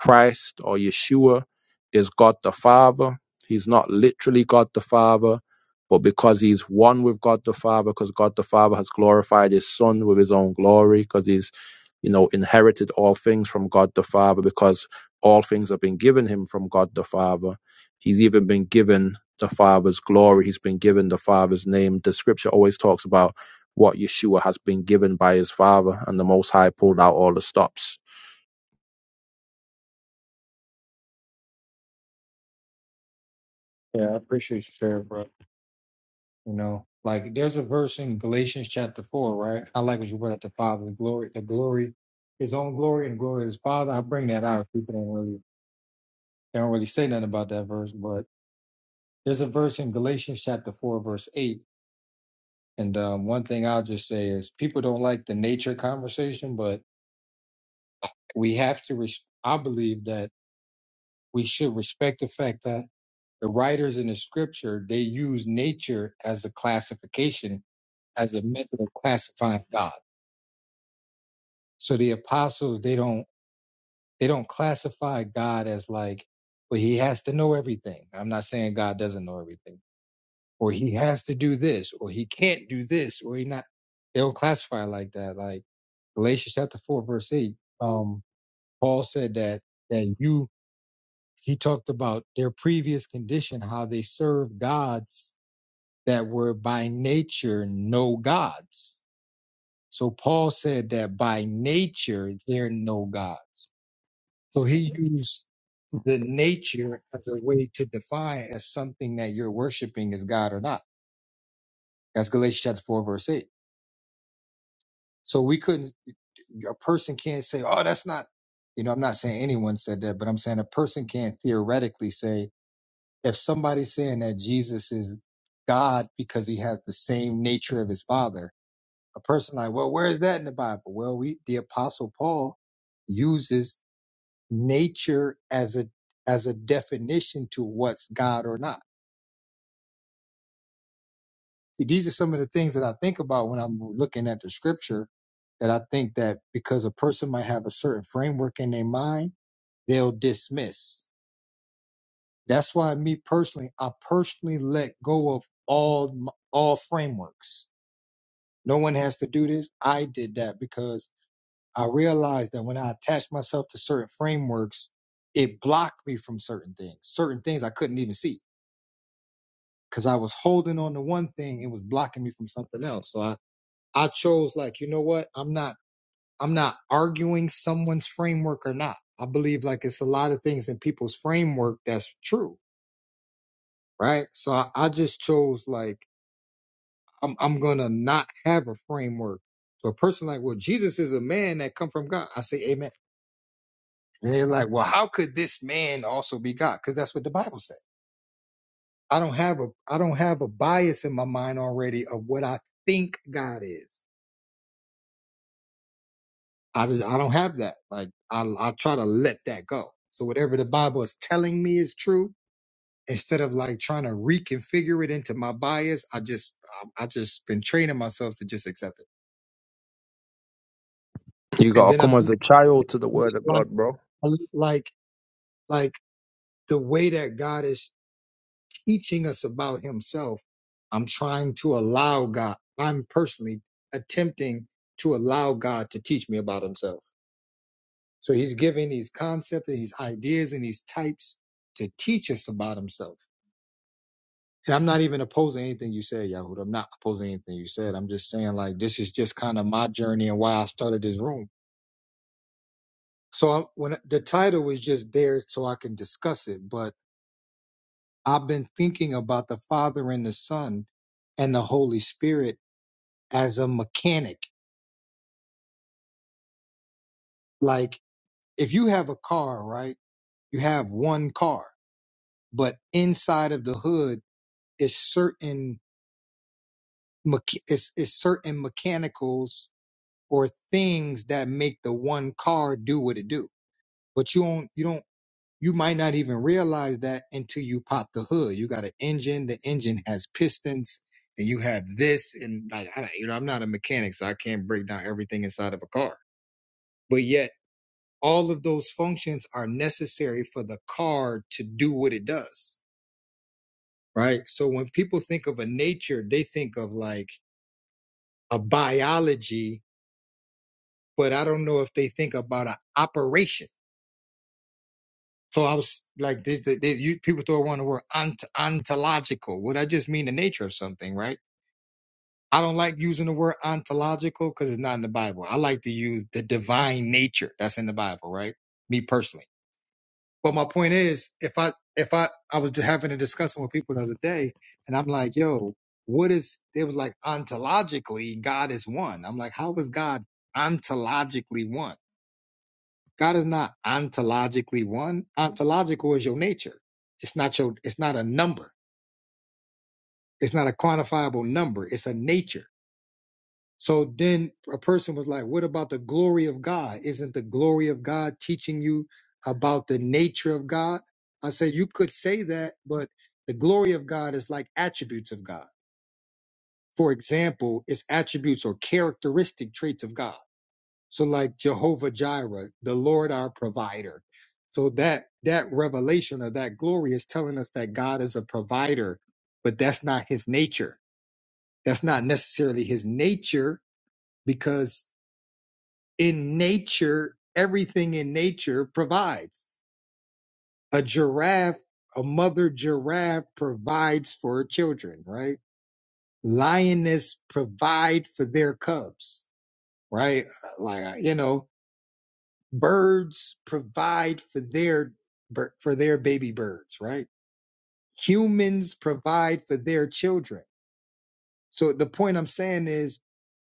S19: Christ or Yeshua is God the Father. He's not literally God the Father, but because he's one with God the Father, because God the Father has glorified his Son with his own glory, because he's, you know, inherited all things from God the Father, because all things have been given him from God the Father. He's even been given the Father's glory. He's been given the Father's name. The scripture always talks about what Yeshua has been given by his Father, and the Most High pulled out all the stops
S1: Yeah, I appreciate you sharing, bro. You know, like there's a verse in Galatians chapter four, right? I like what you brought up the Father, the glory, the glory, His own glory and the glory of His Father. I bring that out. People don't really, they don't really say nothing about that verse, but there's a verse in Galatians chapter four, verse eight. And um, one thing I'll just say is, people don't like the nature conversation, but we have to. Res- I believe that we should respect the fact that the writers in the Scripture they use nature as a classification, as a method of classifying God So the apostles, they don't they don't classify God as like, well, he has to know everything. I'm not saying God doesn't know everything, or he has to do this, or he can't do this, or he not. They don't classify like that. Like Galatians chapter four verse eight, um, Paul said that that you he talked about their previous condition, how they served gods that were by nature no gods. So Paul said that by nature they're no gods So he used the nature as a way to define if something that you're worshiping is God or not. That's Galatians chapter 4, verse 8. So we couldn't, a person can't say, oh, that's not, you know, I'm not saying anyone said that, but I'm saying a person can't theoretically say, if somebody's saying that Jesus is God because he has the same nature of his father, a person like, well, where is that in the Bible? Well, we, the apostle Paul uses nature as a as a definition to what's God or not. See, these are some of the things that I think about when I'm looking at the scripture that I think that because a person might have a certain framework in their mind, they'll dismiss. That's why me personally, I personally let go of all m- all frameworks. No one has to do this. I did that because I realized that when I attached myself to certain frameworks, it blocked me from certain things, certain things I couldn't even see because I was holding on to one thing, it was blocking me from something else. So I, I chose like, you know what? I'm not I'm not arguing someone's framework or not. I believe like it's a lot of things in people's framework that's true, right? So I, I just chose like I'm I'm gonna not have a framework. So a person like, well, Jesus is a man that come from God. I say amen. And they're like, well, how could this man also be God? Because that's what the Bible said. I don't have a I don't have a bias in my mind already of what I think God is. I just, I don't have that. Like I I try to let that go. So whatever the Bible is telling me is true. Instead of like trying to reconfigure it into my bias, I just I, I just been training myself to just accept it.
S19: You
S1: And
S19: gotta
S1: then I
S19: come as a child to the word of
S1: like
S19: God, bro.
S1: like like the way that God is teaching us about Himself. I'm trying to allow God. I'm personally attempting to allow God to teach me about Himself So he's giving these concepts and these ideas and these types to teach us about himself. And I'm not even opposing anything you said, Yahoo. I'm not opposing anything you said. I'm just saying like this is just kind of my journey and why I started this room. So I, when the title was just there so I can discuss it, but I've been thinking about the Father and the Son and the Holy Spirit as a mechanic. Like if you have a car, right? You have one car, but inside of the hood is certain mech- it's, it's certain mechanicals or things that make the one car do what it do. But you don't, you don't, you might not even realize that until you pop the hood. You got an engine, the engine has pistons, and you have this, and like, I, you know, I'm not a mechanic, so I can't break down everything inside of a car. But yet, all of those functions are necessary for the car to do what it does, right? So when people think of a nature, they think of like a biology but I don't know if they think about an operation. So I was like, this, this, you, people throw around the word ont- ontological. Would I just mean the nature of something, right? I don't like using the word ontological because it's not in the Bible. I like to use the divine nature that's in the Bible, right? Me personally. But my point is, if I, if I, I was just having a discussion with people the other day and I'm like, yo, what is, it was like ontologically, God is one. I'm like, how is God ontologically one? God is not ontologically one. Ontological is your nature. It's not your, it's not a number. It's not a quantifiable number. It's a nature. So then a person was like, what about the glory of God? Isn't the glory of God teaching you about the nature of God? I said, you could say that, but the glory of God is like attributes of God. For example, it's attributes or characteristic traits of God. So like Jehovah Jireh, the Lord our provider. So that that revelation of that glory is telling us that God is a provider, but that's not his nature. That's not necessarily his nature because in nature everything in nature provides. A giraffe, a mother giraffe provides for her children, right? Lioness provide for their cubs, right? Like you know, birds provide for their for their baby birds right humans provide for their children so the point i'm saying is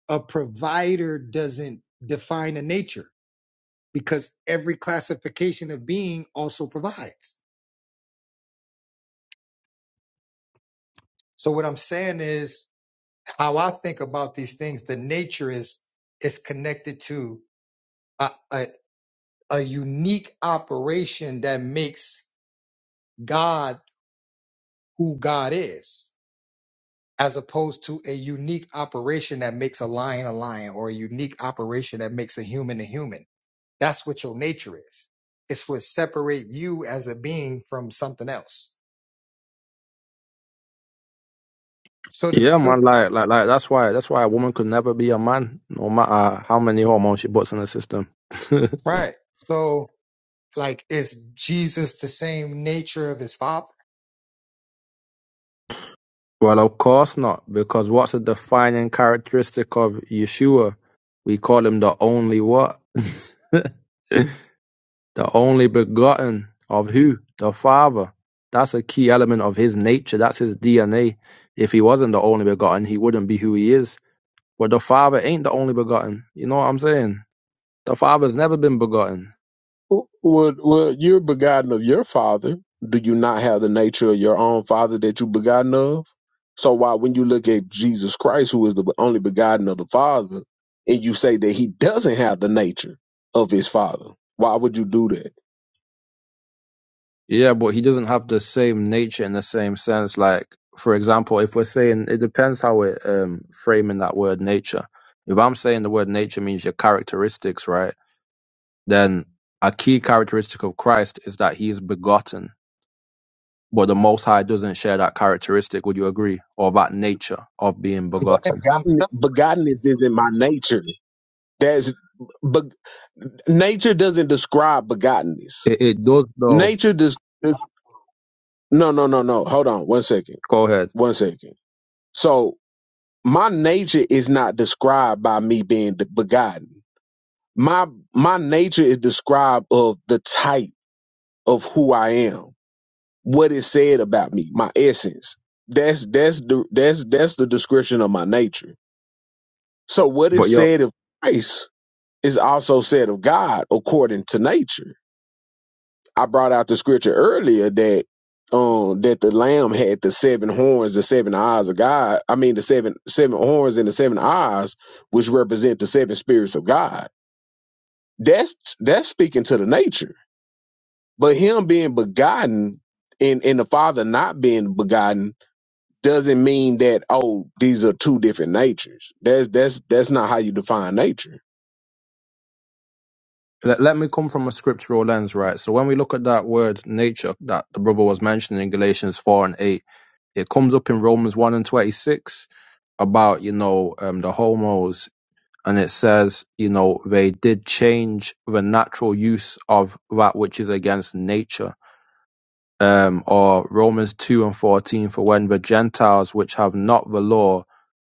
S1: a provider doesn't define a nature because every classification of being also provides so what i'm saying is how i think about these things the nature is is connected to a, a, a unique operation that makes god who god is as opposed to a unique operation that makes a lion a lion or a unique operation that makes a human a human. That's what your nature is. It's what separate you as a being from something else. So the
S19: Yeah, man.
S1: so-
S19: Like, like, like. That's why. That's why a woman could never be a man, no matter how many hormones she puts in the system.
S1: right. So like is Jesus the same nature of his father?
S19: well, of course not, because what's a defining characteristic of Yeshua? We call him the only what? The only begotten of who? The Father. That's a key element of his nature. That's his DNA. If he wasn't the only begotten, he wouldn't be who he is. But the Father ain't the only begotten. You know what I'm saying? The Father's never been begotten.
S10: Well, well, you're begotten of your father. Do you not have the nature of your own father that you begotten of? So why, when you look at Jesus Christ, who is the only begotten of the Father, and you say that he doesn't have the nature of his father, why would you do that?
S19: Yeah, but he doesn't have the same nature in the same sense. Like, for example, if we're saying it depends how we're um, framing that word nature. If I'm saying the word nature means your characteristics, right? Then a key characteristic of Christ is that he is begotten, but the Most High doesn't share that characteristic. Would you agree? Or that nature of being begotten?
S1: I'm
S10: Begotten, begottenness isn't my nature. That's but nature doesn't describe begottenness.
S19: It, it does, though.
S10: Nature does. does- no, no, no, no. Hold on, one second,
S19: Go ahead.
S10: one second. So my nature is not described by me being de- begotten. My my nature is described of the type of who I am, what it said about me, my essence. That's that's the that's that's the description of my nature. So what is
S19: But yo,
S10: said of Christ is also said of God according to nature I brought out the scripture earlier that um that the lamb had the seven horns, the seven eyes of God. I mean the seven seven horns and the seven eyes, which represent the seven spirits of God. That's that's speaking to the nature. But him being begotten and, and the father not being begotten doesn't mean that oh these are two different natures. That's that's that's not how you define nature.
S19: let, let me come from a scriptural lens, right? So when we look at that word nature that the brother was mentioning in Galatians 4 and 8, It comes up in Romans 1 and 26 about, you know, um, the homos. And it says, you know, they did change the natural use of that which is against nature. Um, or Romans 2 and 14, for when the Gentiles, which have not the law,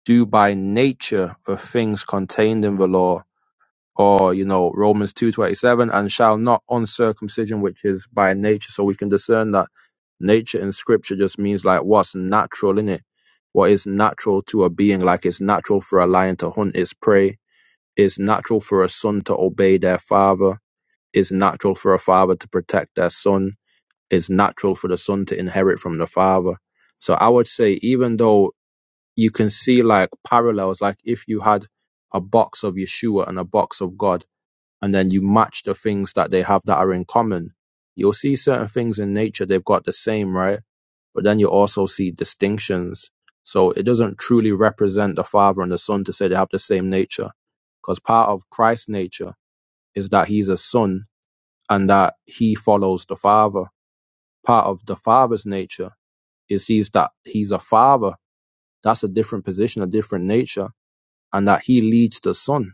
S19: do by nature the things contained in the law, or you know Romans two twenty seven, and shall not uncircumcision which is by nature. So we can discern that nature in Scripture just means like what's natural in it, what is natural to a being. Like it's natural for a lion to hunt its prey. It's natural for a son to obey their father. It's natural for a father to protect their son. It's natural for the son to inherit from the father. So I would say even though you can see like parallels, like if you had a box of Yeshua and a box of God and then you match the things that they have that are in common. You'll see certain things in nature, they've got the same, right? But then you also see distinctions. So it doesn't truly represent the Father and the Son to say they have the same nature. Because part of Christ's nature is that he's a son and that he follows the Father. Part of the Father's nature is he's that he's a father. That's a different position, a different nature, and that he leads the Son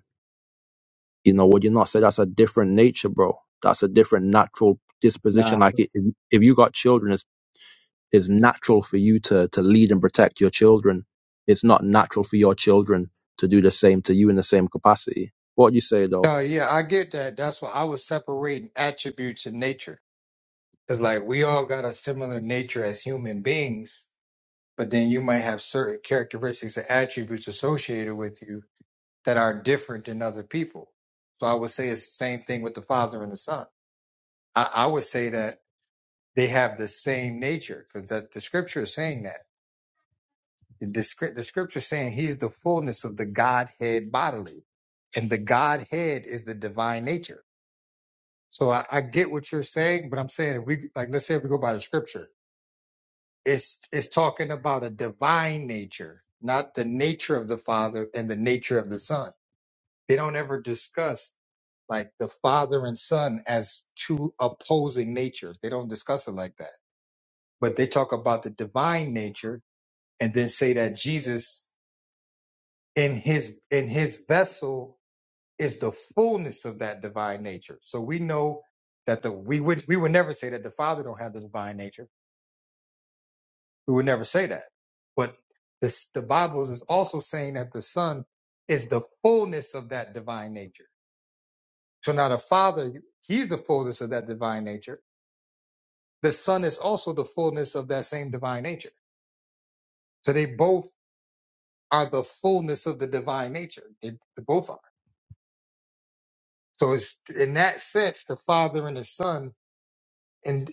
S19: You know what? You are not. So that's a different nature, bro. That's a different natural
S1: Nah.
S19: disposition. Like it, if if you got children, it's it's natural for you to to lead and protect your children. It's not natural for your children to do the same to you in the same capacity. What do you say though?
S1: no, yeah, I get that. That's why I was separating attributes and nature. It's like we all got a similar nature as human beings, but then you might have certain characteristics and attributes associated with you that are different than other people. So I would say it's the same thing with the Father and the Son. I, I would say that they have the same nature because the, the scripture is saying that. The, the scripture is saying he's the fullness of the Godhead bodily, and the Godhead is the divine nature. So I, I get what you're saying, but I'm saying if we like let's say if we go by the scripture, it's it's talking about a divine nature, not the nature of the Father and the nature of the Son. They don't ever discuss like the father and son as two opposing natures. They don't discuss it like that. But they talk about the divine nature and then say that Jesus in his in his vessel is the fullness of that divine nature. So we know that the we would we would never say that the father don't have the divine nature. We would never say that. But this, the Bible is also saying that the son is the fullness of that divine nature. So now the father, he's the fullness of that divine nature The Son is also the fullness of that same divine nature. So they both are the fullness of the divine nature. They, they both are. So it's in that sense, the Father and the Son, and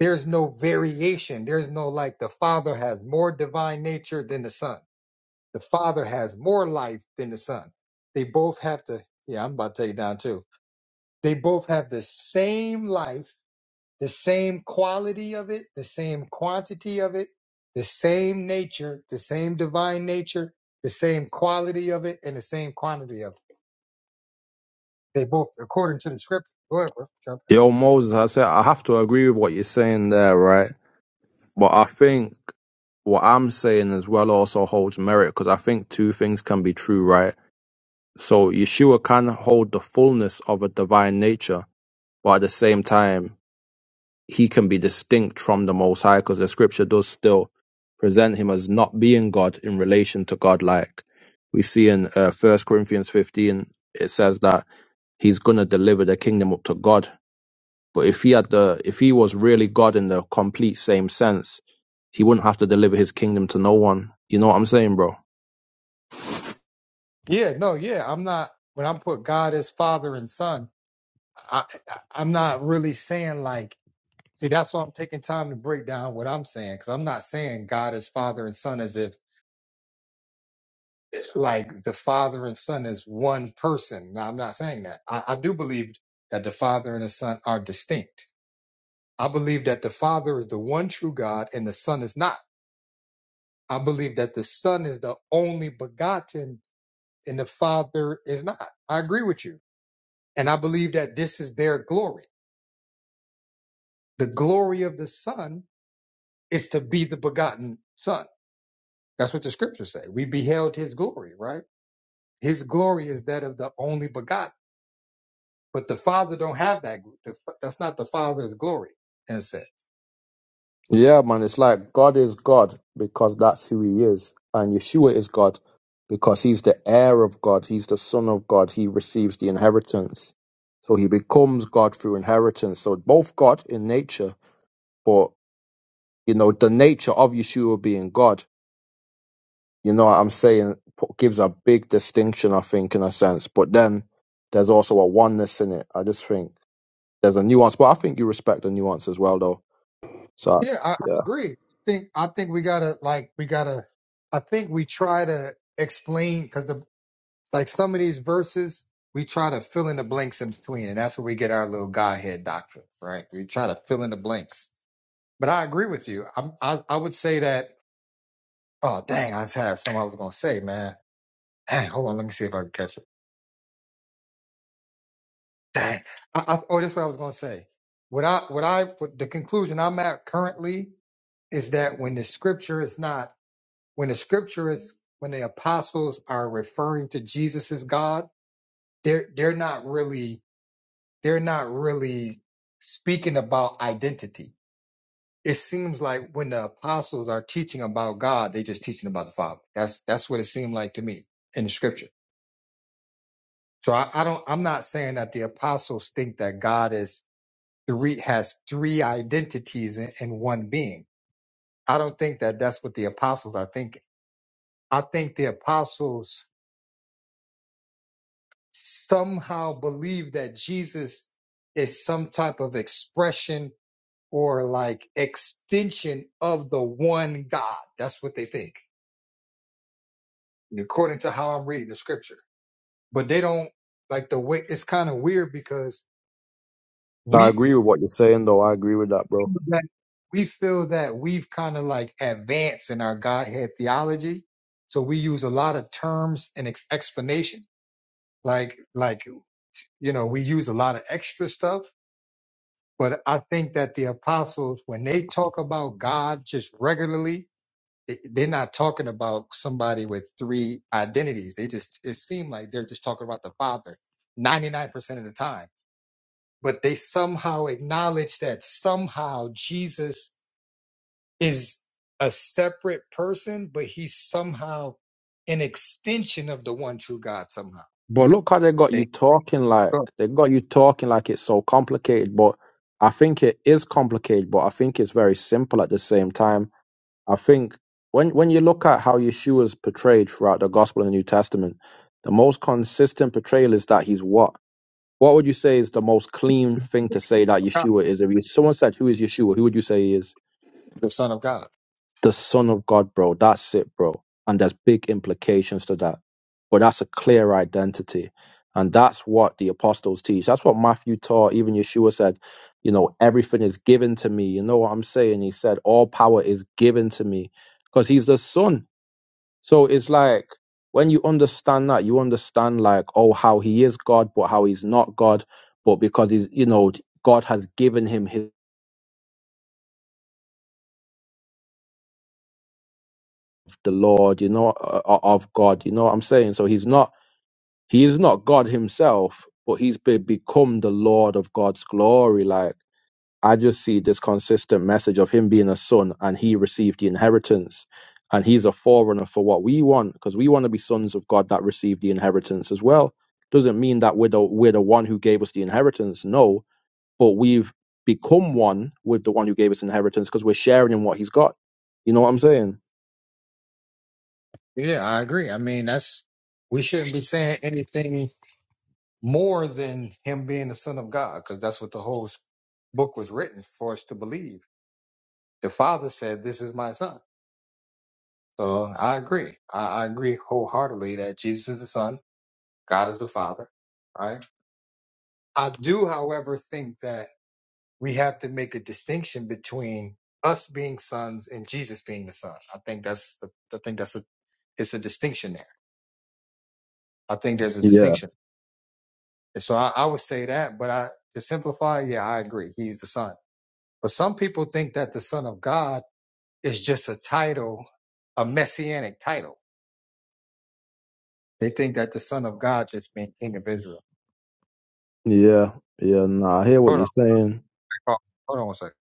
S1: there's no variation. There's no like the Father has more divine nature than the Son. The Father has more life than the Son. They both have the yeah, I'm about to take it down too. They both have the same life the same quality of it, the same quantity of it, the same nature, the same divine nature, the same quality of it, and the same quantity of it. They both, according to the scripture. Go ahead, bro. Jump
S19: Yo, Moses, I said I have to agree with what you're saying there, right? But I think what I'm saying as well also holds merit because I think two things can be true, right? So Yeshua can hold the fullness of a divine nature, but at the same time he can be distinct from the Most High because the scripture does still present him as not being God in relation to God. Like we see in uh, 1 Corinthians 15, it says that he's going to deliver the kingdom up to God. But if he had the, if he was really God in the complete same sense, he wouldn't have to deliver his kingdom to no one. You know what I'm saying, bro?
S1: in. Yeah, no, yeah. I'm not, when I put God as father and son, I, I, I'm not really saying like, see, that's why I'm taking time to break down what I'm saying, because I'm not saying God as father and son as if like the father and son is one person. Now, I'm not saying that. I, I do believe that the father and the son are distinct. I believe that the father is the one true God and the son is not. I believe that the son is the only begotten and the father is not. I agree with you. And I believe that this is their glory. The glory of the son is to be the begotten son. That's what the scriptures say. We beheld his glory, right? His glory is that of the only begotten. But the Father don't have that. The, that's not the Father's glory in a sense.
S19: Yeah, man, it's like God is God because that's who he is, and Yeshua is God because he's the heir of God, he's the son of God, he receives the inheritance. So he becomes God through inheritance. So both God in nature, but you know, the nature of Yeshua being God, you know what I'm saying, p- gives a big distinction, I think, in a sense. But then there's also a oneness in it. I just think there's a nuance, but I think you respect the nuance as well, though. So,
S1: Yeah, I, I
S19: yeah,
S1: agree. think I think we gotta like we gotta. I think we try to explain because the like some of these verses we try to fill in the blanks in between, and that's where we get our little Godhead doctrine, right? We try to fill in the blanks. But I agree with you. I'm, I I would say that. Oh dang, I just have something I was gonna say, man. Dang, hold on, let me see if I can catch it. Dang. I, I, oh, that's what I was gonna say. What I what I what the conclusion I'm at currently is that when the scripture is not when the scripture is when the apostles are referring to Jesus as God, they're they're not really they're not really speaking about identity. It seems like when the apostles are teaching about God, they're just teaching about the Father. That's that's what it seemed like to me in the scripture. So I, I don't I'm not saying that the apostles think that God is three has three identities in, in one being. I don't think that that's what the apostles are thinking. I think the apostles somehow believe that Jesus is some type of expression or like extension of the one God. That's what they think, according to how I'm reading the scripture. But they don't like the way it's kind of weird because
S19: I
S1: we
S19: agree with what you're saying, though. I agree with that, bro.
S1: that we feel that we've kind of like advanced in our Godhead theology. So we use a lot of terms and ex- explanation. Like, like, you know, we use a lot of extra stuff, but I think that the apostles, when they talk about God just regularly, they- they're not talking about somebody with three identities. They just, it seemed like they're just talking about the Father 99% of the time, but they somehow acknowledge that somehow Jesus is a separate person, but he's somehow an extension of the one true God somehow.
S19: But look how they got
S1: Eh,
S19: you talking like
S1: oh,
S19: they got you talking like it's so complicated. But I think it is complicated, but I think it's very simple at the same time. I think when when you look at how Yeshua is portrayed throughout the Gospel and the New Testament, the most consistent portrayal is that he's what? What would you say is the most clean thing to say that Yeshua is? If you, someone said, "Who is Yeshua?" Who would you say he is?
S1: The Son of God.
S19: the son of God, bro. That's it, bro. And there's big implications to that. But that's a clear identity. And that's what the apostles teach. That's what Matthew taught. Even Yeshua said, you know, everything is given to me. You know what I'm saying? He said, all power is given to me because he's the son. So it's like when you understand that, you understand like, oh, how he is God, but how he's not God. But because he's, you know, God has given him his, the Lord, you know, uh, uh, of God. You know what I'm saying? So he's not He is not God himself, but he's be- become the Lord of God's glory. Like, I just see this consistent message of him being a son and he received the inheritance. And he's a forerunner for what we want because we want to be sons of God that receive the inheritance as well. Doesn't mean that we're the, we're the one who gave us the inheritance, no, but we've become one with the one who gave us inheritance because we're sharing in what he's got. You know what I'm saying?
S1: Yeah, I agree. I mean, that's we shouldn't be saying anything more than him being the Son of God, because that's what the whole s- book was written for us to believe. The Father said, This is my son. So I agree. I, I agree wholeheartedly that Jesus is the Son, God is the Father. Right. I do, however, think that we have to make a distinction between us being sons and Jesus being the son. I think that's the I think that's a it's a distinction there. I think there's a
S19: Yeah,
S1: distinction. And so I, I would say that, but I to simplify, yeah, I agree. He's the son. But some people think that the son of God is just a title, a messianic title. They think that the son of God just means king of Israel.
S19: yeah, yeah. Nah, I hear what
S1: Hold
S19: you're
S1: on,
S19: saying.
S1: hold hold on one second.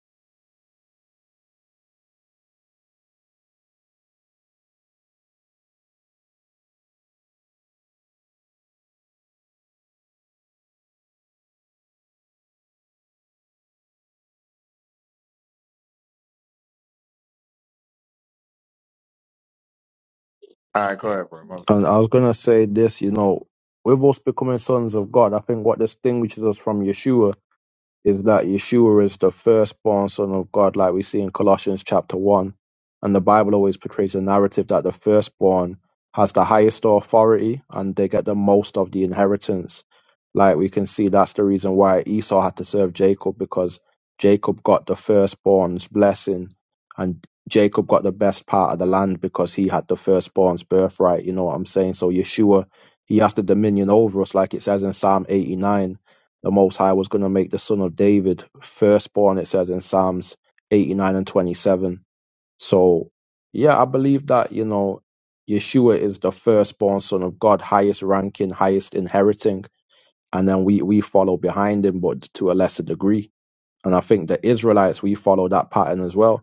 S1: All right, go ahead, bro. My bad.
S19: And I was gonna say this, you know, with us becoming sons of God, I think what distinguishes us from Yeshua is that Yeshua is the firstborn son of God, like we see in Colossians chapter 1. And the Bible always portrays a narrative that the firstborn has the highest authority and they get the most of the inheritance. Like we can see, that's the reason why Esau had to serve Jacob because Jacob got the firstborn's blessing and Jacob got the best part of the land because he had the firstborn's birthright. You know what I'm saying? So Yeshua, he has the dominion over us, like it says in Psalm 89 the Most High was going to make the son of David firstborn, it says in Psalms 89 and 27. So, yeah, I believe that, you know, Yeshua is the firstborn son of God, highest ranking, highest inheriting. And then we, we follow behind him, but to a lesser degree. And I think the Israelites, we follow that pattern as well,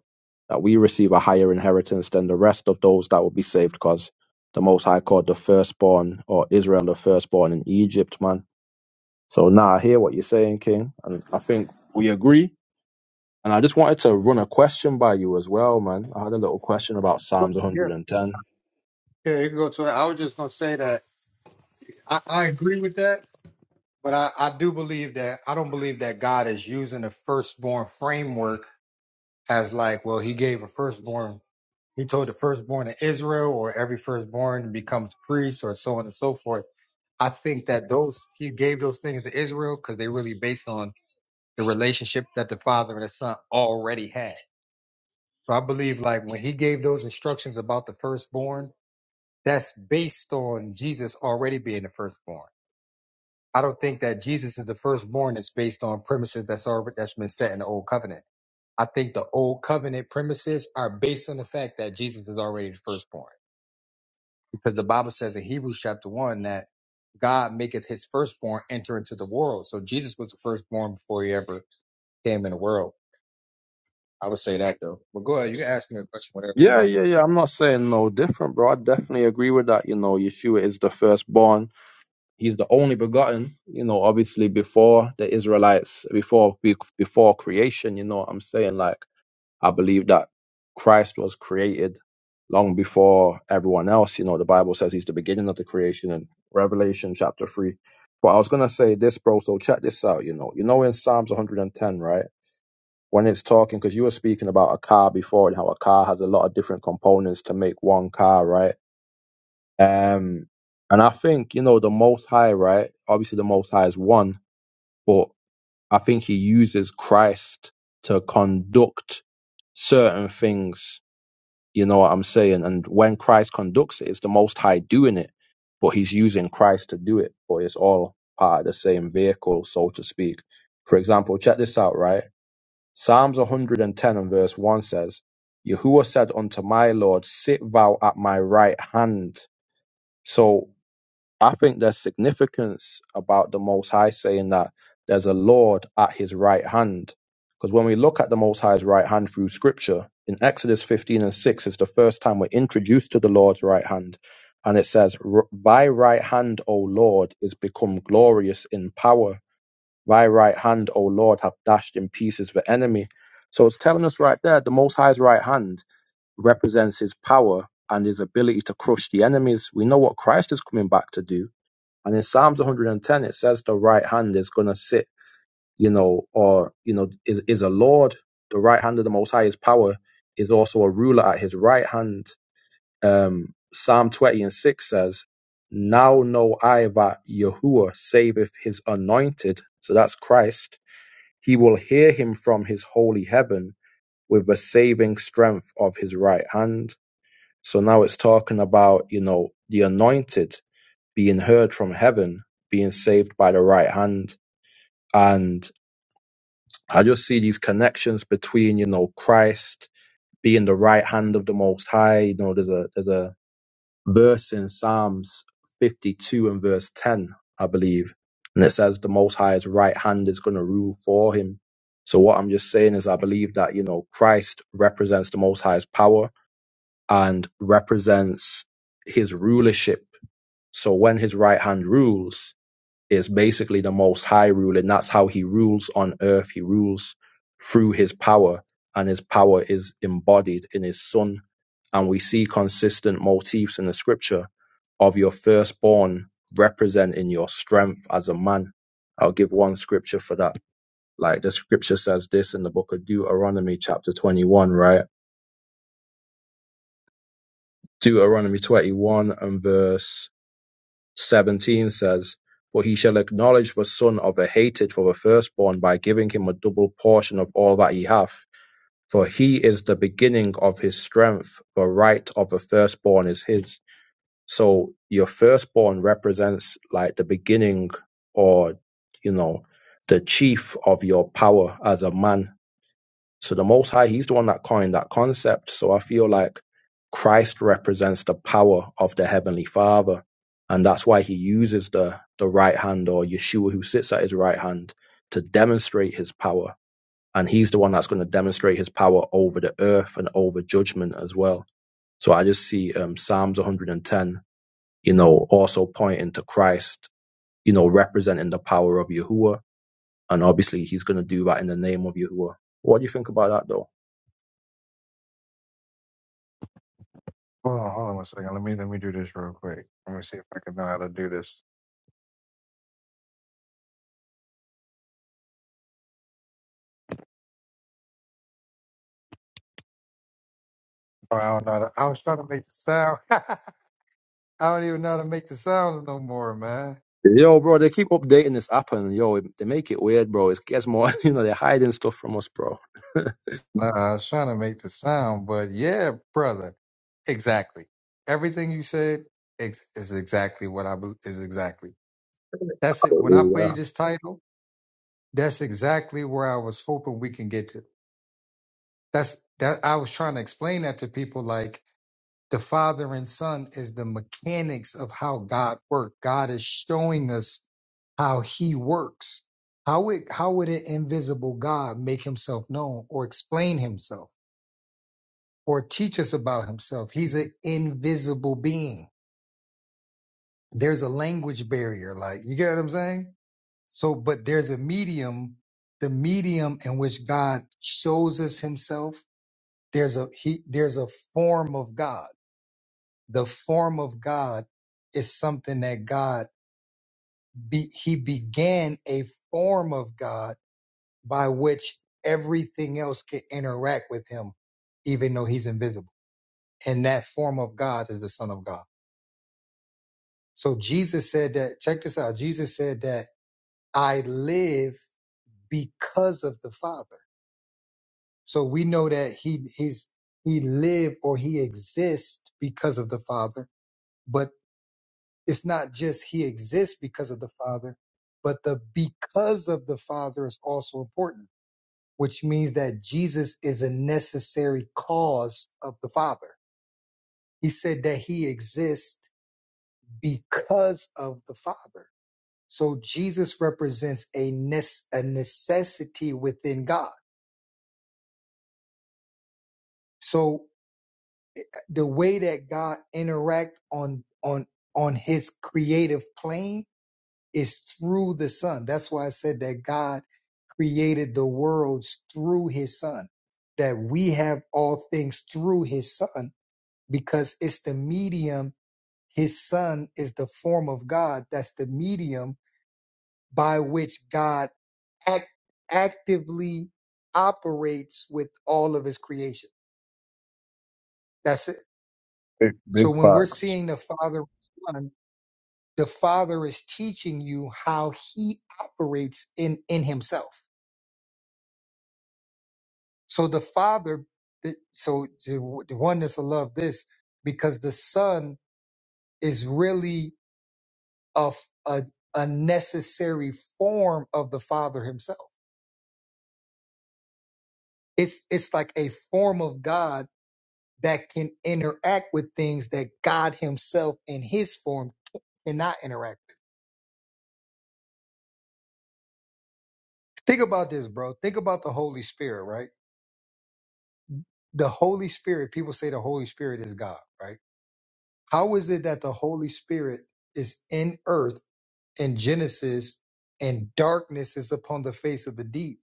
S19: that we receive a higher inheritance than the rest of those that will be saved because the Most High called the firstborn or Israel the firstborn in Egypt, man so now I hear what you're saying, King, and I think we agree. And I just wanted to run a question by you as well, man. I had a little question about Psalms
S1: Yeah,
S19: 110.
S1: yeah, you can go to it. I was just gonna say that I, I agree with that. But I, I do believe that I don't believe that God is using the firstborn framework as like, well, he gave a firstborn, he told the firstborn of Israel, or every firstborn becomes priest, or so on and so forth. I think that those he gave those things to Israel because they really based on the relationship that the father and the son already had. So I believe like when he gave those instructions about the firstborn, that's based on Jesus already being the firstborn. I don't think that Jesus is the firstborn that's based on premises that's already that's been set in the old covenant. I think the old covenant premises are based on the fact that Jesus is already the firstborn. Because the Bible says in Hebrews chapter one that God maketh his firstborn enter into the world. So Jesus was the firstborn before he ever came in the world. I would say that though. But go ahead, you can ask me a question, whatever you
S19: Yeah,
S1: want.
S19: yeah, yeah. I'm not saying no different, bro. I definitely agree with that. You know, Yeshua is the firstborn. He's the only begotten. You know, obviously before the Israelites, before be- before creation. You know what I'm saying? Like. I believe that Christ was created long before everyone else. You know, the Bible says he's the beginning of the creation in Revelation chapter 3. But I was going to say this, bro. So check this out. You know, you know, in Psalms 110, right? When it's talking, because you were speaking about a car before and how a car has a lot of different components to make one car, right? Um, and I think, you know, the Most High, right? Obviously, the Most High is one, but I think he uses Christ to conduct certain things you know what I'm saying? And when Christ conducts it, it's the Most High doing it, but He's using Christ to do it. But it's all part of the same vehicle, so to speak. For example, check this out, right? Psalms 110 and verse 1 says, Yahuwah said unto my Lord, Sit thou at my right hand. So I think there's significance about the Most High saying that there's a Lord at his right hand. Because when we look at the Most High's right hand through scripture, in Exodus 15 and 6 is the first time we're introduced to the Lord's right hand. And it says, "R- Thy right hand, O Lord, is become glorious in power. Thy right hand, O Lord, have dashed in pieces the enemy. So it's telling us right there, the Most High's right hand represents his power and his ability to crush the enemies. We know what Christ is coming back to do and in Psalms 110, it says the right hand is going to sit, you know, or, you know, is, is a Lord. The right hand of the Most High's power is also a ruler at his right hand. Um, Psalm 20 and 6 says, Now know I that Yahuwah saveth his anointed. So that's Christ. He will hear him from his holy heaven with the saving strength of his right hand. So now it's talking about, you know, the anointed being heard from heaven, being saved by the right hand. And I just see these connections between, you know, Christ being the right hand of the Most High. You know, there's a there's a verse in Psalms 52 and verse 10, I believe, and it says the Most High's right hand is going to rule for him. So what I'm just saying is, I believe that you know Christ represents the Most High's power and represents His rulership. So when His right hand rules, is basically the most high rule and that's how he rules on earth he rules through his power and his power is embodied in his son and we see consistent motifs in the scripture of your firstborn representing your strength as a man i'll give one scripture for that like the scripture says this in the book of deuteronomy chapter 21 right deuteronomy 21 and verse 17 says, For he shall acknowledge the son of the hated for the firstborn by giving him a double portion of all that he hath. For he is the beginning of his strength, the right of the firstborn is his. So your firstborn represents like the beginning or, you know, the chief of your power as a man so the Most High, He's the one that coined that concept. So I feel like Christ represents the power of the Heavenly Father. And that's why he uses the, the right hand or Yeshua who sits at his right hand to demonstrate his power. And he's the one that's going to demonstrate his power over the earth and over judgment as well. So I just see um, Psalms 110, you know, also pointing to Christ, you know, representing the power of Yahuwah. And obviously he's going to do that in the name of Yahuwah. What do you think about that though?
S1: Hold on, hold on one second. Let me let me do this real quick. Let me see if I can know how to do this. Oh, I don't know. how to- I was trying to make the sound. I don't even know how to make the sounds no more, man.
S19: Yo, bro, they keep updating this app and yo, it- they make it weird, bro. It gets more, you know, they're hiding stuff from us, bro.
S1: Nah, I was trying to make the sound, but yeah, brother, exactly. Everything you said ex- is exactly what I bel- is exactly. That's it. When I
S19: Hallelujah.
S1: played this title, that's exactly where I was hoping we can get to. That's that. I was trying to explain that to people, like the Father and Son is the mechanics of how God works. God is showing us how He works. How would how would an invisible God make Himself known or explain Himself or teach us about Himself? He's an invisible being. There's a language barrier, like you get what I'm saying. So, but there's a medium, the medium in which God shows us Himself. There's a he, there's a form of God the form of God is something that God be, he began a form of God by which everything else can interact with him, even though he's invisible. And that form of God is the Son of God. So Jesus said that, check this out. Jesus said that I live because of the Father. So we know that he he's he lived or he exists because of the Father. But it's not just he exists because of the Father, but the because of the Father is also important, which means that Jesus is a necessary cause of the Father. He said that he exists because of the Father. So Jesus represents a, nes- a necessity within God. So the way that God interact on on on his creative plane Is through the Son. That's why I said that God created the worlds through his Son, that we have all things through his Son, because it's the medium. His Son is the form of God. That's the medium by which God act, actively operates with all of his creation. That's it.
S19: Big, big
S1: So when we're
S19: facts.
S1: seeing the Father and Son, the Father is teaching you how he operates in, in himself So the Father, it- so to- the oneness will love this because the Son is really a, f- a a necessary form of the Father Himself. It's it's like a form of God that can interact with things that God Himself in His form cannot interact with. Think about this, bro. Think about the Holy Spirit, right? The Holy Spirit. People say the Holy Spirit is God, right? How is it that the Holy Spirit is in Earth? in Genesis, and darkness is upon the face of the deep,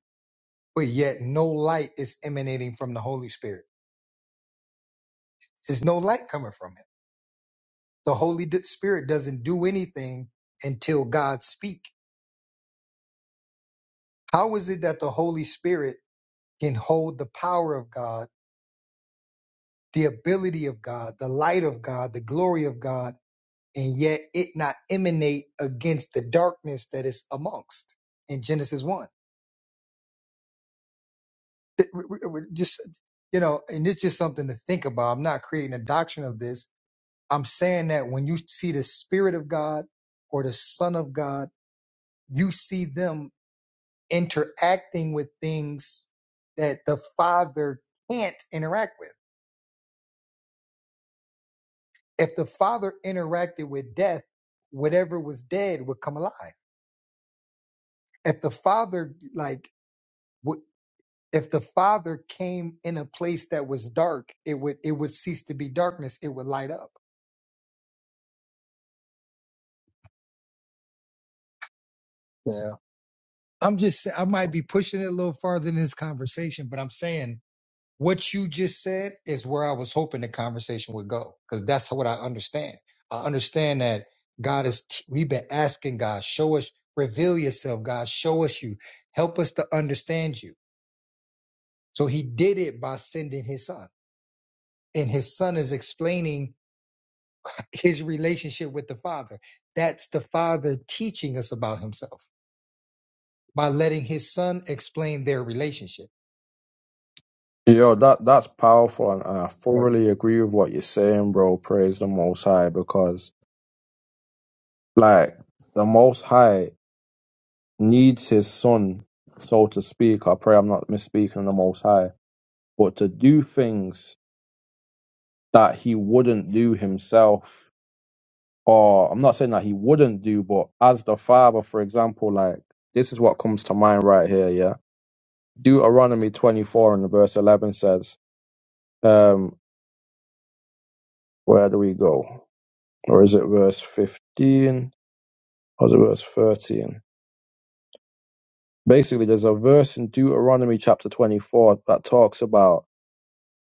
S1: but yet no light is emanating from the Holy Spirit. There's no light coming from him. The Holy D- Spirit doesn't do anything until God speak. How is it that the Holy Spirit can hold the power of God, the ability of God, the light of God, the glory of God, and yet it not emanate against the darkness that is amongst in Genesis 1? Th- w- w- Just you know, and it's just something to think about. I'm not creating a doctrine of this. I'm saying that when you see the Spirit of God or the Son of God, you see them interacting with things that the Father can't interact with. If the Father interacted with death, whatever was dead would come alive. If the Father like would if the Father came in a place that was dark, it would it would cease to be darkness. It would light up. I'm just I might be pushing it a little farther in this conversation, but I'm saying what you just said is where I was hoping the conversation would go because that's what I understand. I understand that God is t- we've been asking God, show us, reveal yourself, God, show us you, help us to understand you. So he did it by sending his son. And his son is explaining his relationship with the father. That's the father teaching us about himself by letting his son explain their relationship.
S19: Yo, that that's powerful, and I thoroughly agree with what you're saying, bro. Praise the Most High, because like the Most High needs His Son, so to speak. I pray I'm not misspeaking on the Most High, but to do things that He wouldn't do Himself. or I'm not saying that he wouldn't do, but as the father, for example, like this is what comes to mind right here, yeah. Deuteronomy 24 and verse 11 says, um, where do we go? Or is it verse 15? Or is it verse 13? Basically, there's a verse in Deuteronomy chapter 24 that talks about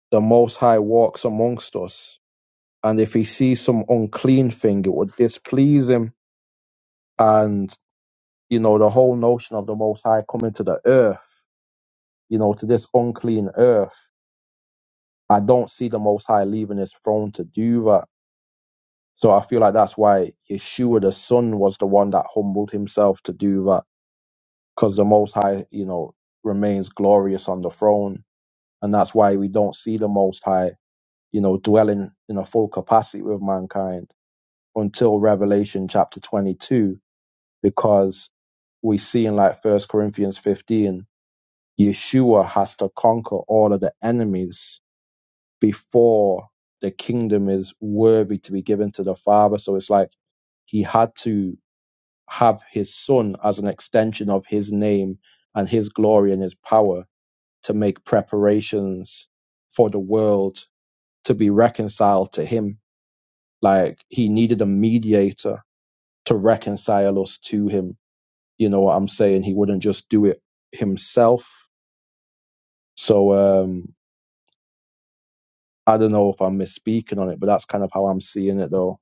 S19: the Most High walks amongst us, and if he sees some unclean thing, it would displease him. And you know the whole notion of the Most High coming to the earth you know, to this unclean earth. I don't see the Most High leaving his throne to do that. So I feel like that's why Yeshua the Son was the one that humbled himself to do that because the Most High, you know, remains glorious on the throne. And that's why we don't see the Most High, you know, dwelling in a full capacity with mankind until Revelation chapter 22, because we see in like First Corinthians 15, Yeshua has to conquer all of the enemies before the kingdom is worthy to be given to the Father. So it's like he had to have his son as an extension of his name and his glory and his power to make preparations for the world to be reconciled to him. Like he needed a mediator to reconcile us to him. You know what I'm saying? He wouldn't just do it himself. So um I don't know if I'm misspeaking on it, but that's kind of how I'm seeing it though.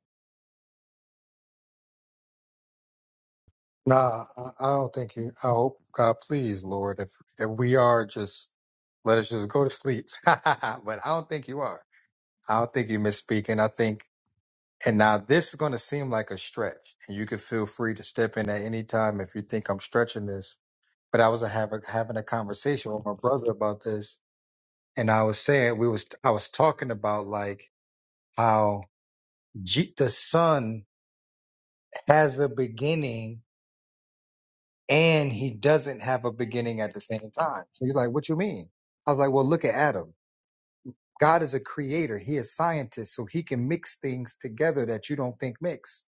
S1: Nah, I I don't think you. I hope God, please, Lord, if if we are, just let us just go to sleep. but I don't think you are. I don't think you misspeaking. I think, and now this is going to seem like a stretch, and you can feel free to step in at any time if you think I'm stretching this. But I was having having a conversation with my brother about this, and I was saying we was I was talking about like how G, the sun has a beginning and he doesn't have a beginning at the same time. So he's like, What you mean? I was like, Well, look at Adam. God is a creator, he is scientist, so he can mix things together that you don't think mix.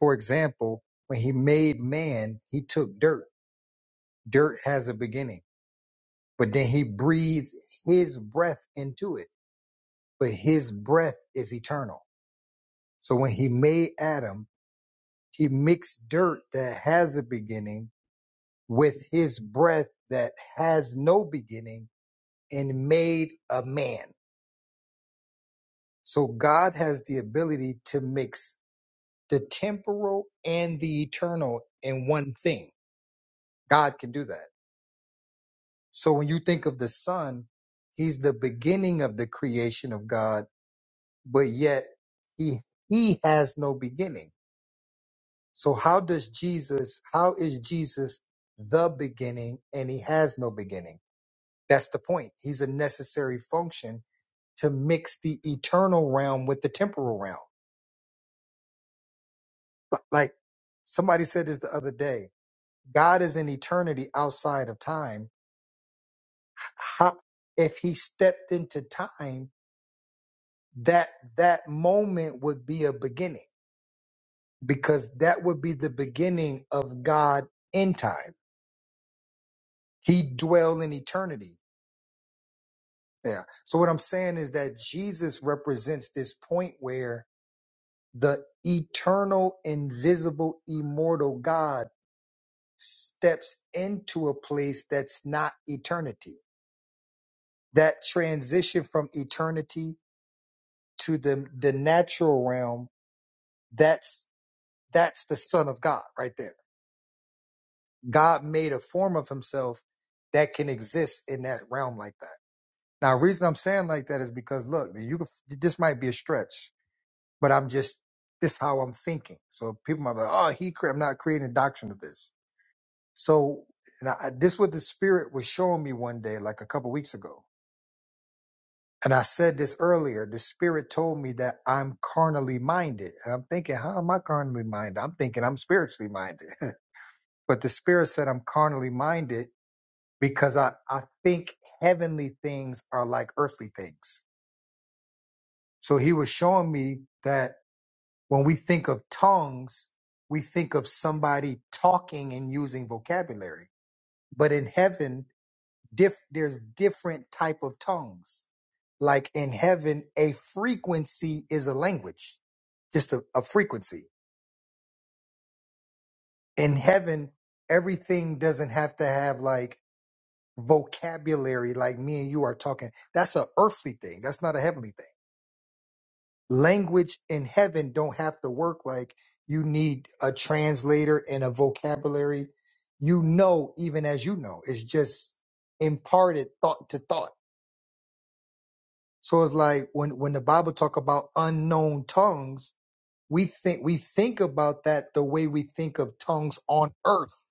S1: For example, when he made man, he took dirt. Dirt has a beginning, but then he breathed his breath into it. But his breath is eternal. So when he made Adam, he mixed dirt that has a beginning with his breath that has no beginning and made a man. So God has the ability to mix the temporal and the eternal in one thing. God can do that. So when you think of the Son, He's the beginning of the creation of God, but yet He He has no beginning. So how does Jesus, how is Jesus the beginning and he has no beginning? That's the point. He's a necessary function to mix the eternal realm with the temporal realm. But like somebody said this the other day, God is in eternity outside of time. How, if he stepped into time, that that moment would be a beginning because that would be the beginning of God in time. He dwell in eternity. Yeah. So what I'm saying is that Jesus represents this point where the eternal, invisible, immortal God steps into a place that's not eternity that transition from eternity to the the natural realm that's that's the son of god right there god made a form of himself that can exist in that realm like that now the reason i'm saying like that is because look you could, this might be a stretch but i'm just this is how i'm thinking so people might be like oh he cre- i'm not creating a doctrine of this so and I, this is what the spirit was showing me one day like a couple weeks ago And I said this earlier. The spirit told me that I'm carnally minded. And I'm thinking, how am I carnally minded? I'm thinking I'm spiritually minded. but the spirit said I'm carnally minded because I, I think heavenly things are like earthly things. So he was showing me that when we think of tongues, we think of somebody talking and using vocabulary. But in heaven, Diff, there's different type of tongues. Like in heaven, a frequency is a language, just a, a frequency. In heaven, everything doesn't have to have like vocabulary, like me and you are talking. That's a earthly thing. That's not a heavenly thing. Language in heaven don't have to work like you need a translator and a vocabulary. You know, even as you know, it's just imparted thought to thought So it's like when when the Bible talk about unknown tongues, we think we think about that the way we think of tongues on earth.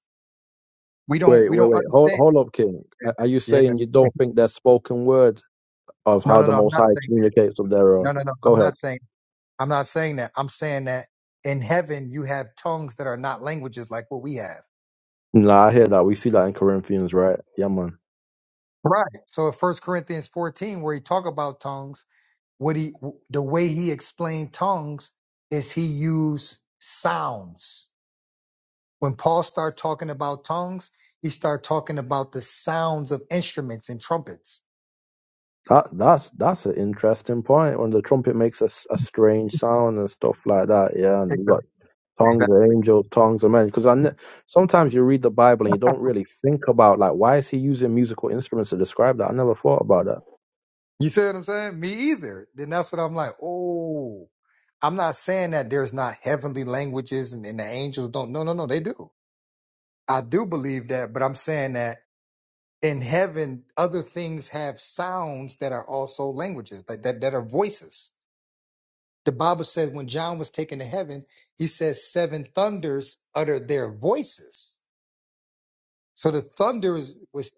S1: We don't
S19: Wait,
S1: we
S19: wait,
S1: don't
S19: wait. Hold,
S1: understand.
S19: hold up, King.
S1: that.
S19: Are are you
S1: Yeah.
S19: saying you don't think there's spoken word of
S1: No,
S19: how
S1: no,
S19: the
S1: no. I'm
S19: Most
S1: not
S19: High
S1: saying.
S19: communicates with their? Uh...
S1: No, no, no.
S19: Go
S1: I'm
S19: ahead.
S1: not saying. I'm not saying that. I'm saying that in heaven you have tongues that are not languages like what we have.
S19: Nah, I hear that. We see that in Corinthians, right? Yeah, man.
S1: Right. So in First Corinthians 14, where he talk about tongues, what he the way he explained tongues is he used sounds When Paul started talking about tongues, he started talking about the sounds of instruments and trumpets.
S19: That that's that's an interesting point. When the trumpet makes a, s- a strange sound and stuff like that, yeah, and you got tongues of
S1: Exactly.
S19: angels, tongues of men. Because I ne- sometimes you read the Bible and you don't really think about like why is he using musical instruments to describe that. I never thought about that.
S1: You see what I'm saying? Me either. Then that's what I'm like, oh, I'm not saying that there's not heavenly languages and, and the angels don't. No, no, no, they do. I do believe that, but I'm saying that in heaven, other things have sounds that are also languages, like that, that are voices. The Bible said when John was taken to heaven, he says seven thunders uttered their voices. So the thunder is was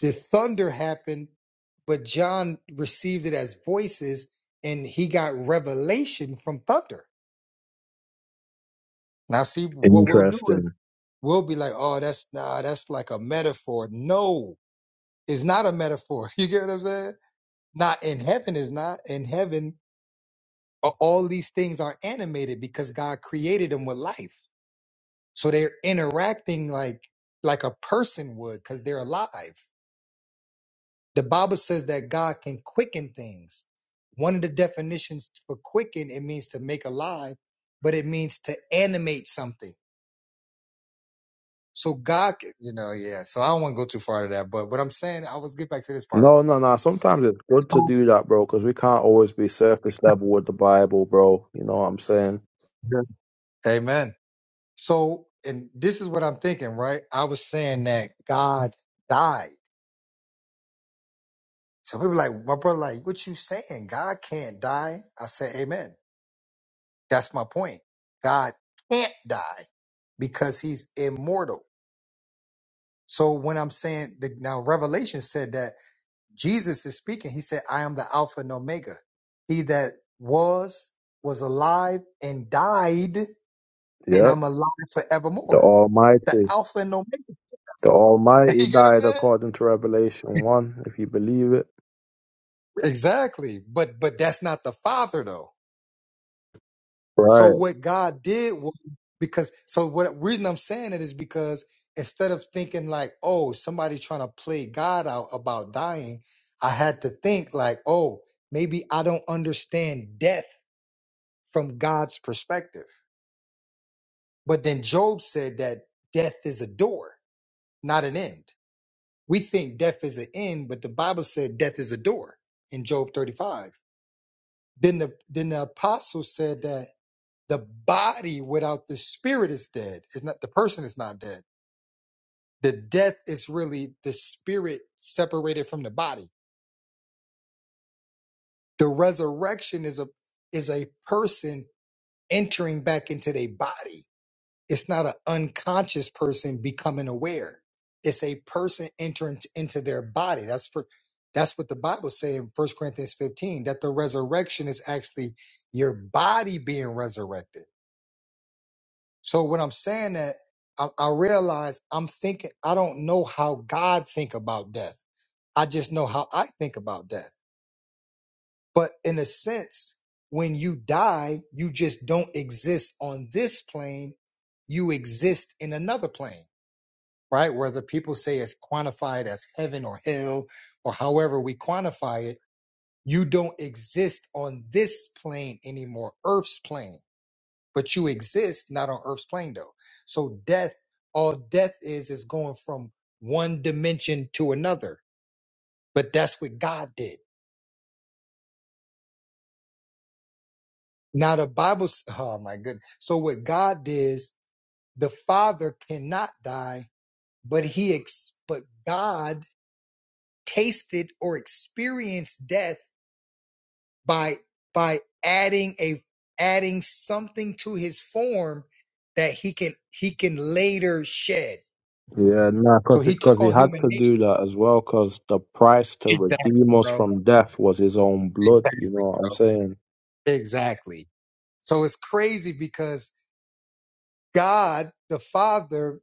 S1: the thunder happened, but John received it as voices, and he got revelation from thunder. Now, see what we'll do is
S19: Interesting.
S1: we'll be like, "Oh, that's nah, that's like a metaphor." No, it's not a metaphor. You get what I'm saying? Not in heaven is not in heaven. a- All these things are animated because God created them with life, so they're interacting like like a person would because they're alive. The Bible says that God can quicken things. One of the definitions for quicken, it means to make alive, but it means to animate something. So God, can- you know, yeah. So I don't want to go too far to that, but what I'm saying, I was get back to this part.
S19: No, no, no. Sometimes it's good to do that, bro, because we can't always be surface level with the Bible, bro. You know what I'm saying?
S1: Yeah. Amen. So, and this is what I'm thinking, right? I was saying that God died. So people like, my brother, like, what you saying? God can't die. I said, Amen. That's my point. God can't die because he's immortal. So when I'm saying the, now Revelation said that Jesus is speaking, he said, I am the Alpha and Omega. He that was, was alive and died, and
S19: Yep.
S1: I'm alive
S19: The
S1: forevermore. The
S19: Almighty.
S1: Alpha and Omega.
S19: The
S1: you get
S19: Almighty
S1: what I'm
S19: died
S1: saying?
S19: according to Revelation 1, if you believe it.
S1: Exactly. But but that's not the Father though. So
S19: Right.
S1: what God did was because so what reason I'm saying it is because instead of thinking like, oh, somebody trying to play God out about dying, I had to think like, oh, maybe I don't understand death from God's perspective. But then Job said that death is a door, not an end. We think death is an end, but the Bible said death is a door in Job 35. Then the then the apostle said that The body without the spirit is dead. It's not the person is not dead. The death is really the spirit separated from the body. The resurrection is a is a person entering back into their body. It's not an unconscious person becoming aware. It's a person entering t- into their body. That's for that's what the Bible say in First Corinthians 15, that the resurrection is actually your body being resurrected So when I'm saying that, I, I realize I'm thinking, I don't know how God think about death. I just know how I think about death. But in a sense, when you die, you just don't exist on this plane. You exist in another plane, right? Whether people say it's quantified as heaven or hell or however we quantify it, you don't exist on this plane anymore, Earth's plane but you exist not on Earth's plane though. So death, all death is is going from one dimension to another. But that's what God did. Now the Bible, s- oh my goodness. So what God did is the Father cannot die, but he ex, but God tasted or experienced death by by adding a adding something to his form that he can he can later shed.
S19: Yeah, nah,
S1: So
S19: because
S1: he
S19: because
S1: took
S19: he
S1: on
S19: had
S1: human
S19: to
S1: nature.
S19: do that as well, because the price to
S1: Exactly,
S19: redeem us
S1: bro.
S19: from death was his own blood. You
S1: Exactly,
S19: know what I'm
S1: bro.
S19: saying?
S1: Exactly. So it's crazy because God, the Father,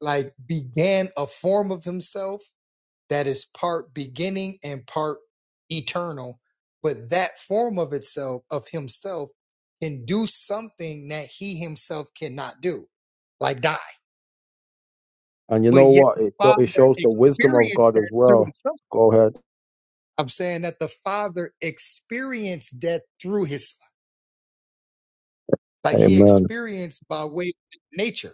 S1: like began a form of Himself that is part beginning and part eternal. But that form of itself, of Himself, can do something that He Himself cannot do, like die.
S19: And you
S1: But
S19: know
S1: yet
S19: what?
S1: the
S19: It, sho-
S1: Father
S19: it shows the wisdom of
S1: experienced
S19: God
S1: that
S19: as
S1: through
S19: well.
S1: the Son.
S19: Go ahead.
S1: I'm saying that the Father experienced death through His like he
S19: Amen.
S1: experienced by way of nature.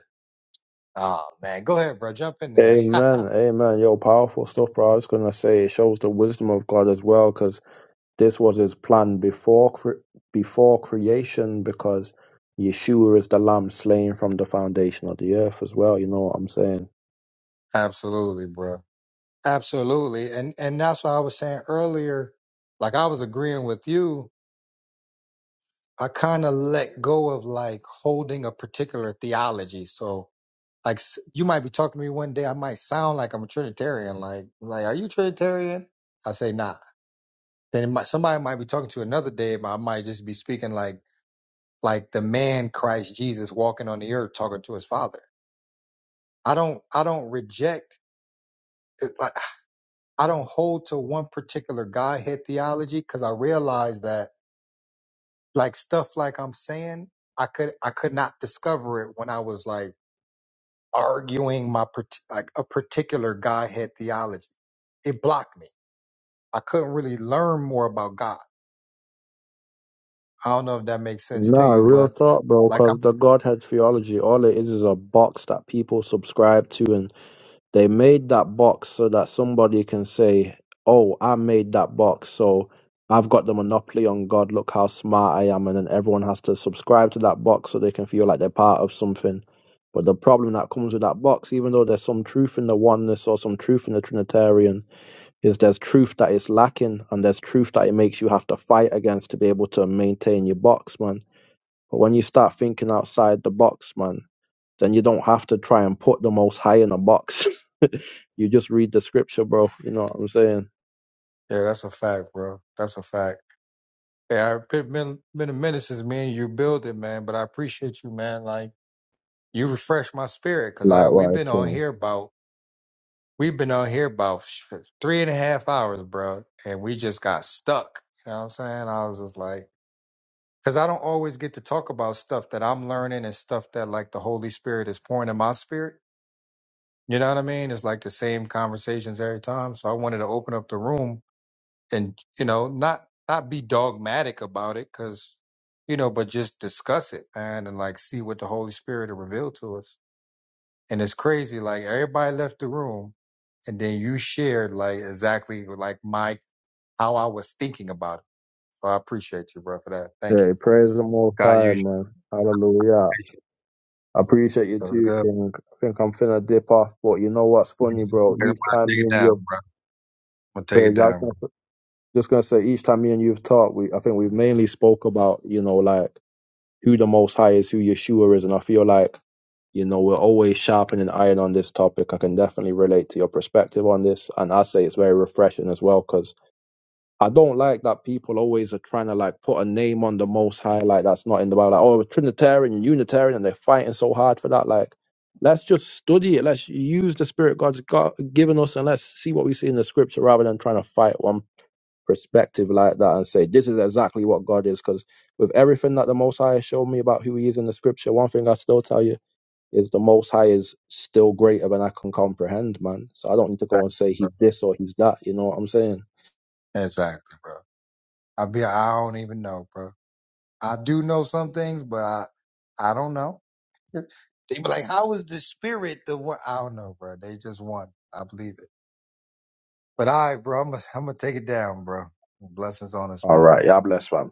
S1: Oh man, go ahead, bro. Jump in there.
S19: Amen. Amen. Yo, powerful stuff, bro. I was going to say it shows the wisdom of God as well because this was his plan before cre- before creation because Yeshua is the lamb slain from the foundation of the earth as well. You know what I'm saying?
S1: Absolutely, bro. Absolutely. And and that's why I was saying earlier, like I was agreeing with you, I kind of let go of like holding a particular theology. So like s- you might be talking to me one day, I might sound like I'm a Trinitarian. Like, like, are you Trinitarian? I say nah. Then it might, somebody might be talking to you another day, but I might just be speaking like like the man Christ Jesus walking on the earth talking to his father. I don't I don't reject like I don't hold to one particular Godhead theology because I realize that like stuff like I'm saying I could I could not discover it when I was like arguing my part- like a particular Godhead theology. It blocked me. I couldn't really learn more about God. I don't know if that makes sense to
S19: Nah,
S1: you,
S19: real
S1: but
S19: thought, bro,
S1: like I'm
S19: because the Godhead theology, all it is is a box that people subscribe to and. They made that box so that somebody can say, "Oh, I made that box, so I've got the monopoly on God. Look how smart I am!" And then everyone has to subscribe to that box so they can feel like they're part of something. But the problem that comes with that box, even though there's some truth in the oneness or some truth in the Trinitarian, is there's truth that is lacking and there's truth that it makes you have to fight against to be able to maintain your box, man. But when you start thinking outside the box, man, then you don't have to try and put the most high in a box. You just read the scripture, bro. You know what I'm saying?
S1: yeah, that's a fact, bro. That's a fact. Yeah, it's been been a minute since me and you build it, man. But I appreciate you, man. Like you refresh my spirit because I we've
S19: Likewise,
S1: been on
S19: King.
S1: here about we've been on here about sh- three and a half hours, bro, and we just got stuck. You know what I'm saying? I was just like, because I don't always get to talk about stuff that I'm learning and stuff that like the Holy Spirit is pouring in my spirit. You know what I mean? It's like the same conversations every time. So I wanted to open up the room and you know not not be dogmatic about it because you know, but just discuss it man, and like see what the Holy Spirit will reveal to us. And it's crazy, like everybody left the room and then you shared like exactly like my how I was thinking about it. So I appreciate you, bro, for that. Thank you.
S19: Hey, praise the Most
S1: God
S19: High,
S1: use you.
S19: man. Hallelujah. I appreciate you
S1: That was
S19: too,
S1: good.
S19: King. I think I'm finna dip off, but you know what's funny,
S1: I'm
S19: bro?
S1: gonna
S19: Each time
S1: take
S19: me
S1: it
S19: and
S1: down.
S19: you have
S1: I'm gonna take it
S19: prayed, I was
S1: down,
S19: gonna,
S1: bro.
S19: s- just gonna say, each time me and you've talked, we I think we've mainly spoke about, you know, like who the Most High is, who Yeshua is, and I feel like, you know, we're always sharpening iron on this topic. I can definitely relate to your perspective on this, and I say it's very refreshing as well because. I don't like that people always are trying to like put a name on the Most High, like that's not in the Bible. Like, oh, Trinitarian, Unitarian, and they're fighting so hard for that. Like, let's just study it. Let's use the Spirit God's got, given us, and let's see what we see in the Scripture, rather than trying to fight one perspective like that and say this is exactly what God is. Because with everything that the Most High has shown me about who He is in the Scripture, one thing I still tell you is the Most High is still greater than I can comprehend, man. So I don't need to go and
S1: Thank you,
S19: say
S1: bro.
S19: He's this or He's that. You know what I'm saying?
S1: Exactly, bro. I be I don't even know, bro. I do know some things, but I I don't know. They be like, how is the spirit the one? I don't know, bro. They just won. I believe it. But all right, bro. I'm gonna I'm gonna take it down, bro. Blessings on us,
S19: All
S1: man.
S19: right, yeah, bless, fam.